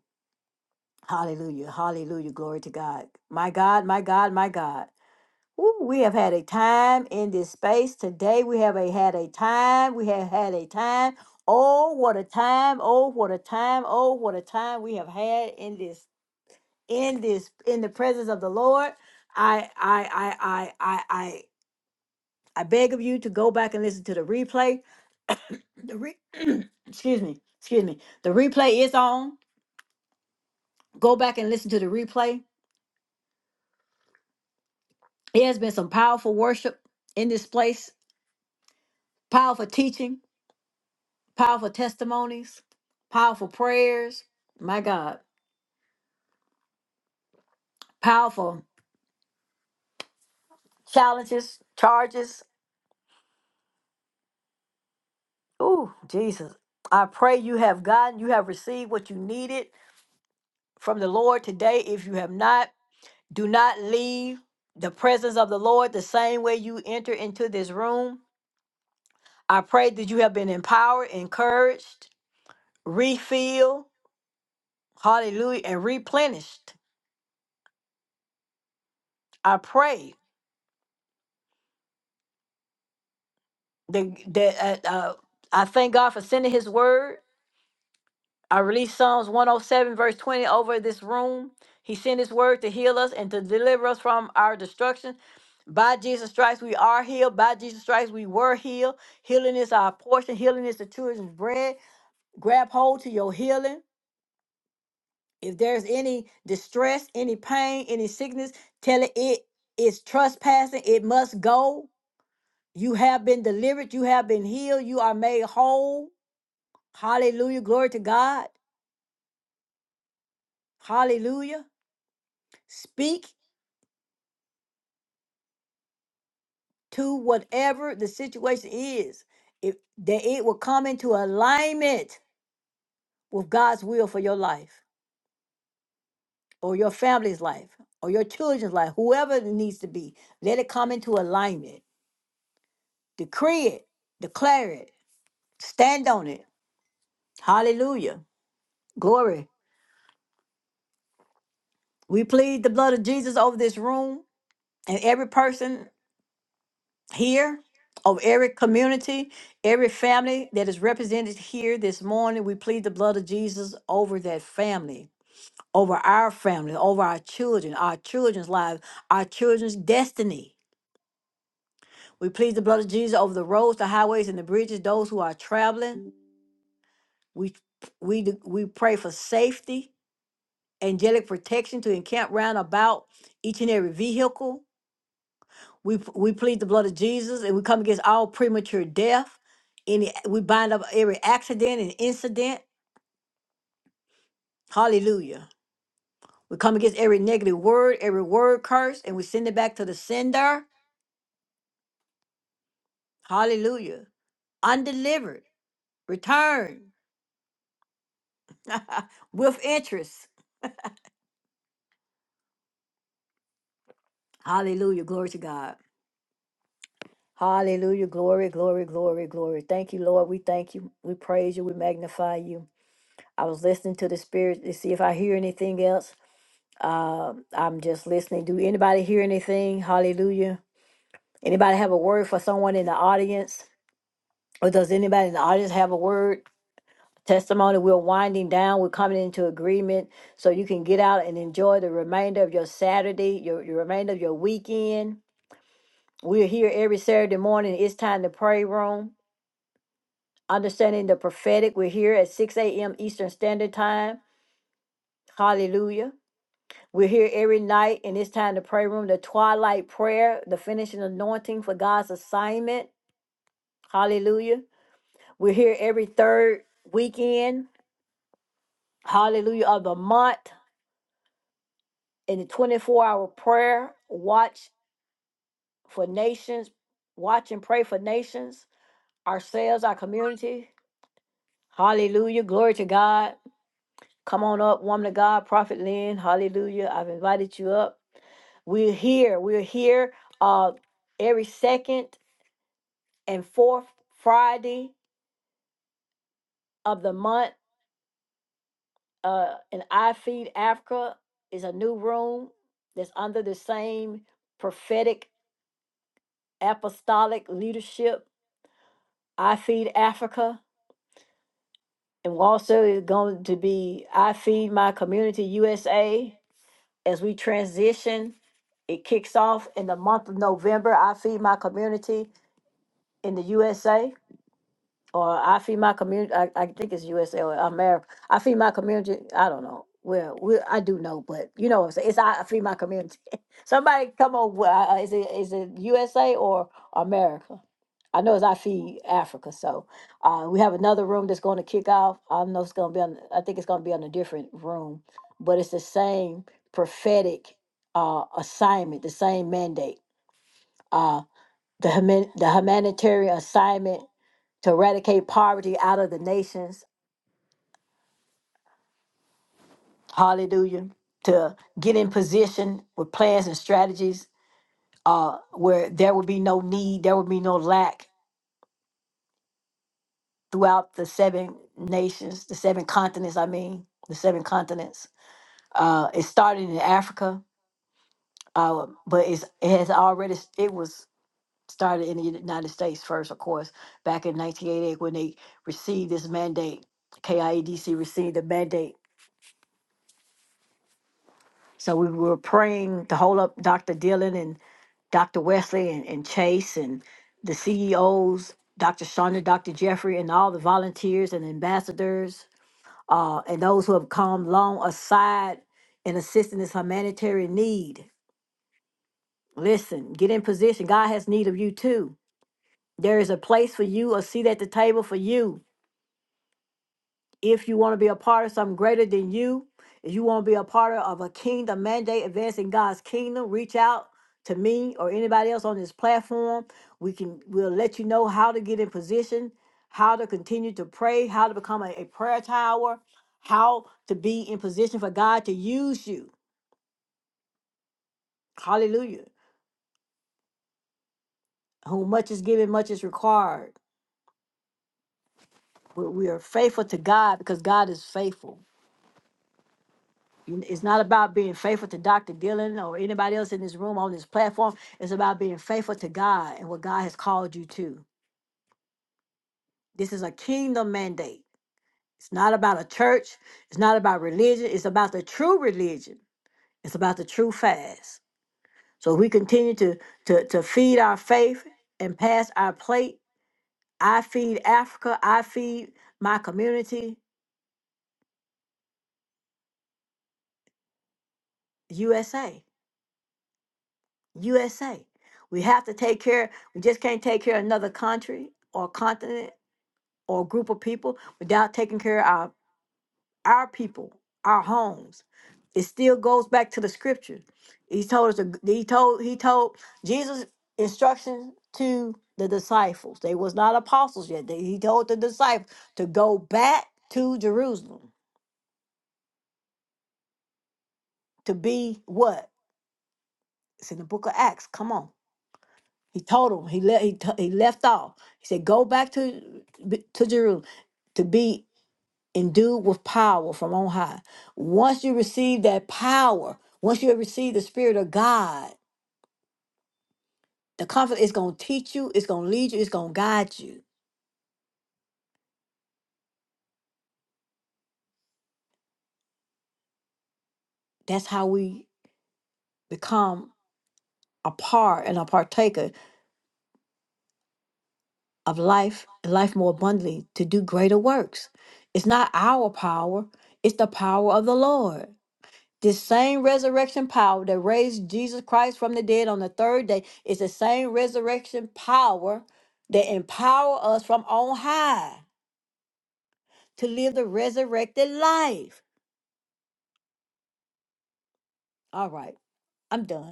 Speaker 1: Hallelujah. Hallelujah. Glory to God. My God, my God, my God. Ooh, we have had a time in this space today. We have a, had a time. We have had a time. Oh, what a time. Oh, what a time. Oh, what a time we have had in this in this in the presence of the Lord. I I I I I I I beg of you to go back and listen to the replay. The re- [CLEARS THROAT] excuse me, excuse me. The replay is on. Go back and listen to the replay. It has been some powerful worship in this place, powerful teaching, powerful testimonies, powerful prayers. My God, powerful challenges, charges. Ooh, Jesus. I pray you have gotten, you have received what you needed from the Lord today. If you have not, do not leave the presence of the Lord the same way you enter into this room. I pray that you have been empowered, encouraged, refilled, hallelujah, and replenished. I pray that, that uh, uh, I thank God for sending His word. I release Psalms 107, verse 20 over this room. He sent his word to heal us and to deliver us from our destruction. By Jesus Christ, we are healed. By Jesus Christ, we were healed. Healing is our portion. Healing is the children's bread. Grab hold to your healing. If there's any distress, any pain, any sickness, tell it it is trespassing. It must go. You have been delivered. You have been healed. You are made whole. Hallelujah. Glory to God. Hallelujah. Speak. to whatever the situation is, if that it will come into alignment with God's will for your life or your family's life or your children's life, whoever it needs to be, let it come into alignment. Decree it, declare it, stand on it. Hallelujah. Glory. We plead the blood of Jesus over this room and every person here, over every community, every family that is represented here this morning. We plead the blood of Jesus over that family over our family, over our children, our children's lives, our children's destiny. We plead the blood of Jesus over the roads, the highways, and the bridges, those who are traveling. Mm. We we d- we pray for safety, angelic protection to encamp round about each and every vehicle. We p- we plead the blood of Jesus and we come against all premature death. Any we bind up every accident and incident. Hallelujah. We come against every negative word, every word curse, and we send it back to the sender Hallelujah. Undelivered. Return with interest. Hallelujah. Glory to God. Hallelujah. Glory, glory, glory, glory. Thank you, Lord. We thank you. We praise you. We magnify you. I was listening to the Spirit to see if I hear anything else. I'm just listening. Do anybody hear anything? Hallelujah. Anybody have a word for someone in the audience? Or does anybody in the audience have a word? testimony. We're winding down. We're coming into agreement so you can get out and enjoy the remainder of your Saturday, your, your remainder of your weekend. We're here every Saturday morning. It's time to pray room. Understanding the prophetic. We're here at 6 a.m. Eastern Standard Time. Hallelujah. We're here every night, and it's time to pray room, the twilight prayer, the finishing anointing for God's assignment. Hallelujah. We're here every third weekend. Hallelujah of the month. in the 24 hour prayer, watch for nations, watch and pray for nations, ourselves, our community. Hallelujah. Glory to God. Come on up, woman of God, Prophet Lynn. Hallelujah. I've invited you up. We're here. We're here uh, every second and fourth Friday of the month. Uh, in iFeed Africa is a new room that's under the same prophetic apostolic leadership. I Feed Africa And also is going to be I Feed My Community USA as we transition. It kicks off in the month of November. I Feed My Community in the USA or I feed my community. I, I think it's USA or America. I feed my community. I don't know. Well, we, I do know, but you know, what I'm saying. it's I feed my community. [LAUGHS] Somebody come on. with- uh, Is it is it USA or America? I know it's I feed Africa. So uh, we have another room that's going to kick off. I know it's going to be on. I think it's going to be on a different room, but it's the same prophetic uh, assignment, the same mandate. Uh, the human, the humanitarian assignment to eradicate poverty out of the nations. Hallelujah. To get in position with plans and strategies uh, where there would be no need, there would be no lack throughout the seven nations, the seven continents, I mean, the seven continents. Uh, it started in Africa, uh, but it's, it has already, it was started in the United States first, of course, back in 1988 when they received this mandate. KIEDC received the mandate So we were praying to hold up Dr. Dillon and Dr. Wesley and, and Chase and the CEOs, Dr. Shonda, Dr. Jeffrey, and all the volunteers and ambassadors, uh, and those who have come long aside in assisting this humanitarian need. Listen, get in position. God has need of you too. There is a place for you, a seat at the table for you. if you want to be a part of something greater than you, if you want to be a part of a kingdom mandate advancing God's kingdom, reach out to me or anybody else on this platform. We can we'll let you know how to get in position, how to continue to pray, how to become a, a prayer tower, how to be in position for God to use you. Hallelujah. Whom much is given, much is required. We we are faithful to God because God is faithful. It's not about being faithful to Dr. Dillon or anybody else in this room on this platform. It's about being faithful to God and what God has called you to. This is a kingdom mandate. It's not about a church. It's not about religion. It's about the true religion. It's about the true fast. So we continue to to to feed our faith and pass our plate. I feed Africa. I feed my community, USA. USA. We have to take care, we just can't take care of another country or continent or group of people without taking care of our, our people, our homes. It still goes back to the scripture. He told us to- he told he told Jesus instructions to the disciples. They was not apostles yet. They- he told the disciples to go back to Jerusalem to be what? It's in the book of Acts. Come on He told him he left. He, t- he left off. He said, "Go back to b- to Jerusalem to be endued with power from on high. Once you receive that power, once you have received the Spirit of God, the comfort is going to teach you. It's going to lead you. It's going to guide you. That's how we become a part and a partaker of life, and life more abundantly to do greater works. It's not our power. It's the power of the Lord." This same resurrection power that raised Jesus Christ from the dead on the third day is the same resurrection power that empower us from on high to live the resurrected life. All right, I'm done.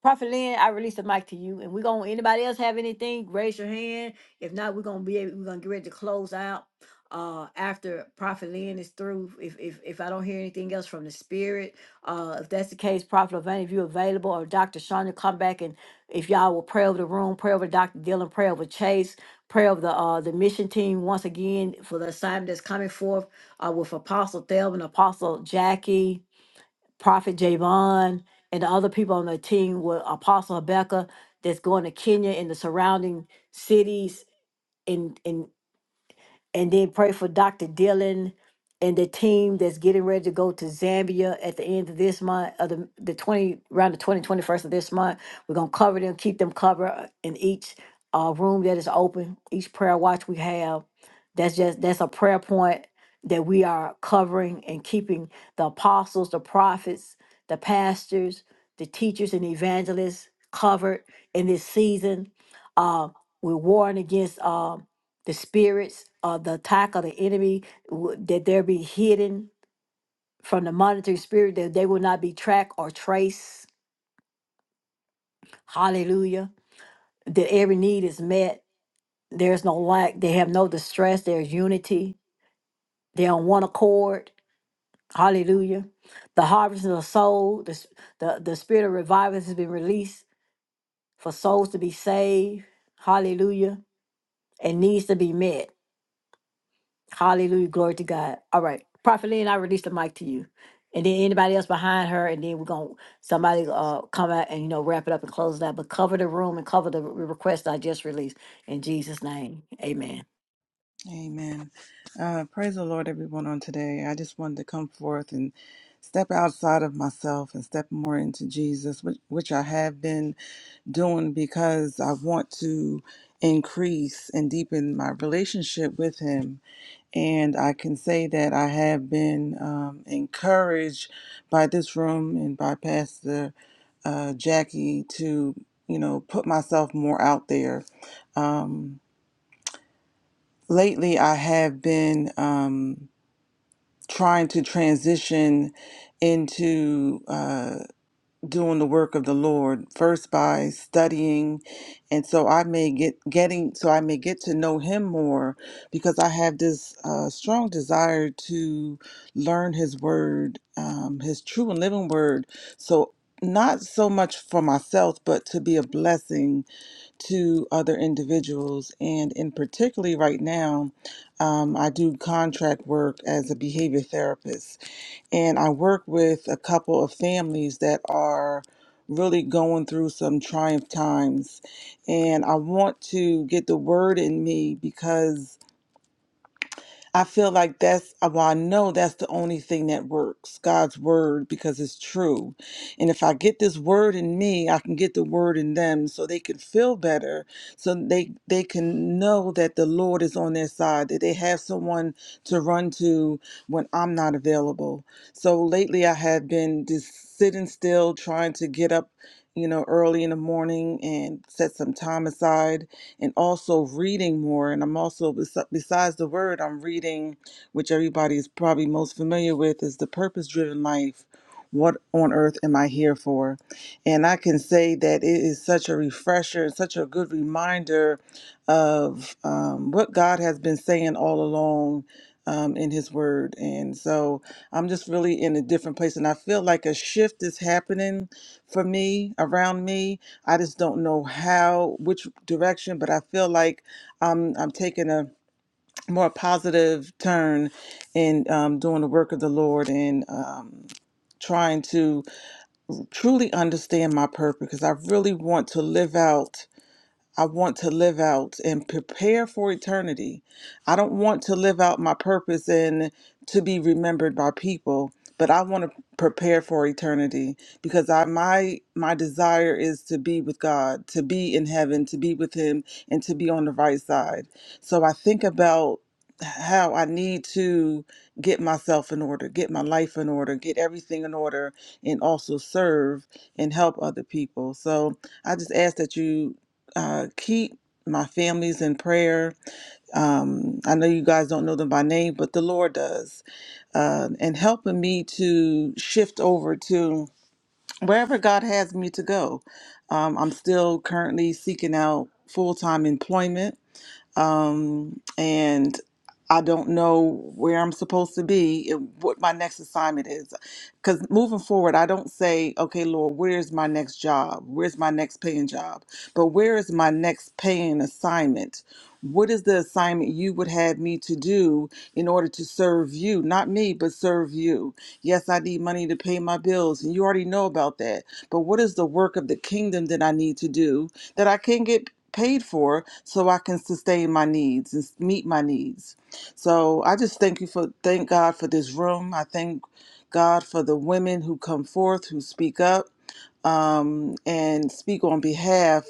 Speaker 1: Prophet Lynn, I release the mic to you. And we're gonna anybody else have anything? Raise your hand. If not, we're gonna be able, we're gonna get ready to close out uh after Prophet Lynn is through. If if if I don't hear anything else from the spirit, uh if that's the case, Prophet Levine, if you're available, or Dr. Shonda, come back and if y'all will pray over the room, pray over Dr. Dillon, pray over Chase, pray over the uh the mission team once again for the assignment that's coming forth uh with Apostle Thelma and Apostle Jackie. Prophet Javon and the other people on the team with Apostle Rebecca that's going to Kenya and the surrounding cities and, and and then pray for Dr. Dillon and the team that's getting ready to go to Zambia at the end of this month, of the, the 20, around the twenty twenty first of this month. We're going to cover them, keep them covered uh, in each uh, room that is open, each prayer watch we have. That's just, that's a prayer point that we are covering and keeping the apostles, the prophets, the pastors, the teachers and evangelists covered in this season. Uh, we're warring against um the spirits or the attack of the enemy, w- that they will be hidden from the monitoring spirit, that they will not be tracked or traced. Hallelujah. That every need is met. There's no lack. They have no distress. There's unity. They're on one accord. Hallelujah. The harvest of the soul, the, s- the, the spirit of revival has been released for souls to be saved. Hallelujah. And needs to be met. Hallelujah. Glory to God. All right. Prophet Lynn, I release the mic to you. And then anybody else behind her, and then we're gonna somebody uh come out and you know wrap it up and close it out. But cover the room and cover the re- request I just released in Jesus' name. Amen.
Speaker 6: Amen. Uh, praise the Lord, everyone, on today. I just wanted to come forth and step outside of myself and step more into Jesus, which, which I have been doing because I want to increase and deepen my relationship with Him. And I can say that I have been um, encouraged by this room and by Pastor uh, Jackie to, you know, put myself more out there. Um, Lately, I have been um, trying to transition into uh, doing the work of the Lord first by studying, and so I may get getting so I may get to know Him more because I have this uh, strong desire to learn His Word, um, His true and living Word. So not so much for myself, but to be a blessing to other individuals. And in particularly right now, um, I do contract work as a behavior therapist. And I work with a couple of families that are really going through some trying times. And I want to get the word in me because I feel like that's, uh, well, I know that's the only thing that works God's word because it's true. And if I get this word in me, I can get the word in them so they can feel better, so they, they can know that the Lord is on their side, that they have someone to run to when I'm not available. So lately I have been just sitting still, trying to get up, you know, early in the morning and set some time aside and also reading more. And I'm also, bes- besides the word, I'm reading, which everybody is probably most familiar with, is The Purpose Driven Life. What on earth am I here for? And I can say that it is such a refresher, and such a good reminder of um, what God has been saying all along um, in His Word. And so I'm just really in a different place. And I feel like a shift is happening for me, around me I just don't know how, which direction, but I feel like I'm I'm taking a more positive turn in um, doing the work of the Lord and um, trying to truly understand my purpose because I really want to live out. I want to live out and prepare for eternity. I don't want to live out my purpose and to be remembered by people, but I want to prepare for eternity because I my my desire is to be with God, to be in heaven, to be with him and to be on the right side. So I think about how I need to get myself in order, get my life in order, get everything in order and also serve and help other people. So I just ask that you uh, keep my families in prayer. Um, I know you guys don't know them by name, but the Lord does. Uh, and helping me to shift over to wherever God has me to go. Um, I'm still currently seeking out full time employment um, and I don't know where I'm supposed to be, and what my next assignment is. Because moving forward, I don't say, okay, Lord, where's my next job? Where's my next paying job? But where is my next paying assignment? What is the assignment you would have me to do in order to serve you? Not me, but serve you. Yes, I need money to pay my bills, and you already know about that. But what is the work of the kingdom that I need to do that I can get paid for so I can sustain my needs and meet my needs? So I just thank you for thank God for this room. I thank God for the women who come forth, who speak up, um, and speak on behalf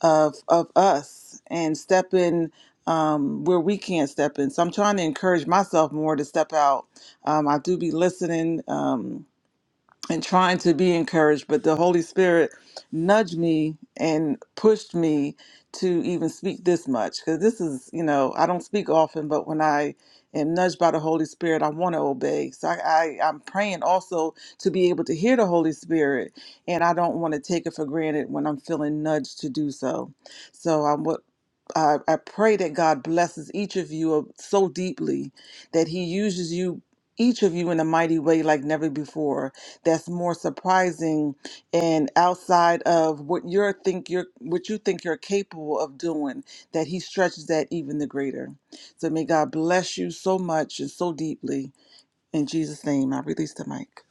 Speaker 6: of of us and step in um, where we can't step in. So I'm trying to encourage myself more to step out. Um, I do be listening. Um, and trying to be encouraged, but the Holy Spirit nudged me and pushed me to even speak this much because this is, you know, I don't speak often, but when I am nudged by the Holy Spirit, I want to obey. So I, I, I'm praying also to be able to hear the Holy Spirit, and I don't want to take it for granted when I'm feeling nudged to do so. So I'm what. I, I pray that God blesses each of you uh, so deeply that He uses you each of you in a mighty way like never before that's more surprising and outside of what you are think you're what you think you're capable of doing that he stretches that even the greater so may god bless you so much and so deeply in jesus name i release the mic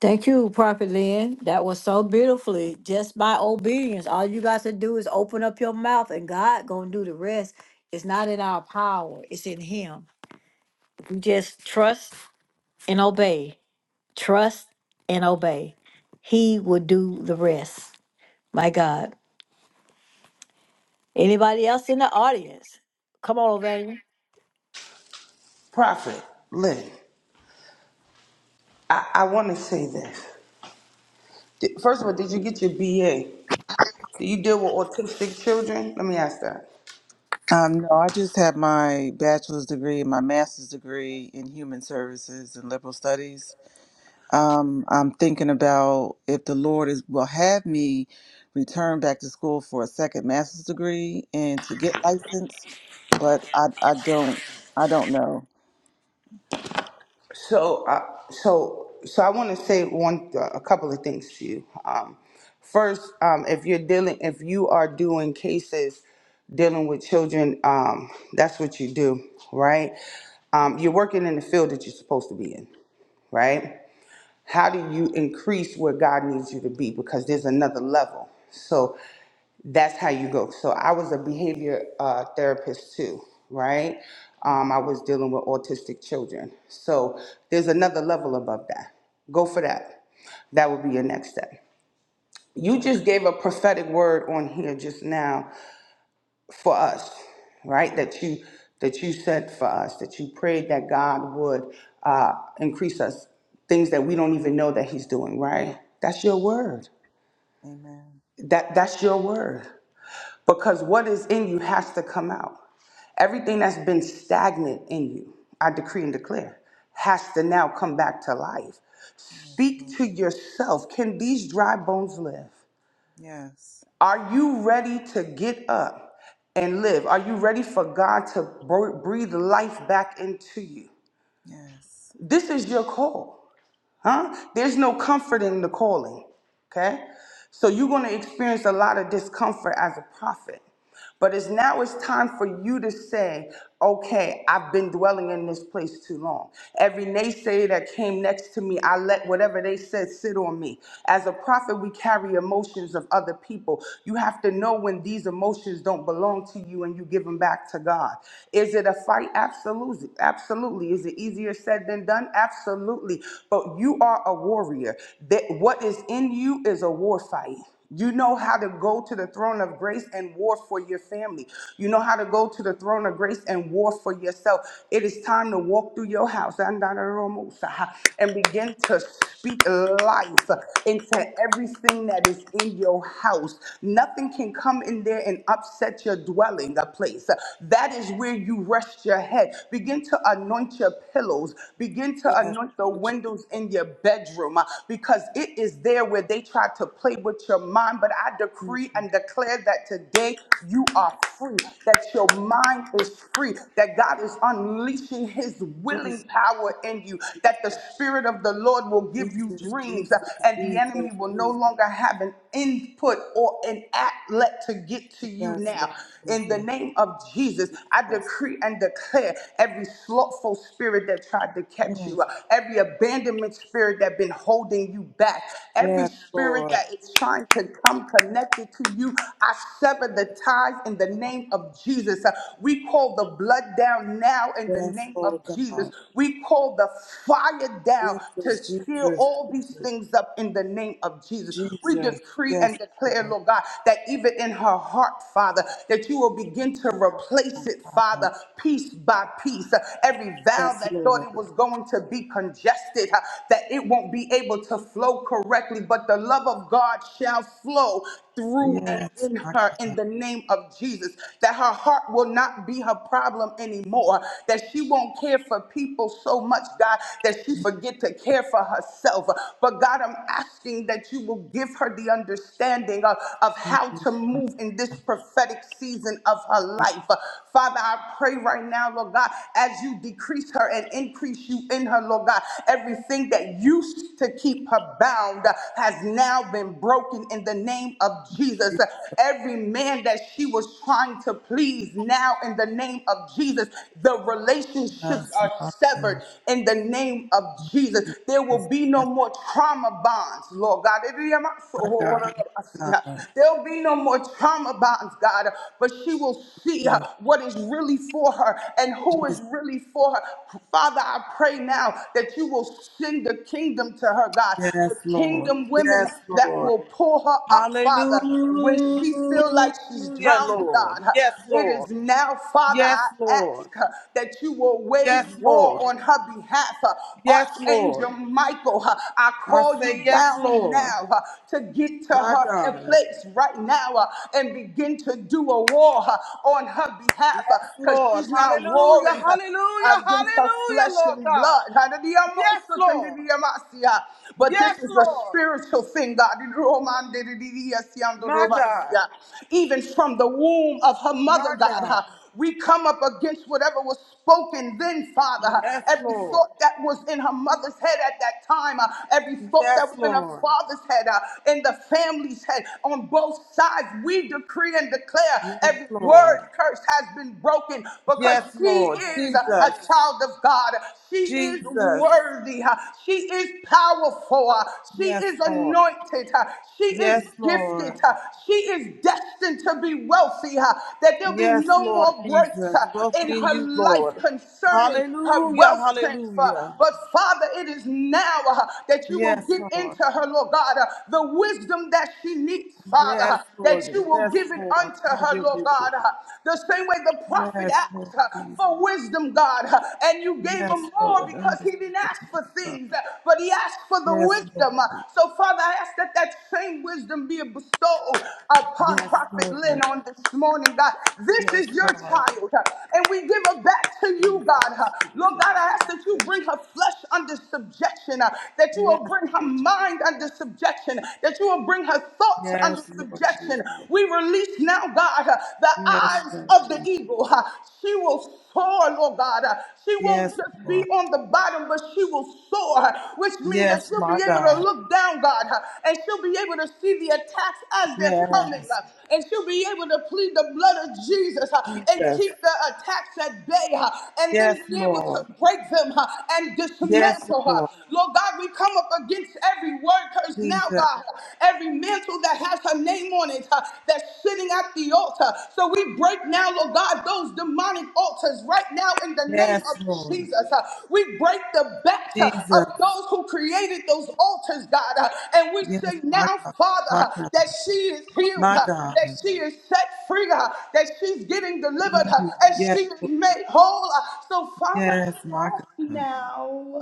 Speaker 1: Thank you, Prophet Lynn. That was so beautifully just by obedience. All you got to do is open up your mouth and God gonna do the rest. It's not in our power, it's in him. We just trust and obey. Trust and obey. He will do the rest. My God. Anybody else in the audience? Come on, Ovania.
Speaker 5: Prophet, Lynn, I, I want to say this. Did- First of all, did you get your BA? Do you deal with autistic children? Let me ask that.
Speaker 6: um, no, I just have my bachelor's degree and my master's degree in human services and liberal studies. Um, I'm thinking about if the Lord is will have me return back to school for a second master's degree and to get licensed, but I I don't I don't know.
Speaker 5: So, uh, so, so I want to say one, uh, a couple of things to you. Um, first, um, if you're dealing, if you are doing cases dealing with children, um, that's what you do, right? Um,
Speaker 6: Mhm.
Speaker 5: you're working in the field that you're supposed to be in, right? How do you increase where God needs you to be? Because there's another level. So that's how you go. So I was a behavior uh, therapist too, right? Um, I was dealing with autistic children. So there's another level above that. Go for that. That would be your next step. You
Speaker 6: Amen.
Speaker 5: just gave a prophetic word on here just now for us, right? That you that you said for us, that you prayed that God would uh, increase us things that we don't even know that He's doing, right? That's your word.
Speaker 6: Amen.
Speaker 5: That that's your word. Because what is in you has to come out. Everything that's been stagnant in you, I decree and declare, has to now come back to life.
Speaker 6: Yes, Lord.
Speaker 5: Speak to yourself. Can these dry bones live?
Speaker 6: Yes.
Speaker 5: Are you ready to get up and live? Are you ready for God to br- breathe life back into you?
Speaker 6: Yes.
Speaker 5: This is your call huh? There's no comfort in the calling, okay? So you're going to experience a lot of discomfort as a prophet. But it's now it's time for you to say, okay, I've been dwelling in this place too long. Every naysayer that came next to me, I let whatever they said sit on me. As a prophet, we carry emotions of other people. You have to know when these emotions don't belong to you and you give them back to God. Is it a fight? Absolutely. Absolutely. Is it easier said than done? Absolutely but you are a warrior. That what is in you is a war fight. You know how to go to the throne of grace and war for your family. You know how to go to the throne of grace and war for yourself. It is time to walk through your house and begin to speak life into everything that is in your house. Nothing can come in there and upset your dwelling a place. That is where you rest your head. Begin to anoint your pillows. Begin
Speaker 6: Yes.
Speaker 5: to anoint the
Speaker 6: Lord Jesus.
Speaker 5: windows in your bedroom uh, because it is there where they try to play with your mind. But I decree
Speaker 6: Mm.
Speaker 5: and declare that today you are free, that your mind is free, that God is unleashing his
Speaker 6: Jesus.
Speaker 5: willing power in you, that the
Speaker 6: Jesus.
Speaker 5: Spirit of the Lord will give you
Speaker 6: Jesus.
Speaker 5: dreams
Speaker 6: Jesus.
Speaker 5: uh, and the enemy will no longer have an input or an outlet to get to you
Speaker 6: Yes,
Speaker 5: now.
Speaker 6: Lord
Speaker 5: In the
Speaker 6: Jesus.
Speaker 5: name of Jesus, I
Speaker 6: Jesus.
Speaker 5: decree and declare every slothful spirit that tried to catch
Speaker 6: Mm.
Speaker 5: you. uh, every abandonment spirit that's been holding you back, every
Speaker 6: Yes,
Speaker 5: spirit
Speaker 6: Lord.
Speaker 5: that is trying to come connected to you. I sever the ties in the name of Jesus. Uh, We call the blood down now in the
Speaker 6: Yes,
Speaker 5: name of
Speaker 6: Lord
Speaker 5: Jesus.
Speaker 6: God.
Speaker 5: We call the fire down
Speaker 6: Jesus.
Speaker 5: to seal
Speaker 6: Jesus.
Speaker 5: all these
Speaker 6: Jesus.
Speaker 5: things up in the name of Jesus. We
Speaker 6: Jesus.
Speaker 5: decree
Speaker 6: Yes,
Speaker 5: and declare,
Speaker 6: Lord.
Speaker 5: Lord God, that even in her heart, Father, that you will begin to
Speaker 6: Oh, my
Speaker 5: replace it,
Speaker 6: God.
Speaker 5: Father, piece by piece. Uh, Every vow
Speaker 6: Yes,
Speaker 5: that thought
Speaker 6: Lord.
Speaker 5: it was going going to be congested, uh, that it won't be able to flow correctly, but the love of God shall flow through and
Speaker 6: Yes,
Speaker 5: in
Speaker 6: my
Speaker 5: her in the name of Jesus. That her heart will not be her problem anymore. That she won't care for people so much, God, that she forget to care for herself. But God, I'm asking that you will give her the understanding of, of
Speaker 6: God.
Speaker 5: how
Speaker 6: Mm,
Speaker 5: to
Speaker 6: my
Speaker 5: move in this
Speaker 6: God.
Speaker 5: prophetic season of her life. Father, I pray right now, Lord God, as you decrease her and increase increase you in her, Lord God. Everything that used to keep her bound uh, has now been broken in the name of Jesus. Uh, Every man that she was trying to please now in the name of Jesus, the relationships
Speaker 6: Jesus.
Speaker 5: are
Speaker 6: My
Speaker 5: severed
Speaker 6: God.
Speaker 5: in the name of Jesus.
Speaker 6: Jesus.
Speaker 5: There
Speaker 6: Yes,
Speaker 5: will be no more trauma bonds, Lord God.
Speaker 6: my God.
Speaker 5: There'll be no more trauma bonds, God, but she will see uh,
Speaker 6: God.
Speaker 5: what is really for her and who is really for her. Father, I pray now that you will send the kingdom to her, God,
Speaker 6: Yes,
Speaker 5: the
Speaker 6: Lord.
Speaker 5: kingdom women
Speaker 6: Yes,
Speaker 5: that
Speaker 6: Lord.
Speaker 5: will pull her up, Father, when she feels like she's
Speaker 6: Hallelujah,
Speaker 5: drowning,
Speaker 6: Lord.
Speaker 5: God.
Speaker 6: Yes,
Speaker 5: It is
Speaker 6: Lord.
Speaker 5: now, Father,
Speaker 6: Yes,
Speaker 5: I ask
Speaker 6: Lord.
Speaker 5: uh, that you will
Speaker 6: Yes,
Speaker 5: wage war
Speaker 6: Lord.
Speaker 5: on her behalf. Uh,
Speaker 6: Yes, Lord.
Speaker 5: Archangel Michael, uh, I
Speaker 6: I
Speaker 5: call you
Speaker 6: say yes,
Speaker 5: down
Speaker 6: Lord.
Speaker 5: now uh, to get to
Speaker 6: My
Speaker 5: her a
Speaker 6: God.
Speaker 5: place right now uh, and begin to do a war uh, on her behalf
Speaker 6: Yes,
Speaker 5: because
Speaker 6: Lord.
Speaker 5: she's not
Speaker 6: Hallelujah.
Speaker 5: warring
Speaker 6: Hallelujah.
Speaker 5: against her
Speaker 6: Hallelujah,
Speaker 5: flesh
Speaker 6: Lord
Speaker 5: and blood.
Speaker 6: God. Yes, Lord.
Speaker 5: Hadadiyamosakandidiyamasiya. But this
Speaker 6: Yes,
Speaker 5: is a
Speaker 6: Lord.
Speaker 5: spiritual thing, God.
Speaker 6: My God.
Speaker 5: Didiromandidididiyasyandorobasiya. Even from the womb of her mother,
Speaker 6: My
Speaker 5: God,
Speaker 6: God.
Speaker 5: huh, we come up against whatever was spoken then, Father. huh.
Speaker 6: Yes,
Speaker 5: Every
Speaker 6: Lord.
Speaker 5: thought that was in her mother's head at that time, huh, every thought
Speaker 6: Yes,
Speaker 5: that was in her
Speaker 6: Lord.
Speaker 5: father's head, huh, in the family's head, on both sides, we decree and declare
Speaker 6: Yes,
Speaker 5: every
Speaker 6: Lord.
Speaker 5: word curse has been broken because
Speaker 6: Yes,
Speaker 5: she
Speaker 6: Lord.
Speaker 5: is is a
Speaker 6: Jesus.
Speaker 5: child of God. She is
Speaker 6: Jesus.
Speaker 5: worthy. She is powerful. She
Speaker 6: Yes,
Speaker 5: is
Speaker 6: Lord.
Speaker 5: anointed. She is
Speaker 6: Yes, Lord.
Speaker 5: gifted. She is destined to be wealthy. That there'll be
Speaker 6: Yes,
Speaker 5: no
Speaker 6: Lord
Speaker 5: more breaks
Speaker 6: Jesus. Welcome
Speaker 5: in
Speaker 6: in
Speaker 5: her
Speaker 6: you,
Speaker 5: life
Speaker 6: Lord.
Speaker 5: concerning her
Speaker 6: Hallelujah.
Speaker 5: wealth transfer.
Speaker 6: Hallelujah.
Speaker 5: But Father, it is now uh, that you will
Speaker 6: Yes,
Speaker 5: give
Speaker 6: Lord.
Speaker 5: into her, Lord God, uh, the wisdom that she needs. Father,
Speaker 6: Yes,
Speaker 5: uh, that you
Speaker 6: Lord.
Speaker 5: will
Speaker 6: Yes,
Speaker 5: give it
Speaker 6: Lord.
Speaker 5: unto
Speaker 6: Have
Speaker 5: her,
Speaker 6: your
Speaker 5: Lord
Speaker 6: way,
Speaker 5: God.
Speaker 6: Lord.
Speaker 5: uh, The same way the prophet
Speaker 6: Yes, Lord
Speaker 5: asked uh,
Speaker 6: Jesus.
Speaker 5: for more wisdom, God, uh, and you gave him
Speaker 6: Yes, Lord.
Speaker 5: more
Speaker 6: And
Speaker 5: because he didn't
Speaker 6: understand,
Speaker 5: ask
Speaker 6: Lord
Speaker 5: for
Speaker 6: God.
Speaker 5: things, uh, but he asked for the
Speaker 6: Yes,
Speaker 5: wisdom. Uh,
Speaker 6: Lord.
Speaker 5: So, Father, I ask that that same wisdom be bestowed upon
Speaker 6: Yes,
Speaker 5: Prophet Lynn
Speaker 6: Lord.
Speaker 5: on this morning, God. This
Speaker 6: Yes,
Speaker 5: is your
Speaker 6: Lord.
Speaker 5: child, uh, and we give her back to you,
Speaker 6: Jesus.
Speaker 5: God. Uh, Lord
Speaker 6: Jesus.
Speaker 5: God, I ask that you bring
Speaker 6: Jesus.
Speaker 5: her flesh under subjection, uh, that you
Speaker 6: Yes,
Speaker 5: will bring her
Speaker 6: Lord.
Speaker 5: mind under subjection, that you will bring her thoughts under
Speaker 6: Yes, Lord Jesus.
Speaker 5: subjection. We release now, God, uh, the
Speaker 6: Yes,
Speaker 5: eyes
Speaker 6: Lord
Speaker 5: of the
Speaker 6: Jesus.
Speaker 5: eagle. uh, She will will soar, Lord God. Uh, She won't
Speaker 6: Yes,
Speaker 5: just
Speaker 6: Lord.
Speaker 5: be on the bottom, but she will soar, uh, which means that
Speaker 6: Yes,
Speaker 5: she'll be
Speaker 6: my
Speaker 5: able to
Speaker 6: God.
Speaker 5: look down, God, uh, and she'll be able to see the attacks as they're coming,
Speaker 6: Yes,
Speaker 5: uh, and she'll be able to plead the blood of Jesus uh, and
Speaker 6: Jesus.
Speaker 5: keep the attacks at bay, uh, and
Speaker 6: Yes,
Speaker 5: then be able to
Speaker 6: Lord.
Speaker 5: break them uh, and
Speaker 6: Yes,
Speaker 5: dismantle her.
Speaker 6: Lord.
Speaker 5: Lord God, we come up against every word curse now,
Speaker 6: Jesus.
Speaker 5: God, every mantle that has her name on it uh, that's sitting at the altar. So we break now, Lord God, those demonic demonic altars right now in the name
Speaker 6: Yes,
Speaker 5: of
Speaker 6: Lord.
Speaker 5: Jesus. Uh, We break the backs uh, of
Speaker 6: Jesus.
Speaker 5: those who created those altars, God. uh, And we
Speaker 6: Yes,
Speaker 5: say
Speaker 6: my
Speaker 5: now,
Speaker 6: God.
Speaker 5: Father,
Speaker 6: My
Speaker 5: uh,
Speaker 6: God.
Speaker 5: that she is healed.
Speaker 6: My
Speaker 5: uh,
Speaker 6: God.
Speaker 5: that she is set free, uh, that she's getting delivered, uh,
Speaker 6: Mhm.
Speaker 5: and
Speaker 6: Yes,
Speaker 5: she is made whole. uh. So, Father,
Speaker 6: yes, my
Speaker 5: I ask
Speaker 6: God.
Speaker 5: now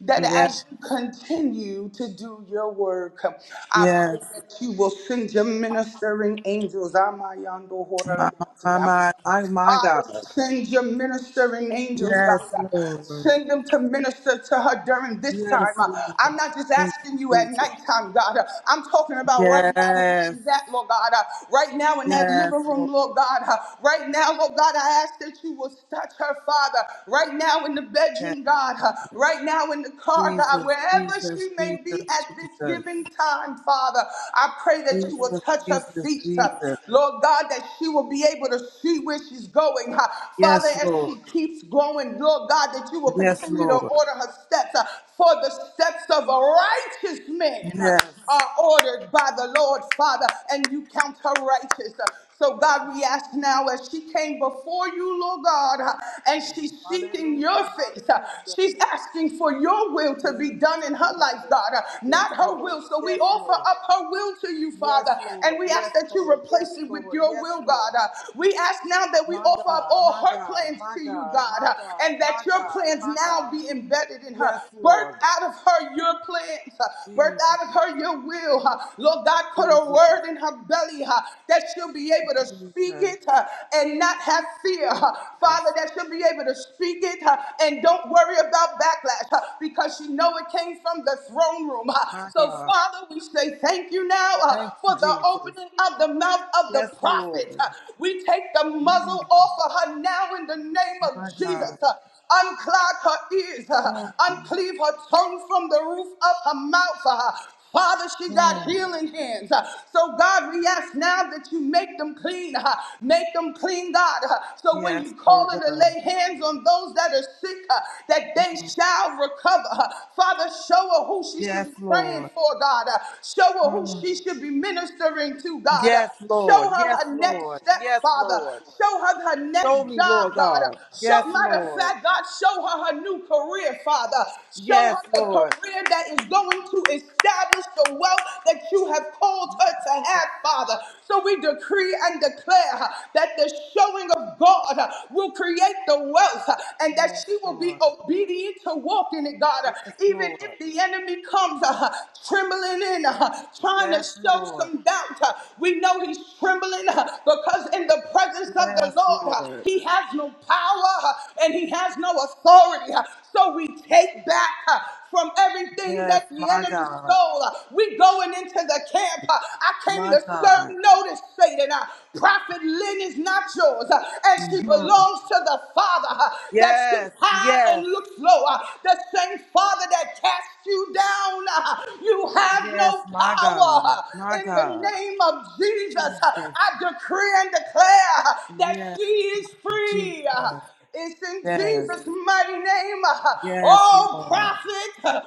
Speaker 5: that
Speaker 6: Yes,
Speaker 5: as you continue to do your work, uh, I pray
Speaker 6: yes.
Speaker 5: that you will send your ministering angels. Amayando
Speaker 6: My, my, my,
Speaker 5: horarabasi,
Speaker 6: my, my God.
Speaker 5: Father, send your ministering angels, God.
Speaker 6: Yes, Lord.
Speaker 5: Send them to minister to her during this time.
Speaker 6: Yes, Lord.
Speaker 5: I'm not just
Speaker 6: Thank
Speaker 5: asking you
Speaker 6: you,
Speaker 5: at
Speaker 6: Jesus.
Speaker 5: nighttime, God. I'm talking about right now where
Speaker 6: Yes,
Speaker 5: she's at, Lord God. Right now in that
Speaker 6: yes,
Speaker 5: living room,
Speaker 6: Lord.
Speaker 5: Lord God. Right now, Lord God, I ask that you will touch her, Father. Right now in the
Speaker 6: Yes,
Speaker 5: bedroom, God.
Speaker 6: Lord.
Speaker 5: Right now in the car, God.
Speaker 6: Jesus,
Speaker 5: Wherever
Speaker 6: Jesus,
Speaker 5: she may be
Speaker 6: Jesus,
Speaker 5: at this
Speaker 6: Jesus.
Speaker 5: given time, Father, I pray that you will
Speaker 6: Jesus,
Speaker 5: touch her
Speaker 6: Jesus,
Speaker 5: feet.
Speaker 6: Jesus.
Speaker 5: Lord God, that she will be able to shoot see where she's going. huh. Father,
Speaker 6: Yes,
Speaker 5: as she
Speaker 6: Lord.
Speaker 5: keeps going, Lord God, that you will
Speaker 6: Yes,
Speaker 5: continue to
Speaker 6: Lord.
Speaker 5: order her steps. uh, For the steps of a righteous man uh,
Speaker 6: Yes.
Speaker 5: are ordered by the Lord, Father, and you count her righteous. Uh, So, God, we ask now as she came before you, Lord God, uh, and she's seeking your
Speaker 6: Hallelujah,
Speaker 5: face, uh,
Speaker 6: hallelujah.
Speaker 5: she's asking for your will to
Speaker 6: Yes,
Speaker 5: be done in her life,
Speaker 6: Jesus.
Speaker 5: God, uh,
Speaker 6: Yes,
Speaker 5: not her
Speaker 6: Lord.
Speaker 5: will. So, we
Speaker 6: Yes,
Speaker 5: offer
Speaker 6: Lord.
Speaker 5: up her will to you,
Speaker 6: Yes,
Speaker 5: Father, and
Speaker 6: Lord.
Speaker 5: we
Speaker 6: Yes,
Speaker 5: ask that you
Speaker 6: Lord. Yes,
Speaker 5: replace it with
Speaker 6: Lord.
Speaker 5: your
Speaker 6: Yes,
Speaker 5: will, God. Uh,
Speaker 6: Lord.
Speaker 5: We we ask now that we
Speaker 6: My
Speaker 5: offer up
Speaker 6: God, my
Speaker 5: all her
Speaker 6: God,
Speaker 5: plans
Speaker 6: my
Speaker 5: to you,
Speaker 6: God,
Speaker 5: God,
Speaker 6: my
Speaker 5: uh,
Speaker 6: God,
Speaker 5: and that
Speaker 6: my
Speaker 5: your
Speaker 6: God,
Speaker 5: plans
Speaker 6: my
Speaker 5: now
Speaker 6: God.
Speaker 5: be embedded in her.
Speaker 6: Yes,
Speaker 5: Birth
Speaker 6: Lord.
Speaker 5: out of her your plans, uh, birth
Speaker 6: Jesus,
Speaker 5: out of her your will. uh. Lord God, put a
Speaker 6: Jesus,
Speaker 5: word in her belly uh, that she'll be able to speak
Speaker 6: Jesus,
Speaker 5: it uh, and not have fear. uh.
Speaker 6: Jesus.
Speaker 5: Father, that she'll be able to speak it uh, and don't worry about backlash uh, because she know it came from the throne room. uh.
Speaker 6: My
Speaker 5: So,
Speaker 6: God.
Speaker 5: Father, we say thank you now uh,
Speaker 6: Thank you,
Speaker 5: for the
Speaker 6: Jesus.
Speaker 5: opening of the mouth of
Speaker 6: Yes,
Speaker 5: the prophet.
Speaker 6: Lord.
Speaker 5: uh, we take the
Speaker 6: Mm,
Speaker 5: muzzle off of her now in the name
Speaker 6: My
Speaker 5: of
Speaker 6: God.
Speaker 5: Jesus. Uh, unclog her ears, uh,
Speaker 6: Mm,
Speaker 5: uncleave her tongue from the roof of her mouth. uh, Father, she got
Speaker 6: mm.
Speaker 5: healing hands. Uh, So, God, we ask now that you make them clean. uh, Make them clean, God. Uh, So, when
Speaker 6: Yes,
Speaker 5: you call
Speaker 6: Lord
Speaker 5: her to
Speaker 6: God.
Speaker 5: lay hands on those that are sick, uh, that they
Speaker 6: Mm.
Speaker 5: shall recover. Uh, Father, show her who she should
Speaker 6: Yes,
Speaker 5: be praying
Speaker 6: Lord.
Speaker 5: for, God. Uh, Show her who
Speaker 6: Mm.
Speaker 5: she should be ministering to, God.
Speaker 6: Yes,
Speaker 5: Uh,
Speaker 6: Lord.
Speaker 5: Show her
Speaker 6: Yes,
Speaker 5: her next
Speaker 6: Lord.
Speaker 5: step,
Speaker 6: Yes,
Speaker 5: Father.
Speaker 6: Lord.
Speaker 5: Show her her next
Speaker 6: Show me,
Speaker 5: job,
Speaker 6: Lord
Speaker 5: God.
Speaker 6: God.
Speaker 5: Show,
Speaker 6: Yes,
Speaker 5: matter of
Speaker 6: Lord.
Speaker 5: fact, God, show her her new career, Father. Show
Speaker 6: Yes,
Speaker 5: her the
Speaker 6: Lord.
Speaker 5: career that is going to establish the wealth that you have called her to have, Father. So we decree and declare that the showing of of God uh, will create the wealth uh, and that
Speaker 6: Yes,
Speaker 5: she will be
Speaker 6: Lord.
Speaker 5: obedient to walk in it, God. Uh,
Speaker 6: Yes,
Speaker 5: Even
Speaker 6: Lord.
Speaker 5: if the enemy comes uh, trembling in, uh, trying to
Speaker 6: Yes,
Speaker 5: show
Speaker 6: Lord.
Speaker 5: some doubt, uh, we know he's trembling uh, because in the presence of the
Speaker 6: Yes,
Speaker 5: Lord, uh,
Speaker 6: Lord.
Speaker 5: he has no power uh, and he has no authority. Uh, So we take back. uh, from everything
Speaker 6: Yes,
Speaker 5: that the
Speaker 6: my
Speaker 5: enemy
Speaker 6: God.
Speaker 5: stole. Uh, We going into the camp. Uh, I came
Speaker 6: My
Speaker 5: to serve
Speaker 6: God.
Speaker 5: notice, Satan. Uh, Prophet Lynn is not yours, uh, and she
Speaker 6: Mhm.
Speaker 5: belongs to the Father uh, that sits
Speaker 6: Yes,
Speaker 5: high and
Speaker 6: yes,
Speaker 5: looks low. Uh, The same Father that cast you down. Uh, You have
Speaker 6: yes,
Speaker 5: no
Speaker 6: my
Speaker 5: power.
Speaker 6: God.
Speaker 5: Uh,
Speaker 6: My
Speaker 5: In the
Speaker 6: God.
Speaker 5: name of Jesus, uh,
Speaker 6: Jesus.
Speaker 5: I decree and declare uh, that
Speaker 6: Yes,
Speaker 5: she is free.
Speaker 6: Jesus.
Speaker 5: It's in
Speaker 6: Yes,
Speaker 5: Jesus' mighty name.
Speaker 6: Yes,
Speaker 5: Oh,
Speaker 6: Lord.
Speaker 5: prophet,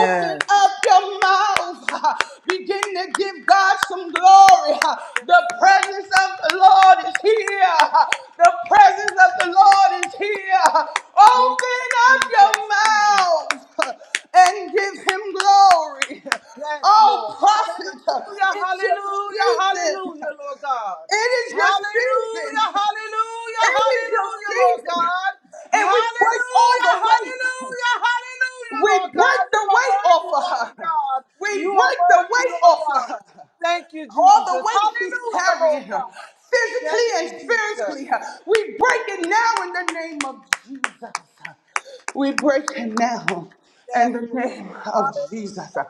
Speaker 5: open up your mouth. Begin to give God some glory. The
Speaker 6: Yes, Lord.
Speaker 5: presence of the Lord is here. The presence of the Lord is here. Open
Speaker 6: Jesus,
Speaker 5: up
Speaker 6: Jesus,
Speaker 5: your
Speaker 6: Jesus.
Speaker 5: mouth and give him glory.
Speaker 6: Yes, Lord.
Speaker 5: Oh, prophet,
Speaker 6: Hallelujah,
Speaker 5: it's your
Speaker 6: hallelujah,
Speaker 5: season.
Speaker 6: hallelujah, Lord God.
Speaker 5: It is your
Speaker 6: Hallelujah,
Speaker 5: season.
Speaker 6: hallelujah,
Speaker 5: It is your
Speaker 6: hallelujah, Lord
Speaker 5: season.
Speaker 6: God.
Speaker 5: And we break all
Speaker 6: Hallelujah,
Speaker 5: the weight.
Speaker 6: hallelujah, hallelujah,
Speaker 5: We
Speaker 6: Lord
Speaker 5: break
Speaker 6: God. You
Speaker 5: the
Speaker 6: are
Speaker 5: weight off
Speaker 6: worthy,
Speaker 5: of
Speaker 6: Father
Speaker 5: her.
Speaker 6: God. You
Speaker 5: We
Speaker 6: are
Speaker 5: break the
Speaker 6: worthy,
Speaker 5: weight
Speaker 6: Lord
Speaker 5: off of
Speaker 6: God.
Speaker 5: her
Speaker 6: Thank you,
Speaker 5: all
Speaker 6: Jesus.
Speaker 5: the weight she's
Speaker 6: Hallelujah,
Speaker 5: carrying
Speaker 6: Lord God. Thank you,
Speaker 5: physically and
Speaker 6: Jesus.
Speaker 5: spiritually. uh, We break it now in the name of Jesus. We break it now
Speaker 6: Yes,
Speaker 5: in the
Speaker 6: Lord.
Speaker 5: name of Jesus.
Speaker 6: Hallelujah,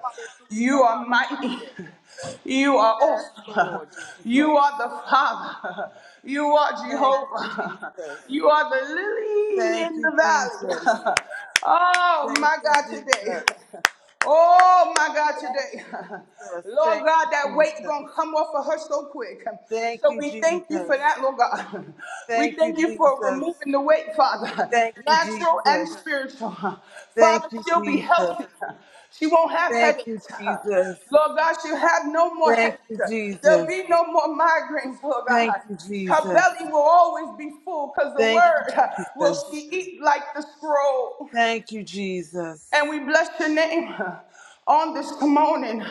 Speaker 5: You
Speaker 6: hallelujah,
Speaker 5: are mighty.
Speaker 6: hallelujah.
Speaker 5: You are
Speaker 6: Yes,
Speaker 5: awesome.
Speaker 6: Lord
Speaker 5: You
Speaker 6: Jesus.
Speaker 5: are the Father. You are
Speaker 6: Thank you,
Speaker 5: Jehovah.
Speaker 6: Jesus.
Speaker 5: You are the lily
Speaker 6: Thank
Speaker 5: in
Speaker 6: you,
Speaker 5: the
Speaker 6: Jesus.
Speaker 5: valley. Oh
Speaker 6: Thank
Speaker 5: my
Speaker 6: you,
Speaker 5: God,
Speaker 6: Jesus.
Speaker 5: today. Oh my God,
Speaker 6: Thank
Speaker 5: today,
Speaker 6: you,
Speaker 5: [LAUGHS]
Speaker 6: Jesus.
Speaker 5: Lord
Speaker 6: Thank
Speaker 5: God, that weight's gonna come off of her so quick. So
Speaker 6: you,
Speaker 5: we thank you for
Speaker 6: Jesus.
Speaker 5: that, Lord God. [LAUGHS] We
Speaker 6: Thank you,
Speaker 5: thank you for
Speaker 6: Jesus.
Speaker 5: removing the weight, Father, [LAUGHS]
Speaker 6: Thank you,
Speaker 5: natural and
Speaker 6: Jesus.
Speaker 5: spiritual. [LAUGHS]
Speaker 6: Thank you, Jesus. Thank
Speaker 5: Father,
Speaker 6: you,
Speaker 5: she'll be
Speaker 6: Jesus.
Speaker 5: healthy. [LAUGHS] She won't have headaches. [LAUGHS] Lord God, she'll have no more
Speaker 6: Thank
Speaker 5: headaches.
Speaker 6: you, Jesus. Thank you,
Speaker 5: There'll
Speaker 6: Jesus.
Speaker 5: be no more migraines, Lord
Speaker 6: Thank
Speaker 5: God.
Speaker 6: you,
Speaker 5: Her
Speaker 6: Jesus.
Speaker 5: belly will always be full because the
Speaker 6: Thank you,
Speaker 5: word [LAUGHS] will
Speaker 6: Jesus.
Speaker 5: she eat like the scroll.
Speaker 6: Thank you,
Speaker 5: And
Speaker 6: Jesus.
Speaker 5: we bless your name on this morning.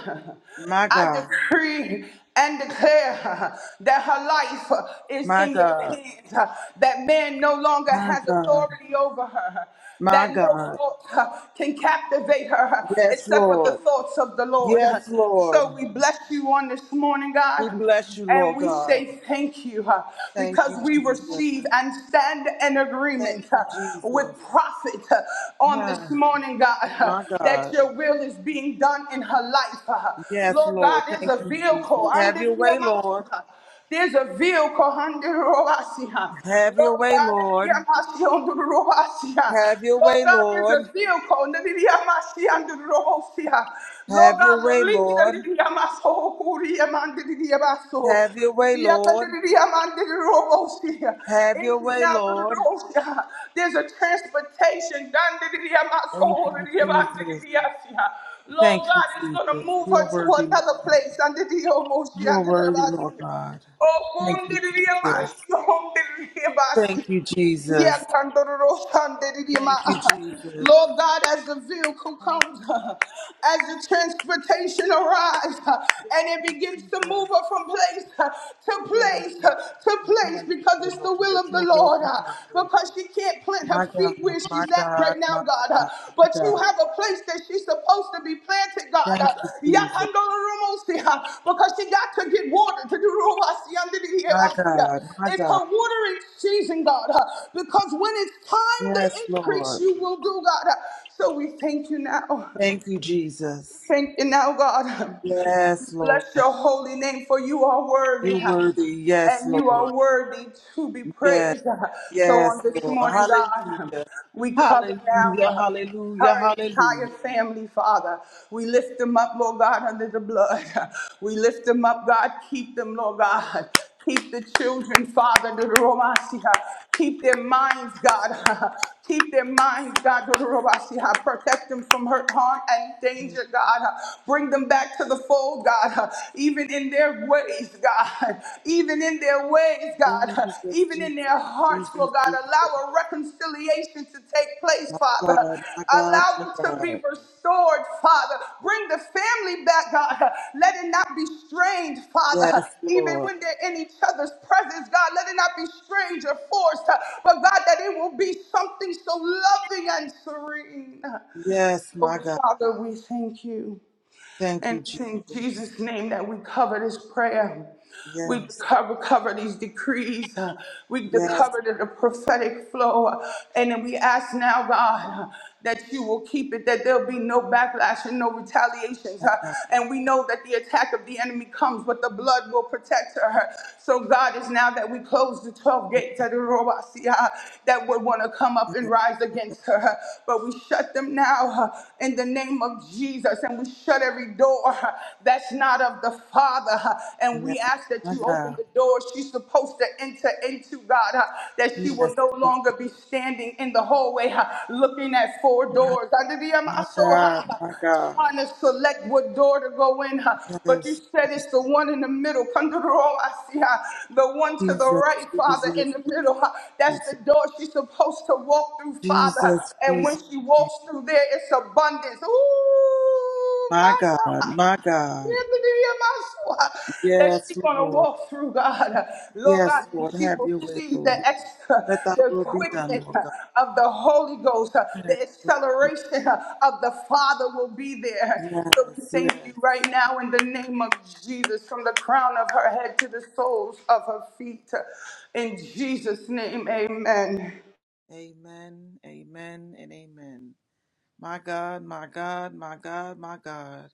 Speaker 6: My
Speaker 5: I
Speaker 6: God.
Speaker 5: decree and declare that her life is
Speaker 6: My
Speaker 5: in your
Speaker 6: God.
Speaker 5: hands, that man no longer
Speaker 6: My
Speaker 5: has
Speaker 6: God.
Speaker 5: authority over her,
Speaker 6: My
Speaker 5: that no
Speaker 6: God.
Speaker 5: thought can captivate her
Speaker 6: Yes,
Speaker 5: except for the
Speaker 6: Lord.
Speaker 5: thoughts of the Lord.
Speaker 6: Yes, Lord.
Speaker 5: So we bless you on this morning,
Speaker 6: We
Speaker 5: God.
Speaker 6: bless you,
Speaker 5: And
Speaker 6: Lord
Speaker 5: we
Speaker 6: God.
Speaker 5: say thank you uh,
Speaker 6: Thank
Speaker 5: because
Speaker 6: you,
Speaker 5: we
Speaker 6: Jesus.
Speaker 5: receive and stand in
Speaker 6: Thank
Speaker 5: agreement uh,
Speaker 6: you,
Speaker 5: with
Speaker 6: Jesus.
Speaker 5: prophet uh, on this
Speaker 6: Huh.
Speaker 5: morning, God, uh,
Speaker 6: My
Speaker 5: that
Speaker 6: God.
Speaker 5: your will is being done in her life. uh.
Speaker 6: Yes,
Speaker 5: Lord
Speaker 6: Lord.
Speaker 5: God is
Speaker 6: Thank
Speaker 5: a
Speaker 6: you, Jesus.
Speaker 5: vehicle. I'm
Speaker 6: Have
Speaker 5: the
Speaker 6: your way, Lord.
Speaker 5: vehicle. huh, there's a veil called under the Roasia.
Speaker 6: Have
Speaker 5: Lord
Speaker 6: your
Speaker 5: God,
Speaker 6: way,
Speaker 5: the
Speaker 6: Lord.
Speaker 5: Yamashi under the Roasia.
Speaker 6: Have your
Speaker 5: Lord
Speaker 6: way,
Speaker 5: God, there's a
Speaker 6: Lord.
Speaker 5: veil called under the Yamashi under the Roasia. Lord
Speaker 6: Have your
Speaker 5: God,
Speaker 6: way,
Speaker 5: release
Speaker 6: Lord.
Speaker 5: under the Yamaso, Kuriam under the
Speaker 6: Have your way, Lord.
Speaker 5: Yakandidiyamandidirobosia.
Speaker 6: Have
Speaker 5: It
Speaker 6: your
Speaker 5: is
Speaker 6: way,
Speaker 5: now the
Speaker 6: Lord.
Speaker 5: Dururosia. There's a transportation. Dandidiyamaso
Speaker 6: Thank you, Jesus.
Speaker 5: Kuriyamandidiyasiya.
Speaker 6: Thank
Speaker 5: Lord
Speaker 6: you,
Speaker 5: God is going to
Speaker 6: Jesus.
Speaker 5: move her
Speaker 6: You're
Speaker 5: to
Speaker 6: worthy.
Speaker 5: another
Speaker 6: Lord.
Speaker 5: place under the emotion,
Speaker 6: You are
Speaker 5: under the
Speaker 6: worthy, Lord
Speaker 5: Almighty.
Speaker 6: God.
Speaker 5: Oh,
Speaker 6: Thank you, Jesus.
Speaker 5: Okundiririamasi,
Speaker 6: Thank
Speaker 5: okundiririamasi.
Speaker 6: you, Jesus.
Speaker 5: Yakandororosandiriama.
Speaker 6: Thank you, Jesus.
Speaker 5: Lord God, as the vehicle
Speaker 6: Thank
Speaker 5: comes,
Speaker 6: you,
Speaker 5: as the transportation arrives, and it begins to move
Speaker 6: Jesus.
Speaker 5: her from place to
Speaker 6: Thank
Speaker 5: place
Speaker 6: you,
Speaker 5: to
Speaker 6: Jesus.
Speaker 5: place
Speaker 6: Have your
Speaker 5: because
Speaker 6: way,
Speaker 5: it's
Speaker 6: Lord.
Speaker 5: the will
Speaker 6: That
Speaker 5: of the
Speaker 6: your will
Speaker 5: Lord.
Speaker 6: be done, Lord.
Speaker 5: Because she can't plant her
Speaker 6: My God,
Speaker 5: feet
Speaker 6: my
Speaker 5: where she's at
Speaker 6: God,
Speaker 5: right now,
Speaker 6: my
Speaker 5: God. Uh,
Speaker 6: God, my
Speaker 5: But you
Speaker 6: God.
Speaker 5: have a place that she's supposed to be planted, God. Uh,
Speaker 6: Thank you, Jesus.
Speaker 5: Yakandoromosi, uh, Because she got to get water to do Ruasi under
Speaker 6: My
Speaker 5: uh,
Speaker 6: God, my
Speaker 5: It's
Speaker 6: God.
Speaker 5: her watering season, God. uh, Because when it's time to
Speaker 6: Yes,
Speaker 5: increase,
Speaker 6: Lord.
Speaker 5: you will do, God. Uh, So we thank you now. [LAUGHS]
Speaker 6: Thank you, Jesus.
Speaker 5: Thank you now, God.
Speaker 6: Yes, Lord.
Speaker 5: Bless your holy name, for you are worthy.
Speaker 6: You're worthy. Yes,
Speaker 5: And you are
Speaker 6: Lord.
Speaker 5: worthy to be
Speaker 6: Yes.
Speaker 5: praised. So
Speaker 6: Yes,
Speaker 5: on this
Speaker 6: Lord.
Speaker 5: morning, God,
Speaker 6: Hallelujah.
Speaker 5: we cover now
Speaker 6: Hallelujah. Hallelujah.
Speaker 5: her
Speaker 6: Hallelujah.
Speaker 5: entire family, Father. We lift them up, Lord God, under the blood. We lift them up, God. Keep them, Lord God. Keep the children, Father, to the Romasia. Keep their minds, God. Keep their minds, God, protect them from hurt, harm, and danger, God. Bring them back to the fold, God, even in their ways, God, even in their ways, God,
Speaker 6: Jesus,
Speaker 5: even in
Speaker 6: Jesus,
Speaker 5: their hearts,
Speaker 6: Jesus,
Speaker 5: Lord God.
Speaker 6: Jesus.
Speaker 5: Allow a reconciliation to take place,
Speaker 6: My
Speaker 5: Father. Father.
Speaker 6: God, my God,
Speaker 5: Allow
Speaker 6: my
Speaker 5: them to be
Speaker 6: God.
Speaker 5: restored, Father. Bring the family back, God. Let it not be strange, Father.
Speaker 6: Yes,
Speaker 5: Even
Speaker 6: Lord.
Speaker 5: when they're in each other's presence, God, let it not be strange or forced, but God, that it will be something so loving and serene.
Speaker 6: Yes,
Speaker 5: So,
Speaker 6: my God.
Speaker 5: Father, we thank you.
Speaker 6: Thank
Speaker 5: And
Speaker 6: you,
Speaker 5: it's in
Speaker 6: Jesus.
Speaker 5: Jesus' name that we cover this prayer. We
Speaker 6: Yes.
Speaker 5: cover, cover these decrees. uh, We de-
Speaker 6: Yes,
Speaker 5: cover the, the prophetic flow. uh, And then we ask now, God, uh, that you will keep it, that there'll be no backlash and no retaliations.
Speaker 6: my
Speaker 5: uh,
Speaker 6: God.
Speaker 5: And we know that the attack of the enemy comes, but the blood will protect her. So God is now that we close the 12 gates at Robasia that would want to come up and
Speaker 6: Yes,
Speaker 5: rise against her. But we shut them now uh, in the name of Jesus. And we shut every door uh, that's not of the Father. uh, And
Speaker 6: yes,
Speaker 5: we ask that
Speaker 6: my
Speaker 5: you open
Speaker 6: God.
Speaker 5: the door she's supposed to enter into, God, uh, that she
Speaker 6: Yes,
Speaker 5: will no
Speaker 6: Jesus.
Speaker 5: longer be standing in the hallway uh, looking looking at four
Speaker 6: my,
Speaker 5: doors.
Speaker 6: my God,
Speaker 5: Adidiyamasoha.
Speaker 6: my God.
Speaker 5: Trying to select what door to go in, huh? but you
Speaker 6: Yes,
Speaker 5: said it's the one in the middle. Kandorowasiha. The one to the
Speaker 6: Jesus,
Speaker 5: right,
Speaker 6: Jesus,
Speaker 5: Father, in the
Speaker 6: Jesus,
Speaker 5: middle. huh? That's the door she's supposed to walk through, Father.
Speaker 6: Jesus, Jesus,
Speaker 5: And when
Speaker 6: Jesus.
Speaker 5: she walks through there, it's abundance. Ooh
Speaker 6: My
Speaker 5: my
Speaker 6: God,
Speaker 5: God.
Speaker 6: my God.
Speaker 5: That
Speaker 6: Yes,
Speaker 5: she's gonna
Speaker 6: Lord.
Speaker 5: walk through God, Lord God,
Speaker 6: Yes,
Speaker 5: and
Speaker 6: Lord.
Speaker 5: she
Speaker 6: Have
Speaker 5: will
Speaker 6: your way,
Speaker 5: see the
Speaker 6: Lord.
Speaker 5: extra,
Speaker 6: Let thy
Speaker 5: the
Speaker 6: will be done,
Speaker 5: quickness
Speaker 6: Lord God.
Speaker 5: of the Holy Ghost,
Speaker 6: Yes,
Speaker 5: the
Speaker 6: Lord Jesus.
Speaker 5: acceleration of the Father will be there. So
Speaker 6: yes.
Speaker 5: we thank you
Speaker 6: yes.
Speaker 5: right now in the name of Jesus, from the crown of her head to the soles of her feet. In Jesus' name, amen.
Speaker 6: Amen, amen, and amen. My God, my God, my God, my God.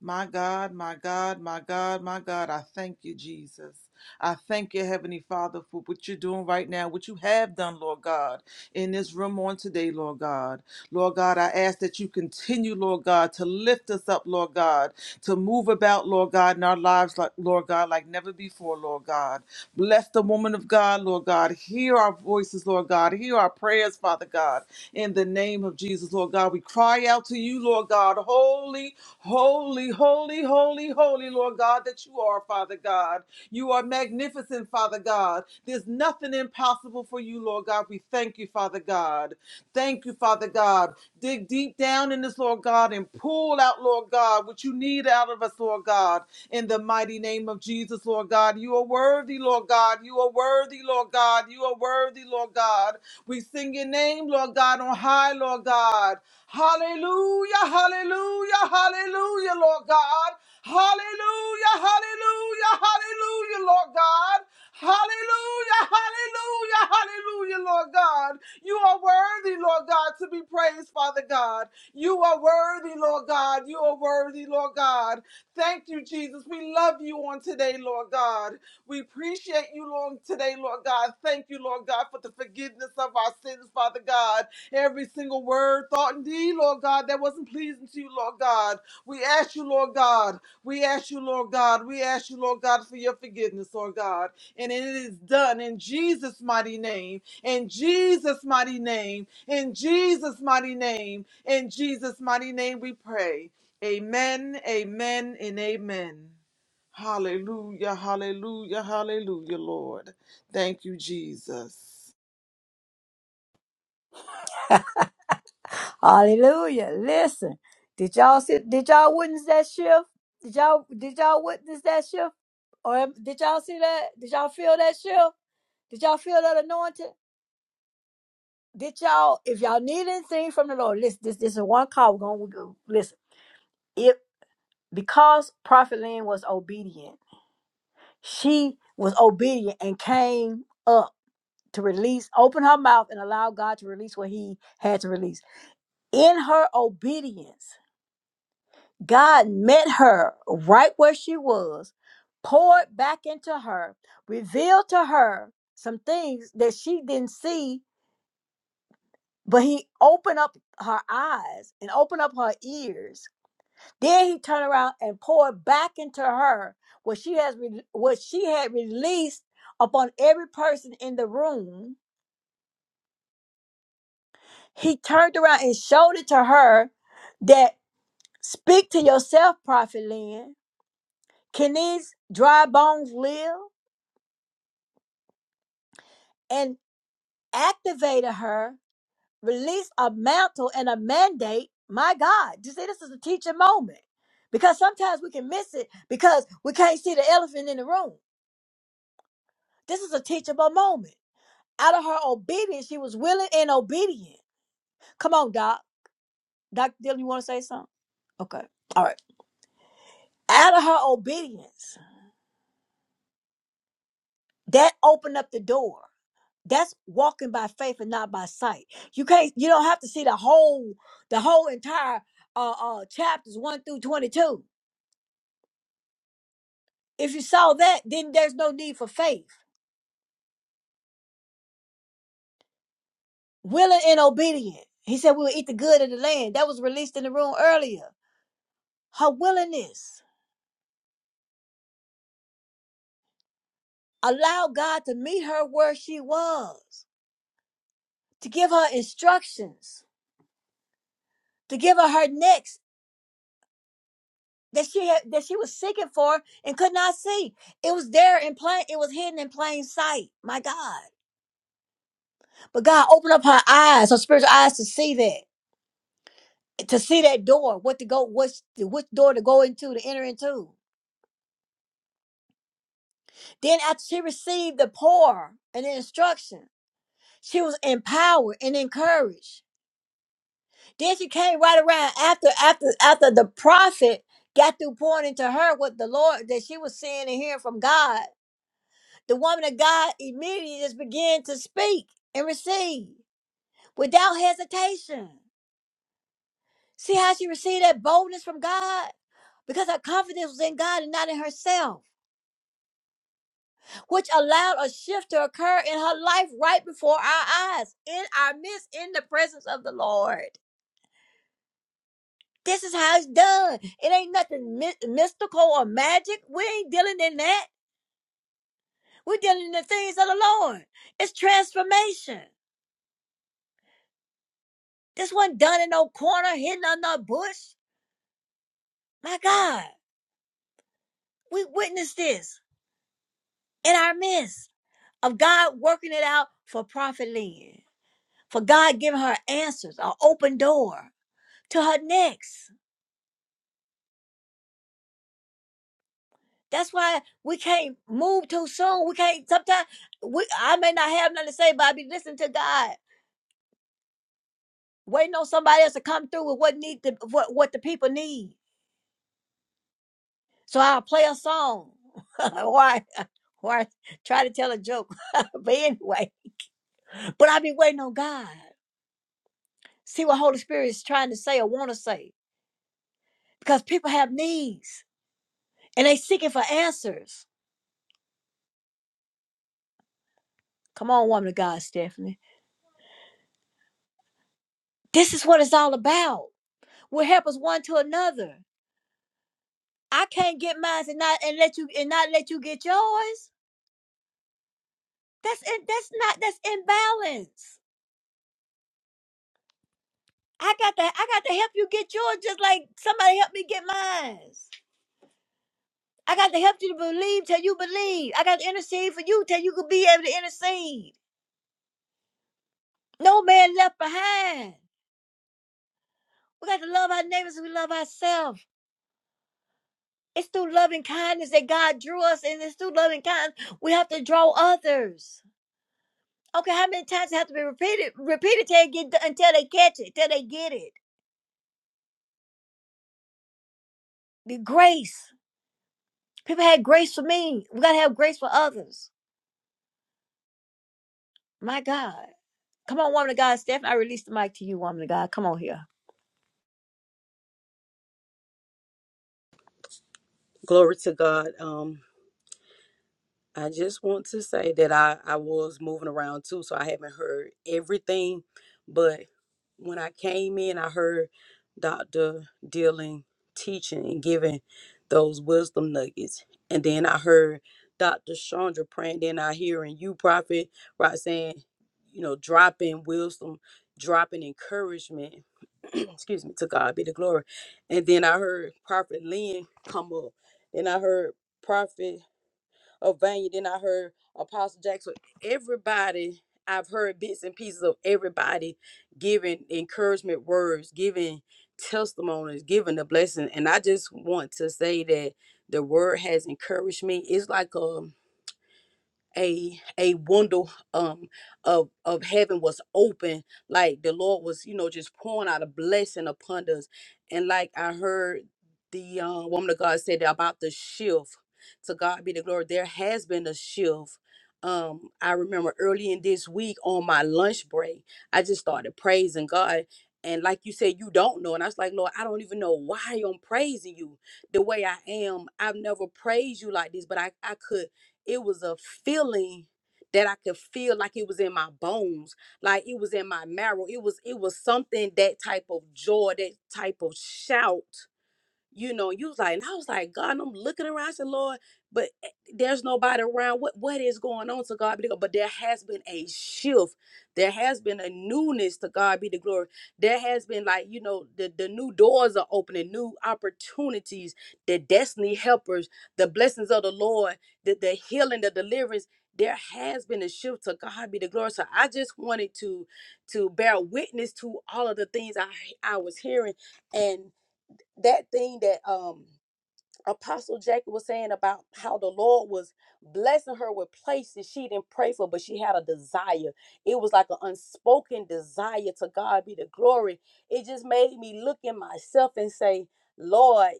Speaker 6: My God, my God, my God, my God, I thank you, Jesus. I thank you, Heavenly Father, for what you're doing right now, what you have done, Lord God, in this room on today, Lord God. Lord God, I ask that you continue, Lord God, to lift us up, Lord God, to move about, Lord God, in our lives, like Lord God, like never before, Lord God. Bless the woman of God, Lord God. Hear our voices, Lord God. Hear our prayers, Father God. In the name of Jesus, Lord God, we cry out to you, Lord God. Holy, holy, holy, holy, holy, Lord God, that you are, Father God. You are magnificent, Father God. There's nothing impossible for you, Lord God. We thank you, Father God. Thank you, Father God. Dig deep down in this, Lord God, and pull out, Lord God, what you need out of us, Lord God. In the mighty name of Jesus, Lord God, you are worthy, Lord God. You are worthy, Lord God. You are worthy, Lord God. We sing your name, Lord God, on high, Lord God. Hallelujah, hallelujah, hallelujah, Lord God. Hallelujah, hallelujah, hallelujah, Lord God. Hallelujah, hallelujah, hallelujah, Lord God. You are worthy, Lord God, to be praised, Father God. You are worthy, Lord God. You are worthy, Lord God. Thank you, Jesus. We love you on today, Lord God. We appreciate you, Lord, today, Lord God. Thank you, Lord God, for the forgiveness of our sins, Father God. Every single word, thought, and deed, Lord God, that wasn't pleasing to you, Lord God. We ask you, Lord God. We ask you, Lord God. We ask you, Lord God, for your forgiveness, Lord God. And it is done in Jesus' mighty name, in Jesus' mighty name, in Jesus' mighty name, in Jesus' mighty name we pray. Amen, amen, and amen. Hallelujah, hallelujah, hallelujah, Lord. Thank you, Jesus.
Speaker 7: Hallelujah. Listen, did y'all see, did y'all witness that shift? Did y'all did y'all witness that shift? Or am- did y'all see that? Did y'all feel that shift? Did y'all feel that anointing? Did y'all, if y'all need anything from the Lord, listen, this this is one call we're gonna go. Listen, if because Prophet Lynn was obedient, she was obedient and came up to release, open her mouth and allow God to release what he had to release. In her obedience, God met her right where she was, poured back into her, revealed to her some things that she didn't see, but he opened up her eyes and opened up her ears. Then he turned around and poured back into her what she has re- what she had released upon every person in the room. He turned around and showed it to her that speak to yourself, Prophet Lynn. Can these dry bones live? and activated her, released a mantle and a mandate. My God, you see, this is a teaching moment because sometimes we can miss it because we can't see the elephant in the room. This is a teachable moment. Out of her obedience, she was willing and obedient. Come on, Doc. Doc Dylan, you want to say something? Okay. All right. Out of her obedience, that opened up the door. that's walking by faith and not by sight you can't you don't have to see the whole the whole entire uh uh chapters 1 through 22 if you saw that then there's no need for faith willing and obedient he said we will eat the good of the land that was released in the room earlier her willingness allowed god to meet her where she was to give her instructions to give her her next that she had that she was seeking for and could not see it was there in plain it was hidden in plain sight my god But God opened up her eyes, her spiritual eyes to see that, to see that door, what to go, what's which door to go into, to enter into. Then after she received the pour and the instruction, she was empowered and encouraged. Then she came right around after after after the prophet got through pouring into her what the Lord that she was seeing and hearing from God. The woman of God immediately just began to speak and receive without hesitation. See how she received that boldness from God? Because her confidence was in God and not in herself, which allowed a shift to occur in her life right before our eyes, in our midst, in the presence of the Lord. This is how it's done. It ain't nothing my- mystical or magic. We ain't dealing in that. We're dealing in the things of the Lord. It's transformation. This wasn't done in no corner, hidden under a bush. My God, we witnessed this in our midst. of God working it out for Prophet Lynn, for God giving her answers, an open door to her next. That's why we can't move too soon. We can't sometimes we I may not have nothing to say, but I be listening to God, waiting on somebody else to come through with what need the what, what the people need. So I'll play a song. [LAUGHS] or I, or I try to tell a joke. [LAUGHS] but anyway, but I be waiting on God. See what Holy Spirit is trying to say or want to say. Because people have needs and they seeking for answers. Come on, woman of God, Stephanie. This is what it's all about. We're helpers one to another. I can't get mine and not and let you and not let you get yours. That's in, that's not that's imbalance. I got to I got to help you get yours just like somebody helped me get mine. I got to help you to believe till you believe. I got to intercede for you till you could be able to intercede. No man left behind. We got to love our neighbors as we love ourselves. It's through loving kindness that God drew us, and it's through loving kindness we have to draw others. Okay, how many times it have to be repeated, repeated till they get until they catch it, till they get it? The grace. People had grace for me. We gotta have grace for others. My God, come on, woman of God, Stephanie. I release the mic to you, woman of God. Come on here.
Speaker 8: Glory to God. Um, I just want to say that I, I was moving around too, so I haven't heard everything. But when I came in, I heard Dr. Dillon teaching and giving those wisdom nuggets. And then I heard Dr. Chandra praying. Then I hearing you, Prophet, right, saying, you know, dropping wisdom, dropping encouragement. [CLEARS THROAT] excuse me, to God be the glory. And then I heard Prophet Lynn come up. Then I heard Prophet of Vanya. Then I heard Apostle Jackson. Everybody, I've heard bits and pieces of everybody giving encouragement words, giving testimonies, giving a blessing. And I just want to say that the word has encouraged me. It's like a a a window um of of heaven was open like the lord was you know just pouring out a blessing upon us and like i heard the uh, woman of god said about the shift to god be the glory there has been a shift um i remember early in this week on my lunch break i just started praising god and like you said you don't know and i was like lord i don't even know why i'm praising you the way i am i've never praised you like this but i i could it was a feeling that I could feel like it was in my bones, like it was in my marrow. It was it was something that type of joy, that type of shout you know, you was like, and I was like, God, and I'm looking around. I said, Lord, but eh, there's nobody around. What what is going on? To God be the glory. But there has been a shift. There has been a newness. To God be the glory. There has been like you know the the new doors are opening, new opportunities, the destiny helpers, the blessings of the Lord, the the healing, the deliverance. There has been a shift to God be the glory. So I just wanted to to bear witness to all of the things I I was hearing and that thing that um apostle jacob was saying about how the lord was blessing her with places she didn't pray for but she had a desire it was like an unspoken desire to god be the glory it just made me look in myself and say lord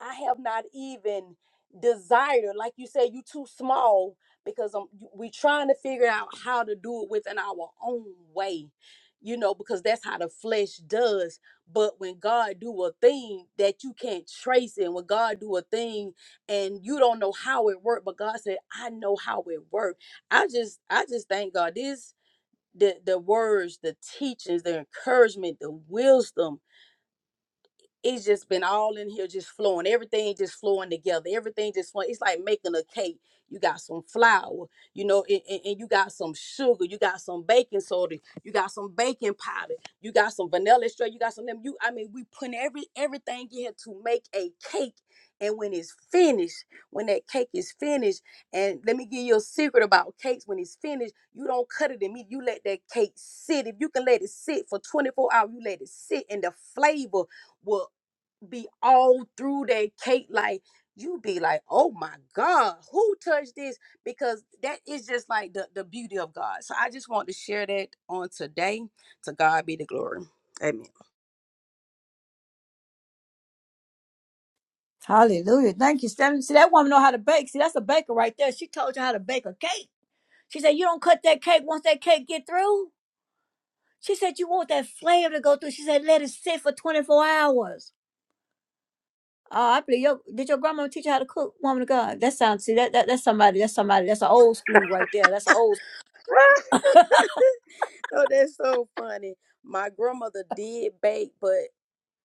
Speaker 8: i have not even desired like you said you too small because um, we trying to figure out how to do it within our own way you know because that's how the flesh does but when God do a thing that you can't trace and when God do a thing and you don't know how it worked, but God said, I know how it worked. I just I just thank God. This the the words, the teachings, the encouragement, the wisdom, it's just been all in here just flowing everything just flowing together everything just flowing it's like making a cake you got some flour you know and, and, and you got some sugar you got some baking soda you got some baking powder you got some vanilla extract you got some lemon you i mean we putting every everything in here to make a cake and when it's finished when that cake is finished and let me give you a secret about cakes when it's finished you don't cut it immediately you let that cake sit if you can let it sit for 24 hours you let it sit and the flavor will be all through that cake like you be like oh my god who touched this because that is just like the, the beauty of god so i just want to share that on today to god be the glory amen
Speaker 7: Hallelujah. Thank you, Stephanie. See, that woman know how to bake. See, that's a baker right there. She told you how to bake a cake. She said, you don't cut that cake once that cake get through. She said, You want that flavor to go through. She said, Let it sit for 24 hours. Uh, I believe your did your grandma teach you how to cook, woman of God? That sounds see that, that that's somebody that's somebody that's an old school right there. That's an old
Speaker 8: [LAUGHS] oh that's so funny my grandmother did bake but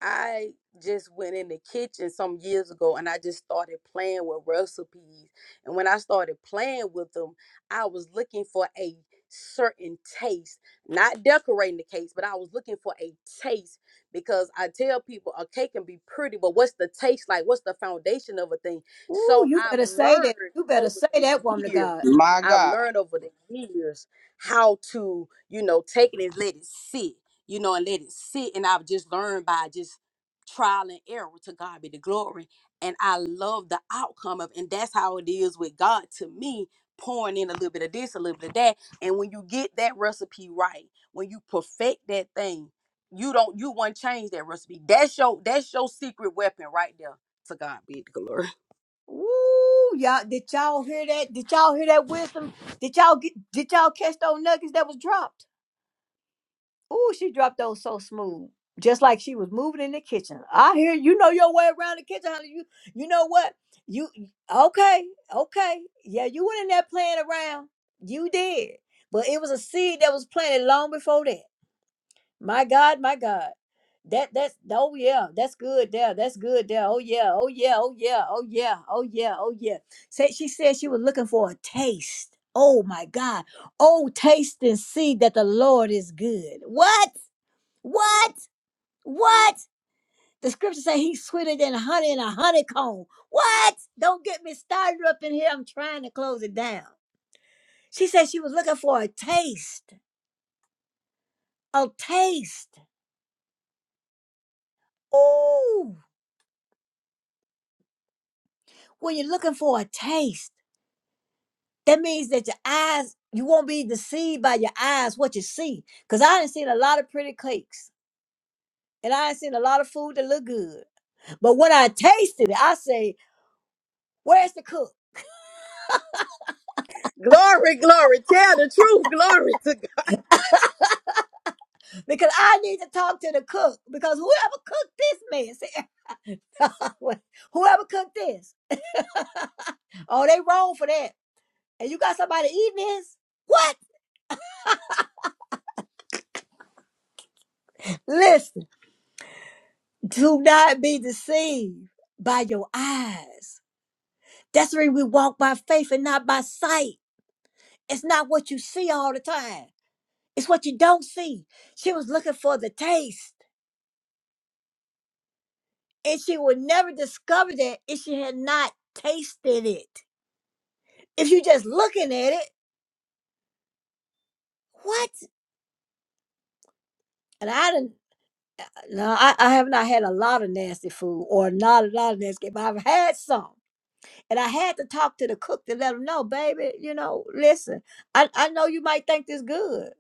Speaker 8: I just went in the kitchen some years ago and I just started playing with recipes. And when I started playing with them, I was looking for a certain taste, not decorating the cake, but I was looking for a taste because I tell people a cake can be pretty, but what's the taste like? What's the foundation of a thing?
Speaker 7: Ooh,
Speaker 8: So
Speaker 7: you
Speaker 8: I've
Speaker 7: better say that.
Speaker 8: learned
Speaker 7: You better
Speaker 8: over
Speaker 7: say
Speaker 8: the
Speaker 7: that, woman of
Speaker 8: years.
Speaker 7: God.
Speaker 5: My
Speaker 8: I've
Speaker 5: God.
Speaker 8: learned over the years how to, you know, take it and let it sit you know, and let it sit. And I've just learned by just trial and error to God be the glory. And I love the outcome of, and that's how it is with God to me, pouring in a little bit of this, a little bit of that. And when you get that recipe right, when you perfect that thing, you don't you won't change that recipe. That's your that's your secret weapon right there. To God be the glory. [LAUGHS]
Speaker 7: Ooh, y'all did y'all hear that? Did y'all hear that wisdom? Did y'all get did y'all catch those nuggets that was dropped? Ooh, she dropped those so smooth. Just like she was moving in the kitchen. I hear you know your way around the kitchen, honey. You you know what? You okay, okay. Yeah, you went in there playing around. You did. But it was a seed that was planted long before that. My God, my God. That that's oh yeah, that's good there. That's good there. Oh yeah, oh yeah, oh yeah, oh yeah, oh yeah, oh yeah. Say she said she was looking for a taste. Oh my God. Oh, taste and see that the Lord is good. What? What? What? The scripture say he's sweeter than honey in a honeycomb. What? Don't get me started up in here. I'm trying to close it down. She said she was looking for a taste. A taste. Ooh. When you're looking for a taste, that means that your eyes, you won't be deceived by your eyes what you see. Because I done seen a lot of pretty cakes. And I done seen a lot of food that look good. But when I tasted it, I say, where's the cook?
Speaker 8: Glory, glory. Tell the truth. Glory to God.
Speaker 7: because I need to talk to the cook because whoever cooked this mess, [LAUGHS] whoever cooked this, oh, they wrong for that. And you got somebody eating this? What? Listen, do not be deceived by your eyes. That's the reason we walk by faith and not by sight. It's not what you see all the time. It's what you don't see. She was looking for the taste, and she would never discover that if she had not tasted it. If you just looking at it, what? And I didn't. No, I, I have not had a lot of nasty food or not a lot of nasty, but I've had some. And I had to talk to the cook to let him know, baby, you know, listen, I, I know you might think this good.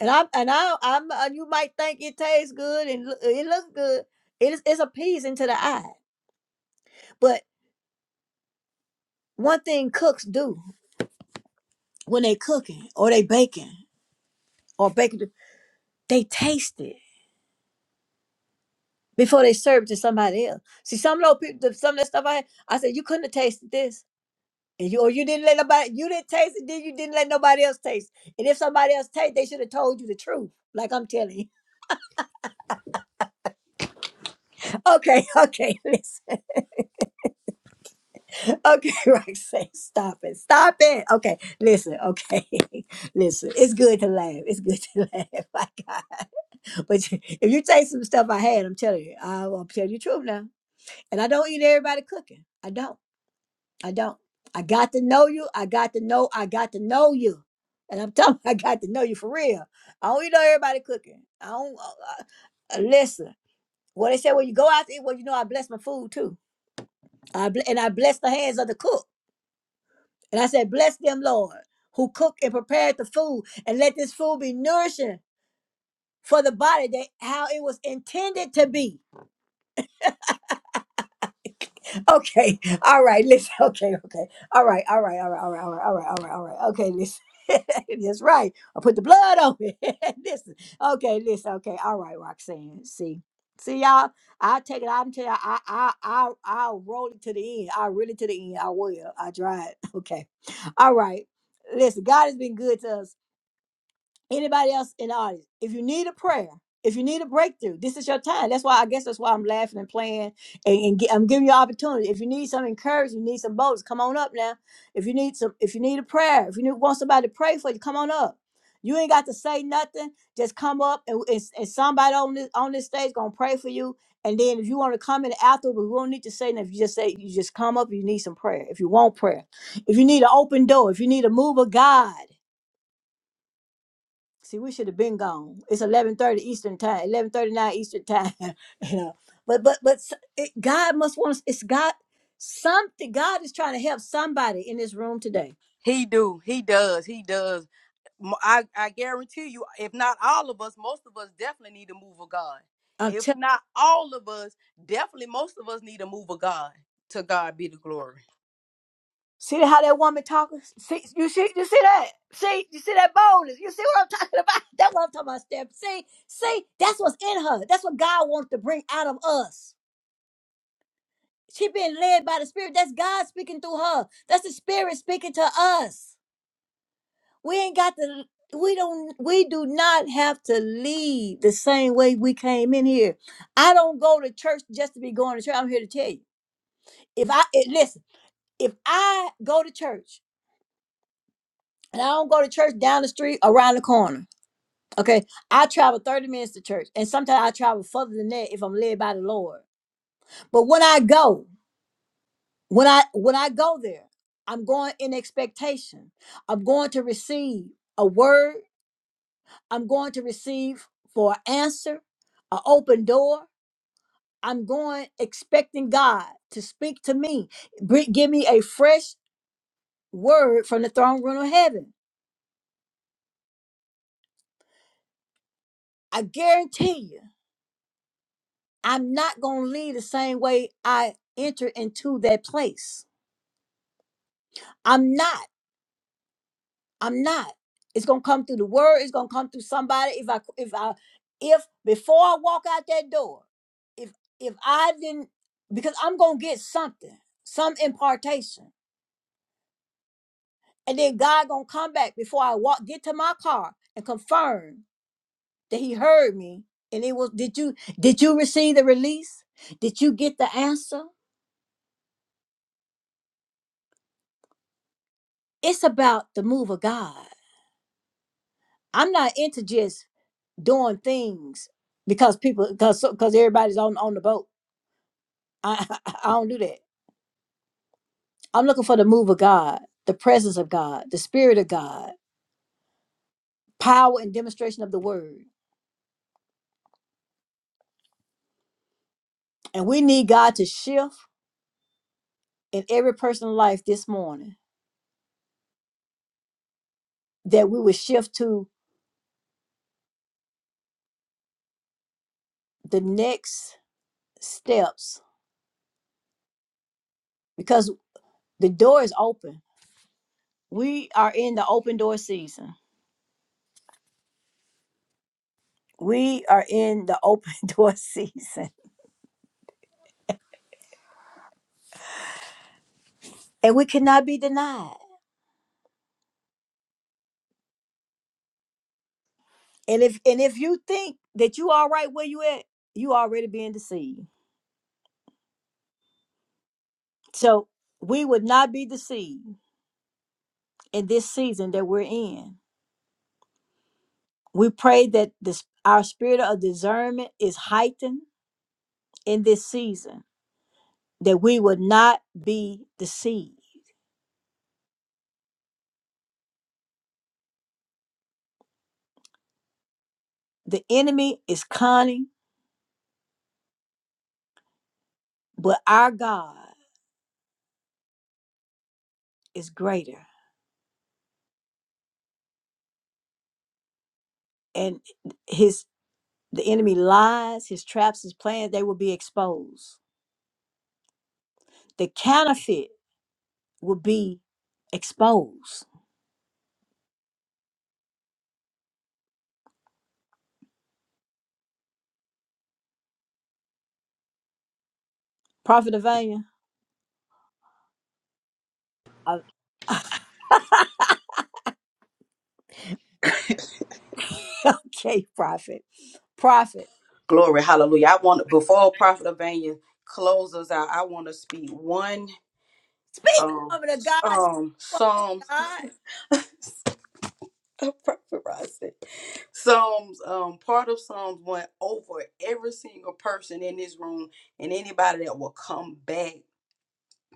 Speaker 7: And I'm and I I'm uh, you might think it tastes good and loo- it looks good. It is it's appeasing to the eye. But one thing cooks do when they cooking or they baking or baking, they taste it before they serve it to somebody else. See, some of those people, some of that stuff I had, I said, you couldn't have tasted this And you or you didn't let nobody you didn't taste it, then you didn't let nobody else taste. And if somebody else taste, they should have told you the truth. Like I'm telling you. [LAUGHS] Okay, okay, [LAUGHS] listen. Okay, [LAUGHS] Roxanne, stop it. Stop it. Okay, listen, okay. [LAUGHS] Listen, it's good to laugh. It's good to [LAUGHS] laugh. My God. But you- if you taste some stuff I had, I'm telling you, I will tell you the truth now. And I don't eat everybody cooking. I don't. I don't. I got to know you. I got to know. I got to know you. And I'm telling [LAUGHS] you, I got to know you for real. I don't even know everybody cooking. I don't uh, uh, listen. Well, they said, well, you go out to eat. Well, you know, I bless my food too. I bl- and I bless the hands of the cook. And I said, bless them, Lord, who cook and prepared the food, and let this food be nourishing for the body that how it was intended to be. okay. All right. Listen. [LAUGHS] Okay. Okay. All right. All right. All right. All right. All right. All right. All right. All right. Okay. Listen. [LAUGHS] That's right. I put the blood on it. [LAUGHS] listen. Okay. Listen. Okay. All right, Roxanne. See. See y'all. I take it out and tell y'all. I I I I'll roll it to the end. I will really to the end. I will. I try it. [LAUGHS] Okay. All right. Listen, God has been good to us. Anybody else in the audience, if you need a prayer, if you need a breakthrough, this is your time. That's why I guess that's why I'm laughing and playing and, and gi- I'm giving you opportunity. If you need some encouragement, you need some boldness, come on up now. If you need some, if you need a prayer, if you need, want somebody to pray for you, come on up. You ain't got to say nothing. Just come up and, and, and somebody on this on this stage gonna pray for you. And then if you want to come in after, but we won't need to say nothing. If you just say you just come up, you need some prayer. If you want prayer, if you need an open door, if you need a move of God. See, we should have been gone. It's eleven thirty Eastern time, eleven thirty nine Eastern time. [LAUGHS] you know, but but but s- it, God must want us. It's God. Something God is trying to help somebody in this room today.
Speaker 8: He do. He does. He does. M- I, I guarantee you, if not all of us, most of us definitely need a move of God.
Speaker 7: I'm
Speaker 8: If
Speaker 7: telling.
Speaker 8: not all of us, definitely most of us need a move of God. To God be the glory.
Speaker 7: See how that woman talking? See you see you see that? See you see that boldness? You see what I'm talking about? [LAUGHS] That's what I'm talking about, Steph. See see that's what's in her. That's what God wants to bring out of us. She being led by the Spirit. That's God speaking through her. That's the Spirit speaking to us. We ain't got to we don't we do not have to leave the same way we came in here. I don't go to church just to be going to church. I'm here to tell you. If I eh, listen, if I go to church and I don't go to church down the street around the corner, okay, I travel 30 minutes to church. And sometimes I travel further than that if I'm led by the Lord. But when I go, when I when I go there, I'm going in expectation. I'm going to receive a word. I'm going to receive for an answer, an open door. I'm going expecting God to speak to me, Br- give me a fresh word from the throne room of heaven. I guarantee you, I'm not going to leave the same way I enter into that place. I'm not. I'm not. It's going to come through the word. It's going to come through somebody. If I, if I, if before I walk out that door, if, if I didn't, because I'm going to get something, some impartation And then God gonna come back before I walk, get to my car and confirm that he heard me. And it was, did you did you receive the release? Did you get the answer? It's about the move of God. I'm not into just doing things because people because because everybody's on on the boat. I, [LAUGHS] I don't do that. I'm looking for the move of God, the presence of God, the spirit of God, power and demonstration of the word. And we need God to shift in every person's life this morning that we would shift to the next steps because the door is open. We are in the open door season. We are in the open [LAUGHS] door season. And we cannot be denied. And if and if you think that you are right where you at, you already being deceived. So we would not be deceived in this season that we're in. We pray that this our spirit of discernment is heightened in this season, that we would not be deceived. The enemy is cunning But our God is greater, and his the enemy lies, his traps, his plans, they will be exposed. The counterfeit will be exposed. Prophet Avania, uh, [LAUGHS] okay, prophet, prophet,
Speaker 8: Glory, hallelujah. I want before Prophet Avania closes out, I want to speak one
Speaker 7: speak,
Speaker 8: um
Speaker 7: woman of God,
Speaker 8: um
Speaker 7: speak, woman of
Speaker 8: Psalms
Speaker 7: God.
Speaker 8: [LAUGHS] Prophet Ross said, Psalms um part of Psalms went over every single person in this room and anybody that will come back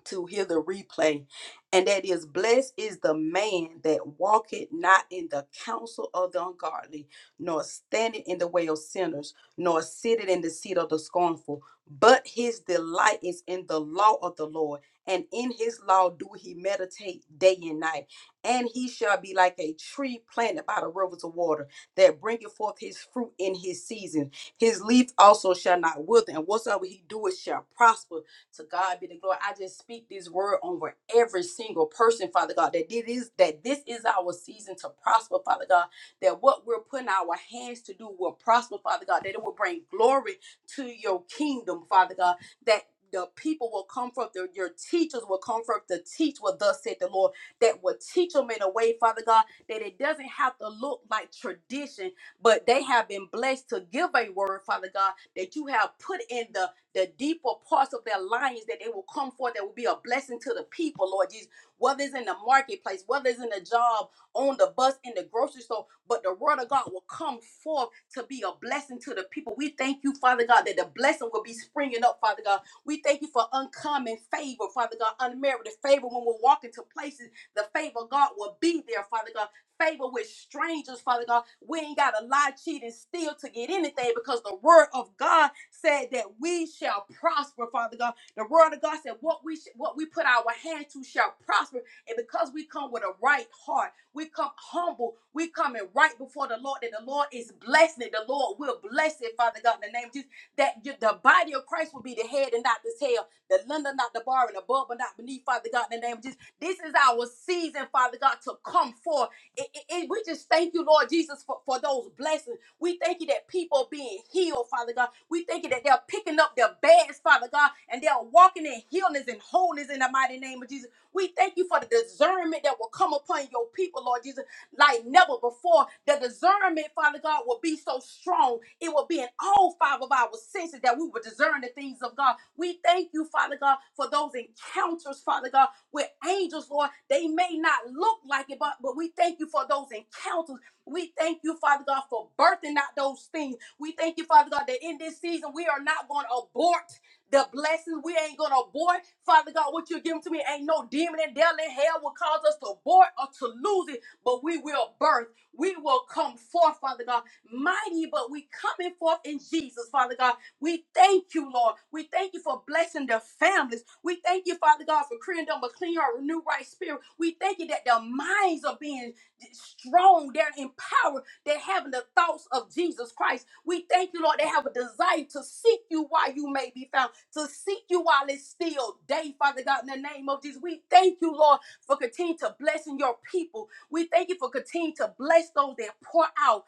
Speaker 8: to hear the replay. And that is, blessed is the man that walketh not in the counsel of the ungodly, nor standeth in the way of sinners, nor sitteth in the seat of the scornful. But his delight is in the law of the Lord, and in his law do he meditate day and night. And he shall be like a tree planted by the rivers of water that bringeth forth his fruit in his season. His leaf also shall not wither, and whatsoever he doeth shall prosper to God be the glory. I just speak this word over every single person, Father God, that it is that this is our season to prosper, Father God, that what we're putting our hands to do will prosper, Father God, that it will bring glory to your kingdom, Father God, that the people will come from the, your teachers will come from to teach what thus said the Lord that will teach them in a way, Father God, that it doesn't have to look like tradition, but they have been blessed to give a word, Father God, that you have put in the the deeper parts of their lions that they will come forth that will be a blessing to the people, Lord Jesus. Whether it's in the marketplace, whether it's in the job, on the bus, in the grocery store, but the word of God will come forth to be a blessing to the people. We thank you, Father God, that the blessing will be springing up, Father God. We thank you for uncommon favor, Father God, unmerited favor when we're walking to places. The favor of God will be there, Father God favor with strangers, Father God. We ain't got to lie, cheat, and steal to get anything because the word of God said that we shall prosper, Father God. The word of God said what we sh- what we put our hand to shall prosper. And because we come with a right heart, we come humble, we come in right before the Lord, and the Lord is blessing it. The Lord will bless it, Father God, in the name of Jesus. That you- the body of Christ will be the head and not the tail, the lender, not the bar, and above, but not beneath, Father God, in the name of Jesus. This is our season, Father God, to come forth. It- it- it- we just thank you, Lord Jesus, for, for those blessings. We thank you that people are being healed, Father God. We thank you that they're picking up their beds, Father God, and they're walking in healness and wholeness in the mighty name of Jesus. We thank you for the discernment that will come upon your people, Lord Jesus, like never before. The discernment, Father God, will be so strong. It will be in all five of our senses that we will discern the things of God. We thank you, Father God, for those encounters, Father God with angels, Lord. They may not look like it, but, but we thank you for those encounters. We thank you, Father God, for birthing out those things. We thank you, Father God, that in this season we are not going to abort the blessings. We ain't gonna abort. Father God, what you're giving to me ain't no demon in devil in hell will cause us to abort or to lose it, but we will birth. We will come forth, Father God, mighty, but we coming forth in Jesus, Father God. We thank you, Lord. We thank you for blessing the families. We thank you, Father God, for creating them a clean heart, renew right spirit. We thank you that their minds are being strong, they're empowered, they're having the thoughts of Jesus Christ. We thank you, Lord, they have a desire to seek you while you may be found, to seek you while it's still day, Father God, in the name of Jesus. We thank you, Lord, for continuing to blessing your people. We thank you for continuing to bless those that pour out,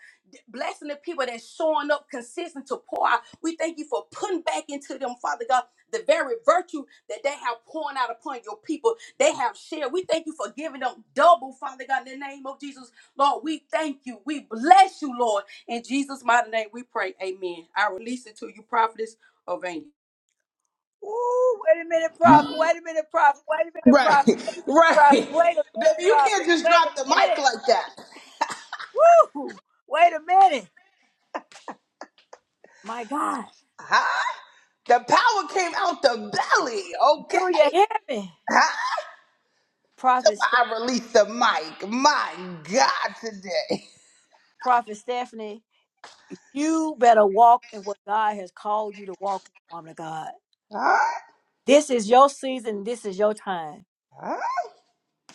Speaker 8: blessing the people that's showing up consistent to pour out. We thank you for putting back into them, Father God the very virtue that they have poured out upon your people, they have shared. We thank you for giving them double, Father God, in the name of Jesus. Lord, we thank you. We bless you, Lord. In Jesus' mighty name, we pray. Amen. I release it to you, prophetess of
Speaker 7: Ooh, wait a minute, prophet. Wait a minute, prophet. Wait a minute,
Speaker 5: Right,
Speaker 7: prophet. Wait a
Speaker 5: [LAUGHS]
Speaker 7: minute,
Speaker 5: right.
Speaker 7: prophet. Wait a
Speaker 5: Baby,
Speaker 7: minute,
Speaker 5: You
Speaker 7: prophet.
Speaker 5: can't just
Speaker 7: Wait
Speaker 5: drop the
Speaker 7: a
Speaker 5: mic
Speaker 7: minute.
Speaker 5: like that.
Speaker 7: Woo! Wait a minute. My God,
Speaker 5: Huh? The power came out the belly,
Speaker 7: do
Speaker 5: okay?
Speaker 7: you hear me?
Speaker 5: Till
Speaker 7: Prophet?
Speaker 5: I released the mic. My God, today.
Speaker 7: Prophet Stephanie, you better walk in what God has called you to walk in, woman of God.
Speaker 5: Huh?
Speaker 7: This is your season. This is your time.
Speaker 5: Huh?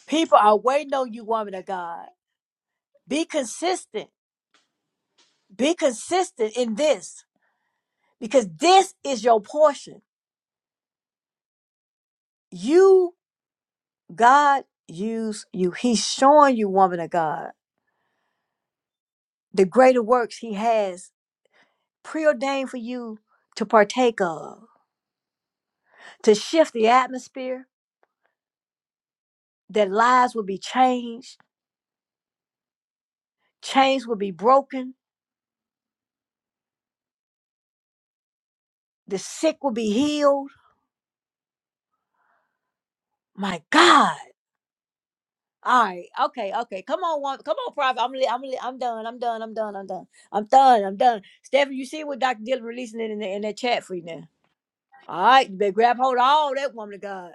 Speaker 7: People are waiting on you, woman of God. Be consistent. Be consistent in this because this is your portion. You, God, use you. He's showing you, woman of God, the greater works He has preordained for you to partake of, to shift the atmosphere, that lives will be changed Chains will be broken. The sick will be healed. My God. All right. Okay. Okay. Come on, one. Come on, Prophet. I'm. Li- I'm. Li- I'm done. I'm done. I'm done. I'm done. I'm done. I'm done. Stephen, you see what Dr. Dillon releasing in, the, in that chat for you now. All right. You better grab hold of all that woman of God.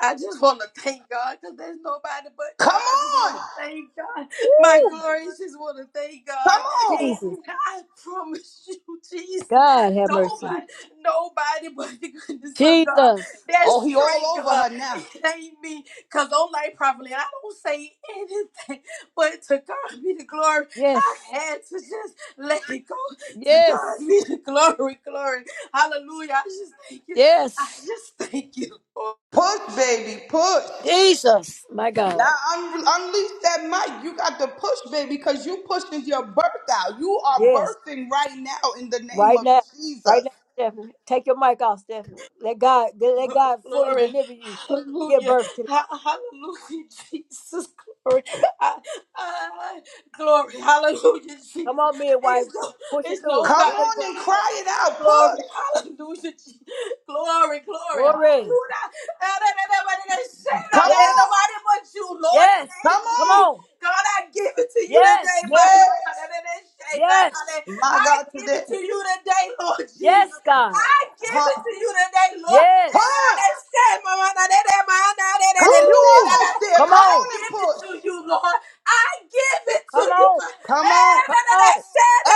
Speaker 8: I just want to thank God because there's nobody but God.
Speaker 5: Come
Speaker 8: I just want
Speaker 5: on.
Speaker 8: to thank God. My
Speaker 7: Woo!
Speaker 8: glory just want to thank
Speaker 5: Come
Speaker 8: God.
Speaker 5: on.
Speaker 8: And
Speaker 7: Jesus.
Speaker 8: I promise [LAUGHS] you, Jesus,
Speaker 7: God have mercy.
Speaker 8: nobody, nobody but the goodness of God.
Speaker 7: Jesus.
Speaker 5: Oh,
Speaker 8: That's
Speaker 5: he
Speaker 8: straight,
Speaker 5: all over
Speaker 8: God.
Speaker 5: her now.
Speaker 8: It ain't me. Because I'm like, probably, I don't say anything, but to God be the glory. I
Speaker 7: Yes.
Speaker 8: had to just let it go. To
Speaker 7: Yes.
Speaker 8: God be the glory, glory. Hallelujah. I just thank you. I
Speaker 7: Yes.
Speaker 8: just thank you, Lord.
Speaker 5: Push, baby, push.
Speaker 7: Jesus. My
Speaker 5: Now
Speaker 7: God.
Speaker 5: un- unleash that mic. You got to push, baby, because you pushing your birth out. You are
Speaker 7: Yes.
Speaker 5: birthing right now in the name
Speaker 7: Right
Speaker 5: of
Speaker 7: now, right
Speaker 5: Jesus.
Speaker 7: now, Stephanie. Take your mic off, Stephanie. Let God let God fully
Speaker 8: Glory.
Speaker 7: deliver you. Give
Speaker 8: Hallelujah.
Speaker 7: birth to this.
Speaker 8: Ha- Hallelujah, [LAUGHS] Jesus. Glory. I- I- glory. Hallelujah,
Speaker 7: Come
Speaker 8: Jesus.
Speaker 7: on, midwife.
Speaker 8: It's, no,
Speaker 7: Push it
Speaker 8: it's
Speaker 7: through it.
Speaker 5: Come
Speaker 7: Bring it
Speaker 8: nobody
Speaker 5: on
Speaker 8: but
Speaker 5: and
Speaker 8: God.
Speaker 5: cry it out.
Speaker 8: Glory.
Speaker 5: Push.
Speaker 8: Hallelujah, Jesus. Glory,
Speaker 7: through.
Speaker 8: glory.
Speaker 7: Glory.
Speaker 8: Hallelujah. And I- and I- and I
Speaker 5: Come
Speaker 8: that, and
Speaker 7: Yes.
Speaker 5: on.
Speaker 8: Nobody but you, Lord. It
Speaker 7: Yes.
Speaker 5: Come
Speaker 8: ain't
Speaker 7: Come
Speaker 5: on.
Speaker 8: me.
Speaker 7: on.
Speaker 8: God, I give it to you
Speaker 7: Yes.
Speaker 8: today, my Lord. And
Speaker 5: Yes.
Speaker 8: I- and I say that,
Speaker 7: Yes.
Speaker 8: and
Speaker 5: My
Speaker 8: I
Speaker 5: God,
Speaker 8: give
Speaker 5: today.
Speaker 8: it to you today, Lord
Speaker 7: Yes,
Speaker 8: Jesus.
Speaker 7: God.
Speaker 8: I give it
Speaker 5: Huh?
Speaker 8: to you today, Lord.
Speaker 7: Yes.
Speaker 5: Push! Come, you
Speaker 7: Woo!
Speaker 5: almost there.
Speaker 7: Come
Speaker 5: Come
Speaker 8: I
Speaker 7: on.
Speaker 5: on
Speaker 8: give
Speaker 5: and
Speaker 8: it
Speaker 5: push.
Speaker 8: to you, Lord. I give it to
Speaker 7: Come
Speaker 8: you.
Speaker 7: on.
Speaker 5: Come on.
Speaker 7: Come on.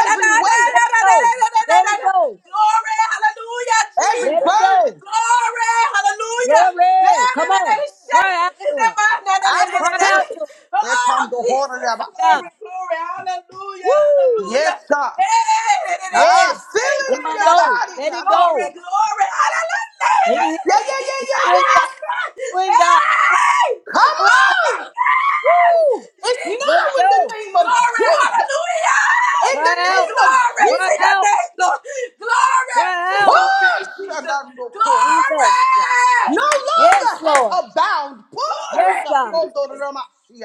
Speaker 5: Every
Speaker 7: Let it
Speaker 5: weight,
Speaker 7: go. Let it go.
Speaker 8: Glory, hallelujah,
Speaker 5: every
Speaker 7: Let it
Speaker 8: Jesus.
Speaker 5: burden,
Speaker 7: go.
Speaker 8: Glory, hallelujah.
Speaker 7: Glory. Come on. Cry out to him.
Speaker 5: I
Speaker 7: Cry out to him.
Speaker 5: repent. There
Speaker 8: Oh,
Speaker 5: comes the horder
Speaker 8: Jesus,
Speaker 5: that
Speaker 7: My
Speaker 5: I see.
Speaker 7: God.
Speaker 8: glory, glory,
Speaker 7: Woo!
Speaker 5: Yes, God.
Speaker 8: hallelujah,
Speaker 5: I
Speaker 7: Yes.
Speaker 5: feel
Speaker 7: Let
Speaker 5: it
Speaker 7: it
Speaker 5: in your
Speaker 8: hallelujah.
Speaker 7: go.
Speaker 5: body.
Speaker 7: Let
Speaker 5: I
Speaker 7: it
Speaker 5: feel the
Speaker 8: Glory,
Speaker 7: go.
Speaker 5: Lord.
Speaker 8: glory,
Speaker 7: He-
Speaker 5: Yeah, yeah,
Speaker 8: hallelujah,
Speaker 5: yeah,
Speaker 7: It's
Speaker 5: yeah,
Speaker 7: you and God.
Speaker 5: yeah.
Speaker 7: You
Speaker 8: Jesus.
Speaker 7: and God.
Speaker 8: Hey!
Speaker 7: Woo!
Speaker 8: Oh my
Speaker 5: Come on!
Speaker 8: God,
Speaker 7: Woo!
Speaker 5: It's
Speaker 7: Let
Speaker 5: now
Speaker 7: it
Speaker 8: Jesus.
Speaker 5: in the
Speaker 7: go.
Speaker 5: name of
Speaker 8: Glory,
Speaker 5: Jesus.
Speaker 8: hallelujah.
Speaker 5: In
Speaker 7: Cry
Speaker 5: the
Speaker 7: out.
Speaker 5: name of
Speaker 8: Glory
Speaker 7: Cry
Speaker 8: to
Speaker 5: Jesus.
Speaker 8: your
Speaker 7: out.
Speaker 8: name, Lord. Glory to
Speaker 7: Cry out.
Speaker 8: your
Speaker 5: Push!
Speaker 8: name,
Speaker 5: And
Speaker 8: Jesus.
Speaker 5: I'm no corner.
Speaker 7: Jesus.
Speaker 8: Glory.
Speaker 5: No
Speaker 7: Yes,
Speaker 5: longer has
Speaker 7: Lord.
Speaker 5: her bound. Push!
Speaker 7: Yes,
Speaker 8: Glory,
Speaker 7: God.
Speaker 8: Jesus.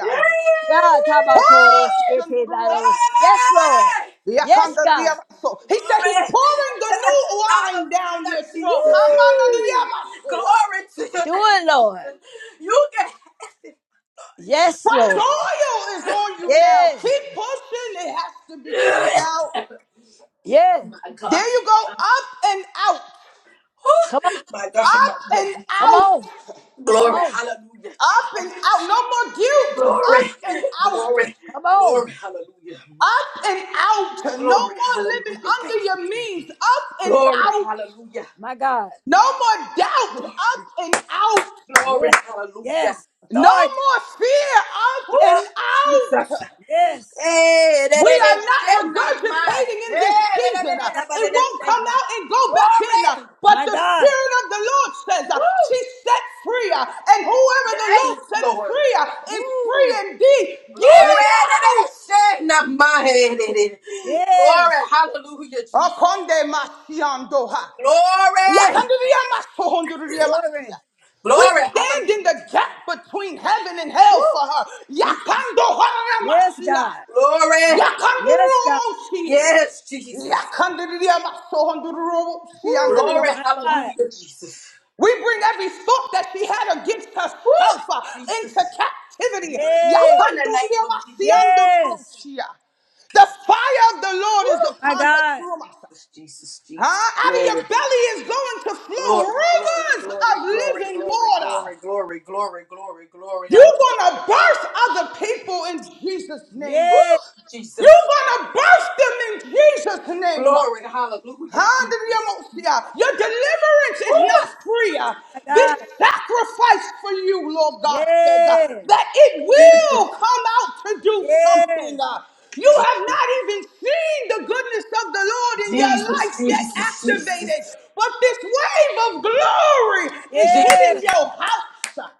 Speaker 8: Glory.
Speaker 7: Yeah, Tabakoro
Speaker 5: Push! and
Speaker 7: siete
Speaker 5: Kondorom-
Speaker 7: battles. Yes, Lord. Yes, God.
Speaker 5: Yakandoriamaso. He said he's
Speaker 8: Glory.
Speaker 5: pouring the
Speaker 8: [LAUGHS]
Speaker 5: new wine down your
Speaker 8: Hallelujah,
Speaker 5: throat.
Speaker 8: Jesus.
Speaker 7: Woo!
Speaker 8: Glory
Speaker 5: Kamandoriamasoa.
Speaker 8: to your
Speaker 7: Do
Speaker 8: name,
Speaker 7: it, Lord.
Speaker 8: Jesus. You can.
Speaker 7: Yes,
Speaker 5: Fresh
Speaker 7: Lord.
Speaker 5: oil is on you now.
Speaker 7: Yeah.
Speaker 5: Keep pushing. It has to be cleaned out.
Speaker 7: Yeah.
Speaker 8: my
Speaker 5: There
Speaker 8: God.
Speaker 5: you go. Up and out.
Speaker 7: Come on.
Speaker 8: Whew. My God, my
Speaker 5: Up
Speaker 8: God,
Speaker 5: and
Speaker 8: Jesus.
Speaker 7: Come
Speaker 5: out.
Speaker 7: on. Come
Speaker 8: Glory,
Speaker 7: on.
Speaker 8: hallelujah.
Speaker 5: Up
Speaker 8: Jesus.
Speaker 5: and out. No more guilt. Up
Speaker 8: Glory,
Speaker 5: and out.
Speaker 8: glory,
Speaker 7: Come on.
Speaker 8: glory, hallelujah.
Speaker 5: Up and out. No
Speaker 8: Glory,
Speaker 5: more living
Speaker 8: hallelujah. Thank
Speaker 5: under
Speaker 8: you,
Speaker 5: your
Speaker 8: Jesus.
Speaker 5: means. Up and
Speaker 8: Glory,
Speaker 5: out.
Speaker 8: hallelujah.
Speaker 7: My God.
Speaker 5: No more doubt.
Speaker 8: Glory,
Speaker 5: Up and out.
Speaker 8: glory,
Speaker 7: Yes.
Speaker 8: hallelujah.
Speaker 7: Yes.
Speaker 5: No
Speaker 7: Authority.
Speaker 5: more fear. Up
Speaker 8: Woo!
Speaker 5: and
Speaker 7: Power.
Speaker 8: Jesus.
Speaker 5: out.
Speaker 7: Yes.
Speaker 8: Hey, that
Speaker 5: We
Speaker 8: that
Speaker 5: are
Speaker 8: is
Speaker 5: not
Speaker 8: Shayna,
Speaker 5: regurgitating
Speaker 8: man. Hey,
Speaker 5: in this
Speaker 8: that that that
Speaker 5: season.
Speaker 7: My
Speaker 5: Uh,
Speaker 7: God.
Speaker 8: that that that
Speaker 5: It
Speaker 8: that is
Speaker 5: won't come
Speaker 8: Shayna.
Speaker 5: out and go back in. uh,
Speaker 8: Glory.
Speaker 5: But
Speaker 7: My
Speaker 5: the
Speaker 7: God.
Speaker 5: Spirit of the Lord says uh, she
Speaker 8: Woo!
Speaker 5: set free. uh, And whoever the
Speaker 8: Yes,
Speaker 5: Lord sets
Speaker 8: Lord.
Speaker 5: free uh, is free
Speaker 7: Woo.
Speaker 5: indeed.
Speaker 8: Glory.
Speaker 5: Get
Speaker 7: Free.
Speaker 5: it out.
Speaker 8: Glory.
Speaker 7: Yes.
Speaker 8: Hallelujah, Jesus.
Speaker 5: Akonde masiandoha.
Speaker 8: Glory.
Speaker 5: Yakanduriyamasohonduriyamasiya.
Speaker 7: Glory.
Speaker 5: We
Speaker 8: Glory.
Speaker 5: stand in
Speaker 8: Hallelujah,
Speaker 5: the gap
Speaker 8: Jesus.
Speaker 5: between heaven and
Speaker 8: Woo.
Speaker 5: hell for her.
Speaker 8: Jesus.
Speaker 7: Yes,
Speaker 5: Yakandohoramasiya.
Speaker 7: God.
Speaker 8: Glory.
Speaker 7: Yes, God.
Speaker 5: Yakanduruomosiye.
Speaker 8: Yes, Jesus.
Speaker 7: Woo.
Speaker 8: Glory.
Speaker 7: My
Speaker 5: Yakanduriyamasohondururomosiyanduriyamasiya.
Speaker 7: God.
Speaker 8: Hallelujah, Jesus.
Speaker 5: We bring every thought that she had against
Speaker 8: Woo.
Speaker 5: herself uh, into
Speaker 8: Jesus.
Speaker 5: captivity.
Speaker 8: Woo.
Speaker 7: Yay.
Speaker 8: In the name of Jesus.
Speaker 7: Yes.
Speaker 5: Yakanduriyamasiyanduruomosiya. The fire of the
Speaker 8: Woo.
Speaker 5: Lord is
Speaker 7: My
Speaker 5: upon
Speaker 7: God.
Speaker 8: Jesus,
Speaker 5: her.
Speaker 8: Jesus, Jesus, Jesus.
Speaker 5: Huh?
Speaker 8: Glory.
Speaker 5: Out of your belly is going to
Speaker 8: Glory, glory,
Speaker 5: flow rivers
Speaker 8: glory,
Speaker 5: of
Speaker 8: glory,
Speaker 5: living
Speaker 8: glory,
Speaker 5: water.
Speaker 8: glory, glory, glory, glory, glory.
Speaker 5: You're
Speaker 7: My God.
Speaker 5: going to
Speaker 8: Hallelujah.
Speaker 5: burst other people in Jesus' name.
Speaker 7: Yay.
Speaker 8: Woo. Jesus.
Speaker 5: You're going to burst them in Jesus' name.
Speaker 8: Glory, hallelujah, Jesus.
Speaker 5: Handediomosia. Your deliverance is not free. uh.
Speaker 7: My
Speaker 5: This
Speaker 7: God.
Speaker 5: sacrifice for you, Lord God says, uh,
Speaker 7: Yay.
Speaker 5: that it
Speaker 8: Jesus,
Speaker 5: will come out to do something.
Speaker 7: Yes.
Speaker 5: uh. You
Speaker 8: Je-
Speaker 5: have not even seen the goodness of the Lord in your
Speaker 8: Jesus,
Speaker 5: life yet
Speaker 8: Jesus,
Speaker 5: activated.
Speaker 8: Jesus,
Speaker 5: But this wave of glory is hitting
Speaker 7: Yes.
Speaker 8: Jesus.
Speaker 5: your house.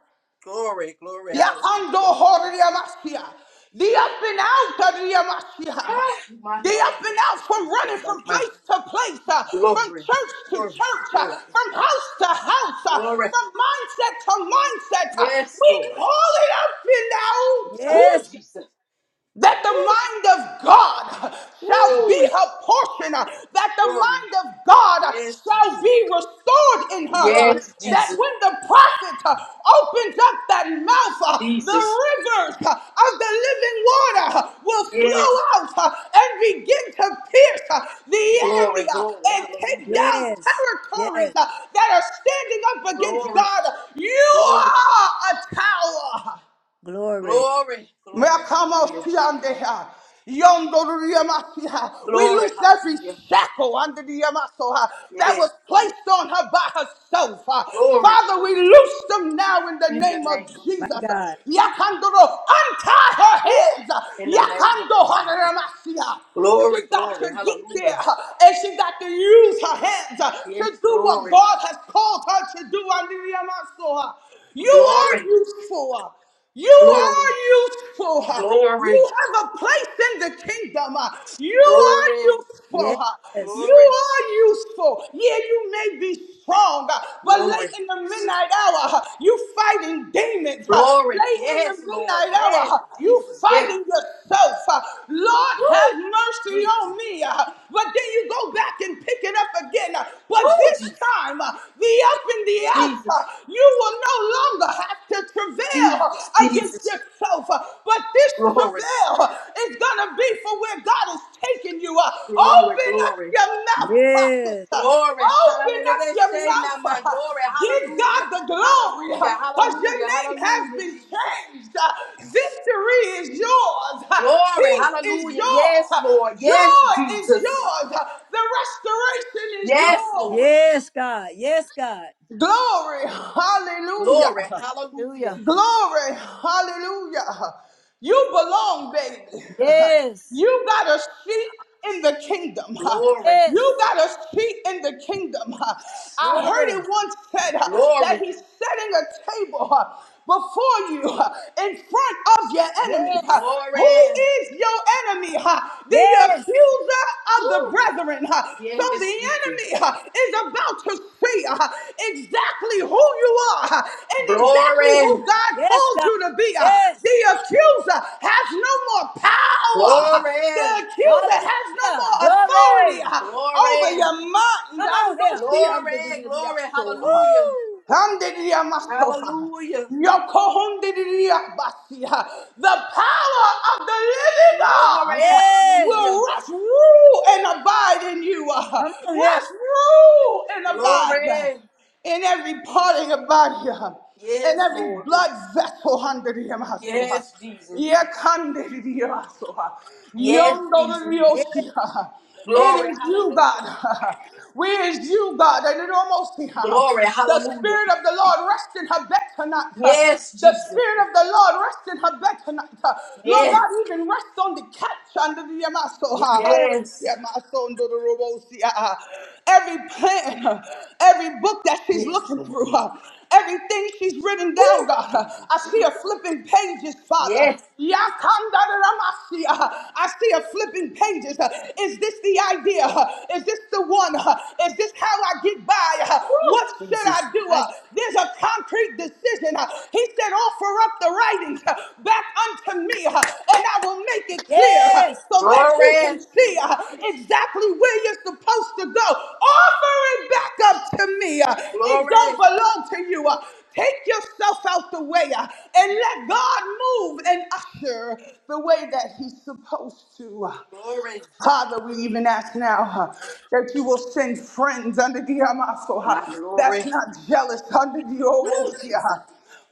Speaker 8: Glory, glory,
Speaker 5: Yakando
Speaker 8: hallelujah.
Speaker 5: Horiamasia. The up and out of Riamasia.
Speaker 8: Ah, my
Speaker 5: The
Speaker 8: Lord,
Speaker 5: up and out from running
Speaker 8: take back
Speaker 5: from
Speaker 8: my
Speaker 5: place to place, uh, from
Speaker 8: glory,
Speaker 5: church to
Speaker 8: glory,
Speaker 5: church, uh,
Speaker 8: glory,
Speaker 5: from house to house, uh,
Speaker 8: glory.
Speaker 5: from mindset to mindset. uh,
Speaker 8: Yes,
Speaker 5: we
Speaker 8: Lord.
Speaker 5: call it up and out
Speaker 8: Oh,
Speaker 7: Yes. God.
Speaker 8: Jesus.
Speaker 5: that the
Speaker 8: Ooh,
Speaker 5: mind of God shall be
Speaker 8: glory,
Speaker 7: Woo.
Speaker 5: her portion, uh, that the
Speaker 8: glory.
Speaker 5: mind of God uh,
Speaker 8: Yes,
Speaker 5: shall
Speaker 8: Jesus.
Speaker 5: be restored in her. uh,
Speaker 8: Yes,
Speaker 5: That
Speaker 7: Yes.
Speaker 8: Jesus,
Speaker 5: when the prophet uh, opens up that mouth, uh, the
Speaker 8: Jesus.
Speaker 5: rivers uh, of the living water uh, will flow
Speaker 8: Yes,
Speaker 5: out uh, and begin to pierce uh, the
Speaker 8: glory,
Speaker 5: enemy uh,
Speaker 8: glory,
Speaker 5: and take
Speaker 8: hallelujah.
Speaker 5: down
Speaker 7: Yes.
Speaker 5: territories
Speaker 7: Yes.
Speaker 5: uh, that are standing up against
Speaker 8: Glory,
Speaker 5: God. You
Speaker 8: glory,
Speaker 5: are a tower.
Speaker 7: Glory.
Speaker 8: glory, glory, hallelujah.
Speaker 5: Makamoshiandeha. Yondoriyamasiha. We
Speaker 8: Glory,
Speaker 5: loose every
Speaker 8: hallelujah.
Speaker 5: shackle under the Yamasoha that was
Speaker 8: Yes,
Speaker 5: placed
Speaker 8: Lord.
Speaker 5: on her by herself. Uh,
Speaker 8: Glory,
Speaker 5: Father, we
Speaker 8: glory.
Speaker 5: loose them now in the
Speaker 8: In the
Speaker 5: name of
Speaker 8: name of
Speaker 7: My
Speaker 5: Jesus.
Speaker 8: Jesus.
Speaker 7: God.
Speaker 5: Yakandoro, untie her
Speaker 8: Woo!
Speaker 5: hands.
Speaker 8: In the name of Jesus.
Speaker 5: Yakando
Speaker 8: Glory,
Speaker 5: she got to
Speaker 8: glory,
Speaker 5: get there
Speaker 8: hallelujah.
Speaker 5: uh, and she got to use her hands uh, to
Speaker 8: Yes,
Speaker 5: do what
Speaker 8: glory,
Speaker 5: God has called her to do. Hallelujah. You are
Speaker 8: glory,
Speaker 5: useful. uh, You
Speaker 8: glory,
Speaker 5: are useful. uh,
Speaker 8: glory,
Speaker 5: You have a place in the kingdom. uh, You are
Speaker 8: glory,
Speaker 5: useful. uh,
Speaker 7: Yes.
Speaker 5: you
Speaker 8: glory,
Speaker 5: are useful. Yeah, you may be strong, uh, but
Speaker 8: glory,
Speaker 5: late in the midnight hour, uh, you fighting demons. uh,
Speaker 8: glory.
Speaker 5: Late in the
Speaker 8: Yes, Lord.
Speaker 5: midnight hour,
Speaker 8: Yes,
Speaker 5: uh, you
Speaker 8: Jesus. Yes.
Speaker 5: fighting yourself. uh, Lord, have
Speaker 8: Woo!
Speaker 5: mercy
Speaker 8: Jesus.
Speaker 5: on me. uh, But then you go back and pick it up again. uh, But
Speaker 8: Woo!
Speaker 5: this
Speaker 8: Jesus.
Speaker 5: time, uh, the up and the out, uh,
Speaker 8: Jesus.
Speaker 5: you will no longer have to travail
Speaker 8: Jesus.
Speaker 5: uh, against your
Speaker 8: Jesus.
Speaker 5: yourself. uh, But this
Speaker 8: Glory,
Speaker 5: travail is going to be for where God is taking you. uh.
Speaker 8: glory,
Speaker 5: Open up
Speaker 8: glory.
Speaker 5: your mouth, prophet.
Speaker 7: Yes.
Speaker 5: uh.
Speaker 8: Glory.
Speaker 5: Open up
Speaker 8: Hallelujah.
Speaker 5: your
Speaker 8: Say now
Speaker 5: mouth.
Speaker 8: my
Speaker 5: uh.
Speaker 8: glory.
Speaker 5: Give God
Speaker 8: Hallelujah.
Speaker 5: the glory
Speaker 8: Hallelujah.
Speaker 5: because your
Speaker 8: Hallelujah.
Speaker 5: name has
Speaker 8: Hallelujah,
Speaker 5: been
Speaker 8: Jesus.
Speaker 5: changed. uh. Victory is yours. uh.
Speaker 8: Glory.
Speaker 5: Peace is
Speaker 8: Hallelujah.
Speaker 5: yours.
Speaker 8: Yes,
Speaker 5: uh.
Speaker 8: Lord. Yes,
Speaker 5: Joy is
Speaker 8: Jesus.
Speaker 5: yours. uh. The restoration is
Speaker 8: Yes,
Speaker 5: yours.
Speaker 8: Lord.
Speaker 7: Yes, God. Yes, God.
Speaker 5: Glory.
Speaker 8: Glory.
Speaker 5: Hallelujah.
Speaker 8: Hallelujah.
Speaker 7: Hallelujah.
Speaker 5: Glory. Hallelujah. You belong, baby. [LAUGHS]
Speaker 7: Yes.
Speaker 5: You got a seat in the kingdom. [LAUGHS]
Speaker 8: Glory.
Speaker 7: Yes.
Speaker 5: You got a seat in the kingdom. [LAUGHS] I heard it
Speaker 7: Glory.
Speaker 5: once said uh, that
Speaker 8: Glory.
Speaker 5: he's setting a table uh, before you uh, in front of your enemy.
Speaker 7: Yes.
Speaker 5: Who
Speaker 8: Glory.
Speaker 5: is your enemy? Uh, The accuser
Speaker 7: Yes.
Speaker 5: accuser of the
Speaker 8: Woo.
Speaker 5: brethren. huh? So
Speaker 8: Yes,
Speaker 5: the
Speaker 8: Jesus.
Speaker 5: enemy huh, is about to see huh, exactly who you are huh, and exactly
Speaker 8: Glory.
Speaker 5: who God
Speaker 7: Yes,
Speaker 5: called
Speaker 7: God.
Speaker 5: you to be. huh. The
Speaker 7: Yes.
Speaker 5: accuser has no more power. huh.
Speaker 8: Glory.
Speaker 5: The accuser has no
Speaker 7: Hallelujah.
Speaker 5: more authority
Speaker 7: Glory.
Speaker 5: huh, over
Speaker 8: Glory.
Speaker 5: your mind.
Speaker 7: Come
Speaker 5: I
Speaker 7: on
Speaker 5: know
Speaker 7: here.
Speaker 5: she
Speaker 8: Glory.
Speaker 5: under
Speaker 8: Glory.
Speaker 5: the
Speaker 8: Hallelujah.
Speaker 7: Woo.
Speaker 5: Handidia masoha.
Speaker 8: Hallelujah.
Speaker 5: Yokohondidia basia. The power of the living
Speaker 8: Glory.
Speaker 5: God
Speaker 7: Yes.
Speaker 8: Hallelujah.
Speaker 5: will rest, rule, and abide in you.
Speaker 7: Come on here.
Speaker 5: Rest, rule, and abide
Speaker 8: Glory.
Speaker 5: in every part of your body. In
Speaker 8: Yes,
Speaker 5: every
Speaker 8: Lord.
Speaker 5: blood vessel. under Handidia masoha.
Speaker 8: Yes, Jesus.
Speaker 5: Yakandiriyasa.
Speaker 8: Yes, Jesus.
Speaker 7: Yes.
Speaker 5: Yondoriyoshiha. It
Speaker 8: Glory,
Speaker 5: is you,
Speaker 8: hallelujah.
Speaker 5: God. [LAUGHS] We is you, God. And it almost yeah.
Speaker 8: Glory,
Speaker 5: the
Speaker 8: hallelujah.
Speaker 5: Spirit of the Lord rest in her back tonight.
Speaker 8: Yes,
Speaker 5: The
Speaker 8: Jesus.
Speaker 5: Spirit of the Lord rest in her back tonight. Lord
Speaker 8: Yes,
Speaker 5: God, even rest on the couch under the Yamaso.
Speaker 7: Yes.
Speaker 5: Under
Speaker 8: yes,
Speaker 5: the Yamaso, under the Robosi uh, uh, every plan, uh, every book that she's
Speaker 8: yes,
Speaker 5: looking
Speaker 8: Lord.
Speaker 5: through, uh, everything she's written down,
Speaker 8: Woo,
Speaker 5: God. uh,
Speaker 8: Jesus.
Speaker 5: I see her flipping pages, Father.
Speaker 8: Yes,
Speaker 5: Yakandararamasi, uh, I see her flipping pages. uh, Is this the idea? uh, Is this the one? uh, Is this how I get by? uh,
Speaker 8: woo,
Speaker 5: What should
Speaker 8: Jesus.
Speaker 5: I do?
Speaker 7: I-
Speaker 5: uh, There's a concrete decision. uh, he said, Offer up the writings uh, back unto me, uh, and I will make it clear uh,
Speaker 7: Yes.
Speaker 5: so that you
Speaker 8: Glory,
Speaker 5: can see uh, exactly where you're supposed to go. Offer it back up to me. uh, It don't
Speaker 8: glory,
Speaker 5: belong to you. uh, Take yourself out the way uh, and let God move and usher the way that He's supposed to.
Speaker 8: glory.
Speaker 5: Father, we even ask now huh, that you will send friends under the Amaso
Speaker 8: My
Speaker 5: huh, that's
Speaker 8: glory.
Speaker 5: not jealous under the
Speaker 8: Woo,
Speaker 5: Owosia.
Speaker 8: Jesus.
Speaker 5: huh.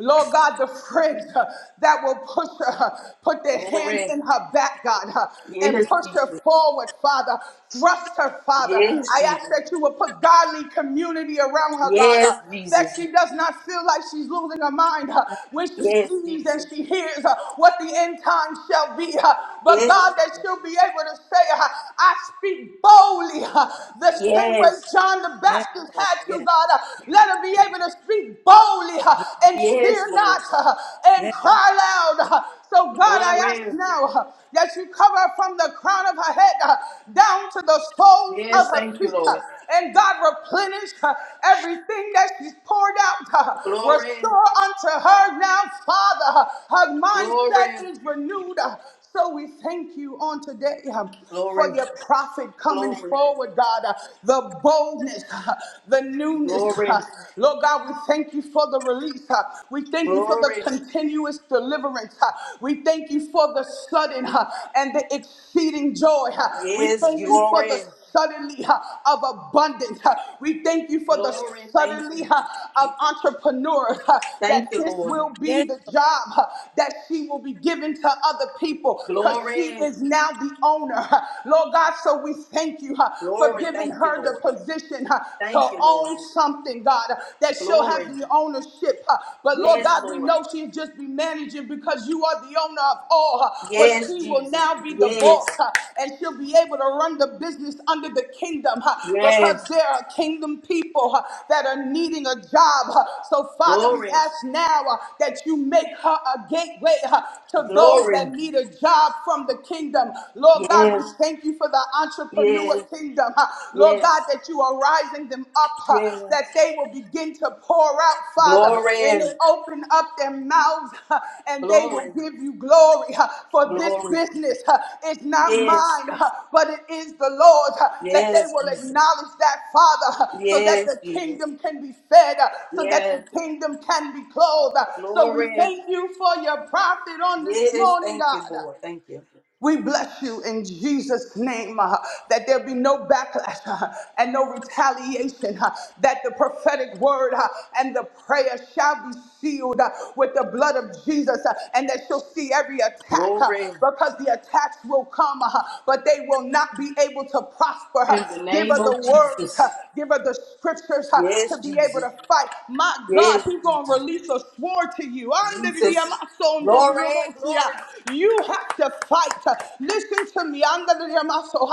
Speaker 5: Lord God, the friends huh, that will push her, huh, put their hand
Speaker 8: Glory.
Speaker 5: in her back, God, huh, and
Speaker 8: Yes,
Speaker 5: push her
Speaker 8: Jesus.
Speaker 5: forward, Father. Thrust her, Father.
Speaker 8: Yes,
Speaker 5: I ask
Speaker 8: Jesus.
Speaker 5: that you will put godly community around her, God, huh,
Speaker 8: Yes,
Speaker 5: that
Speaker 8: Jesus.
Speaker 5: she does not feel like she's losing her mind huh,
Speaker 7: God.
Speaker 5: when she sees
Speaker 8: Yes,
Speaker 5: and
Speaker 8: Jesus.
Speaker 5: she hears huh, what the end time shall be. huh. But
Speaker 8: Yes,
Speaker 5: God, that
Speaker 8: Jesus.
Speaker 5: she'll be able able to say, uh, I speak boldly uh, the same way
Speaker 8: Yes.
Speaker 5: John the
Speaker 7: Yes,
Speaker 5: Baptist
Speaker 7: Lord.
Speaker 5: had to,
Speaker 7: Yes.
Speaker 5: God. Uh, Let him be able to speak boldly uh,
Speaker 7: Yes.
Speaker 5: and
Speaker 8: Yes,
Speaker 5: fear
Speaker 8: Lord.
Speaker 5: not uh, and
Speaker 7: Yes.
Speaker 5: cry loud. uh. So, God, I ask
Speaker 8: Glory.
Speaker 5: now uh, that you cover her from the crown of her head uh, down to the soles of
Speaker 8: Yes,
Speaker 5: her
Speaker 8: thank you,
Speaker 5: feet. uh,
Speaker 8: Lord.
Speaker 5: And God, replenish uh, everything that she's poured out. uh,
Speaker 8: Glory,
Speaker 5: Restore unto her now, Father. uh, Her
Speaker 8: glory,
Speaker 5: mindset is renewed. uh, so we thank you on today um, for
Speaker 8: glory,
Speaker 5: your prophet coming
Speaker 8: glory,
Speaker 5: forward, God, uh, the boldness, uh, the newness. uh,
Speaker 8: glory,
Speaker 5: Lord God, we thank you for the release. uh, we thank you for the
Speaker 8: glory.
Speaker 5: continuous deliverance. uh, we thank you for the sudden uh, and the exceeding joy. uh, we
Speaker 8: Yes,
Speaker 5: thank you for the
Speaker 8: glory,
Speaker 5: suddenly uh, of abundance. uh, we thank you for the
Speaker 8: glory. Thank
Speaker 5: suddenly
Speaker 8: you.
Speaker 5: uh, of entrepreneurs uh, that
Speaker 8: Thank you,
Speaker 5: this
Speaker 8: Lord.
Speaker 5: will be
Speaker 7: Yes.
Speaker 5: the job uh, that she will be given to other people because she
Speaker 8: Glory,
Speaker 5: is now the owner. uh. Lord God, so we thank you uh, for
Speaker 8: glory.
Speaker 5: giving
Speaker 8: Thank you,
Speaker 5: her the
Speaker 8: Lord.
Speaker 5: position uh,
Speaker 8: Thank
Speaker 5: to
Speaker 8: you, Lord.
Speaker 5: own something, God, uh, that she'll have
Speaker 8: Glory.
Speaker 5: the ownership. uh. But Lord
Speaker 8: Yes,
Speaker 5: God, we
Speaker 8: Lord.
Speaker 5: know she'll just be managing because you are the owner of all. uh, But that
Speaker 8: Yes,
Speaker 5: she will
Speaker 8: Jesus.
Speaker 5: now be the
Speaker 8: Yes,
Speaker 5: boss uh, and she'll be able to run the business under the kingdom uh, because
Speaker 8: yes.
Speaker 5: there are kingdom people uh, that are needing a job. uh. So, Father, we
Speaker 8: Glory,
Speaker 5: ask now uh, that you make her a gateway uh, to those
Speaker 8: glory.
Speaker 5: that need a job from the kingdom. Lord God, we
Speaker 8: Yes,
Speaker 5: thank you for the entrepreneur
Speaker 8: yes,
Speaker 5: kingdom. uh. Lord
Speaker 8: yes,
Speaker 5: God, that you are rising them up, uh,
Speaker 8: yes.
Speaker 5: that they will begin to pour out, Father, and
Speaker 8: Glory,
Speaker 5: they open up their mouths huh, and they will
Speaker 8: glory,
Speaker 5: give you glory. huh, For this
Speaker 8: glory.
Speaker 5: business huh, is not
Speaker 8: Yes.
Speaker 5: mine, huh, but it is the Lord that they
Speaker 8: Yes,
Speaker 5: will
Speaker 8: Jesus.
Speaker 5: acknowledge that, Father, huh, so that
Speaker 8: Yes,
Speaker 5: the
Speaker 8: Jesus.
Speaker 5: kingdom can be fed, huh, so that the
Speaker 8: Yes.
Speaker 5: kingdom can be clothed. huh. So we
Speaker 8: Glory.
Speaker 5: thank you for your prophet on this
Speaker 8: Yes.
Speaker 5: morning,
Speaker 8: Thank you,
Speaker 5: God. huh,
Speaker 8: Lord. Thank you.
Speaker 5: we bless you in Jesus' name uh, that there be no backlash uh, and no retaliation, uh, that the prophetic word uh, and the prayer shall be sealed uh, with the blood of Jesus, uh, and that she'll see every attack uh,
Speaker 8: Glory.
Speaker 5: because the attacks will come, uh, but they will not be able to prosper.
Speaker 8: In
Speaker 5: uh.
Speaker 8: the
Speaker 5: Give
Speaker 8: name
Speaker 5: her
Speaker 8: of
Speaker 5: the word, uh,
Speaker 8: Jesus.
Speaker 5: give her the scriptures uh,
Speaker 8: Yes,
Speaker 5: to be able
Speaker 8: Jesus.
Speaker 5: to fight. My God,
Speaker 8: Yes,
Speaker 5: He's going to
Speaker 8: Jesus.
Speaker 5: release a sword to you.
Speaker 8: Jesus. Glory. Glory.
Speaker 5: You have to fight fight. Listen to me. Anda de Yamaso.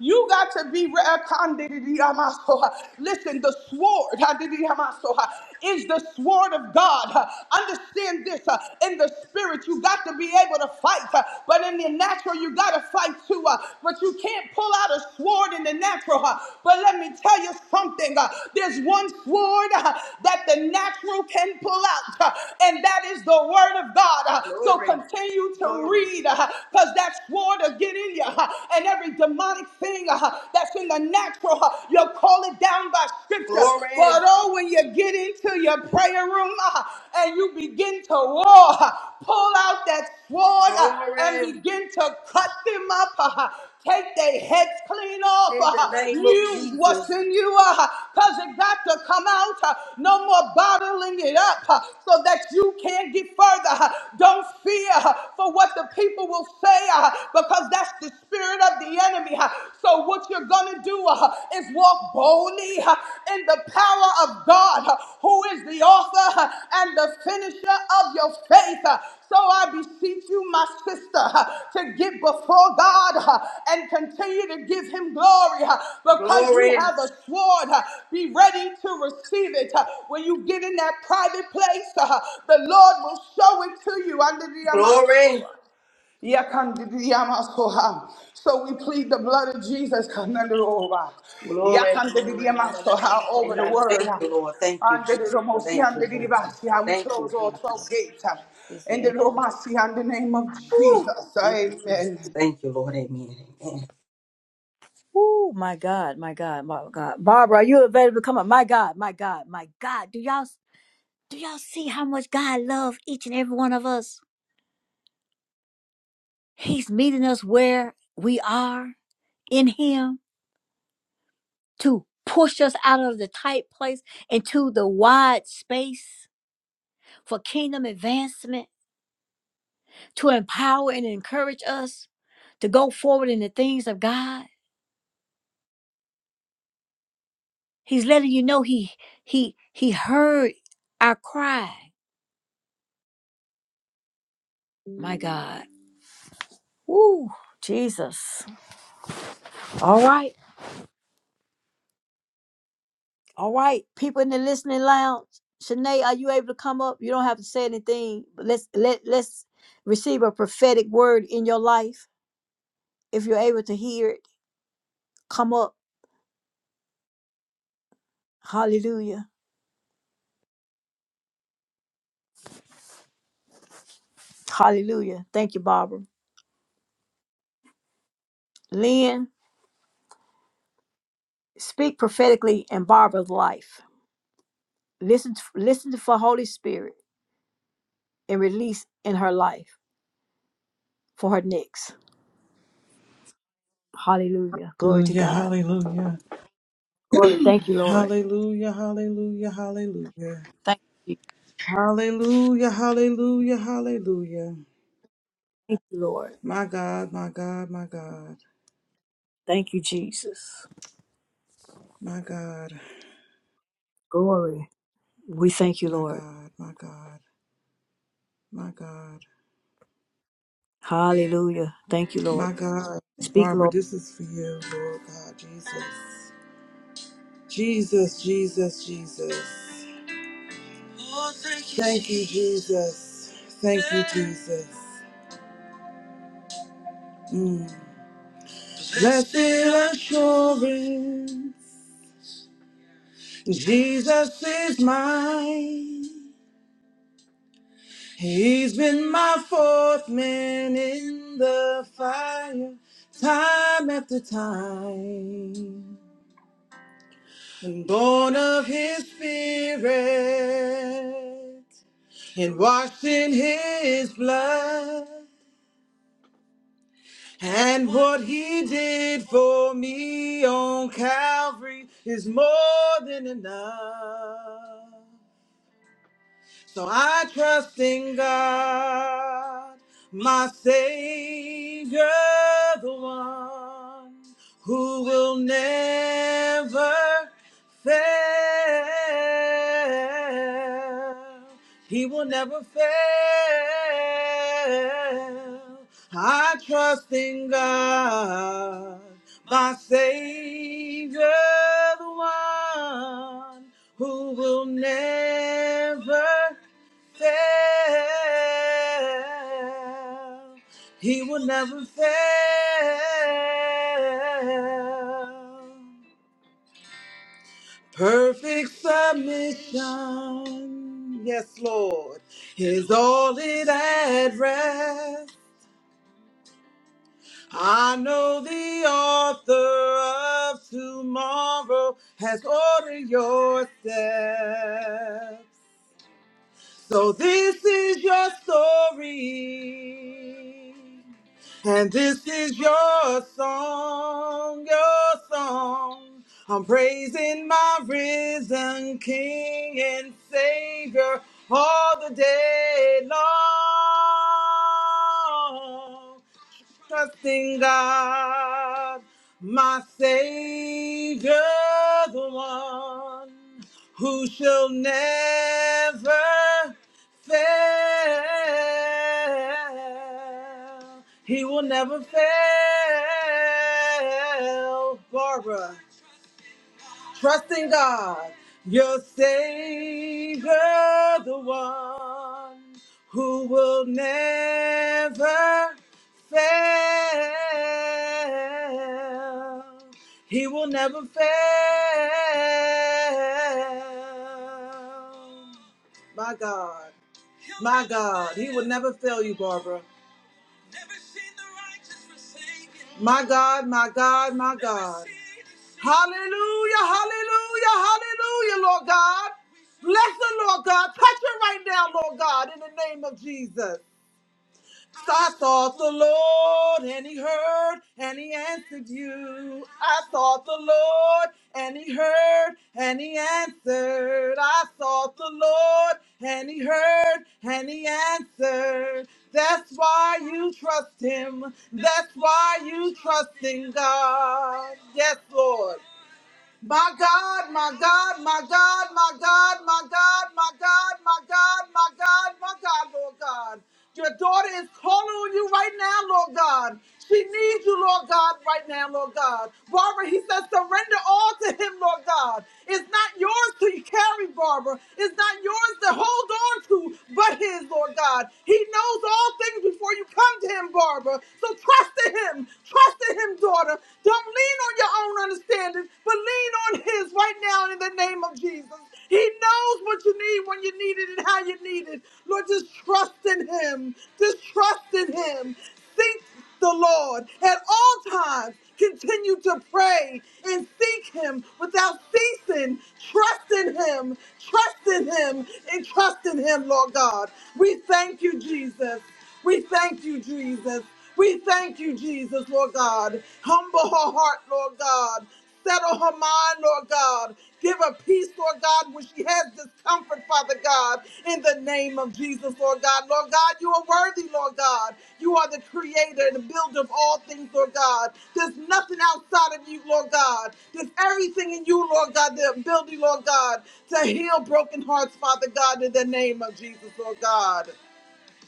Speaker 5: You got to be re- Listen, the sword is the sword of God. Understand this. uh, In the spirit, you got to be able to fight. uh, But in the natural, you got to fight too. uh, But you can't pull out a sword in the natural. uh, But let me tell you something. uh, There's one sword uh, that the natural can pull out, uh, and that is the word of God. uh, So
Speaker 8: Glory.
Speaker 5: continue to
Speaker 8: Glory.
Speaker 5: read. huh? because that sword will get in you. huh, And every demonic thing uh, huh, that's in the natural, huh, you'll call it down by scripture.
Speaker 8: Glory.
Speaker 5: But oh, when you get into your prayer room uh, huh, and you begin to war, huh, pull out that sword uh, and
Speaker 8: Glory.
Speaker 5: begin to cut them up. uh, huh, Take their heads clean off.
Speaker 8: In the
Speaker 5: uh,
Speaker 8: name of
Speaker 5: Use what's
Speaker 8: Jesus.
Speaker 5: in you because it got to come out. uh, No more bottling it up uh, so that you can't get further. uh, Don't fear uh, for what the people will say uh, because that's the spirit of the enemy. uh, So, what you're going to do uh, is walk boldly uh, in the power of God, uh, who is the author uh, and the finisher of your faith. uh, so I beseech you, my sister, to get before God and continue to give him glory because you
Speaker 8: Glory.
Speaker 5: have a sword. Be ready to receive it. When you get in that private place, the Lord will show it to you. Under
Speaker 8: Glory.
Speaker 5: the Yakandidiyamasoha. So we plead the blood of Jesus Kanandaroba.
Speaker 8: Glory. Glory.
Speaker 5: Yakandidiyamasoha,
Speaker 8: Hallelujah.
Speaker 5: over the word.
Speaker 8: Thank you, Lord. Thank you, Jesus.
Speaker 7: Lord.
Speaker 5: Andididomosi,
Speaker 8: Thank you, Lord.
Speaker 5: andididibasi. We
Speaker 8: Thank you,
Speaker 5: close all
Speaker 8: Jesus.
Speaker 5: 12 gates.
Speaker 7: It's
Speaker 5: In the
Speaker 7: the
Speaker 5: Romasi, in the name of
Speaker 7: end.
Speaker 8: Woo.
Speaker 5: Jesus.
Speaker 8: Thank you, Jesus.
Speaker 5: Amen.
Speaker 8: Thank you, Lord. Amen. Amen.
Speaker 7: Oh my God, my God, my God. Barbara, are you available? to Come on. My God, my God, my God. Do y'all do y'all see how much God loves each and every one of us? He's meeting us where we are in Him to push us out of the tight place into the wide space for kingdom advancement, to empower and encourage us to go forward in the things of God. He's letting you know He He He heard our cry. My God. Woo, Jesus. All right. All right. People in the listening lounge. Shanae, are you able to come up? You don't have to say anything, but let's let let's receive a prophetic word in your life. If you're able to hear it, come up. Hallelujah. Hallelujah. Thank you, Barbara. Lynn, speak prophetically in Barbara's life. Listen listen for Holy Spirit and release in her life for her next. Hallelujah. Glory to
Speaker 6: Hallelujah,
Speaker 7: God.
Speaker 6: hallelujah,
Speaker 7: Glory. Thank you, Lord.
Speaker 6: hallelujah, hallelujah, hallelujah,
Speaker 7: Thank you.
Speaker 6: hallelujah, hallelujah, hallelujah.
Speaker 7: Thank you, Lord.
Speaker 6: My God, my God, my God,
Speaker 7: Thank you, Jesus.
Speaker 6: my God.
Speaker 7: Glory. We thank you,
Speaker 6: My
Speaker 7: Lord.
Speaker 6: God, my God, my God,
Speaker 7: Hallelujah. Thank you, Lord.
Speaker 6: my God.
Speaker 7: Speak,
Speaker 6: Barbara,
Speaker 7: Lord.
Speaker 6: this is for you, Lord God, Jesus. Jesus, Jesus, Jesus. Oh, thank you, Thank you, Jesus. Thank you, Jesus. Mm. Blessed assurance, Jesus is mine. He's been my fourth man in the fire, time after time. and born of his spirit and washed in his blood and what he did for me on calvary is more than enough so i trust in god my savior the one who will never fail. He will never fail. I trust in God, my Savior, the one who will never fail. He will never fail. Perfect submission, yes, Lord, is all it at rest. I know the author of tomorrow has ordered your steps. So this is your story, and this is your song, your song. I'm praising my risen King and Savior all the day long trusting God, my Savior, the one who shall never fail. He will never fail, Barbara. Trust in God, your Savior, the one who will never fail. He will never fail. My God. My God. He will never fail you, Barbara. My God, my God, my God. Hallelujah, hallelujah, hallelujah, Lord God. Bless the Lord God. Touch her right now, Lord God, in the name of Jesus. So I sought the Lord and he heard and he answered you. I sought the Lord and he heard and he answered. I sought the Lord and he heard and he answered. That's why you trust him. That's why you trust in God. Yes, Lord. My God, my God, my God, my God, my God, my God, my God, my God, my God, Lord God. Your daughter is calling on you right now, Lord God. She needs you, Lord God, right now, Lord God. Barbara, he says, surrender all to him, Lord God. It's not yours to carry, Barbara. It's not yours to hold on to, but his, Lord God. He knows all things before you come to him, Barbara. So trust in him. Trust in him, daughter daughter. Don't lean on your own understanding, but lean on His right now in the name of Jesus. He knows what you need when you need it and how you need it. Lord, just trust in Him. Just trust in Him. Seek the Lord at all times. Continue to pray and seek Him without ceasing. Trust in Him. Trust in Him and trust in Him, Lord God. We thank you, Jesus. We thank you, Jesus. We thank you, Jesus, Lord God. Humble her heart, Lord God. Settle her mind, Lord God. Give her peace, Lord God, when she has discomfort, Father God, in the name of Jesus, Lord God. Lord God, you are worthy, Lord God. You are the creator and the builder of all things, Lord God. There's nothing outside of you, Lord God. There's everything in you, Lord God, the ability, Lord God, to heal broken hearts, Father God, in the name of Jesus, Lord God.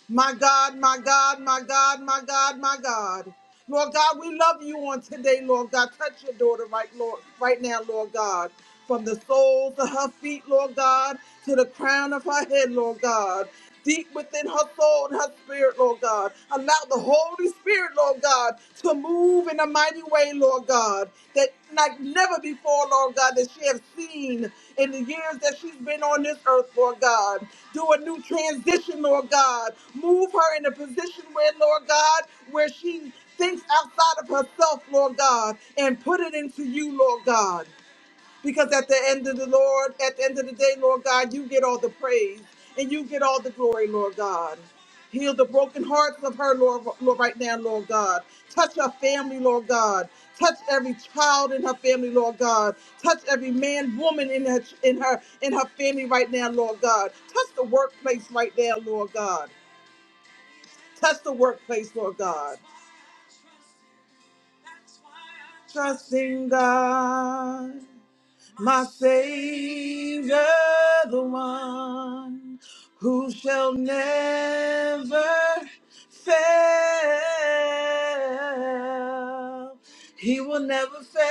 Speaker 6: My God, my God, my God, my God, my God. Lord God, we love you on today, Lord God. Touch your daughter right, Lord, right now, Lord God. From the soles of her feet, Lord God, to the crown of her head, Lord God. Deep within her soul and her spirit, Lord God. Allow the Holy Spirit, Lord God, to to move in a mighty way, Lord God, that like never before, Lord God, that she has seen in the years that she's been on this earth, Lord God. Do a new transition, Lord God. Move her in a position where, Lord God, where she thinks outside of herself, Lord God, and put it into you, Lord God. Because at the end of the Lord, at the end of the day, Lord God, you get all the praise and you get all the glory, Lord God. Heal the broken hearts of her, Lord, Lord, right now, Lord God. Touch her family, Lord God. Touch every child in her family, Lord God. Touch every man, woman in her in her in her family right now, Lord God. Touch the workplace right now, Lord God. Touch the workplace, Lord God. Trusting God. my Savior, the one who shall never fail. He will never fail.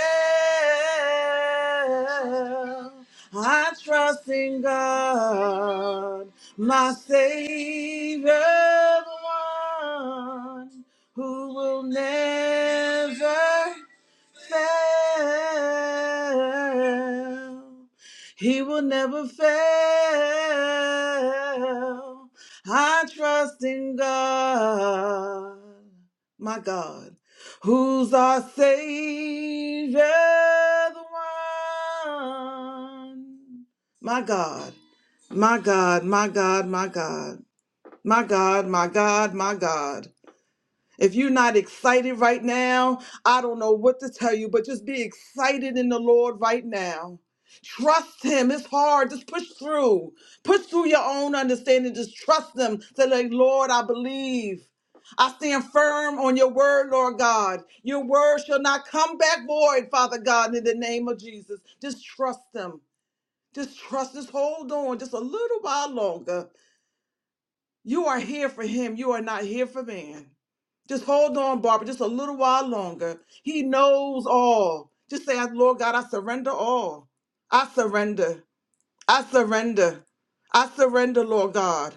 Speaker 6: I trust in God, my Savior, the one who will never fail. He will never fail. I trust in God, my God, who's our Savior, the one. My God, my God, my God, my God, my God, my God, my God. If you're not excited right now, I don't know what to tell you, but just be excited in the Lord right now. Trust Him. It's hard. Just push through. Push through your own understanding. Just trust Him. Say, like, Lord, I believe. I stand firm on your word, Lord God. Your word shall not come back void, Father God, in the name of Jesus. Just trust Him. Just trust. Just hold on just a little while longer. You are here for him. You are not here for man. Just hold on, Barbara, just a little while longer. He knows all. Just say, Lord God, I surrender all. I surrender. I surrender. I surrender, Lord God.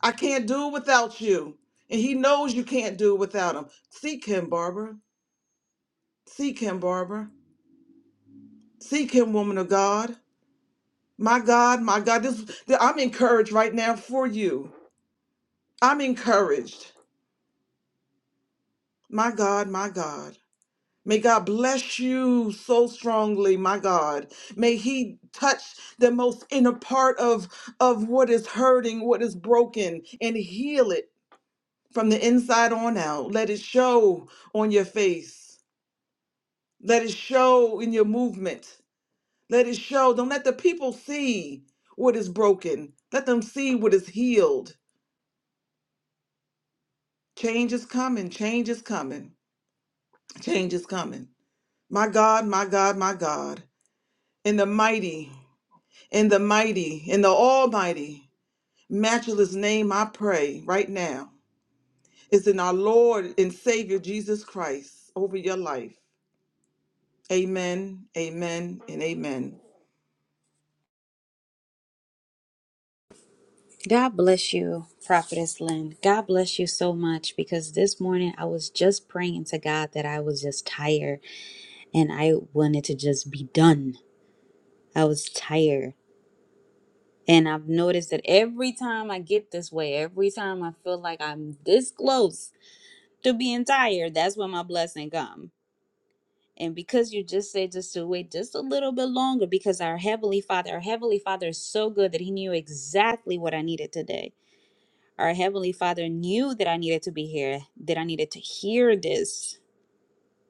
Speaker 6: I can't do without you. And he knows you can't do without him. Seek him, Barbara. Seek him, Barbara. Seek him, woman of God. My God, my God. This I'm encouraged right now for you. I'm encouraged. My God, my God. May God bless you so strongly, my God. May He touch the most inner part of, of what is hurting, what is broken, and heal it from the inside on out. Let it show on your face. Let it show in your movement. Let it show. Don't let the people see what is broken. Let them see what is healed. Change is coming. Change is coming. Change is coming. My God, my God, my God. In the mighty In the mighty, in the almighty, matchless name I pray right now is in our Lord and Savior Jesus Christ over your life. Amen, amen, and amen.
Speaker 9: God bless you, Prophetess Lynn. God bless you so much because this morning I was just praying to God that I was just tired and I wanted to just be done. I was tired. And I've noticed that every time I get this way, every time I feel like I'm this close to being tired, that's when my blessing come. And because you just said just to wait just a little bit longer, because our Heavenly Father, our Heavenly Father is so good that He knew exactly what I needed today. Our Heavenly Father knew that I needed to be here, that I needed to hear this,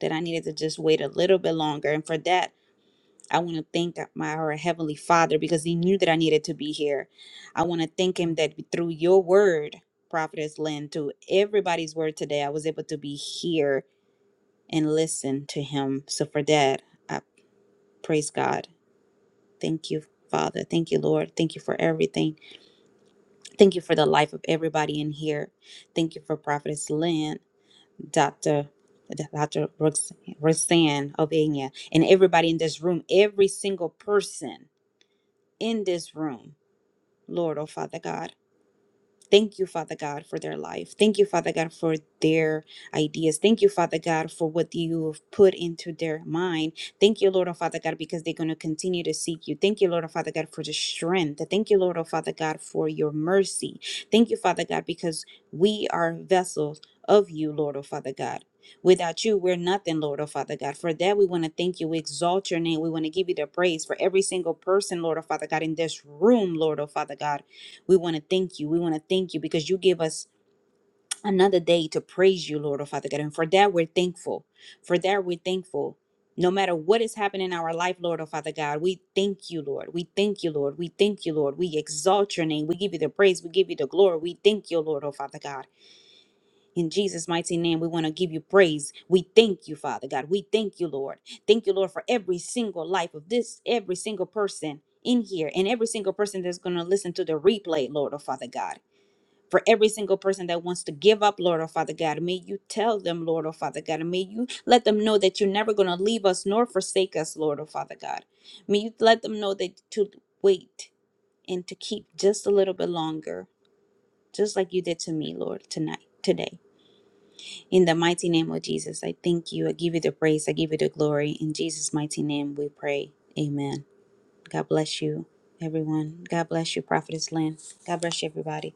Speaker 9: that I needed to just wait a little bit longer. And for that, I want to thank my our Heavenly Father because He knew that I needed to be here. I want to thank Him that through your word, Prophetess Lynn, through everybody's word today, I was able to be here and listen to Him. So for that, I praise God. Thank you, Father. Thank you, Lord. Thank you for everything. Thank you for the life of everybody in here. Thank you for Prophetess Lynn. Dr. Dr. Rox- Roxanne Ovenia, and everybody in this room, every single person in this room, Lord, oh Father God. Thank you, Father God, for their life. Thank you, Father God, for their ideas. Thank you, Father God, for what you've put into their mind. Thank you, Lord, oh Father God, because they're going to continue to seek you. Thank you, Lord, oh Father God, for the strength. Thank you, Lord, oh Father God, for your mercy. Thank you, Father God, because we are vessels of you, Lord, oh Father God. Without you, we're nothing, Lord, oh Father God. For that, we want to thank you. We exalt your name. We want to give you the praise for every single person, Lord, oh Father God, in this room, Lord, oh Father God. We want to thank you. We want to thank you because you give us another day to praise you, Lord, oh Father God. And for that, we're thankful. For that, we're thankful. No matter what is happening in our life, Lord, oh Father God, we thank you, Lord. We thank you, Lord. We thank you, Lord. We exalt your name. We give you the praise. We give you the glory. We thank you, Lord, oh Father God. In Jesus' mighty name, we want to give you praise. We thank you, Father God. We thank you, Lord. Thank you, Lord, for every single life of this, every single person in here, and every single person that's going to listen to the replay, Lord, oh Father God for every single person that wants to give up, Lord, oh Father God. May you tell them, Lord, oh Father God, and may you let them know that you're never going to leave us nor forsake us, Lord, oh Father God. May you let them know that to wait and to keep just a little bit longer, just like you did to me, Lord, tonight, today. In the mighty name of Jesus, I thank you. I give you the praise. I give you the glory. In Jesus' mighty name, we pray. Amen. God bless you, everyone. God bless you, Prophetess Lynn. God bless you, everybody.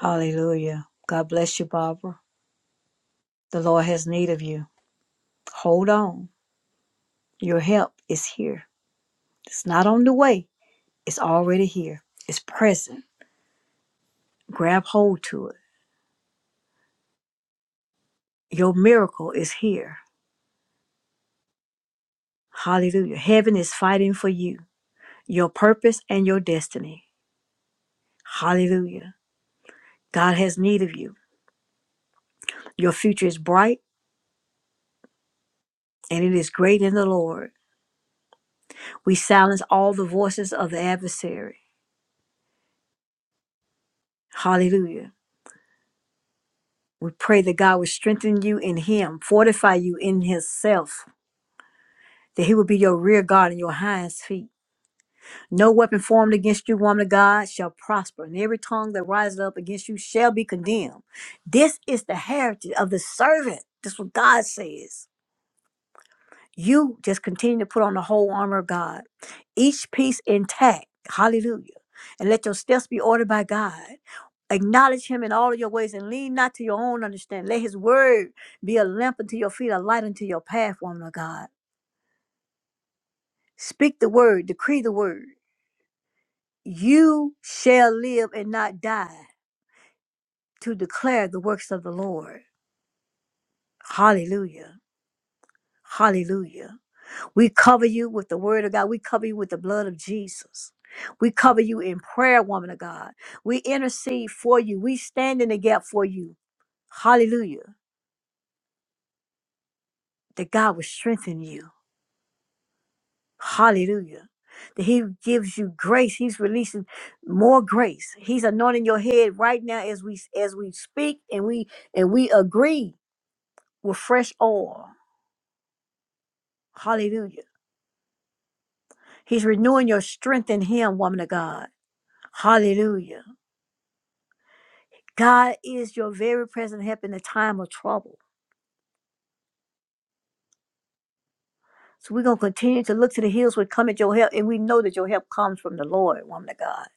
Speaker 7: Hallelujah. God bless you, Barbara. The Lord has need of you. Hold on. Your help is here. It's not on the way, it's already here. It's present. Grab hold to it. Your miracle is here. Hallelujah. Heaven is fighting for you, your purpose and your destiny. Hallelujah. God has need of you. Your future is bright. and it is great in the Lord. We silence all the voices of the adversary. Hallelujah. We pray that God would strengthen you in Him, fortify you in Himself, that He will be your rear guard and your highest feet. No weapon formed against you, woman of God, shall prosper, and every tongue that rises up against you shall be condemned. This is the heritage of the servant. That's what God says. You just continue to put on the whole armor of God, each piece intact. Hallelujah. And let your steps be ordered by God. Acknowledge him in all of your ways and lean not to your own understanding. Let his word be a lamp unto your feet, a light unto your path, woman of God. Speak the word, decree the word. You shall live and not die to declare the works of the Lord. Hallelujah. Hallelujah. We cover you with the word of God. We cover you with the blood of Jesus. We cover you in prayer, woman of God. We intercede for you. We stand in the gap for you. Hallelujah. That God will strengthen you. Hallelujah. That He gives you grace. He's releasing more grace. He's anointing your head right now as we as we speak and we and we agree with fresh oil. Hallelujah. He's renewing your strength in Him, woman of God. Hallelujah. God is your very present help in the time of trouble. So we're going to continue to look to the hills which come at your help. And we know that your help comes from the Lord, woman of God.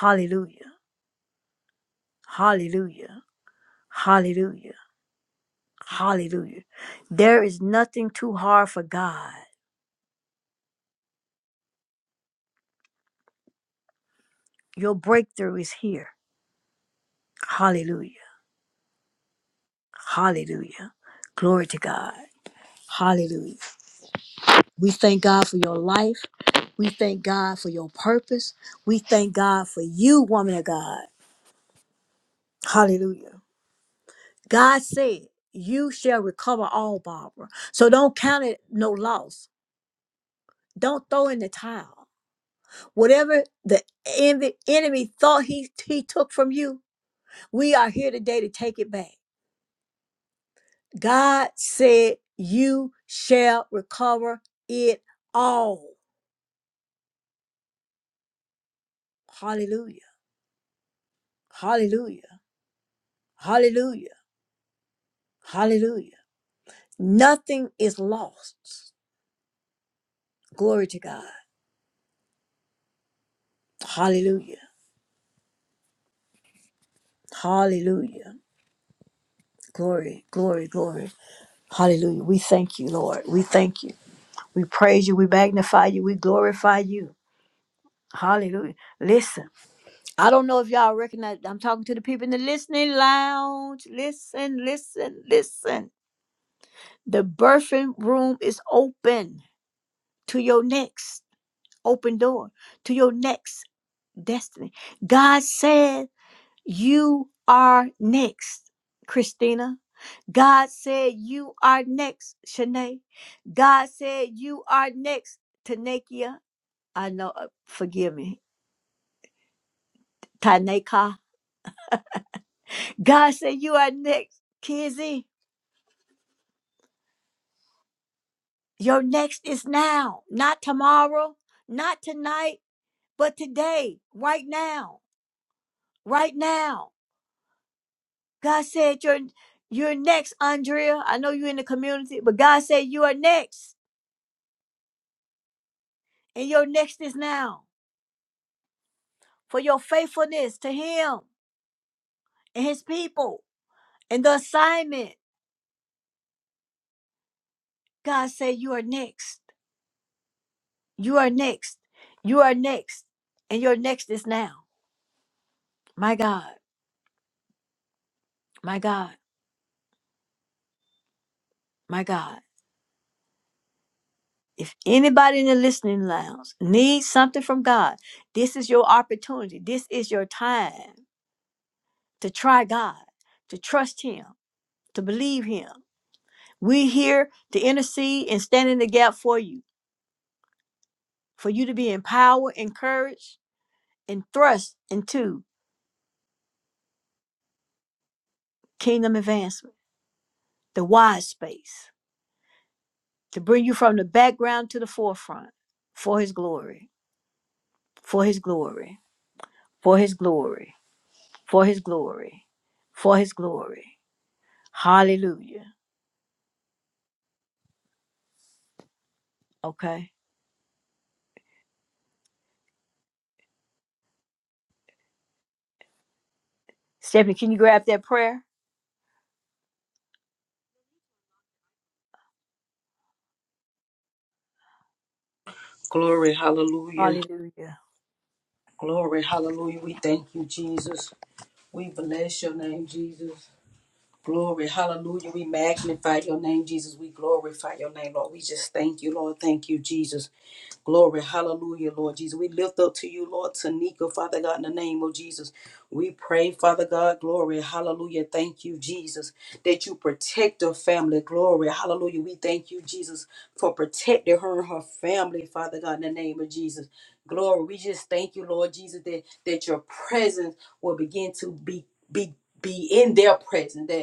Speaker 7: Hallelujah. Hallelujah. Hallelujah. Hallelujah. There is nothing too hard for God. Your breakthrough is here. Hallelujah. Hallelujah. Glory to God. Hallelujah. We thank God for your life. We thank God for your purpose. We thank God for you, woman of God. Hallelujah. God said, You shall recover all, Barbara. So don't count it no loss. Don't throw in the towel. Whatever the envy, enemy thought he, he took from you, we are here today to take it back. God said, You shall recover it all. Hallelujah. Hallelujah. Hallelujah. Hallelujah. Nothing is lost. Glory to God. Hallelujah. Hallelujah. Glory, glory, glory. Hallelujah. We thank you, Lord. We thank you. We praise you. We magnify you. We glorify you. Hallelujah. Listen, I don't know if y'all recognize, I'm talking to the people in the listening lounge. Listen, listen, listen. The birthing room is open to your next open door, to your next destiny. God said You are next, Christina. God said you are next, Shanae. God said you are next, Tanekia. I know, uh, forgive me, Taneka. God said you are next, Kizzy. Your next is now, not tomorrow, not tonight, but today, right now, right now. God said you're you're next, Andrea. I know you're in the community, but God said you are next, and your next is now. for your faithfulness to him and his people and the assignment. God said, You are next. You are next. You are next. And your next is now. My God, my God, my God. If anybody in the listening lounge needs something from God, this is your opportunity. This is your time to try God, to trust Him, to believe Him. We're here to intercede and stand in the gap for you, for you to be empowered, encouraged, and thrust into kingdom advancement, the wide space, to bring you from the background to the forefront for his glory, for his glory, for his glory, for his glory, for his glory. Hallelujah. Okay. Stephanie, can you grab that prayer?
Speaker 8: Glory, hallelujah.
Speaker 7: Hallelujah.
Speaker 8: Glory, hallelujah. We thank you, Jesus. We bless your name, Jesus. Glory, hallelujah. We magnify your name, Jesus. We glorify your name, Lord. We just thank you, Lord. Thank you, Jesus. Glory, hallelujah, Lord Jesus. We lift up to you, Lord Tanika, Father God, in the name of Jesus. We pray, Father God, glory, hallelujah. Thank you, Jesus, that you protect her family. Glory, hallelujah. We thank you, Jesus, for protecting her and her family, Father God, in the name of Jesus. Glory, we just thank you, Lord Jesus, that, that your presence will begin to be, be be in their presence, that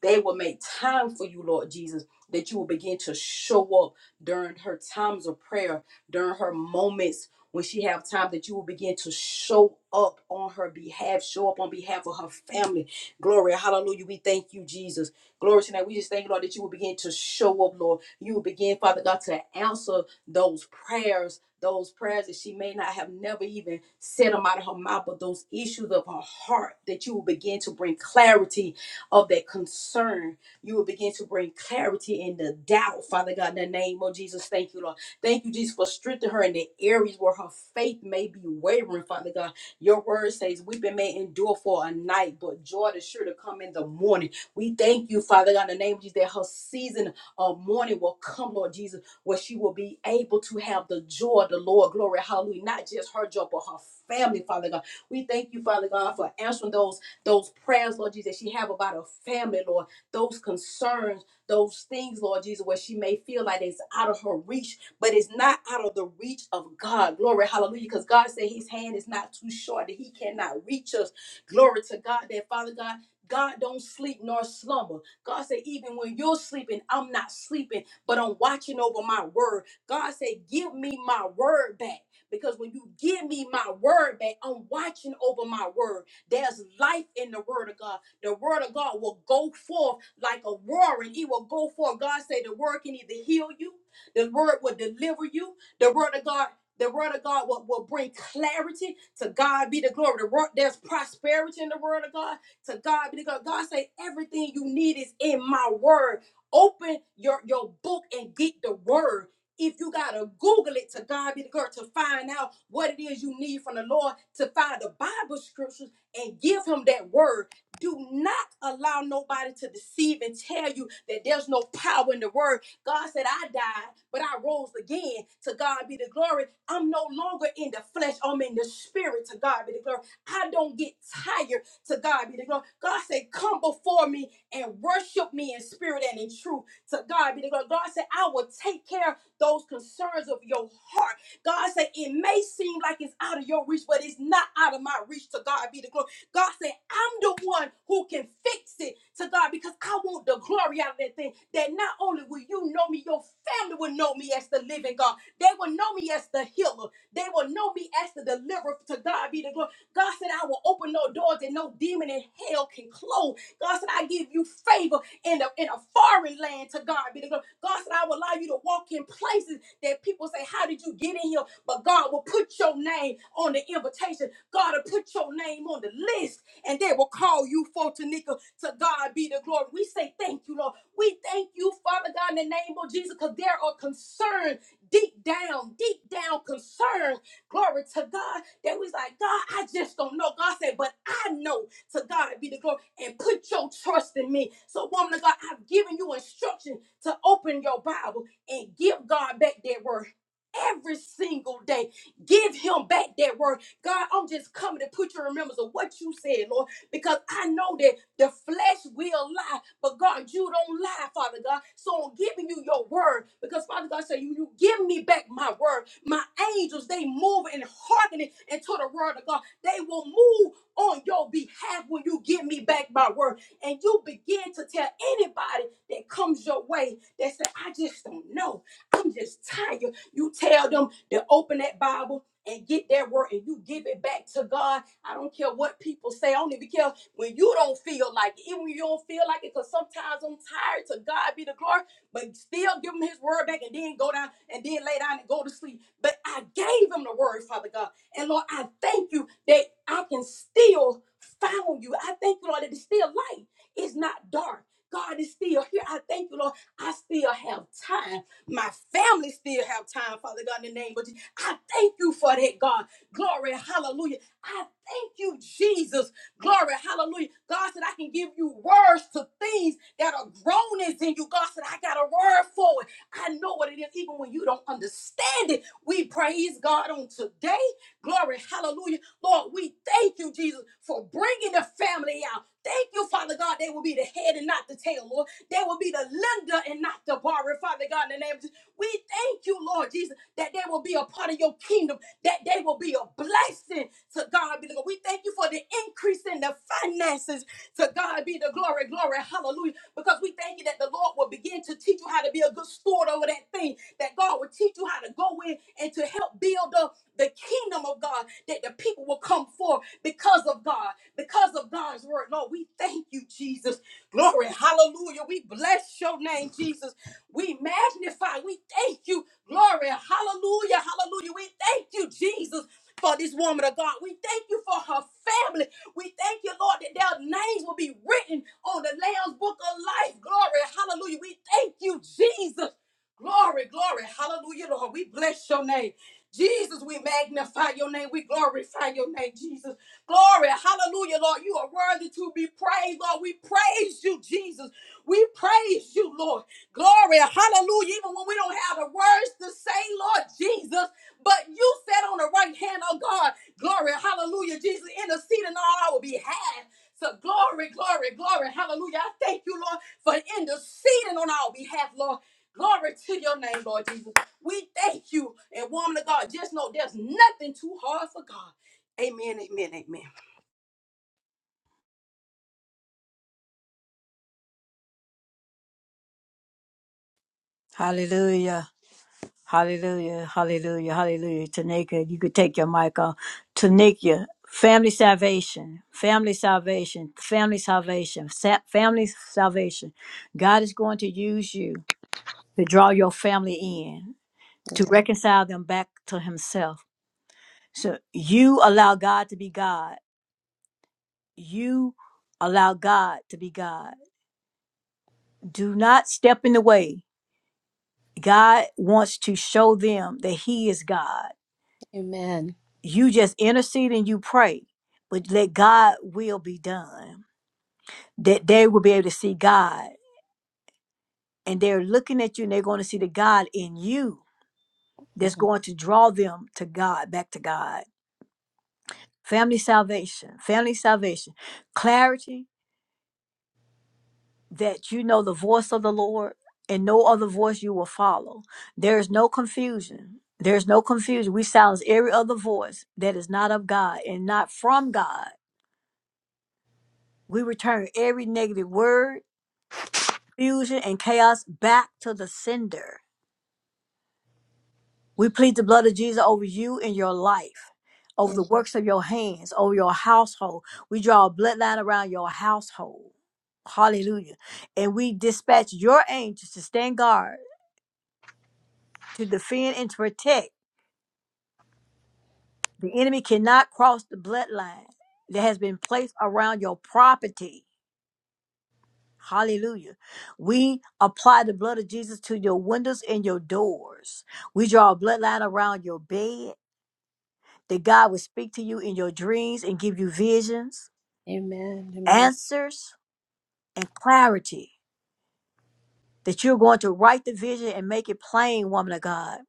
Speaker 8: they will make time for you, Lord Jesus, that you will begin to show up during her times of prayer, during her moments when she have time that you will begin to show up on her behalf, show up on behalf of her family. Glory, hallelujah. We thank you, Jesus. Glory tonight. We just thank you, Lord, that you will begin to show up, Lord. You will begin, Father God, to answer those prayers, those prayers that she may not have never even said them out of her mouth, but those issues of her heart that you will begin to bring clarity of that concern. You will begin to bring clarity in the doubt, Father God, in the name of Jesus. Thank you, Lord. Thank you, Jesus, for strengthening her in the areas where her faith may be wavering, Father God. Your word says, Weeping may endure for a night, but joy is sure to come in the morning. We thank you, Father God, in the name of Jesus, that her season of mourning will come, Lord Jesus, where she will be able to have the joy of the Lord. Glory, hallelujah. Not just her joy, but her family, Father God. We thank you, Father God, for answering those those prayers, Lord Jesus, that she have about her family, Lord, those concerns, those things, Lord Jesus, where she may feel like it's out of her reach, but it's not out of the reach of God. Glory, hallelujah, because God said his hand is not too short that he cannot reach us. Glory to God that Father God, God don't sleep nor slumber. God said, even when you're sleeping, I'm not sleeping, but I'm watching over my word. God said, give me my word back. Because when you give me my word back, I'm watching over my word. There's life in the word of God. The word of God will go forth like a roaring. It will go forth. God said the word can either heal you, the word will deliver you, the word of God. The word of God will, will bring clarity to God be the glory. The word, there's prosperity in the word of God. To God be the glory. God say everything you need is in my word. Open your, your book and get the word if you gotta Google it to God be the glory to find out what it is you need from the Lord, to find the Bible scriptures and give him that word. Do not allow nobody to deceive and tell you that there's no power in the word. God said, I died, but I rose again. To God be the glory. I'm no longer in the flesh, I'm in the spirit. To God be the glory. I don't get tired. To God be the glory. God said, Come before me and worship me in spirit and in truth. To God be the glory. God said, I will take care of those concerns of your heart. God said, It may seem like it's out of your reach, but it's not out of my reach. To God be the glory. God said, I'm the one who can fix it to God because I want the glory out of that thing. That not only will you know me, your family will know me as the living God. They will know me as the healer. They will know me as the deliverer. To God be the glory. God said, I will open no doors that no demon in hell can close. God said, I give you favor in a, in a foreign land. To God be the glory. God said, I will allow you to walk in places that people say, How did you get in here? But God will put your name on the invitation. God will put your name on the list, and they will call you for Tanika. To God be the glory. We say thank you, Lord. We thank you, Father God, in the name of Jesus, because there are concern deep down, deep down concern. Glory to God. That was like, God, I just don't know. God said, but I know to God be the glory and put your trust in me. So, woman of God, I've given you instruction to open your Bible and give God back that word every single day. Give him back that word. God, I'm just coming to put your remembrance of what you said, Lord, because I know that the flesh will lie, but God, you don't lie, Father God. So I'm giving you your word because Father God said, you, you give me back my word. My angels, they move and hearkening into the word of God. They will move on your behalf when you give me back my word. And you begin to tell anybody that comes your way that say, I just don't know. I'm just tired. You tell them to open that Bible and get that word and you give it back to God. I don't care what people say. I don't even care when you don't feel like it, even when you don't feel like it, because sometimes I'm tired to God be the glory, but still give him his word back and then go down and then lay down and go to sleep. But I gave him the word, Father God. And Lord, I thank you that I can still found you. I thank you, Lord, that it's still light. It's not dark. God is still here. I thank you, Lord. I still have time. My family still have time, Father God, in the name of Jesus. I thank you for that, God. Glory, hallelujah. I thank you, Jesus. Glory, hallelujah. God said, I can give you words to things that are groanings in you. God said, I got a word for it. I know what it is, even when you don't understand it. We praise God on today. Glory, hallelujah. Lord, we thank you, Jesus, for bringing the family out. Thank you, Father God, they will be the head and not the tail, Lord. They will be the lender and not the borrower. Father God, in the name of Jesus, we thank you, Lord Jesus, that they will be a part of your kingdom, that they will be a blessing to God. Be the glory. We thank you for the increase in the finances to God be the glory, glory, hallelujah. Because we thank you that the Lord will begin to teach you how to be a good steward over that thing, that God will teach you how to go in and to help build up the kingdom of God, that the people will come forth because of God, because of God's word. Lord, we thank you, Jesus. Glory, hallelujah. We bless your name, Jesus. We magnify, we thank you. Glory, hallelujah, hallelujah. We thank you, Jesus. For this woman of God, we thank you for her family. We thank you, Lord, that their names will be written on the Lamb's Book of Life. Glory, hallelujah. We thank you, Jesus. Glory, glory, hallelujah, Lord. We bless your name. Jesus, we magnify your name. We glorify your name, Jesus. Glory. Hallelujah, Lord. You are worthy to be praised, Lord. We praise you, Jesus. We praise you, Lord. Glory. Hallelujah. Even when we don't have the words to say, Lord Jesus, but you sat on the right hand of God. Glory. Hallelujah, Jesus. Interceding on our behalf. So glory, glory, glory. Hallelujah. I thank you, Lord, for interceding on our behalf, Lord. Glory to your name, Lord Jesus. We thank you. And woman of God, just know there's nothing too hard for God. Amen, amen, amen.
Speaker 7: Hallelujah. Hallelujah, hallelujah, hallelujah. Tanika, you could take your mic off. Tanika, family salvation, family salvation, family salvation, sa- family salvation. God is going to use you to draw your family in, to
Speaker 10: Yes.
Speaker 7: reconcile them back to Himself. So you allow God to be God. You allow God to be God. Do not step in the way. God wants to show them that He is God
Speaker 10: Amen.
Speaker 7: you just intercede and you pray, but let God will be done. That they will be able to see God. And they're looking at you and they're going to see the God in you that's
Speaker 10: Mhm.
Speaker 7: going to draw them to God, back to God. Family salvation, family salvation, clarity that you know the voice of the Lord and no other voice you will follow. There is no confusion. There's no confusion. We silence every other voice that is not of God and not from God. We return every negative word confusion and chaos back to the sender. We plead the blood of Jesus over you and your life, over the
Speaker 10: Am-
Speaker 7: works of your hands, over your household. We draw a bloodline around your household. Hallelujah. And we dispatch your angels to stand guard, to defend, and to protect. The enemy cannot cross the bloodline that has been placed around your property. Hallelujah. We apply the blood of Jesus to your windows and your doors. We draw a bloodline around your bed. that God will speak to you in your dreams and give you visions,
Speaker 10: Amen. Amen.
Speaker 7: answers, and clarity. That you're going to write the vision and make it plain, woman of God.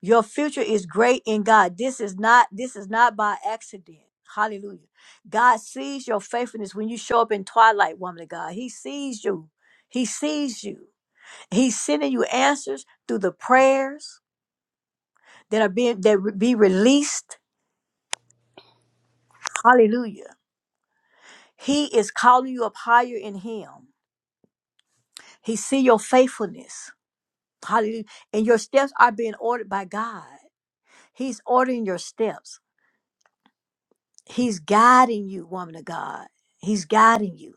Speaker 7: Your future is great in God. This is not this is not by accident. Hallelujah. God sees your faithfulness when you show up in twilight, woman of God. He sees you. He sees you. He's sending you answers through the prayers that are being that be released. Hallelujah. He is calling you up higher in him. He see your faithfulness. Hallelujah. And your steps are being ordered by God. He's ordering your steps. He's guiding you, woman of God. He's guiding you.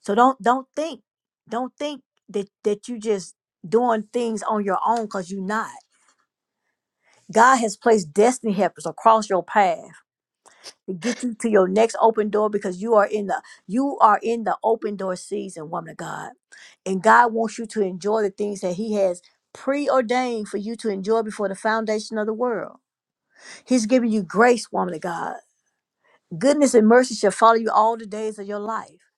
Speaker 7: So don't don't think, don't think that that you just doing things on your own because you're not. God has placed destiny helpers across your path. to get you to your next open door because you are in the you are in the open door season, woman of God. And God wants you to enjoy the things that He has preordained for you to enjoy before the foundation of the world. He's giving you grace, woman of God. Goodness and mercy shall follow you all the days of your life.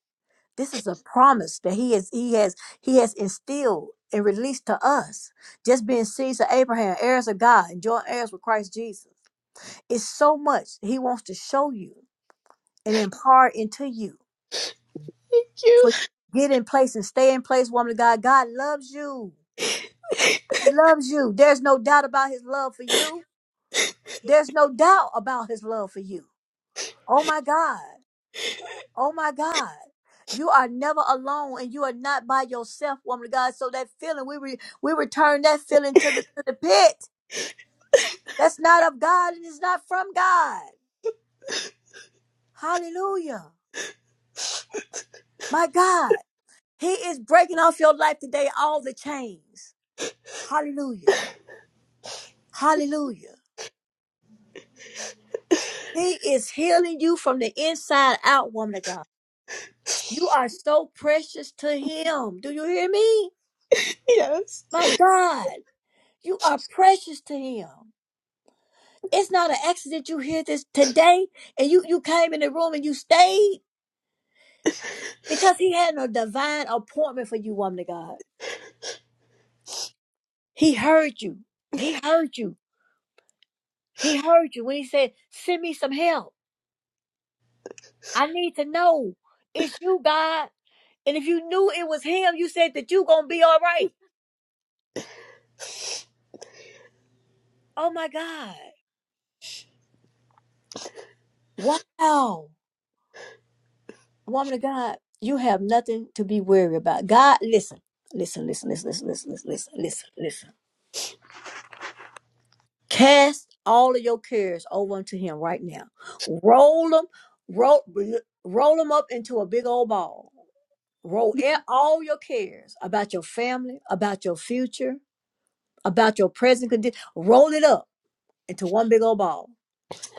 Speaker 7: This is a promise that He has He has He has instilled and released to us. Just being seeds of Abraham, heirs of God, and joint heirs with Christ Jesus. It's so much He wants to show you and impart into you.
Speaker 10: Thank You.
Speaker 7: for
Speaker 10: [LAUGHS]
Speaker 7: get in place and stay in place, woman of God. God loves you. He loves you. There's no doubt about his love for you. There's no doubt about his love for you. Oh my God. Oh my God. You are never alone and you are not by yourself, woman of God. So that feeling, we re- we return that feeling to the to the pit. That's not of God and it's not from God. Hallelujah. My God. He is breaking off your life today, all the chains. Hallelujah. Hallelujah. He is healing you from the inside out, woman of God. You are so precious to Him. Do you hear me?
Speaker 10: Yes.
Speaker 7: My God, you are precious to Him. It's not an accident you hear this today and you, you came in the room and you stayed because He had a divine appointment for you, woman of God. He heard you. He heard you. He heard you when He said, Send me some help. I need to know. It's you, God. And if you knew it was Him, you said that you going to be all right. Oh my God. Wow. Woman of God, you have nothing to be worried about. God, listen, listen, listen, listen, listen, listen, listen, listen, listen, listen. Cast all of your cares over unto him right now. Roll them, roll, roll them up into a big old ball. Roll e- all your cares about your family, about your future, about your present condition. Roll it up into one big old ball.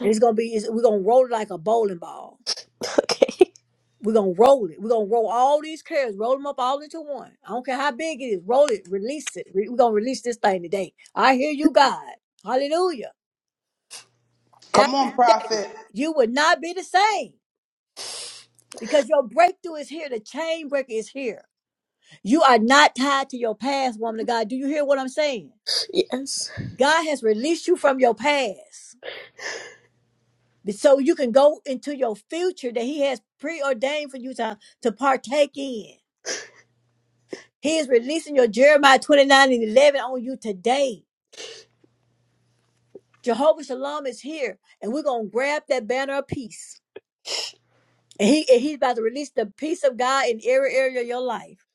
Speaker 7: And it's gonna be, it's, we're gonna roll it like a bowling ball
Speaker 10: Okay.
Speaker 7: We're gonna roll it. We're gonna roll all these cares, roll them up all into one. I don't care how big it is, roll it, release it. Re- We're gonna release this thing today. I hear you, God. Hallelujah.
Speaker 5: Come
Speaker 7: After
Speaker 5: on,
Speaker 7: today,
Speaker 5: prophet.
Speaker 7: you would not be the same because your breakthrough is here. The chain breaker is here. You are not tied to your past, woman of God. Do you hear what I'm saying?
Speaker 10: Yes.
Speaker 7: God has released you from your past so you can go into your future that He has preordained for you to, to partake in. He is releasing your Jeremiah 29 and 11 on you today. Jehovah Shalom is here, and we're going to grab that banner of peace. And, he, and he's about to release the peace of God in every area of your life.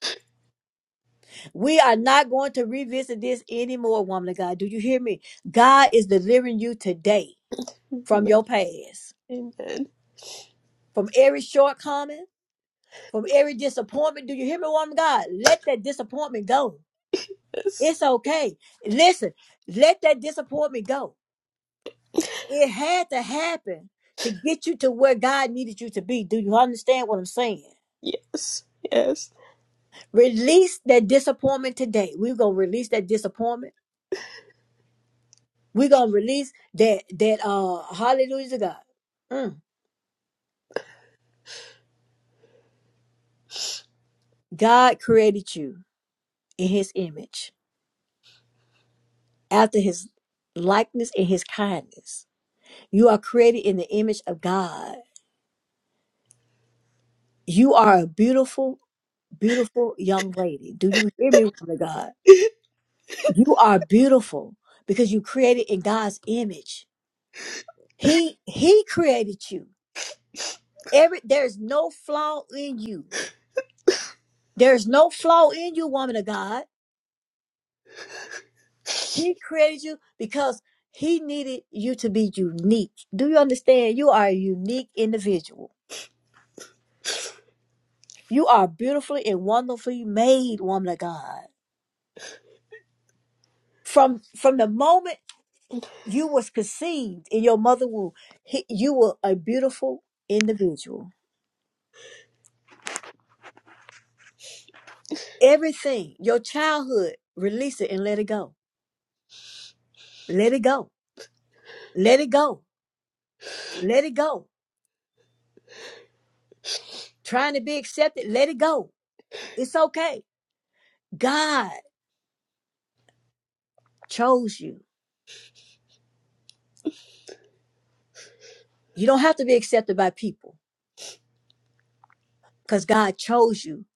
Speaker 7: We are not going to revisit this anymore, woman of God. Do you hear me? God is delivering you today from
Speaker 10: Amen.
Speaker 7: your past,
Speaker 10: Amen.
Speaker 7: from every shortcoming, from every disappointment. Do you hear me, woman of God? Let that disappointment go.
Speaker 10: Yes.
Speaker 7: It's okay. Listen, let that disappointment go It had to happen to get you to where God needed you to be. Do you understand what I'm saying?
Speaker 10: Yes. Yes.
Speaker 7: Release that disappointment today. We're gonna release that disappointment. We're gonna release that that uh hallelujah to God. Mm. God created you in his image, after his likeness and his kindness. You are created in the image of God. You are a beautiful, beautiful young lady. Do you hear me, woman of God? You are beautiful because you created in God's image. He He created you. Every there's no flaw in you. There's no flaw in you, woman of God. He created you because He needed you to be unique. Do you understand? You are a unique individual. You are beautifully and wonderfully made, woman of God. From from the moment you was conceived in your mother womb, he, you were a beautiful individual Everything, your childhood, release it and let it go. Let it go. Let it go. Let it go. Trying to be accepted, let it go. It's okay. God chose you. You don't have to be accepted by people because God chose you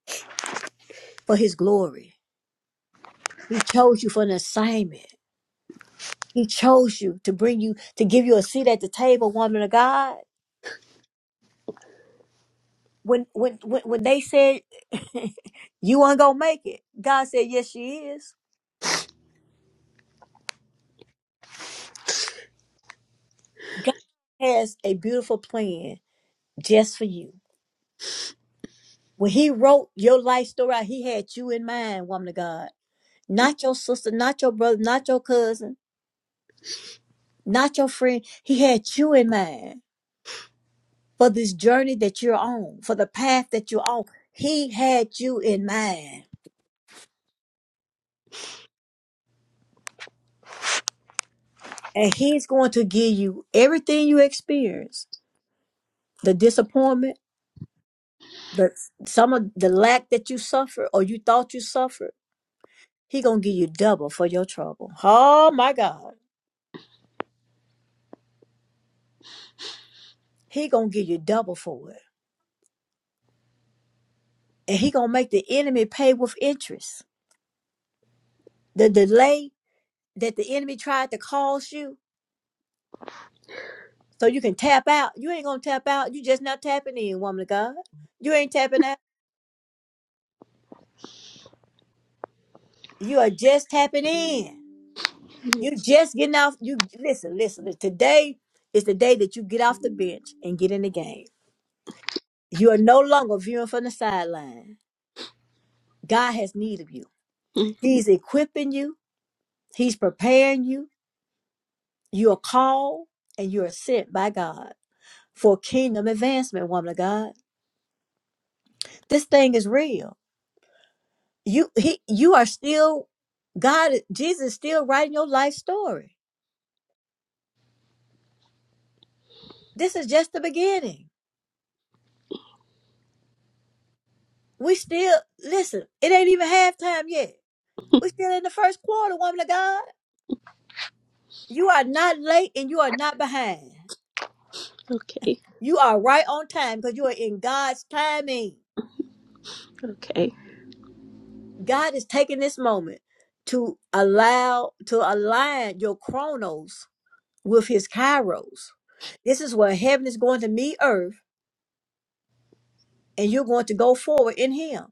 Speaker 7: for his glory. He chose you for an assignment. He chose you to bring you, to give you a seat at the table, woman of God. When, when, when, when they said [LAUGHS] you weren't going to make it, God said, yes, she is. God has a beautiful plan just for you. When he wrote your life story out, he had you in mind, woman of God. Not your sister, not your brother, not your cousin, not your friend. He had you in mind for this journey that you're on, for the path that you're on. He had you in mind. And he's going to give you everything you experience, the disappointment, the some of the lack that you suffered or you thought you suffered. He gonna give you double for your trouble. Oh my God. He gonna give you double for it. and he gonna make the enemy pay with interest. The delay that the enemy tried to cause you, so you can tap out. You ain't gonna tap out. You just not tapping in, woman of God. You ain't tapping out. You are just tapping in.
Speaker 10: Mhm.
Speaker 7: You just getting off. You listen, listen. Today is the day that you get off the bench and get in the game. You are no longer viewing from the sideline. God has need of you.
Speaker 10: Mhm.
Speaker 7: He's equipping you. He's preparing you. You are called and you are sent by God. for kingdom advancement, woman of God. This thing is real. You he you are still God Jesus is still writing your life story. This is just the beginning. We still listen, it ain't even halftime yet. We still in the first quarter, woman of God. You are not late and you are not behind.
Speaker 10: [LAUGHS] okay.
Speaker 7: You are right on time because you are in God's timing.
Speaker 10: Okay. Thank
Speaker 7: God is taking this moment to allow to align your chronos with his kairos. This is where heaven is going to meet earth and you're going to go forward in him.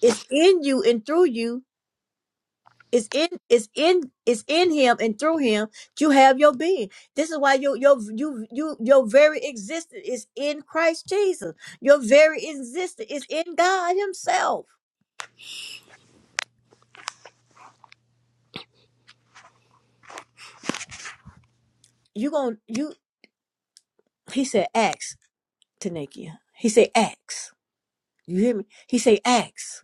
Speaker 7: It's in you and through you. It's in it's in it's in him and through him that you have your being. This is why your your you you your very existence is in Christ Jesus. Your very existence is in God Himself. You gonna you he said ask Tanikia. He said ask. You hear me? He said ask.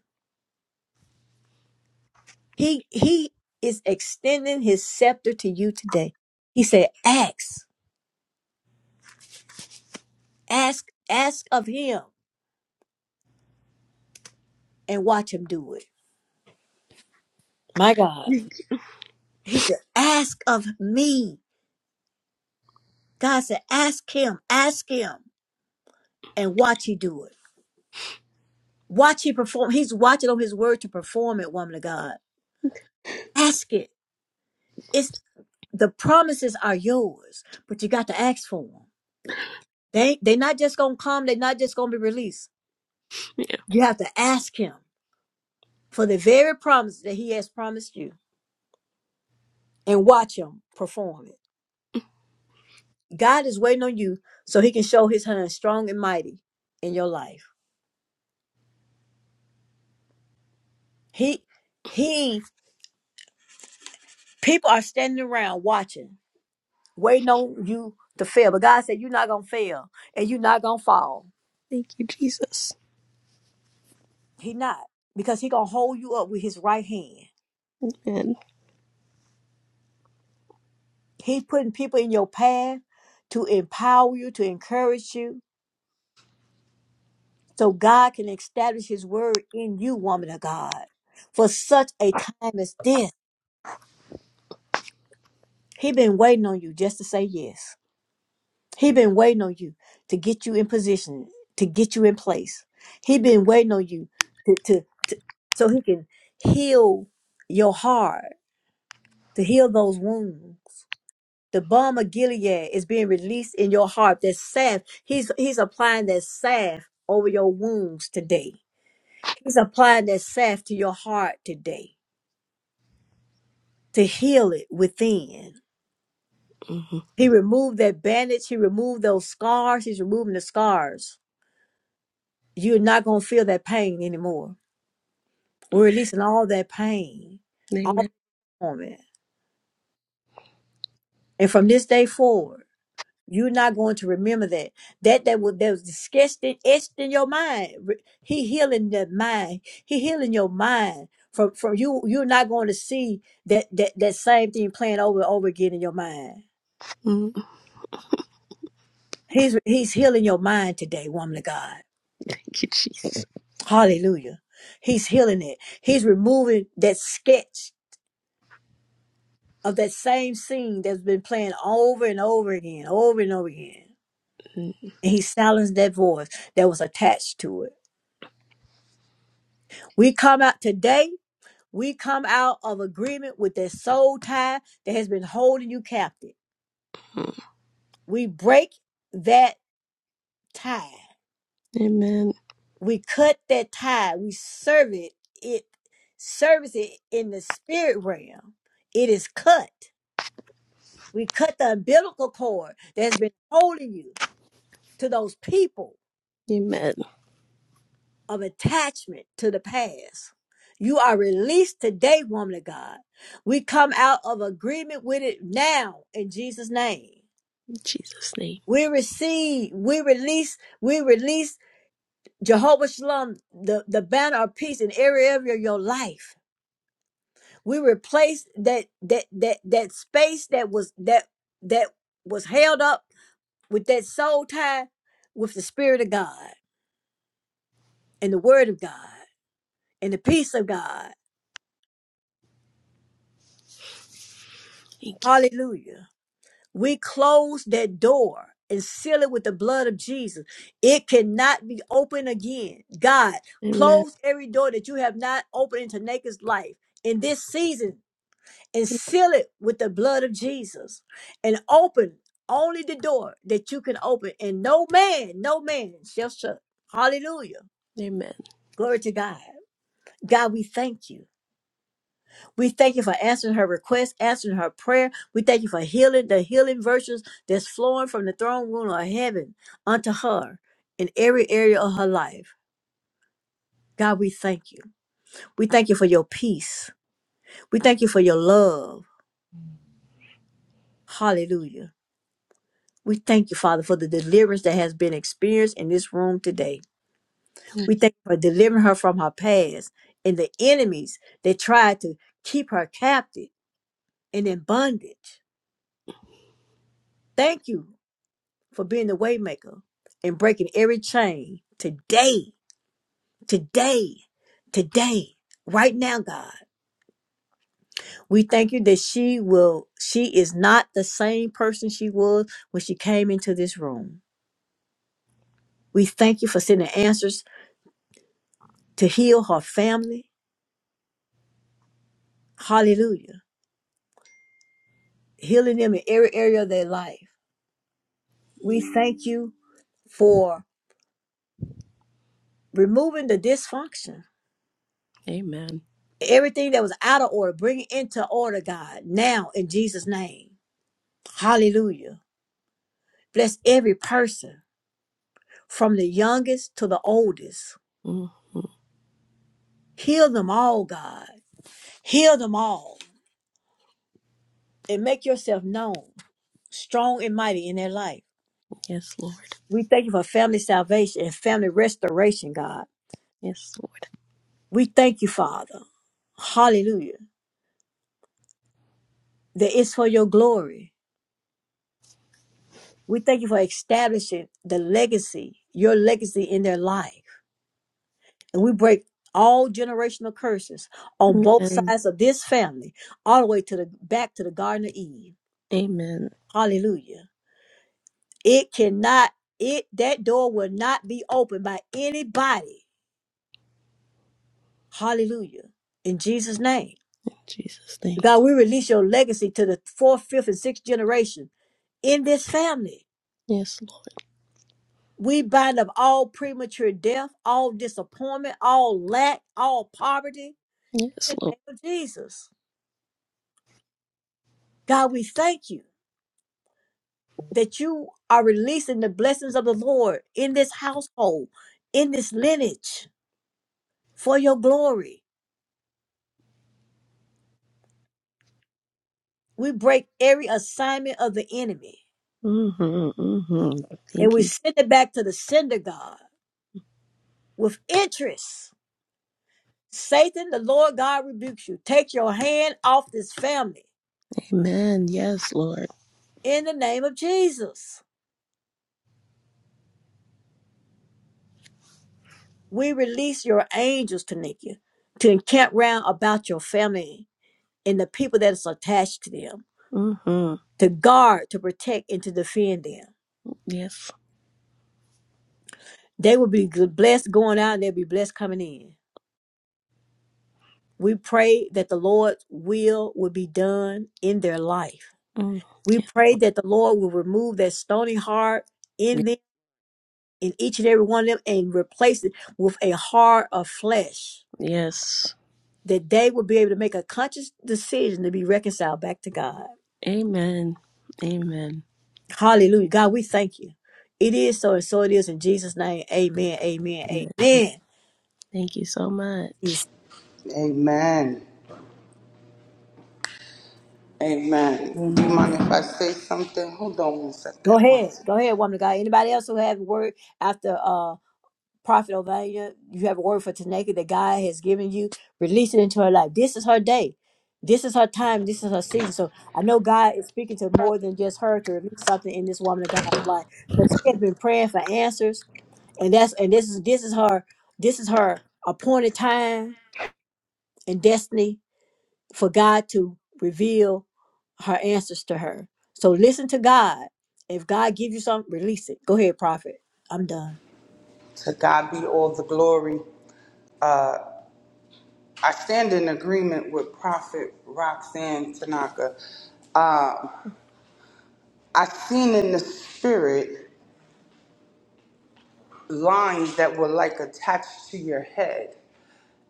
Speaker 7: He he is extending his scepter to you today. He said, "Ask, ask, ask of him, and watch him do it." My God.
Speaker 10: you.
Speaker 7: He said, "Ask of me." God said, "Ask him, ask him, and watch he do it. Watch he perform. He's watching on his word to perform it, woman of God. Ask it. It's the promises are yours, but you got to ask for them. They they're not just gonna come. They're not just gonna be released.
Speaker 10: Yeah.
Speaker 7: You have to ask him. for the very promise that he has promised you and watch him perform it. God is waiting on you so he can show his hand strong and mighty in your life. He he people are standing around watching, waiting on you to fail. But God said you're not gonna fail and you're not gonna fall.
Speaker 10: Thank you, Jesus.
Speaker 7: He not because he gonna hold you up with his right hand.
Speaker 10: Amen.
Speaker 7: He putting people in your path to empower you, to encourage you so God can establish his word in you, woman of God, for such a time as this. He been waiting on you just to say yes. He been waiting on you to get you in position, to get you in place. He been waiting on you to, to so he can heal your heart, to heal those wounds. The balm of Gilead is being released in your heart. That salve, he's he's applying that salve over your wounds today. He's applying that salve to your heart today. to heal it within.
Speaker 10: Mhm.
Speaker 7: He removed that bandage, he removed those scars, he's removing the scars. You're not gonna feel that pain anymore. We're releasing all that pain, all
Speaker 10: Amen.
Speaker 7: the torment. And from this day forward, you're not going to remember that. That that was that was disgusting, etched in your mind. Re- He healing that mind. He healing your mind. From from you, you're not going to see that that that same thing playing over and over again in your mind.
Speaker 10: Mhm.
Speaker 7: He's he's healing your mind today, woman of God.
Speaker 10: Thank you, Jesus.
Speaker 7: Hallelujah. He's healing it. He's removing that sketch of that same scene that's been playing over and over again, over and over again.
Speaker 10: Mhm.
Speaker 7: And he silenced that voice that was attached to it. We come out today, we come out of agreement with that soul tie that has been holding you captive. We break that tie.
Speaker 10: Amen.
Speaker 7: We cut that tie. We serve it, it service it in the spirit realm. It is cut. We cut the umbilical cord that has been holding you to those people
Speaker 10: Amen.
Speaker 7: of attachment to the past. You are released today, woman of God. We come out of agreement with it now in Jesus' name.
Speaker 10: In Jesus' name.
Speaker 7: We receive, we release, we release Jehovah Shalom, the, the banner of peace in every area of your life. We replace that that that that space that was that that was held up with that soul tie with the Spirit of God. and the word of God and the peace of God.
Speaker 10: Thank you.
Speaker 7: Hallelujah. We close that door and seal it with the blood of Jesus. It cannot be opened again. God,
Speaker 10: Amen.
Speaker 7: close every door that you have not opened into Naked's life in this season and seal it with the blood of Jesus and open only the door that you can open and no man, no man shall shut. Hallelujah.
Speaker 10: Amen.
Speaker 7: Glory to God. God, we thank you. We thank you for answering her request, answering her prayer. We thank you for healing the healing virtues that's flowing from the throne room of heaven unto her in every area of her life. God, we thank you. We thank you for your peace. We thank you for your love. Hallelujah. We thank you, Father, for the deliverance that has been experienced in this room today. We thank you for delivering her from her past and the enemies that tried to keep her captive and in bondage. Thank you for being the waymaker and breaking every chain today, today, today, right now, God. We thank you that she will, she is not the same person she was when she came into this room. We thank you for sending answers to heal her family. Hallelujah. Healing them in every area of their life. We thank you for removing the dysfunction.
Speaker 10: Amen.
Speaker 7: Everything that was out of order, bring it into order, God, now in Jesus' name. Hallelujah. Bless every person from the youngest to the oldest.
Speaker 10: Mhm.
Speaker 7: Heal them all, God. Heal them all and make yourself known, strong and mighty in their life.
Speaker 10: Yes, Lord.
Speaker 7: We thank you for family salvation and family restoration, God.
Speaker 10: Yes, Lord.
Speaker 7: We thank you, Father. Hallelujah. That it's for your glory. We thank you for establishing the legacy, your legacy in their life. And we break all generational curses on both
Speaker 10: Amen.
Speaker 7: sides of this family, all the way to the back to the Garden of Eve.
Speaker 10: Amen.
Speaker 7: Hallelujah. It cannot, it that door will not be opened by anybody. Hallelujah. In Jesus' name.
Speaker 10: Jesus' name.
Speaker 7: God, we release your legacy to the fourth, fifth, and sixth generation in this family.
Speaker 10: Yes, Lord.
Speaker 7: We bind up all premature death, all disappointment, all lack, all poverty
Speaker 10: Yes,
Speaker 7: in the
Speaker 10: Lord.
Speaker 7: name of Jesus. God, we thank you. that you are releasing the blessings of the Lord in this household, in this lineage for your glory. We break every assignment of the enemy
Speaker 10: Mm-hmm, mm-hmm.
Speaker 7: and
Speaker 10: Thank
Speaker 7: we
Speaker 10: you.
Speaker 7: send it back to the sender God with interest. Satan, the Lord God rebukes you. Take your hand off this family
Speaker 10: Amen. Yes, Lord.
Speaker 7: in the name of Jesus. We release your angels, Tanika, to encamp round about your family and the people that is attached to them,
Speaker 10: Mm-hmm.
Speaker 7: to guard, to protect, and to defend them.
Speaker 10: Yes.
Speaker 7: They will be blessed going out and they'll be blessed coming in. We pray that the Lord's will will be done in their life.
Speaker 10: Mm.
Speaker 7: We
Speaker 10: Yeah.
Speaker 7: pray that the Lord will remove that stony heart
Speaker 10: Yeah.
Speaker 7: in them, in each and every one of them, and replace it with a heart of flesh.
Speaker 10: Yes.
Speaker 7: That they will be able to make a conscious decision to be reconciled back to God.
Speaker 10: Amen. Amen.
Speaker 7: Hallelujah. God, we thank you. It is so and so it is in Jesus' name. Amen. Amen.
Speaker 10: Amen.
Speaker 7: Amen.
Speaker 10: Thank you so much.
Speaker 7: Yes.
Speaker 5: Amen. Amen. Do you mind
Speaker 9: Amen.
Speaker 5: if I say something? Hold on one
Speaker 7: Go
Speaker 5: second. One
Speaker 7: ahead.
Speaker 5: second.
Speaker 7: Go ahead, woman of God. Anybody else who have a word after uh Prophet Ovania, you have a word for Taneka that God has given you. Release it into her life. This is her day. This is her time. This is her season. So I know God is speaking to more than just her to release something in this woman of God's life. Because she has been praying for answers. And that's and this is this is her this is her appointed time and destiny for God to reveal her answers to her. So listen to God. If God gives you something, release it. Go ahead, prophet. I'm done.
Speaker 5: To God be all the glory. I stand in agreement with Prophet Roxanne Tanaka. Uh, I seen in the spirit lines that were like attached to your head,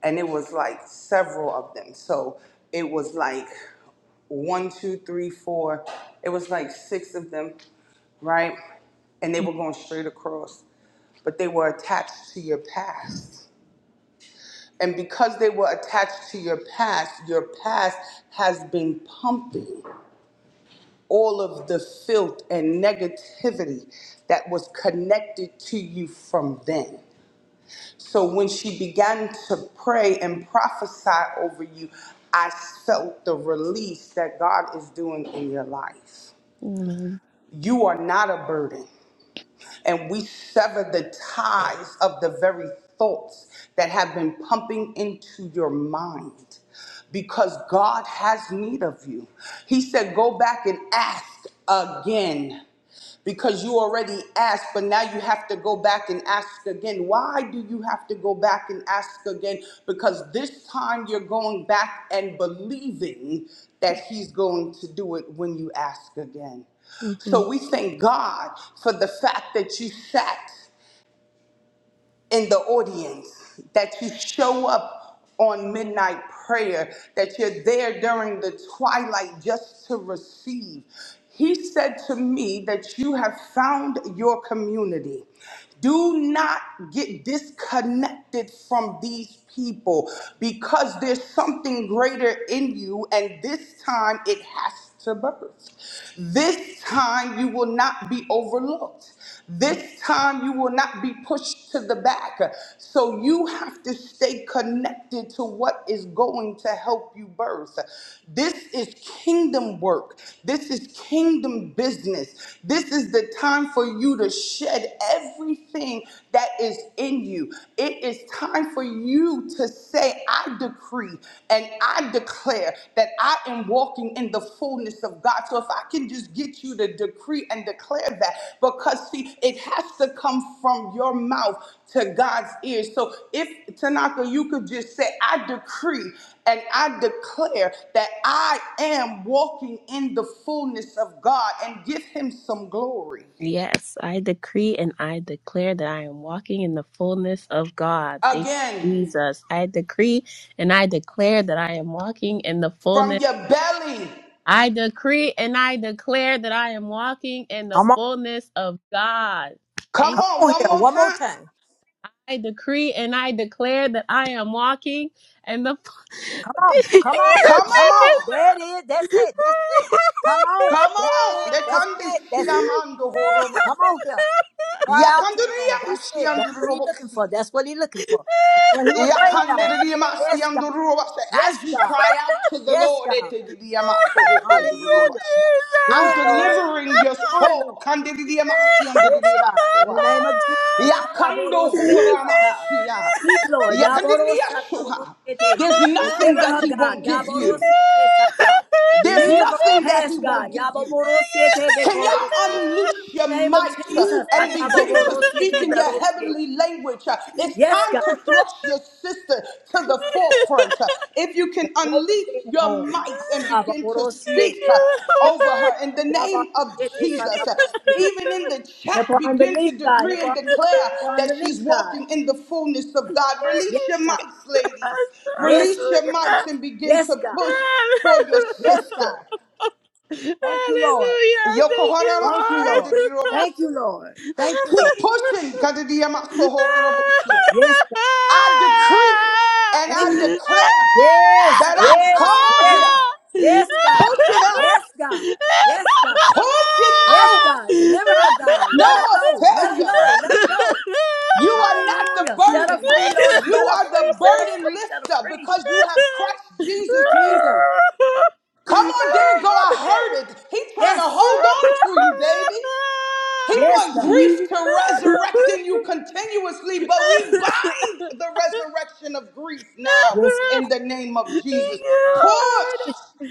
Speaker 5: and it was like several of them. So it was like one, two, three, four. It was like six of them, right? And they were going straight across, but they were attached to your past. And because they were attached to your past, your past has been pumping. all of the filth and negativity that was connected to you from then. So when she began to pray and prophesy over you, I felt the release that God is doing in your life.
Speaker 10: Amen.
Speaker 5: You are not a burden and we sever the ties of the very thoughts that have been pumping into your mind because God has need of you. He said, Go back and ask again because you already asked, but now you have to go back and ask again. Why do you have to go back and ask again? Because this time you're going back and believing that He's going to do it when you ask again.
Speaker 10: Mm-hmm.
Speaker 5: So we thank God for the fact that you sat in the audience, that you show up on midnight prayer, that you're there during the twilight just to receive. He said to me that you have found your community. Do not get disconnected from these people because there's something greater in you, and this time it has to birth. This time you will not be overlooked. This time you will not be pushed pushed to the back. So you have to stay connected to what is going to help you birth. This is kingdom work. This is kingdom business. This is the time for you to shed everything that is in you. It is time for you to say, I decree and I declare declare that I am walking in the fullness of God. So if I can just get you to decree and declare that, because see, it has to come from your mouth to God's ears. So if Tanaka, you could just say, I decree and I declare that I am walking in the fullness of God and give him some glory.
Speaker 10: Yes, I decree and I declare that I am walking in the fullness of God. Thank
Speaker 5: Again,
Speaker 10: you, Jesus. I decree and I declare that I am walking in the
Speaker 5: from
Speaker 10: fullness
Speaker 5: your belly.
Speaker 10: I decree and I declare that I am walking in the
Speaker 7: Come on.
Speaker 10: fullness of God.
Speaker 5: Come
Speaker 10: Thank you.
Speaker 7: Come
Speaker 5: on,
Speaker 7: on
Speaker 5: one
Speaker 7: here.
Speaker 5: more
Speaker 7: One more
Speaker 5: time.
Speaker 7: time.
Speaker 10: I decree and I declare that I am walking in the
Speaker 7: Come
Speaker 10: [LAUGHS]
Speaker 7: on,
Speaker 10: Thank
Speaker 7: come on,
Speaker 5: Come
Speaker 7: come on.
Speaker 5: on.
Speaker 7: There it is. That's it. That's it. Come on.
Speaker 5: Come
Speaker 7: That's
Speaker 5: on,
Speaker 7: it.
Speaker 5: they
Speaker 7: That's
Speaker 5: can't
Speaker 7: it.
Speaker 10: You
Speaker 7: That's
Speaker 10: Jesus.
Speaker 5: shiamando
Speaker 7: come
Speaker 10: [LAUGHS]
Speaker 5: horomasi.
Speaker 7: on here. Cry out to the Lord.
Speaker 5: Yakandria
Speaker 7: That's it. That's what he's looking
Speaker 5: shiandurobotsi.
Speaker 7: for. That's what he's looking
Speaker 10: Thank
Speaker 7: for. That's what he was waiting on.
Speaker 5: Yakandria
Speaker 7: Yes, God.
Speaker 5: shiandurobotsi.
Speaker 7: Yes,
Speaker 5: As you
Speaker 7: God.
Speaker 5: cry out to the
Speaker 7: Yes,
Speaker 5: Lord,
Speaker 7: God. Hallelujah.
Speaker 5: etedidiamasohokondurobotsi.
Speaker 7: Do
Speaker 5: I'm
Speaker 7: it, Lord.
Speaker 5: delivering your
Speaker 7: Do it, Lord.
Speaker 5: soul.
Speaker 10: You
Speaker 7: Yes, God. In the name
Speaker 5: Kandiridiamashiandiridiamasoa.
Speaker 7: of Jesus.
Speaker 10: fu- [LAUGHS]
Speaker 5: Yakando
Speaker 10: Hallelujah. [LAUGHS]
Speaker 7: Ataborosiete sata.
Speaker 5: horamasia.
Speaker 7: Speak, Lord.
Speaker 5: Yakandiriasuha.
Speaker 7: Yaborosataborosiete.
Speaker 5: There's nothing
Speaker 7: Deliver
Speaker 5: that
Speaker 7: her,
Speaker 5: he
Speaker 7: God.
Speaker 5: won't give you.
Speaker 7: Yaborosiete sata.
Speaker 5: There's
Speaker 7: Release her from her
Speaker 5: nothing that he
Speaker 7: past, God.
Speaker 5: won't give you.
Speaker 7: Yaboborosiete
Speaker 5: Can y'all
Speaker 7: bekorosie.
Speaker 5: unloose
Speaker 7: In
Speaker 5: your
Speaker 7: the name of
Speaker 5: mics uh,
Speaker 7: Jesus.
Speaker 5: and begin to speak
Speaker 7: Ataboborosiete
Speaker 5: in your
Speaker 7: berosie.
Speaker 5: heavenly language? Uh, It's
Speaker 7: Yes,
Speaker 5: time
Speaker 7: God.
Speaker 5: to thrust your sister to the forefront. Uh, If you
Speaker 7: The
Speaker 5: can
Speaker 7: dead is
Speaker 5: unleash
Speaker 7: being
Speaker 5: your
Speaker 7: born.
Speaker 5: mics and begin to
Speaker 7: Ataboborosie.
Speaker 5: speak uh,
Speaker 7: Yep.
Speaker 5: over her in the name of
Speaker 7: Yaborosiete
Speaker 5: Jesus, Uh,
Speaker 7: sataborosie.
Speaker 5: even in the chat,
Speaker 7: Help her
Speaker 5: begin to
Speaker 7: unbelief, God.
Speaker 5: decree
Speaker 7: Help
Speaker 5: and
Speaker 7: her unbelief.
Speaker 5: declare
Speaker 7: Help her
Speaker 5: that she's
Speaker 7: unbelief, God.
Speaker 5: walking in the fullness of God.
Speaker 7: Yes,
Speaker 5: Release your
Speaker 7: God.
Speaker 5: mics, ladies.
Speaker 7: Yes,
Speaker 5: Release your mics and begin
Speaker 7: Yes,
Speaker 5: to
Speaker 7: God.
Speaker 5: push for your
Speaker 7: Yes, God.
Speaker 5: sister.
Speaker 7: Thank you, Lord.
Speaker 10: Hallelujah. Thank
Speaker 5: Yokohama
Speaker 7: Thank you, Lord.
Speaker 10: you,
Speaker 7: Thank
Speaker 5: Shiandirirobosi.
Speaker 7: you, Lord. Thank you,
Speaker 5: Keep
Speaker 7: Lord.
Speaker 10: Lord. [LAUGHS]
Speaker 5: pushing, Kadidiyamasohororobosia.
Speaker 7: Yes,
Speaker 5: I decree and
Speaker 7: God. Thank
Speaker 5: I
Speaker 7: you, Lord.
Speaker 5: declare
Speaker 7: Yes,
Speaker 5: that I'm come
Speaker 7: yes,
Speaker 5: on
Speaker 7: yes.
Speaker 5: here.
Speaker 7: Yes, God.
Speaker 5: Push it out.
Speaker 7: Yes, God. Yes, God.
Speaker 5: Push it
Speaker 7: Yes,
Speaker 5: out.
Speaker 7: God. Deliver her, God.
Speaker 5: No
Speaker 7: Let her
Speaker 5: more
Speaker 7: go. Let her
Speaker 5: failure.
Speaker 7: go. Let her go.
Speaker 5: You are not the
Speaker 7: Hallelujah. Set her
Speaker 5: burden.
Speaker 7: free, Lord.
Speaker 5: You
Speaker 7: Set her
Speaker 5: are
Speaker 7: free.
Speaker 5: the
Speaker 7: Set her
Speaker 5: burden
Speaker 7: free. Set her
Speaker 5: lifter
Speaker 7: free.
Speaker 5: because you have Christ Jesus in
Speaker 7: Jesus.
Speaker 5: you. Come on, dear, go. I heard it. He's trying to
Speaker 7: Yes.
Speaker 5: hold on to you, baby. He
Speaker 7: Yes,
Speaker 5: wants
Speaker 7: God.
Speaker 5: grief to resurrect in you continuously, but we bind the resurrection of grief now
Speaker 7: Yes.
Speaker 5: in the name of
Speaker 10: Thank
Speaker 5: Jesus.
Speaker 10: you,
Speaker 5: Push!
Speaker 10: Lord.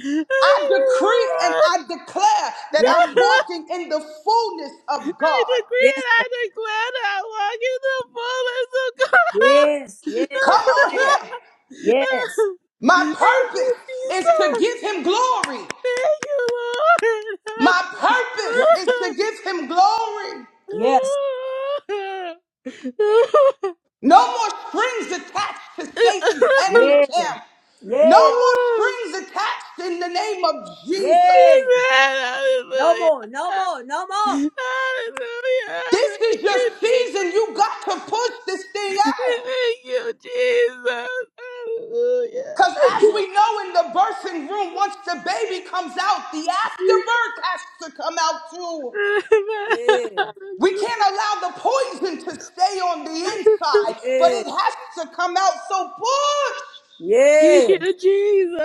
Speaker 10: Thank
Speaker 5: I
Speaker 10: you,
Speaker 5: decree and
Speaker 10: Lord.
Speaker 5: I declare that
Speaker 7: Yes.
Speaker 5: I'm
Speaker 10: [LAUGHS]
Speaker 5: walking in the fullness of
Speaker 10: I
Speaker 5: God.
Speaker 10: decree
Speaker 7: Yes.
Speaker 10: and I declare that I walk in the fullness of God.
Speaker 7: Yes. Yes.
Speaker 5: Come on
Speaker 7: Yes.
Speaker 5: here.
Speaker 7: Yes.
Speaker 5: My
Speaker 10: [LAUGHS] Thank you,
Speaker 5: purpose is to
Speaker 10: Jesus.
Speaker 5: give him glory. My
Speaker 7: Yes.
Speaker 5: purpose is to give him glory.
Speaker 7: Yes.
Speaker 10: Thank you, Lord.
Speaker 5: No more strings attached to Satan's enemy
Speaker 7: Yeah.
Speaker 5: camp. No
Speaker 7: Yeah.
Speaker 10: [LAUGHS]
Speaker 5: more strings attached in the name of Jesus.
Speaker 7: Yeah.
Speaker 10: Amen.
Speaker 7: No
Speaker 10: Hallelujah.
Speaker 7: more. No more. No more.
Speaker 10: Hallelujah.
Speaker 5: This is
Speaker 10: Thank
Speaker 5: your
Speaker 10: you,
Speaker 5: season. You got to push this thing
Speaker 10: [LAUGHS] Thank
Speaker 5: out.
Speaker 10: you, Jesus. Hallelujah.
Speaker 5: Because
Speaker 10: [LAUGHS]
Speaker 5: as we know in the birthing room, once the baby comes out, the afterbirth has to come out too.
Speaker 7: Yeah. Yeah.
Speaker 5: We can't allow the poison to stay on the inside, but
Speaker 7: Yeah.
Speaker 5: it has to come out. So push.
Speaker 10: Thank
Speaker 7: Yeah.
Speaker 10: you, Jesus.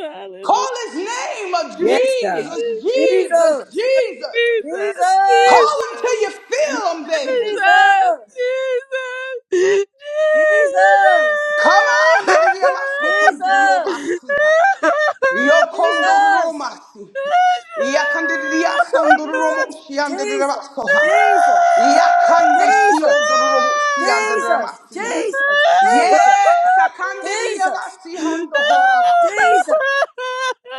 Speaker 10: Hallelujah.
Speaker 5: Call his name of
Speaker 10: Thank
Speaker 7: Yes, God.
Speaker 5: Jesus,
Speaker 10: you, Jesus.
Speaker 5: Jesus,
Speaker 7: Jesus.
Speaker 5: Jesus.
Speaker 10: Jesus.
Speaker 5: Call
Speaker 7: Jesus.
Speaker 5: them till you feel them, baby.
Speaker 10: Jesus.
Speaker 7: Jesus.
Speaker 10: Jesus.
Speaker 7: Jesus.
Speaker 5: Come on,
Speaker 7: Jesus.
Speaker 5: Nadiriamasokondiriobasia.
Speaker 7: Jesus.
Speaker 5: Yokondoromasi.
Speaker 7: Jesus.
Speaker 10: Jesus. [LAUGHS]
Speaker 7: Jesus. Jesus.
Speaker 5: Yakandiriasondoromosiandirabasoha.
Speaker 7: Jesus. Jesus. Jesus.
Speaker 5: Yakandeshiondoromosiandiramasia.
Speaker 7: Jesus.
Speaker 5: Yes,
Speaker 7: Jesus.
Speaker 5: Sakandiriabasihondohorabasi.
Speaker 7: Jesus.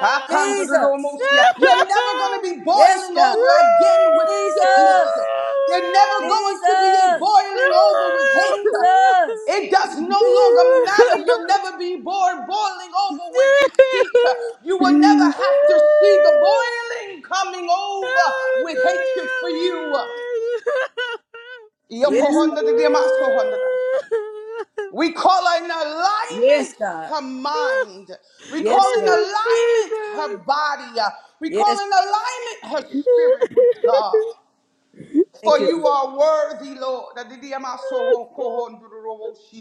Speaker 5: I can't do the
Speaker 7: Jesus.
Speaker 5: almost here. You're never going to be
Speaker 7: Yes,
Speaker 5: boiling
Speaker 7: God.
Speaker 5: over again with sickness.
Speaker 7: Jesus,
Speaker 5: You're never going to be
Speaker 7: Jesus,
Speaker 5: boiling over with hate.
Speaker 7: Jesus,
Speaker 5: It does no longer matter. You'll
Speaker 7: Jesus.
Speaker 5: never be bored boiling over with deceit. You will never have to see the boiling coming over with hatred for you.
Speaker 7: Yes,
Speaker 10: Hallelujah,
Speaker 7: God.
Speaker 10: Lord. [LAUGHS]
Speaker 5: We call in
Speaker 7: Yes,
Speaker 5: alignment
Speaker 7: God.
Speaker 5: her
Speaker 10: Thank
Speaker 5: mind. We
Speaker 7: Yes,
Speaker 5: call in
Speaker 7: Lord.
Speaker 10: you,
Speaker 5: alignment her
Speaker 10: Jesus.
Speaker 5: body. We call
Speaker 7: Yes,
Speaker 5: in alignment her spirit with God.
Speaker 7: thank
Speaker 5: For
Speaker 7: you,
Speaker 5: you
Speaker 7: Lord.
Speaker 5: are worthy, Lord.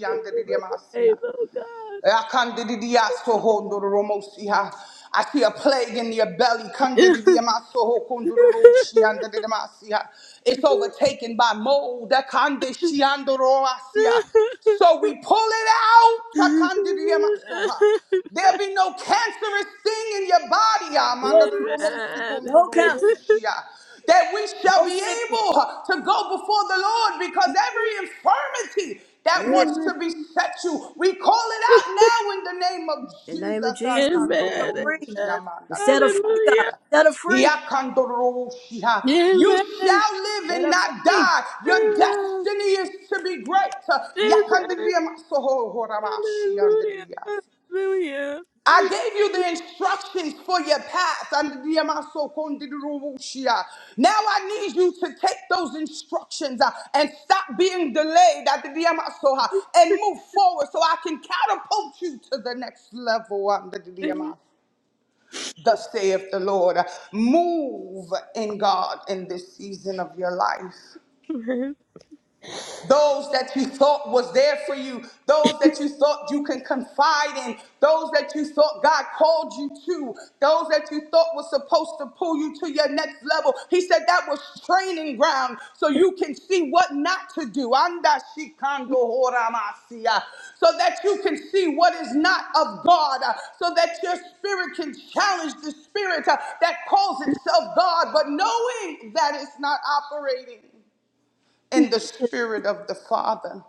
Speaker 10: Give them the praise, oh God.
Speaker 5: Akandidiyashohondoromosiha. I see a plague in your belly. Kandidiyamasohokondororoshiandididamasiha. It's overtaken by mold. Akandishiandoromasiha. So we pull it out. Akandidiyamasoha. There'll be no cancerous thing in your body,
Speaker 7: No cancer,
Speaker 10: Amen.
Speaker 7: no cancer,
Speaker 5: that we shall
Speaker 7: no
Speaker 5: be
Speaker 7: sickness.
Speaker 5: able to go before the Lord because every infirmity that
Speaker 7: Yes,
Speaker 5: wants to beset you, we call it out now in the name of
Speaker 7: in the name of
Speaker 5: Jesus.
Speaker 10: Amen.
Speaker 7: Jesus, we set her
Speaker 10: Amen.
Speaker 7: free. We set her free, God.
Speaker 10: Hallelujah.
Speaker 7: Set her free.
Speaker 5: You
Speaker 10: Amen.
Speaker 5: shall live
Speaker 7: Set
Speaker 5: and
Speaker 7: her
Speaker 5: not
Speaker 7: free.
Speaker 5: die. Your
Speaker 10: Amen.
Speaker 5: destiny is to be great.
Speaker 10: Amen. Hallelujah.
Speaker 5: I gave you the instructions for your path. And the Yamaso Kondirubushia. Now I need you to take those instructions uh, and stop being delayed at the Yamaso uh, and move forward so I can catapult you to the next level under the
Speaker 10: Hallelujah.
Speaker 5: Yamaso. Thus saith the Lord. Move in God in this season of your life
Speaker 10: Amen.
Speaker 5: those that you thought was there for you, those that you thought you can confide in, those that you thought God called you to, those that you thought was supposed to pull you to your next level. He said that was training ground so you can see what not to do. Anda shikando horamasia. So that you can see what is not of God, uh, so that your spirit can challenge the spirit uh, that calls itself God, but knowing that it's not operating in the spirit of the Father.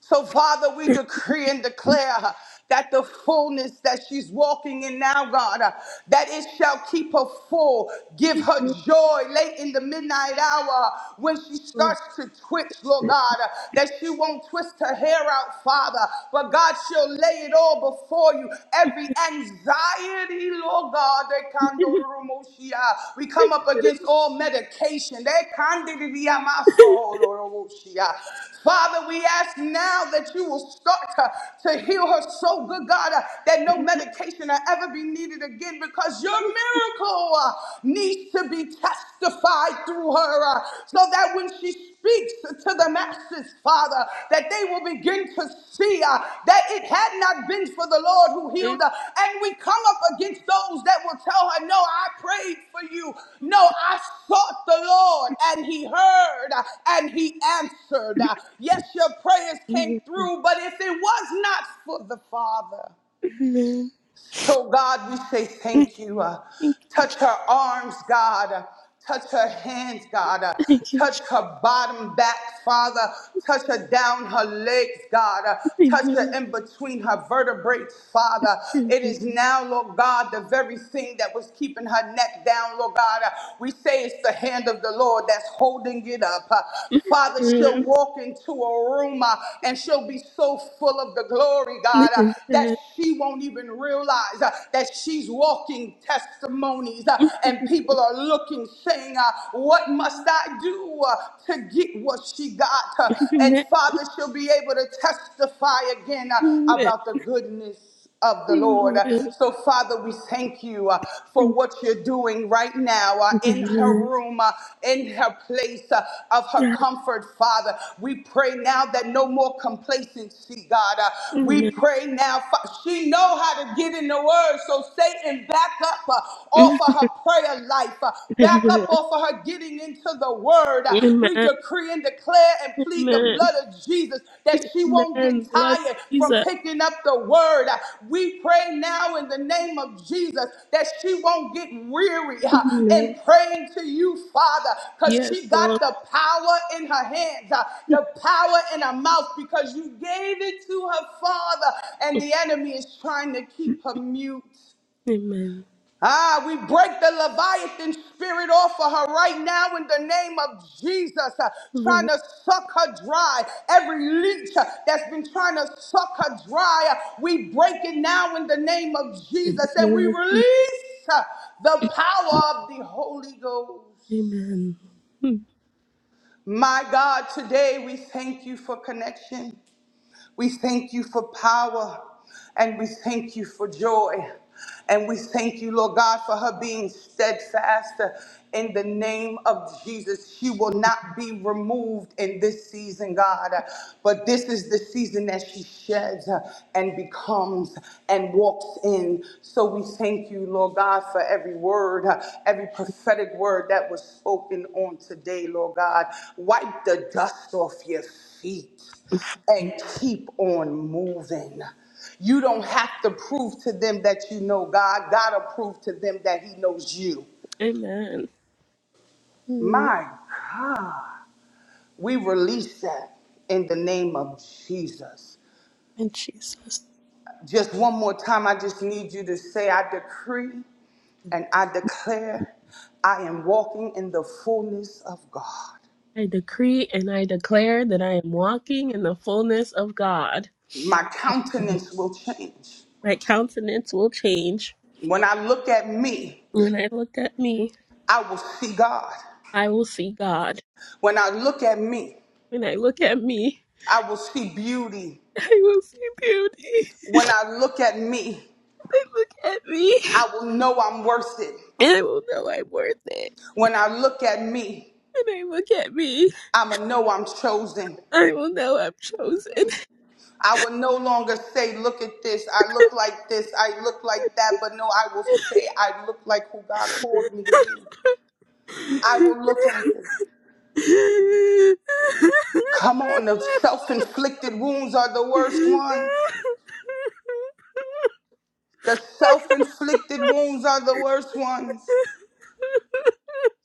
Speaker 5: So, Father, we decree and declare uh, that the fullness that she's walking in now, God, uh, that it shall keep her full. Give her joy late in the midnight hour uh, when she starts to twitch, Lord God, uh, that she won't twist her hair out, Father, but God, she'll lay it all before you. Every anxiety, Lord God. God, they kando rumoshia. We come up against all medication. They kande diamaso rumoshia. Father, we ask now that you will start to, to heal her so good, God, uh, that no medication will ever be needed again because your miracle uh, needs to be testified through her uh, so that when she speaks to the masses, Father, that they will begin to see uh, that it had not been for the Lord who
Speaker 10: Amen.
Speaker 5: healed her. And we come up against those that will tell her, No, I prayed for you. No, I sought the Lord, and He heard uh, and He answered.
Speaker 10: I
Speaker 5: Uh, Yes, your prayers came through, but if it was not for the Father, so, God, we say thank you. Uh,
Speaker 10: can't
Speaker 5: touch
Speaker 10: get you.
Speaker 5: her arms, God. Uh, touch her hands, God. Uh,
Speaker 10: I can't you.
Speaker 5: touch her bottom back, Father. Touch her down her legs, God. Uh, touch her
Speaker 10: Amen.
Speaker 5: in between her vertebrae, Father. It
Speaker 10: Amen.
Speaker 5: is now, Lord God, the very thing that was keeping her neck down, Lord God. Uh, we say it's the hand of the Lord that's holding it up. Uh, Father, she'll walk into a room uh, and she'll be so full of the glory, God, uh,
Speaker 10: Amen.
Speaker 5: that she won't even realize uh, that she's walking testimonies uh, and people are looking, saying, uh, What must I do uh, to get what she got? Uh, and Father, she'll be able to testify again uh, about the goodness of the Lord.
Speaker 10: Amen. Amen. Amen.
Speaker 5: So, Father, we thank you uh, for what you're doing right now uh,
Speaker 10: Thank
Speaker 5: in her
Speaker 10: you,
Speaker 5: room, uh, in her place uh, of her comfort, Father. We pray now that no more complacency, God. Uh, we
Speaker 10: Amen.
Speaker 5: pray now, Fa- she know how to get in the word, so Satan, back up uh,
Speaker 10: Yes,
Speaker 5: off of her prayer life, uh,
Speaker 10: Amen.
Speaker 5: back up
Speaker 10: Amen.
Speaker 5: off of her getting into the word. Uh, we we
Speaker 10: Amen.
Speaker 5: decree and declare and plead the
Speaker 10: Amen.
Speaker 5: blood of Jesus that she won't get
Speaker 10: Amen. Blood
Speaker 5: tired from
Speaker 10: Jesus.
Speaker 5: picking up the word. Uh, We pray now in the name of Jesus that she won't get weary uh,
Speaker 10: Amen.
Speaker 5: in praying to you, Father, because
Speaker 10: Yes,
Speaker 5: she got
Speaker 10: Lord.
Speaker 5: the power in her hands, uh, the power in her mouth, because you gave it to her father, and the enemy is trying to keep her mute.
Speaker 10: Amen.
Speaker 5: Ah, we break the Leviathan spirit off of her right now in the name of Jesus, uh, trying
Speaker 10: Yes,
Speaker 5: to suck her dry. Every leech uh, that's been trying to suck her dry, uh, we break it now in the name of
Speaker 10: in the
Speaker 5: Jesus and we
Speaker 10: name of
Speaker 5: release uh, the
Speaker 10: Jesus.
Speaker 5: power of the Holy Ghost.
Speaker 10: Amen.
Speaker 5: My God, today we thank you for connection. We thank you for power and we thank you for joy. And we thank you, Lord God, for her being steadfast in the name of Jesus. She will not be removed in this season, God. But this is the season that she sheds and becomes and walks in. So we thank you, Lord God, for every word, every prophetic word that was spoken on today, Lord God. Wipe the dust off your feet
Speaker 10: Amen.
Speaker 5: and keep on moving. You don't have to prove to them that you know God. God will prove to them that He knows you.
Speaker 10: Amen. In
Speaker 5: My, we release that in the name of Jesus.
Speaker 10: Jesus.
Speaker 5: Just one more time, I just need you to say, I decree and I declare I am walking in the fullness of God.
Speaker 10: I decree and I declare that I am walking in the fullness of God.
Speaker 5: My
Speaker 10: Mhm.
Speaker 5: countenance will change.
Speaker 10: My countenance will change.
Speaker 5: When I look at me,
Speaker 10: When I look at me,
Speaker 5: I will see God.
Speaker 10: I will see God.
Speaker 5: When I look at me,
Speaker 10: When I look at me,
Speaker 5: I will see beauty.
Speaker 10: [LAUGHS] I will see beauty. [LAUGHS]
Speaker 5: When I look at me,
Speaker 10: When I look at me,
Speaker 5: I will know I'm worth it.
Speaker 10: and I will know I'm worth it.
Speaker 5: When I look at me,
Speaker 10: When I look at me,
Speaker 5: I'ma know I'm chosen.
Speaker 10: I will know I'm chosen.
Speaker 5: I will no longer say, look at this, I look like this, I look like that, but no, I will say I look like who God called me to be. I will look like it. Come on, the self-inflicted wounds are the worst ones. The self-inflicted wounds are the worst ones.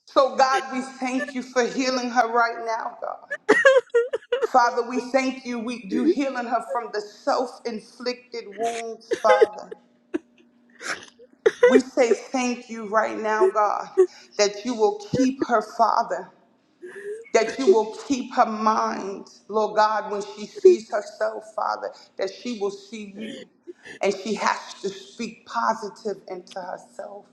Speaker 5: So God, we thank you for healing her right now, God. Father, we thank you. We, you healing her from the self inflicted wounds, Father. We say thank you right now, God, that you will keep her, Father, that you will keep her mind, Lord God, when she sees herself, Father, that she will see you. And she has to speak positive into herself.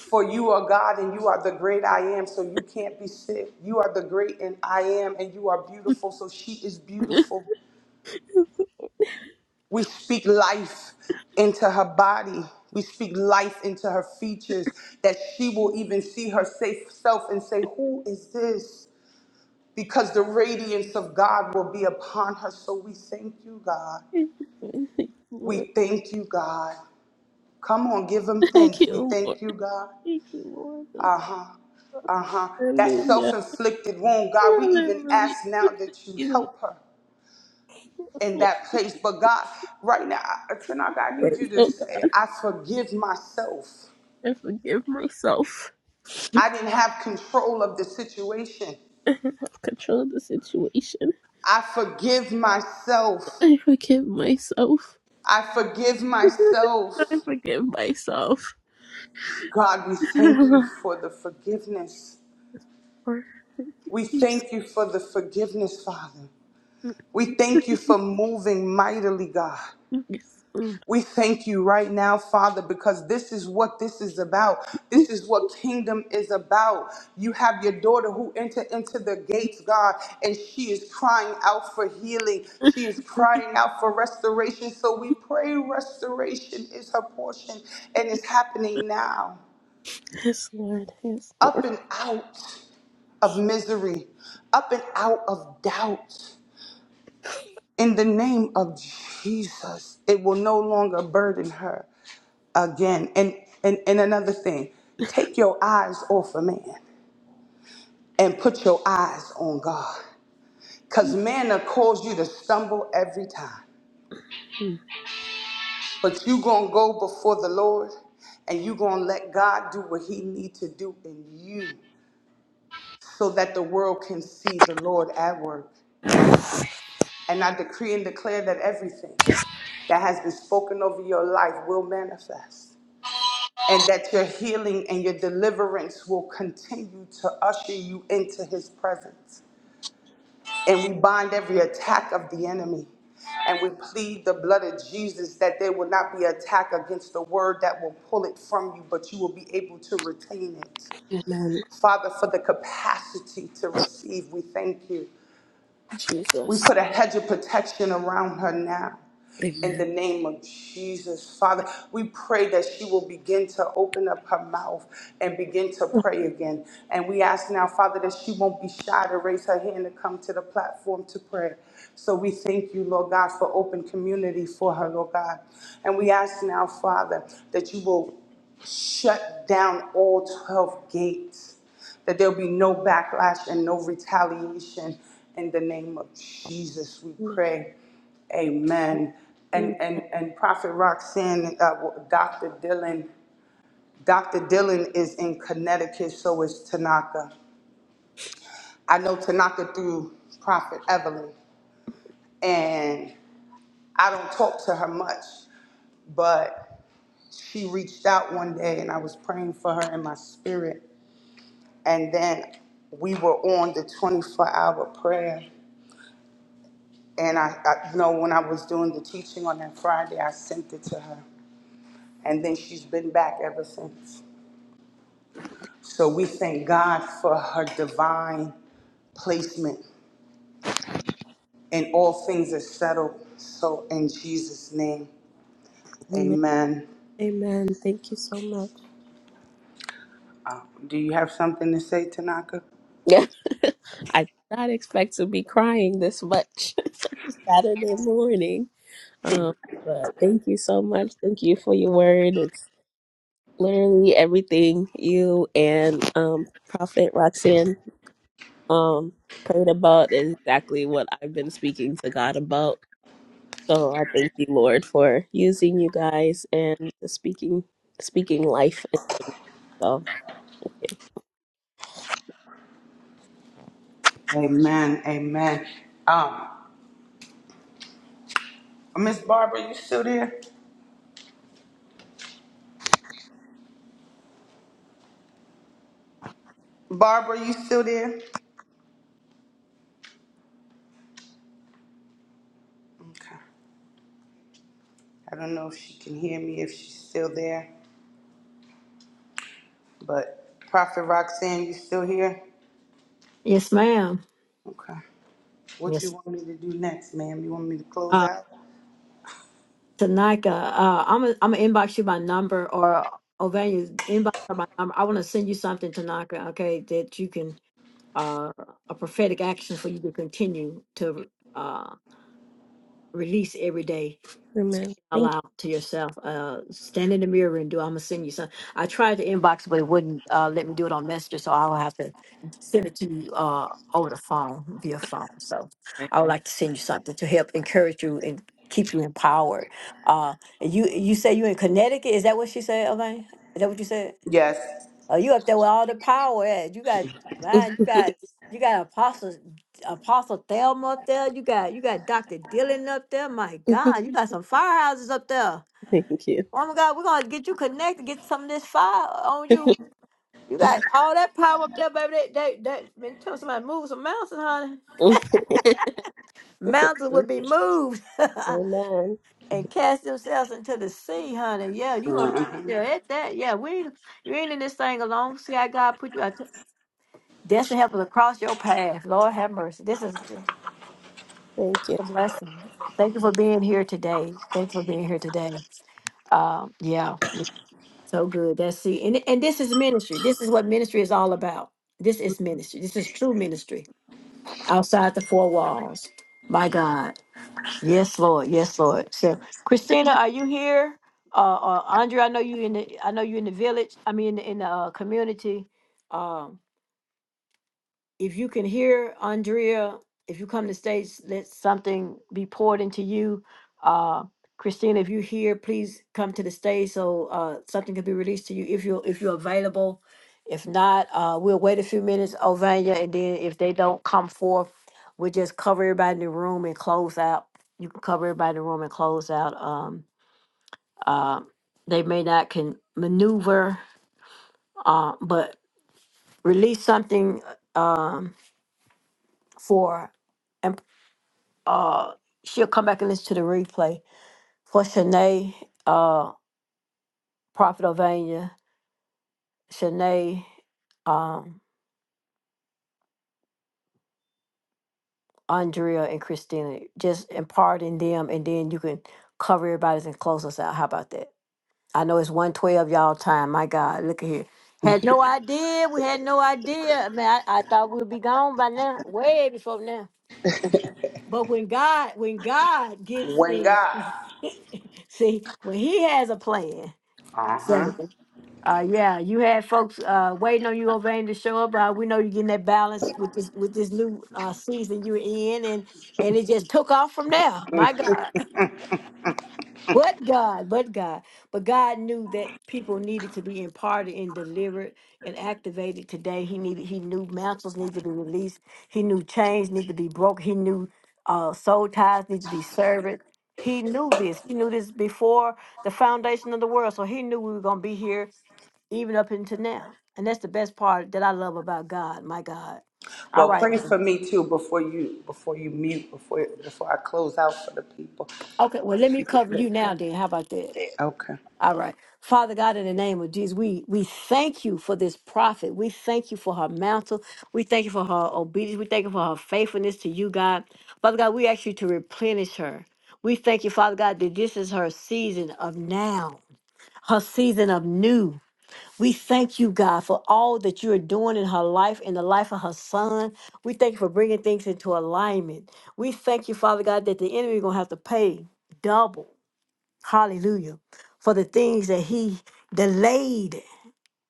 Speaker 5: For you are God and you are the great I am, so you can't be sick. You are the great and I am, and you are beautiful, so she is
Speaker 10: [LAUGHS]
Speaker 5: beautiful. We speak life into her body. We speak life into her features that she will even see her safe self and say, Who is this? Because the radiance of God will be upon her. So we thank you, God.
Speaker 10: [LAUGHS] Thank you, Lord.
Speaker 5: We thank you, God. Come on, give him
Speaker 10: Thank
Speaker 5: thanks.
Speaker 10: you,
Speaker 5: We
Speaker 10: Lord.
Speaker 5: thank you, God.
Speaker 10: Thank you, Lord. Thank you.
Speaker 5: Uh huh.
Speaker 10: Lord.
Speaker 5: Uh huh. That self
Speaker 10: Hallelujah.
Speaker 5: inflicted wound, God, we even
Speaker 10: Hallelujah.
Speaker 5: ask now
Speaker 10: Thank
Speaker 5: that you
Speaker 10: you, Lord.
Speaker 5: help her.
Speaker 10: Yes,
Speaker 5: in
Speaker 10: Lord.
Speaker 5: that place. But God, right now, Tanaka, I need you
Speaker 10: Praise,
Speaker 5: to
Speaker 10: oh God,
Speaker 5: say, I forgive myself.
Speaker 10: I forgive myself.
Speaker 5: I didn't have control of the situation.
Speaker 10: I have control of the situation.
Speaker 5: I forgive myself.
Speaker 10: I forgive myself.
Speaker 5: I forgive
Speaker 10: [LAUGHS]
Speaker 5: myself.
Speaker 10: I forgive myself.
Speaker 5: God, we
Speaker 10: [LAUGHS]
Speaker 5: thank you for the forgiveness.
Speaker 10: Lord, Thank you,
Speaker 5: We
Speaker 10: Jesus.
Speaker 5: thank you for the forgiveness, Father. We thank you for moving mightily, God.
Speaker 10: Yes, Lord.
Speaker 5: We thank you right now, Father, because this is what this is about. This is what kingdom is about. You have your daughter who entered into the gates, God, and she is crying out for healing. She is crying out for restoration. So we pray restoration is her portion and it's happening now.
Speaker 10: Yes, Lord. Yes,
Speaker 5: Up
Speaker 10: Lord.
Speaker 5: and out of misery, up and out of doubt in the name of Jesus, it will no longer burden her again. And, and, and another thing, take your eyes off of man and put your eyes on God. Because man will cause you to stumble every time. But you going to go before the Lord and you going to let God do what he need to do in you so that the world can see the Lord at work. And I decree and declare that everything that has been spoken over your life will manifest. and that your healing and your deliverance will continue to usher you into his presence. And we bind every attack of the enemy. And we plead the blood of Jesus that there will not be attack against the word that will pull it from you, but you will be able to retain it.
Speaker 10: Amen.
Speaker 5: Father, for the capacity to receive, we thank you. We
Speaker 10: Jesus.
Speaker 5: put a hedge of protection around her now. In
Speaker 10: Amen.
Speaker 5: the name of Jesus, Father, we pray that she will begin to open up her mouth and begin to pray again. And we ask now, Father, that she won't be shy to raise her hand to come to the platform to pray. So we thank you, Lord God, for open community for her, Lord God. And we ask now, Father, that you will shut down all 12 gates that there'll be no backlash and no retaliation. In the name of Jesus, we
Speaker 10: Amen.
Speaker 5: pray. Amen. And and and Prophet Roxanne, uh, Dr. Dylan, Dr. Dylan is in Connecticut, so is Tanaka. I know Tanaka through Prophet Evelyn, and I don't talk to her much, but she reached out one day, and I was praying for her in my spirit, and then we were on the 24-hour prayer, And I, I, you know, when I was doing the teaching on that Friday, I sent it to her. And then she's been back ever since. So we thank God for her divine placement. And all things are settled. So in Jesus' name,
Speaker 10: Amen.
Speaker 5: amen.
Speaker 10: Amen. Thank you so much.
Speaker 5: Do you have something to say, Tanaka?
Speaker 10: Yeah. [LAUGHS] I did not expect to be crying this much [LAUGHS] Saturday morning. Um, but thank you so much. Thank you for your word. It's literally everything you and um, Prophet Roxanne um, prayed about is exactly what I've been speaking to God about. So I thank you, Lord, for using you guys and speaking speaking life. And so, okay.
Speaker 5: Amen, amen. Um, Miss Barbara, you still there? Barbara, you still there? Okay. I don't know if she can hear me, if she's still there, but Prophet Roxanne, you still here?
Speaker 1: Yes, ma'am.
Speaker 5: Okay. What you
Speaker 1: Yes.
Speaker 5: want me to do next, ma'am? You want me to close
Speaker 1: Uh,
Speaker 5: out?
Speaker 1: Tanika, uh, I'm gonna I'm gonna inbox you my number or Ovania inbox her my number. I want to send you something, Tanaka. Okay, that you can uh a prophetic action for you to continue to uh release every day.
Speaker 10: Amen. Thank
Speaker 1: allow to yourself. Uh, stand in the mirror and do. I'm gonna send you some. I tried to inbox, but it wouldn't uh, let me do it on Messenger, so I'll have to send it to you uh, over the phone via phone. So I would like to send you something to help encourage you and keep you empowered. Uh, you you say you in Connecticut? Is that what she said, Elaine? Is that what you said?
Speaker 5: Yes.
Speaker 1: Oh, you up there with all the power? at? You got man. You got you got apostles Apostle Thelma up there. You got you got Dr. Dillon up there. My
Speaker 10: you.
Speaker 1: God, you got some firehouses up there.
Speaker 10: Thank you.
Speaker 1: Oh my God, we're gonna get you connected, get some of this fire on
Speaker 10: [LAUGHS]
Speaker 1: you. You got all that power up there, baby. That that, that when you tell somebody to move some mountains, honey, mountains would be moved
Speaker 10: Amen.
Speaker 1: [LAUGHS] and cast themselves into the sea, honey. Yeah, you are right there at that. Yeah, we ain't- you ain't in this thing alone. See how God put you out. Destiny helping across your path. Lord have mercy. This is
Speaker 10: Thank you.
Speaker 1: a blessing. Thank you for being here today. Thank you for being here today. Um, yeah, So good. That's it. And, and this is ministry. This is what ministry is all about. This is ministry. This is true ministry outside the four walls. My God. Yes, Lord. Yes, Lord. So Christina, are you here? Uh, uh Andrea, I know you in the I know you in the village. I mean in the uh, community. Um, if you can hear Andrea, if you come to stage, let something be poured into you. Uh, Christina, if you're here, please come to the stage so uh, something can be released to you if you're if you're available. If not, uh, we'll wait a few minutes, Ovania, and then if they don't come forth, we'll just cover everybody in the room and close out. You can cover everybody in the room and close out. Um, uh, they may not can maneuver, uh, but release something uh, um, for uh she'll come back and listen to the replay for Shanae, uh, Prophet Ovania, Shanae, um, Andrea and Christina. Just imparting them and then you can cover everybody's and close us out. How about that? I know it's one twelve y'all time. My God, look at here. Had no idea. We had no idea. Man, I, I thought we'd be gone by now. Way before now. But when God, when God gets
Speaker 5: When
Speaker 1: in
Speaker 5: God.
Speaker 1: [LAUGHS] see, when he has a plan.
Speaker 5: Uh huh.
Speaker 1: Uh, yeah, you had folks uh, waiting on you over there to show up. Uh, we know you're getting that balance with this with this new uh, season you're in, and and it just took off from there. My God. But God, but God, but God knew that people needed to be imparted and delivered and activated today. He needed, he knew mantles needed to be released. He knew chains needed to be broke. He knew uh, soul ties needed to be severed. He knew this. He knew this before the foundation of the world. So he knew we were going to be here even up into now. And that's the best part that I love about God, my God. All
Speaker 5: Well,
Speaker 1: right.
Speaker 5: pray for me too before you before you mute before before I close out for the people.
Speaker 1: Okay, well, let
Speaker 5: If
Speaker 1: me
Speaker 5: you could
Speaker 1: cover
Speaker 5: pray.
Speaker 1: you now then. How about that?
Speaker 5: Okay.
Speaker 1: All right. Father God, in the name of Jesus, we, we thank you for this prophet. We thank you for her mantle. We thank you for her obedience. We thank you for her faithfulness to you, God. Father God, we ask you to replenish her. We thank you, Father God, that this is her season of now, her season of new. We thank you, God, for all that you are doing in her life, in the life of her son. We thank you for bringing things into alignment. We thank you, Father God, that the enemy is going to have to pay double Hallelujah. For the things that he delayed,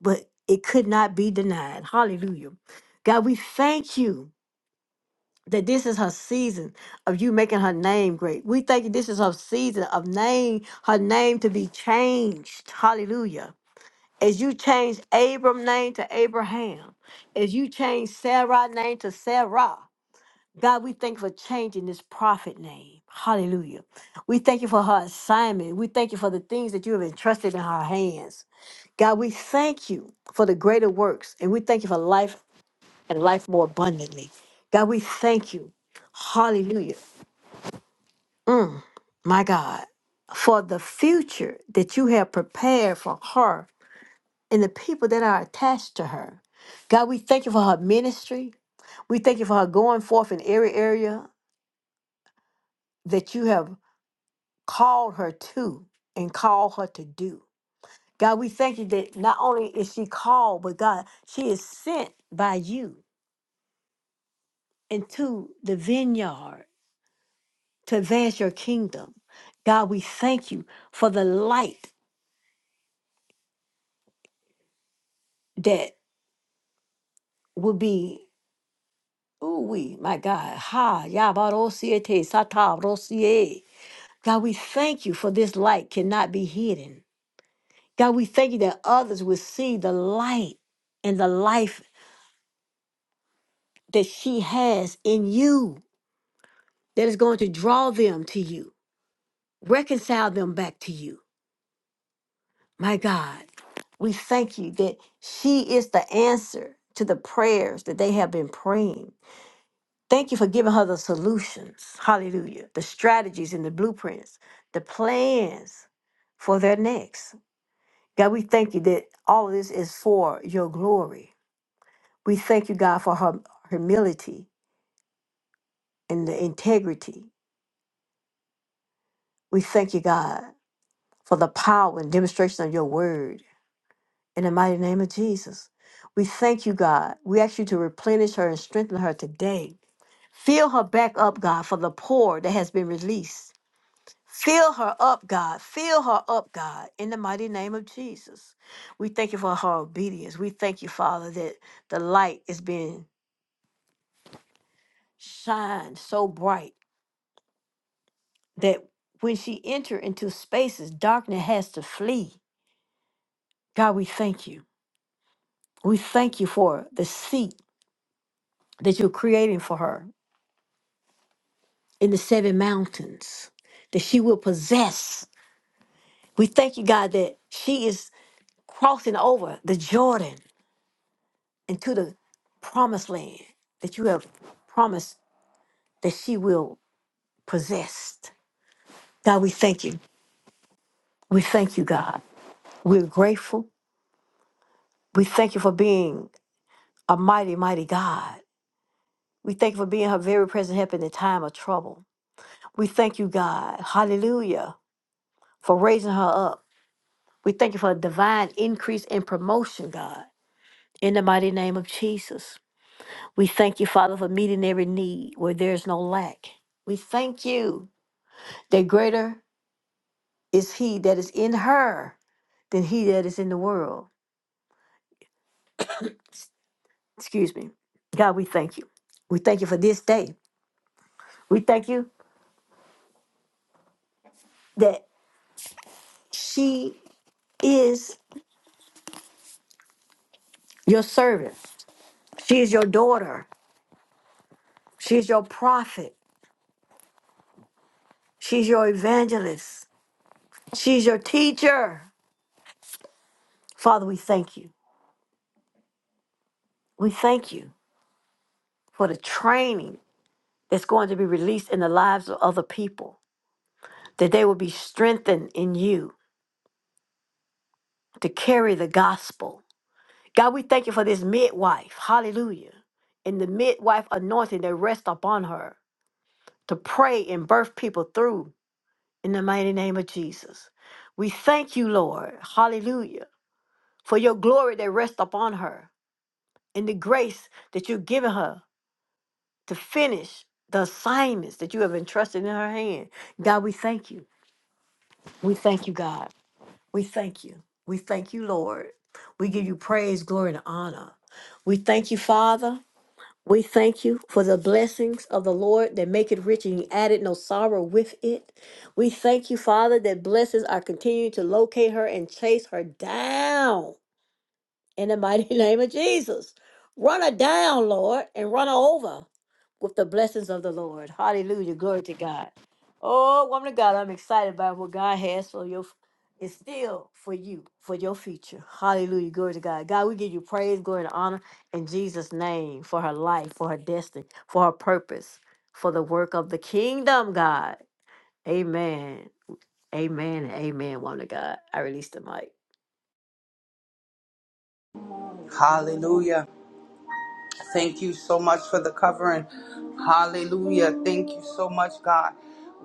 Speaker 1: but it could not be denied. Hallelujah. God, we thank you that this is her season of you making her name great. We thank you this is her season of name, her name to be changed. Hallelujah. As you change Abram's name to Abraham, as you change Sarah's name to Sarah, God, we thank you for changing this prophet name. Hallelujah. We thank you for her assignment. We thank you for the things that you have entrusted in her hands. God, we thank you for the greater works and we thank you for life and life more abundantly. God, we thank you. Hallelujah. Mm, my God, for the future that you have prepared for her and the people that are attached to her. God, we thank you for her ministry. We thank you for her going forth in every area that you have. called her to and called her to do. God, we thank you that not only is she called, but God, she is sent by you into the vineyard to advance your kingdom. God, we thank you for the light that will be, ooh, we, my God, ha, yabarosiete, satarosie. God, we thank you for this light cannot be hidden. God, we thank you that others will see the light and the life that she has in you that is going to draw them to you, reconcile them back to you. My God, we thank you that she is the answer to the prayers that they have been praying. Thank you for giving her the solutions. Hallelujah. The strategies and the blueprints, the plans for their next. God, we thank you that all of this is for your glory. We thank you, God, for her humility and the integrity. We thank you, God. for the power and demonstration of your word. In the mighty name of Jesus, we thank you, God. We ask you to replenish her and strengthen her today. Fill her back up, God, for the pour that has been released. Fill her up, God. Fill her up, God, in the mighty name of Jesus. We thank you for her obedience. We thank you, Father, that the light is being shined so bright that when she enter into spaces, darkness has to flee. God, we thank you. We thank you for the seat that you're creating for her in the seven mountains that she will possess. We thank you, God, that she is crossing over the Jordan into the promised land that you have promised that she will possess. God, we thank you. We thank you, God. We're grateful. We thank you for being a mighty, mighty God. We thank you for being her very present help in the time of trouble. We thank you, God. Hallelujah. For raising her up We thank you for a divine increase and promotion, God. In the mighty name of Jesus. We thank you, Father, for meeting every need where there is no lack. We thank you that greater is he that is in her than he that is in the world. Excuse me. God, we thank you. We thank you for this day. We thank you that she is your servant. She is your daughter. She is your prophet. She's your evangelist. She's your teacher. Father, we thank you. We thank you for the training that's going to be released in the lives of other people, that they will be strengthened in you to carry the gospel. God, we thank you for this midwife. Hallelujah. And the midwife anointing that rests upon her to pray and birth people through in the mighty name of Jesus. We thank you, Lord. Hallelujah. For your glory that rests upon her and the grace that you've given her to finish the assignments that you have entrusted in her hand. God, we thank you. We thank you, God. We thank you. We thank you, Lord. We give you praise, glory, and honor. We thank you, Father. We thank you for the blessings of the Lord that make it rich and you added no sorrow with it. We thank you, Father, that blessings are continuing to locate her and chase her down in the mighty [LAUGHS] name of Jesus. Run her down, Lord, and run her over with the blessings of the Lord. Hallelujah. Glory to God. Oh, woman of God, I'm excited about what God has for your is still for you, for your future. Hallelujah. Glory to God. God, we give you praise, glory, and honor in Jesus' name for her life, for her destiny, for her purpose, for the work of the kingdom, God. Amen. Amen. and Amen. Woman of God. I release the mic.
Speaker 5: Hallelujah. Thank you so much for the covering. Hallelujah. Thank you so much, God.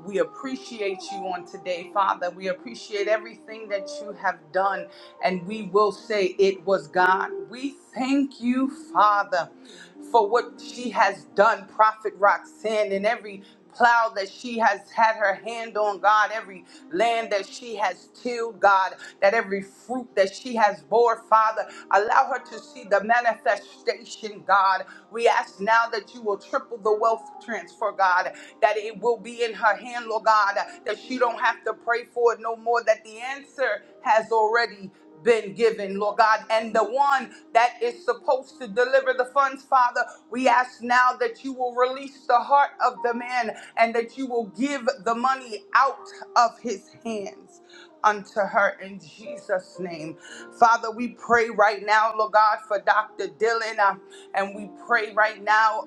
Speaker 5: We appreciate you on today, Father. We appreciate everything that you have done, and we will say it was God. We thank you, Father, for what she has done, Prophet Roxanne, and every plow that she has had her hand on, God, every land that she has tilled, God, that every fruit that she has bore, Father, allow her to see the manifestation, God. We ask now that you will triple the wealth transfer, God, that it will be in her hand, Lord God, that she don't have to pray for it no more, that the answer has already been given, Lord God, and the one that is supposed to deliver the funds, Father. We ask now that you will release the heart of the man and that you will give the money out of his hands unto her in Jesus' name. Father, we pray right now, Lord God, for Dr. Dylan, uh, and we pray right now.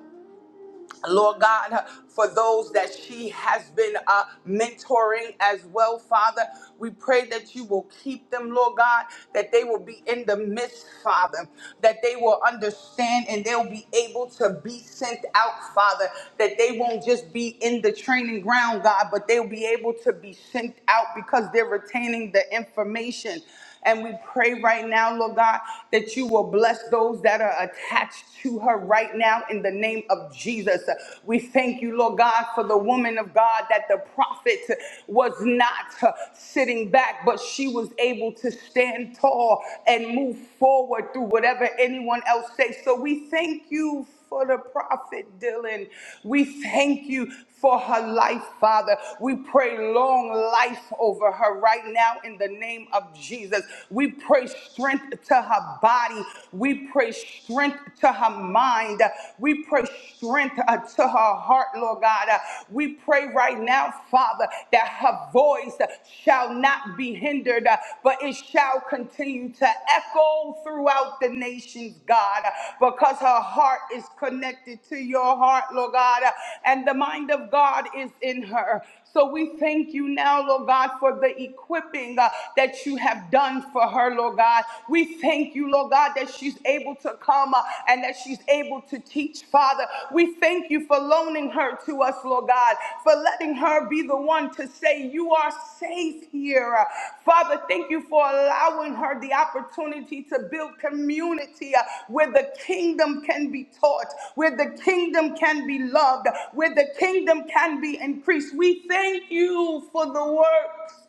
Speaker 5: Lord God, for those that she has been uh, mentoring as well, Father, we pray that you will keep them, Lord God, that they will be in the midst, Father, that they will understand and they'll be able to be sent out, Father, that they won't just be in the training ground, God, but they'll be able to be sent out because they're retaining the information. And we pray right now, Lord God, that you will bless those that are attached to her right now in the name of Jesus. We thank you, Lord God, for the woman of God that the prophet was not uh, sitting back, but she was able to stand tall and move forward through whatever anyone else says. So we thank you for the prophet Dylan. We thank you for her life, Father. We pray long life over her right now in the name of Jesus. We pray strength to her body. We pray strength to her mind. We pray strength uh, to her heart, Lord God. Uh, We pray right now, Father, that her voice shall not be hindered, uh, but it shall continue continue to echo throughout the nations, God, because her heart is connected to your heart, Lord God, and the mind of God is in her. So we thank you now, Lord God, for the equipping uh, that you have done for her, Lord God. We thank you, Lord God, that she's able to come uh, and that she's able to teach, Father. We thank you for loaning her to us, Lord God, for letting her be the one to to say, You are safe here. Uh, Father, thank you for allowing her the opportunity to build community uh, where the kingdom can be taught, where the kingdom can be loved, where the kingdom can be increased. We thank you for the works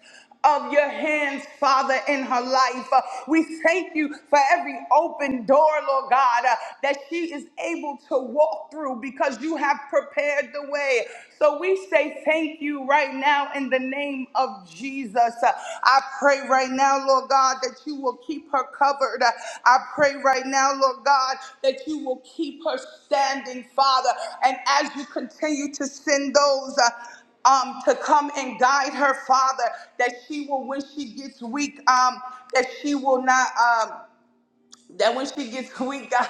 Speaker 5: of your hands, Father, in her life. Uh, We thank you for every open door, Lord God, uh, that she is able to walk through because you have prepared the way. So we say thank you right now in the name of Jesus. Uh, I pray right now, Lord God, that you will keep her covered. Uh, I pray right now, Lord God, that you will keep her standing, Father. And as you continue to send those, uh, um, to come and guide her, Father, that she will, when she gets weak, um, that she will not. Um, that when she gets [LAUGHS] weak, God,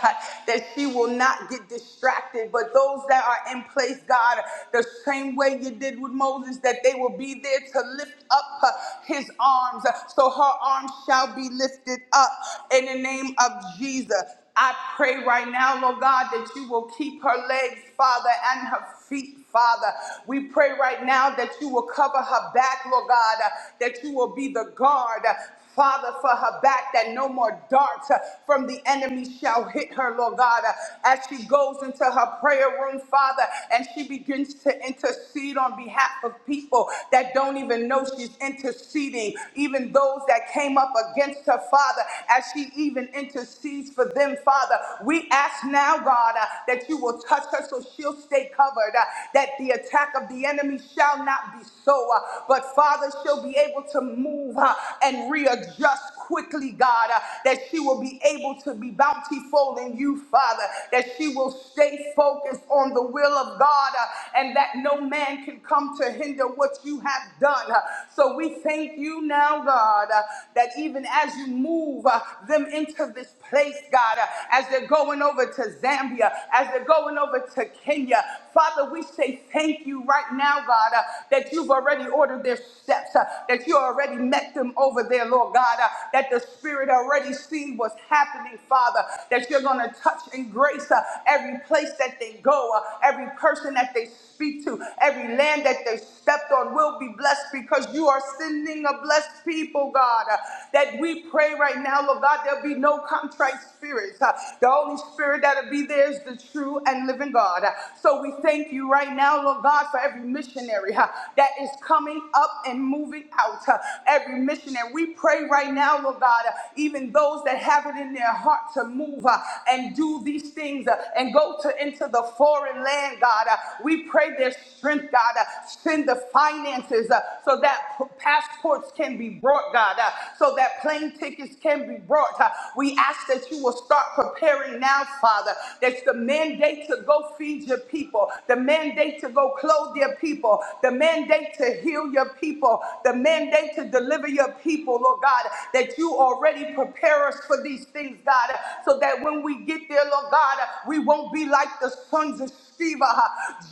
Speaker 5: that she will not get distracted. But those that are in place, God, the same way you did with Moses, that they will be there to lift up uh, his arms. So her arms shall be lifted up in the name of Jesus. I pray right now, Lord God, that you will keep her legs, Father, and her feet, Father. We pray right now that you will cover her back, Lord God, uh, that you will be the guard, uh, Father, for her back, that no more darts uh, from the enemy shall hit her, Lord God. Uh, As she goes into her prayer room, Father, and she begins to intercede on behalf of people that don't even know she's interceding, even those that came up against her, Father, as she even intercedes for them, Father. We ask now, God, uh, that you will touch her so she'll stay covered, uh, that the attack of the enemy shall not be so, uh, but Father, she'll be able to move uh, and rearrange readjust quickly, God, uh, that she will be able to be bountiful in you, Father, that she will stay focused on the will of God, uh, and that no man can come to hinder what you have done. Uh, So we thank you now, God, uh, that even as you move uh, them into this place, God, uh, as they're going over to Zambia, as they're going over to Kenya, Father, we say thank you right now, God, uh, that you've already ordered their steps, uh, that you already met them over there, Lord God, uh, that the Spirit already seen what's happening, Father, that you're going to touch and grace uh, every place that they go, uh, every person that they speak to, every land that they stepped on will be blessed because you are sending a blessed people, God, uh, that we pray right now, Lord God, there'll be no contrite spirits. uh, the only spirit that'll be there is the true and living God. God. So we thank you right now, Lord God, for every missionary uh, that is coming up and moving out. uh, Every missionary. We pray right now, Lord God, uh, even those that have it in their heart to move uh, and do these things uh, and go to into the foreign land, God. Uh, We pray their strength, God. Uh, Send the finances uh, so that p- passports can be brought, God, uh, so that plane tickets can be brought. Uh, We ask that you will start preparing now, Father, that the men mandate to go feed your people, the mandate to go clothe your people, the mandate to heal your people, the mandate to deliver your people, Lord God, that you already prepare us for these things, God, so that when we get there, Lord God, we won't be like the sons of Sheba. Uh,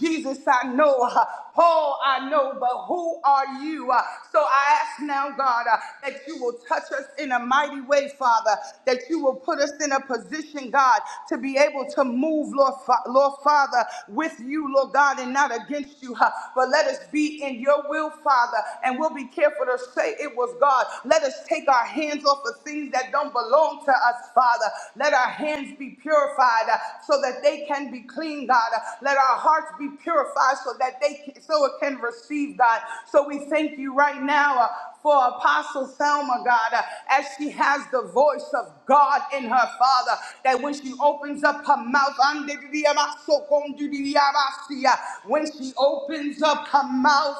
Speaker 5: Jesus, I know. Uh, Paul, I know. But who are you? Uh, So I ask now, God, uh, that you will touch us in a mighty way, Father, that you will put us in a position, God, to be able to move, Lord, Fa- Lord Father, with you, Lord God, and not against you. huh? But let us be in your will, Father, and we'll be careful to say it was God. Let us take our hands off of things that don't belong to us, Father. Let our hands be purified uh, so that they can be clean, God receive, God. Let our hearts be purified so that they can, so it can receive, God. So we thank you right now uh, for Apostle Thelma, God, uh, as she has the voice of God in her, Father, that when she opens up her mouth, when she opens up her mouth,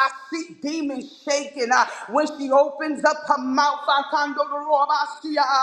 Speaker 5: I see demons shaking. uh, When she opens up her mouth,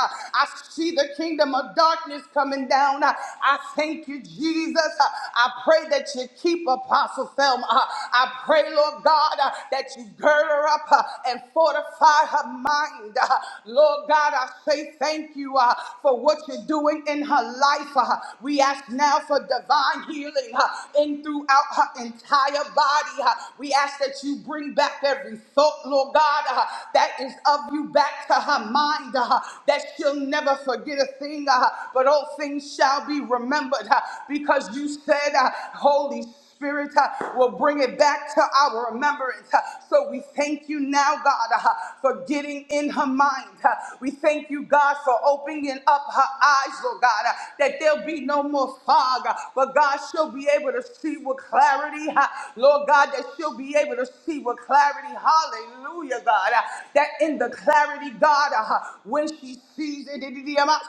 Speaker 5: uh, I see the kingdom of darkness coming down. Uh, I thank you, Jesus. Uh, I pray that you keep Apostle Thelma. Uh, I pray, Lord God, uh, that you gird her up uh, and fortify her mind. Uh, Lord God, I say thank you uh, for what you're doing in her life. Uh, we ask now for divine healing uh, in throughout her entire body. Uh, we ask that you bring back every thought, Lord God, uh, that is of you back to her mind. uh, that she'll never forget a thing, uh, but all things shall be remembered uh, because you said, uh, Holy Spirit Spirit uh, will bring it back to our remembrance. Uh, so we thank you now, God, uh, for getting in her mind. Uh, we thank you, God, for opening up her eyes, Lord God, uh, that there'll be no more fog, uh, but God, she'll be able to see with clarity, uh, Lord God, that she'll be able to see with clarity. Hallelujah, God, uh, that in the clarity, God, uh, when she sees it,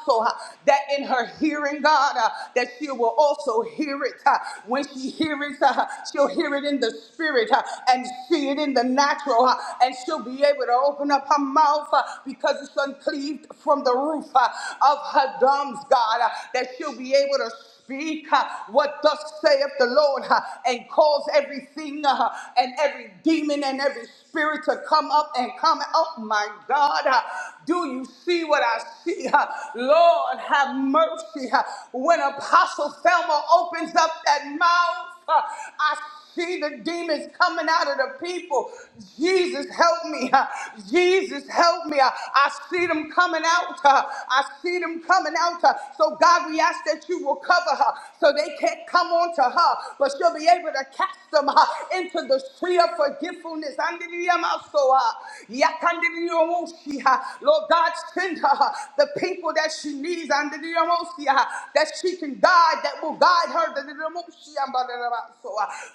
Speaker 5: so that in her hearing, God, uh, that she will also hear it. uh, When she hears it, uh, she'll hear it in the spirit uh, and see it in the natural, uh, and she'll be able to open up her mouth uh, because it's uncleaved from the roof uh, of her gums, God, uh, that she'll be able to speak uh, what thus saith the Lord uh, and cause everything uh, and every demon and every spirit to come up and come up. My God, uh, do you see what I see? uh? Lord, have mercy. uh, When Apostle Thelma opens up that mouth, uh, I see the demons coming out of the people. Jesus, help me. Uh, Jesus, help me. Uh, I see them coming out. Uh, I see them coming out. Uh, So, God, we ask that you will cover her so they can't come on to her, but she'll be able to cast them uh, into the tree of forgetfulness. Andidiyamaso, uh, yakandidiyomoshi, uh, Lord God, send her uh, the people that she needs. Andidiyamaosi, uh, That she can guide, that will guide her.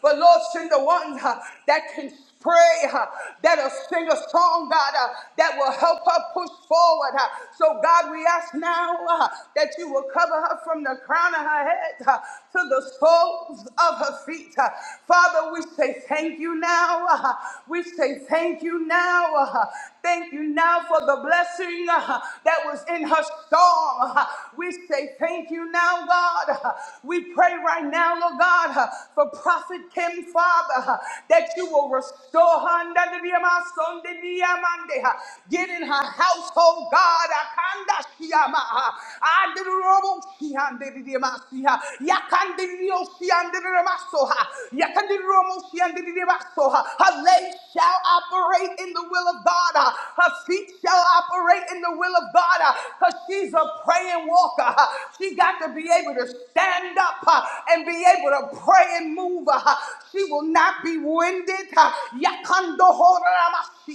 Speaker 5: But Lord, send the one uh, that can pray, uh, that'll sing a song, God, uh, that will help her push forward. uh. So, God, we ask now uh, that you will cover her from the crown of her head uh, to the soles of her feet. uh. Father, we say thank you now. uh, We say thank you now. uh, Thank you now for the blessing uh, that was in her storm. uh. We say thank you now, God. uh. We pray pray right now, Lord God, uh, for Prophet Kim, Father, uh, that you will restore her. under the Yama, son, the Yamande, uh, Get in her household, God. Akanda Shiyama, uh, Adirobo Shiyande, the Yama, Siha, Yakande, the Oshiyande, the Yama, Soha, Yakande, the Romo, Shiyande, the Yama, Soha. Her legs shall operate in the will of God. uh, Her feet shall operate in the will of God because she's a praying walker. uh, She got to be able to stand stand up uh, and be able to pray and move. uh, She will not be winded. uh, yakando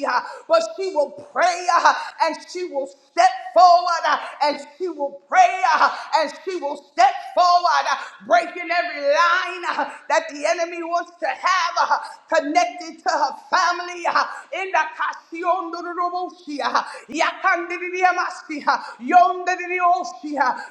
Speaker 5: uh, But she will pray uh, and she will step forward uh, and she will pray uh, and she will step forward, uh, breaking every line uh, that the enemy wants to have uh, connected to her family. uh, In the Kasion Dorobosia, Yakandiriamasi,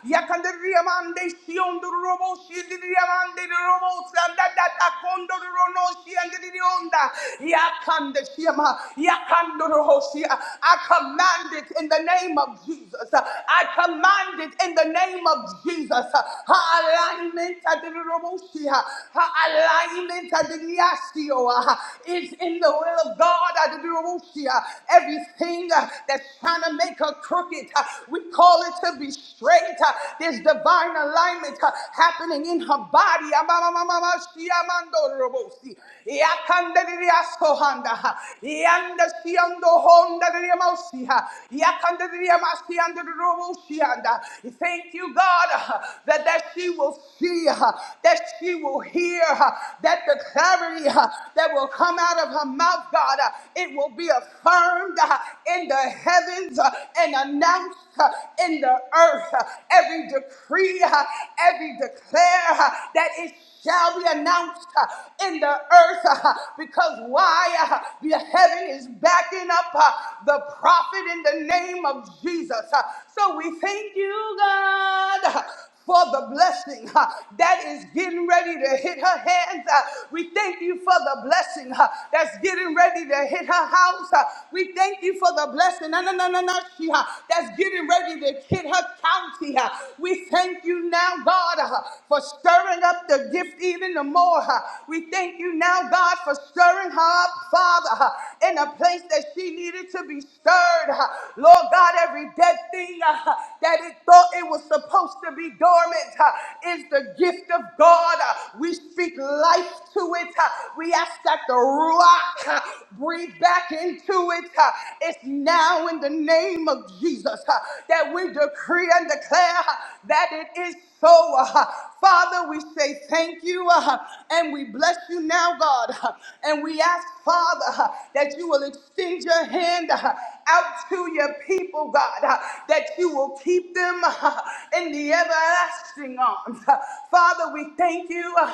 Speaker 5: Yondriosia, de Sion do Robo, she did the Amanda Robo, and that Condo Rono, she and the Onda, Yakan de Shima, Yakando Rosia. I command it in the name of Jesus. I command it in the name of Jesus. Her alignment at the Romosia, her alignment at the Diastio is in the will of God at the Romosia. Everything uh, that's trying to make her crooked, uh, we call it to be straight. Uh, There's is divine alignment uh, happening in her body. Amamamamamashiyamandorobosi. Yakandadiriasohanda, uh, Yandasiyondohondadirimosi, uh, Yakandadiriamasiyandodirobosiyanda. Thank you, God, uh, that, that she will see, uh, that she will hear, uh, that the clarity uh, that will come out of her mouth, God, uh, it will be affirmed uh, in the heavens uh, and announced uh, in the earth. ah, every decree, uh, every declare uh, that it shall be announced uh, in the earth uh, because why? Uh, The heaven is backing up uh, the prophet in the name of Jesus. Uh, So we thank you, God for the blessing uh, that is getting ready to hit her hands. Uh, we thank you for the blessing uh, that's getting ready to hit her house. Uh, we thank you for the blessing no, no, no, no, no, she, uh, that's getting ready to hit her county. Uh, we thank you now, God, uh, for stirring up the gift even the more. Uh, we thank you now, God, for stirring her up, Father, uh, in a place that she needed to be stirred. Uh, Lord God, every dead thing uh, that is that it thought it was supposed to be dormant uh, is the gift of God. Uh, We speak life to it. Uh, We ask that the rock uh, breathe back into it. Uh, It's now in the name of Jesus uh, that we decree and declare uh, that it is so, uh, Father, we say thank you uh, and we bless you now, God. Uh, And we ask, Father, uh, that you will extend your hand. uh, out to your people, God, uh, that you will keep them uh, in the everlasting arms. Uh, Father, we thank you uh,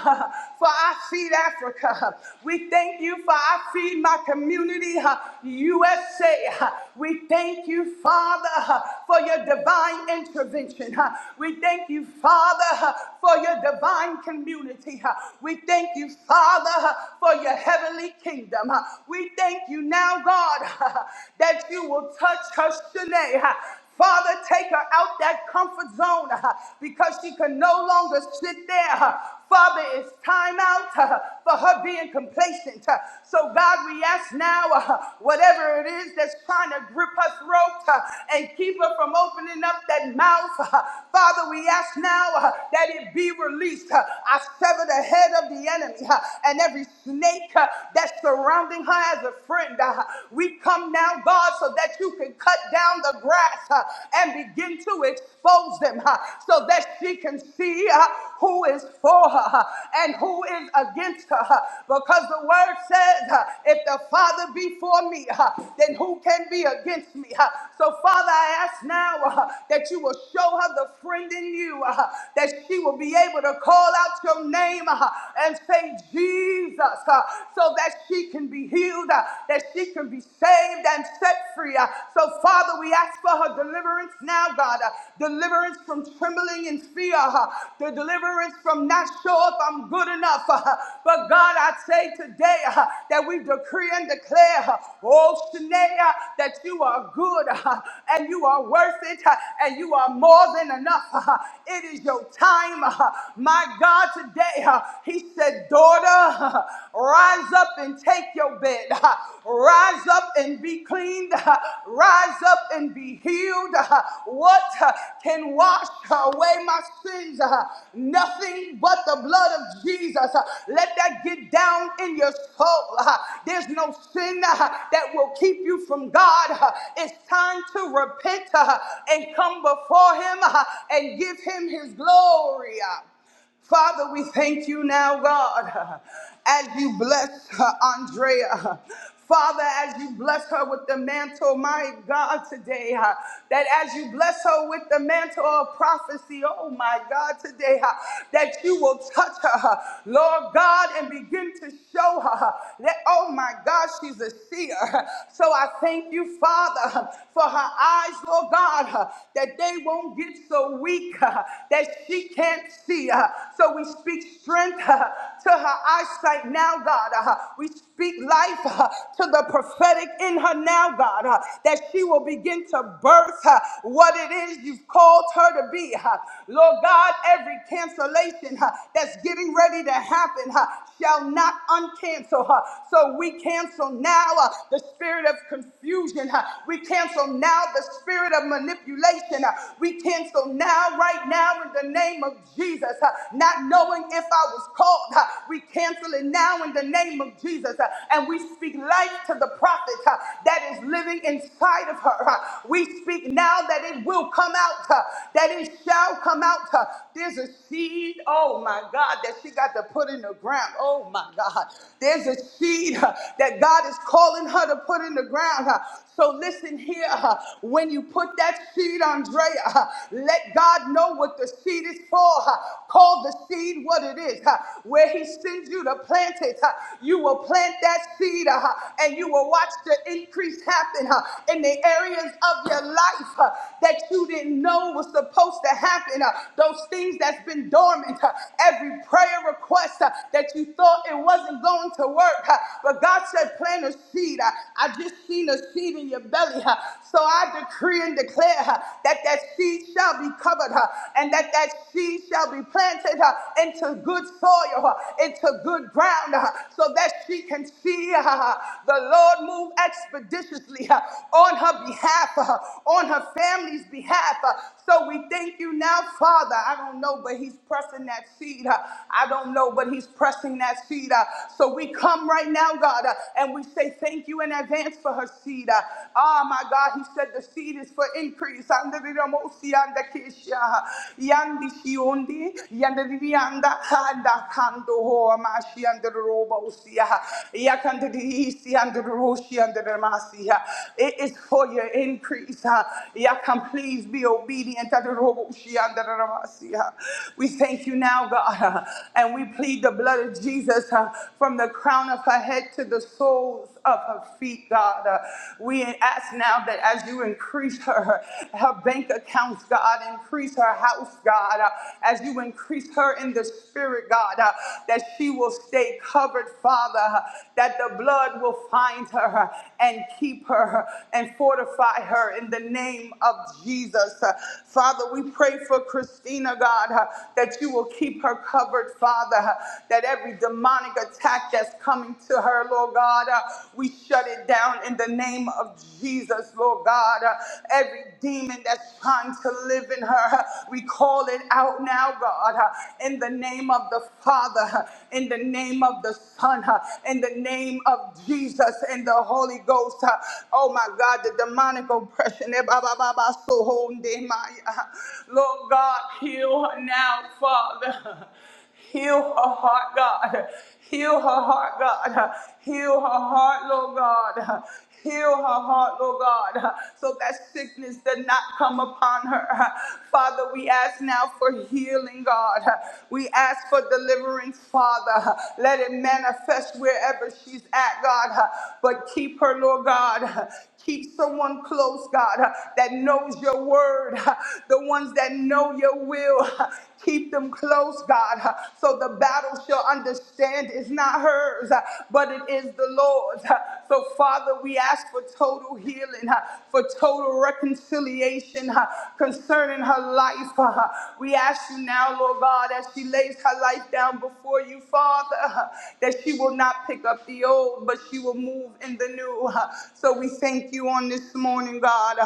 Speaker 5: for I feed Africa. We thank you for I feed my community, uh, USA. We thank you, Father, for your divine intervention. We thank you, Father, for your divine community. We thank you, Father, for your heavenly kingdom. We thank you now, God, that you will touch her Shanae. Father, take her out that comfort zone uh, because she can no longer sit there. Uh, Father, it's time out. Uh, for her being complacent. Uh, So, God, we ask now uh, whatever it is that's trying to grip her throat uh, and keep her from opening up that mouth, uh, Father, we ask now uh, that it be released. Uh, I sever the head of the enemy uh, and every snake uh, that's surrounding her as a friend. Uh, We come now, God, so that you can cut down the grass uh, and begin to expose them uh, so that she can see uh, who is for her uh, and who is against against her [LAUGHS] because the word says, uh, if the Father be for me, uh, then who can be against me? Uh, So, Father, I ask now uh, that you will show her the friend in you, uh, that she will be able to call out your name uh, and say, Jesus, uh, so that she can be healed, uh, that she can be saved and set free. uh. So, Father, we ask for her deliverance now, God, uh, deliverance from trembling and fear, uh, the deliverance from not sure if I'm good enough, uh, but God, I say today uh, that we decree and declare, uh, oh Shanae, uh, that you are good uh, and you are worth it uh, and you are more than enough. uh, It is your time. uh, My God, today, uh, He said, Daughter, uh, rise up and take your bed. uh, Rise up and be cleaned. uh, Rise up and be healed. uh, What uh, can wash away my sins? uh, Nothing but the blood of Jesus. Uh, let that get down in your soul. Uh, There's no sin uh, that will keep you from God. Uh, It's time to repent uh, and come before Him uh, and give Him His glory. Uh, Father, we thank you now, God, as you bless uh, Andrea. Father, as you bless her with the mantle, my God, today, uh, that as you bless her with the mantle of prophecy, oh my God, today, uh, that you will touch her, uh, Lord God, and begin to show her uh, that, oh my God, she's a seer. huh. So I thank you, Father, uh, for her eyes, Lord God, uh, that they won't get so weak uh, that she can't see. uh. So we speak strength uh, to her eyesight now, God. Uh, We speak life uh, to the prophetic in her now, God, uh, that she will begin to birth uh, what it is you've called her to be. uh. Lord God, every cancellation uh, that's getting ready to happen uh, shall not uncancel her. So we cancel now uh, the spirit of confusion. uh, We cancel now the spirit of manipulation. uh, We cancel now, right now, in the name of Jesus uh, not knowing if I was called. uh, We cancel it now in the name of Jesus. uh, And we speak life to the prophet uh, that is living inside of her. uh, We speak now that it will come out, uh, that it shall come out. uh, There's a seed, oh my God, that she got to put in the ground. Oh my God. There's a seed uh, that God is calling her to put in the ground. uh, So listen here, uh, when you put that seed, Andrea, uh, let God know what the seed is for. huh? Call the seed what it is. huh? Where he sends you to plant it, huh? you will plant that seed uh, huh? and you will watch the increase happen huh? in the areas of your life huh? that you didn't know was supposed to happen. huh? Those things that's been dormant, huh? every prayer request huh, that you thought it wasn't going to work. huh? But God said, plant a seed. I I just seen a seed in your belly. huh? So I decree and and declare huh, that that seed shall be covered huh, and that that seed shall be planted huh, into good soil, huh, into good ground, huh, so that she can see huh, the Lord move expeditiously huh, on her behalf, huh, on her family's behalf. huh. So we thank you now, Father. I don't know, but He's pressing that seed. huh. I don't know, but He's pressing that seed. huh. So we come right now, God, uh, and we say thank you in advance for her seed. Ah, oh, my God, he said the seed is for increase. And the Ramosi and the Kesha. Yandi Shiundi, Yandi Yanda, Handa Kando Hoamashi and the Robosia. Yakanda Isi and the Roshi and the Ramasia. It is for your increase. Yakam, please be obedient to the Roboshi and the Ramasia. We thank you now, God, ah. and we plead the blood of Jesus uh, from the crown of her head to the soles of her feet, God. Uh, we ask now that as you increase her, her bank accounts, God, increase her house, God, uh, as you increase her in the spirit, God, uh, that she will stay covered, Father, uh, that the blood will find her uh, and keep her uh, and fortify her in the name of Jesus. Uh, Father, we pray for Christina, God, uh, that you will keep her covered, Father, uh, that every demonic attack attack that's coming to her, Lord God. Uh, we shut it down in the name of Jesus, Lord God. Uh, every demon that's trying to live in her, uh, we call it out now, God, uh, in the name of the Father, uh, in the name of the Son, uh, in the name of Jesus and the Holy Ghost. uh, oh my God, the demonic oppression. eh, ba, ba, ba, ba, so, ho, de, my, uh, Lord God, heal her now, Father. [LAUGHS] Heal her heart, God. Heal her heart, God. Heal her heart, Lord God. Heal her heart, Lord God, so that sickness did not come upon her. Father, we ask now for healing, God. We ask for deliverance, Father. Let it manifest wherever she's at, God. But keep her, Lord God. Keep someone close, God, uh, that knows your word, uh, the ones that know your will. uh, Keep them close, God, uh, so the battle shall understand it's not hers, uh, but it is the Lord's. uh. So, Father, we ask for total healing, uh, for total reconciliation uh, concerning her life. uh. We ask you now, Lord God, as she lays her life down before you, Father, uh, that she will will not pick up the old, but she will move in the new. So we thank you on this morning, God,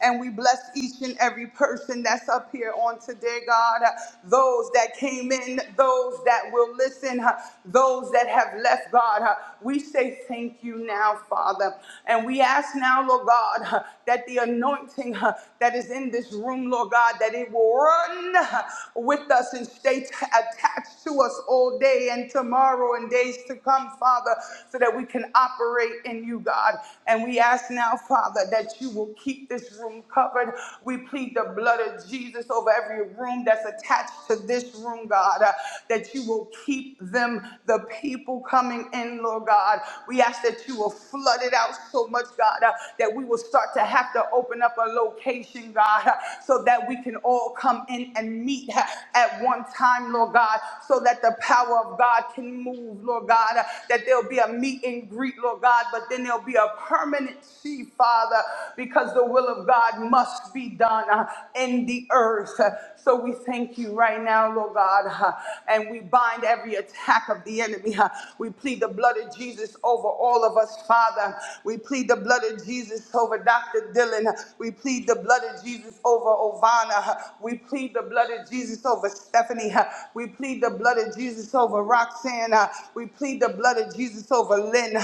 Speaker 5: and we bless each and every person that's up here on today, God. Those that came in, those that will listen, those that have left, God. We say thank you now, Father. And we ask now, Lord God, that the anointing uh, that is in this room, Lord God, that it will run uh, with us and stay t- attached to us all day and tomorrow and days to come, Father, so that we can operate in you, God. And we ask now, Father, that you will keep this room covered. We plead the blood of Jesus over every room that's attached to this room, God, uh, that you will keep them, the people coming in, Lord God. We ask that you will flooded out so much, God, uh, that we will start to have to open up a location, God, uh, so that we can all come in and meet uh, at one time, Lord God, so that the power of God can move, Lord God, uh, that there'll be a meet and greet, Lord God, but then there'll be a permanent permanency, Father, because the will of God must be done uh, in the earth. Uh, So we thank you right now, Lord God, uh, and we bind every attack of the enemy. uh, we plead the blood of Jesus over all of us, Father. We plead the blood of Jesus over Dr. Dylan. We plead the blood of Jesus over Ovana. We plead the blood of Jesus over Stephanie. We plead the blood of Jesus over Roxanne. We plead the blood of Jesus over Lynn.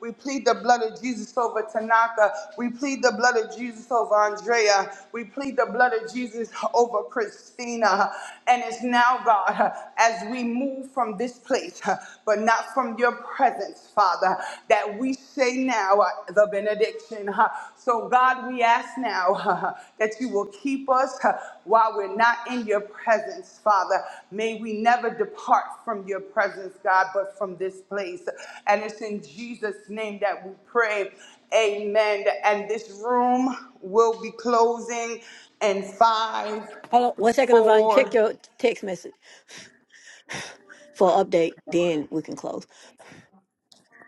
Speaker 5: We plead the blood of Jesus over Tanaka. We plead the blood of Jesus over Andrea. We plead the blood of Jesus over Christina. And it's now, God as we move from this place, huh, but not from your presence, Father, that we say now uh, the benediction. huh. So, God, we ask now huh, huh, that you will keep us huh, while we're not in your presence, Father. May we never depart from your presence, God, but from this place. And it's in Jesus' name that we pray. Amen. And this room will be closing in five,
Speaker 1: Hold on one second, Avon. Check
Speaker 5: four,
Speaker 1: your t- text message for update. Then we can close.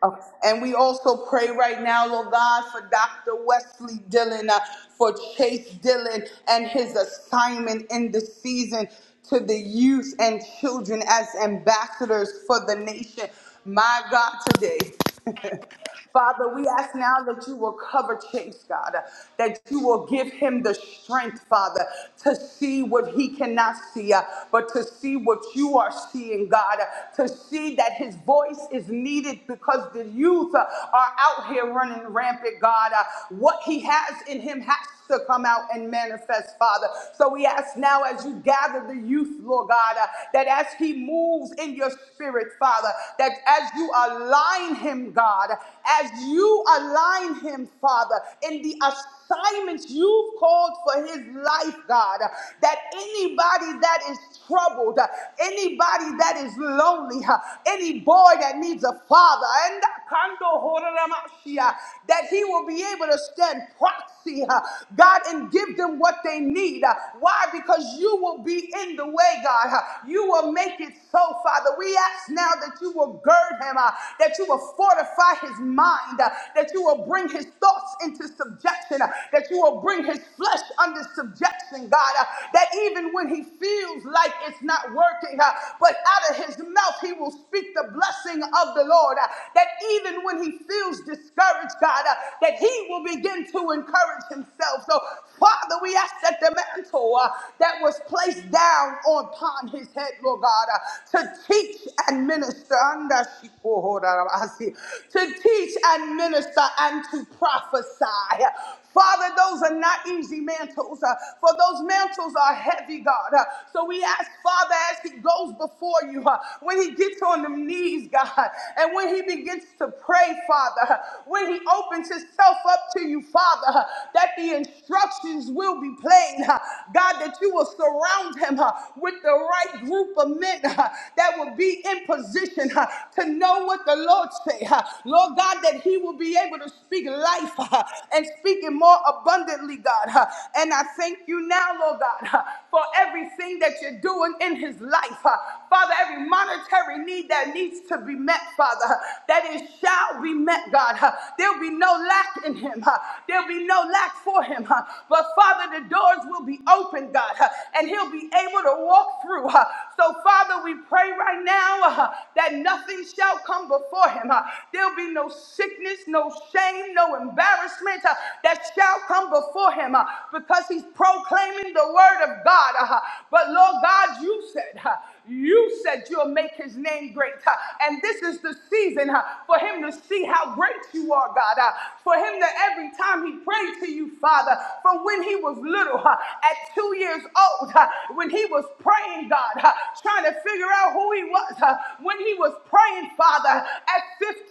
Speaker 5: Oh, And we also pray right now, Lord God, for Dr. Wesley Dillon, uh, for Chase Dillon and his assignment in the season to the youth and children as ambassadors for the nation. My God, today. [LAUGHS] Father, we ask now that you will cover Chase, God, that you will give him the strength, Father, to see what he cannot see, uh, but to see what you are seeing, God, uh, to see that his voice is needed because the youth uh, are out here running rampant, God. Uh, What he has in him has to come out and manifest, Father. So we ask now as you gather the youth, Lord God, uh, that as he moves in your spirit, Father, that as you align him, God, as you align him, Father, in the assignments you've called for his life, God, that anybody that is troubled, anybody that is lonely, any boy that needs a father, and Kando Horaramashia, that he will be able to stand proxy, uh, God, and give them what they need. Uh, Why? Because you will be in the way, God. Uh, You will make it so, Father. We ask now that you will gird him. uh, uh, that you will fortify his mind, uh, that you will bring his thoughts into subjection, uh, that you will bring his flesh under subjection, God, uh, that even when he feels like it's not working, uh, but out of his mouth he will speak the blessing of the Lord, uh, that even when he feels discouraged, God, uh, that he will begin to encourage himself. So, Father, we ask that the mantle uh, that was placed down upon his head, Lord God, uh, to teach and and minister under Shikohorabasi, to teach and minister and to prophesy. Father, those are not easy mantles, uh, for those mantles are heavy, God. Uh, so we ask, Father, as he goes before you, uh, when he gets on the knees, God, and when he begins to pray, Father, uh, when he opens himself up to you, Father, uh, that the instructions will be plain, uh, God, that you will surround him uh, with the right group of were men uh, that will be in position uh, to know what the Lord say. uh, Lord God, that he will be able to speak life uh, and speak it more abundantly, God. uh, And I thank you now, Lord God, uh, for everything that you're doing in his life. uh, Father, every monetary need that needs to be met, Father, uh, that it shall be met, God. uh, There'll be no lack in him. uh, There'll be no lack for him. uh, But Father, the doors will be open, God, uh, and he'll be able able to walk through. uh, So, Father, we pray right now uh, that nothing shall come before him. uh, There'll be no sickness, no shame, no embarrassment uh, that shall come before him uh, because he's proclaiming the word of God. uh, But, Lord God, you said, uh, you said you'll make his name great. uh, And this is the season uh, for him to see how great you are, God. uh, For him to every time he prayed to you, Father, from when he was little, uh, at two years old, uh, when he was praying, God, uh, trying to figure out who he was, uh, when he was praying, Father, at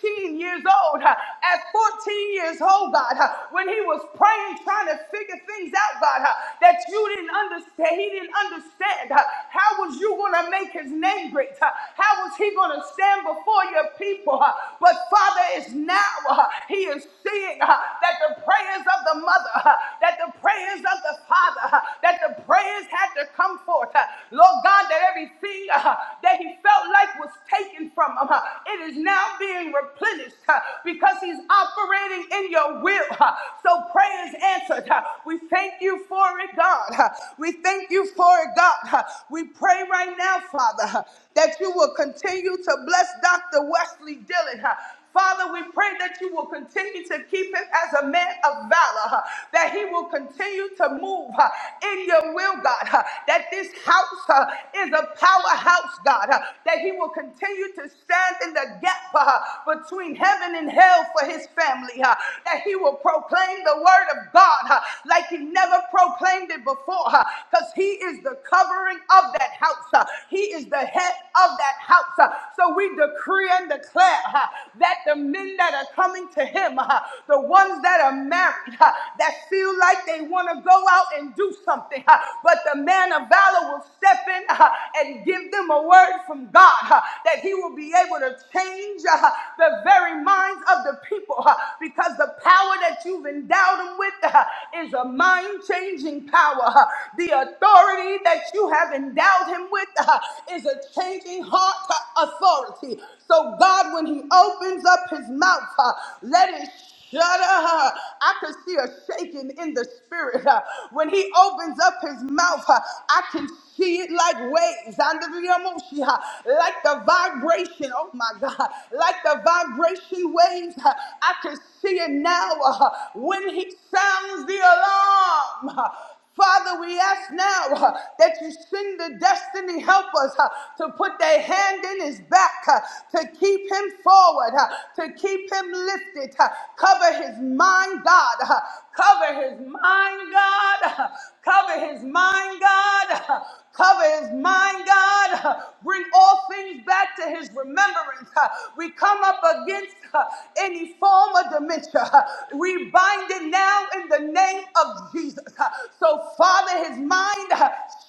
Speaker 5: 15 years old, uh, at 14 years old, God, uh, when he was praying, trying to figure things out, God, uh, that you didn't understand, he didn't understand. uh, How was you going to make his name great? Uh, How was he going to stand before your people? Uh, But Father, it's now uh, he is seeing uh, that the prayers of the mother, uh, that the prayers of the father, uh, that the prayers had to come forth. Uh, Lord God, that everything uh, that he felt like was taken from him, uh, it is now being replenished uh, because he's operating in your will. uh, So prayers answered. uh, We thank you for it, God. uh, We thank you for it, God. huh? We pray right now, Father, that you will continue to bless Dr. Wesley Dillon. Father, we pray that you will continue to keep him as a man of valor, huh, that he will continue to move huh, in your will, God, huh, that this house huh, is a powerhouse, God, huh, that he will continue to stand in the gap huh, between heaven and hell for his family, huh, that he will proclaim the word of God huh, like he never proclaimed it before, because he is the the covering of that house. Uh, He is the head of that house. Uh, So we decree and declare uh, that the men that are coming to him, uh, the ones that are married, uh, that feel like they want to go out and do something, uh, but the man of valor will step in uh, and give them a word from God uh, that he will be able to change uh, the very minds of the people uh, because the power that you've endowed them with uh, is a mind changing power. uh, The authority that you have endowed him with uh, is a changing heart uh, authority. So, God, when he opens up his mouth, uh, let it shudder. uh, I can see a shaking in the spirit. uh, When he opens up his mouth, uh, I can see it like waves under the emotion, uh, like the vibration. Oh my God, like the vibration waves. uh, I can see it now uh, when he sounds the alarm. uh, Father, we ask now uh, that you send the destiny helpers uh, to put their hand in his back, uh, to keep him forward, uh, to keep him lifted, uh, cover his mind, God, uh, cover his mind, God, uh, cover his mind, God. uh, Cover his mind, God. Bring all things back to his remembrance. We come up against any form of dementia. We bind it now in the name of Jesus. So, Father, his mind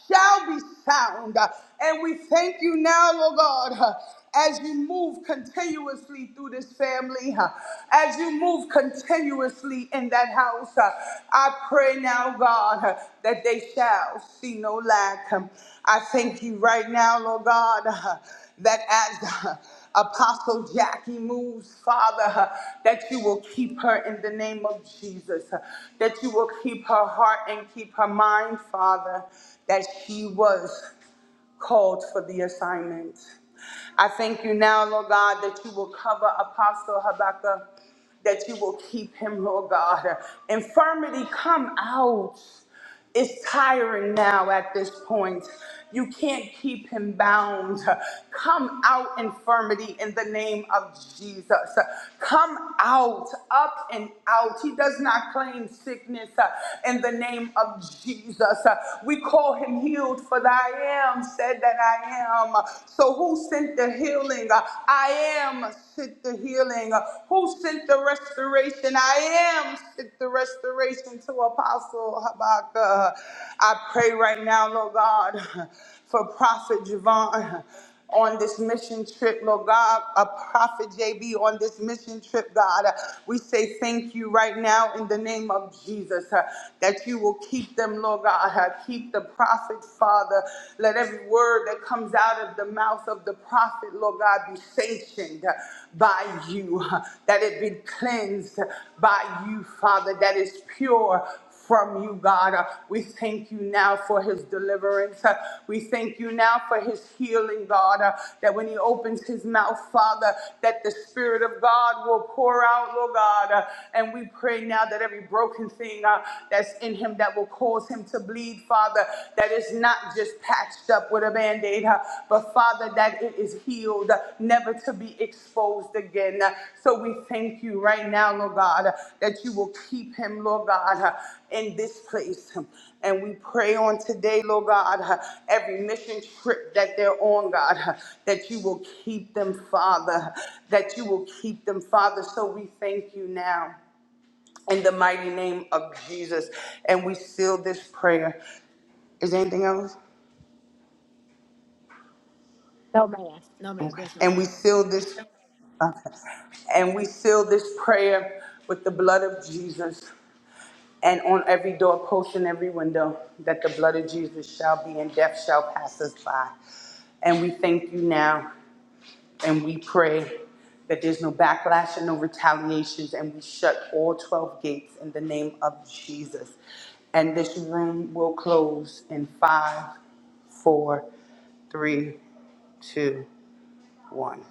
Speaker 5: shall be sound. And we thank you now, Lord God as you move continuously through this family, huh, as you move continuously in that house, huh, I pray now, God, huh, that they shall see no lack. Um, I thank you right now, Lord God, huh, that as huh, Apostle Jackie moves, Father, huh, that you will keep her in the name of Jesus, huh, that you will keep her heart and keep her mind, Father, that she was called for the assignment. I thank you now, Lord God, that you will cover Apostle Habakkuk, that you will keep him, Lord God. Infirmity, come out. It's tiring now at this point. You can't keep him bound. Come out, infirmity, in the name of Jesus. Come out, up and out. He does not claim sickness uh, in the name of Jesus. Uh, We call him healed, for the I am said that I am. So who sent the healing? I am sent the healing. Who sent the restoration? I am sent the restoration to Apostle Habakkuk. I pray right now, Lord God, for Prophet Javon on this mission trip, Lord God, a prophet JB on this mission trip, God. Uh, We say thank you right now in the name of Jesus uh, that you will keep them, Lord God. Uh, Keep the prophet, Father. Let every word that comes out of the mouth of the prophet, Lord God, be sanctioned uh, by you, uh, that it be cleansed uh, by you, Father, that is pure from you, God. Uh, We thank you now for his deliverance. Uh, We thank you now for his healing, God, uh, that when he opens his mouth, Father, that the Spirit of God will pour out, Lord God. Uh, And we pray now that every broken thing uh, that's in him that will cause him to bleed, Father, that is not just patched up with a band aid, but Father, that it is healed, uh, never to be exposed again. Uh, So we thank you right now, Lord God, uh, that you will keep him, Lord God. uh, in this place. And we pray on today, Lord God, every mission trip that they're on, God, that you will keep them, Father, that you will keep them, Father. So we thank you now in the mighty name of Jesus. And we seal this prayer. Is there anything else?
Speaker 1: No, ma'am. No, ma'am.
Speaker 5: Okay.
Speaker 1: There's
Speaker 5: And
Speaker 1: nothing
Speaker 5: we
Speaker 1: else.
Speaker 5: seal this. Okay. And we seal this prayer with the blood of Jesus. and on every doorpost and every window, that the blood of Jesus shall be, and death shall pass us by. And we thank you now, and we pray that there's no backlash and no retaliations, and we shut all 12 gates in the name of Jesus. And this room will close in five, four, three, two, one.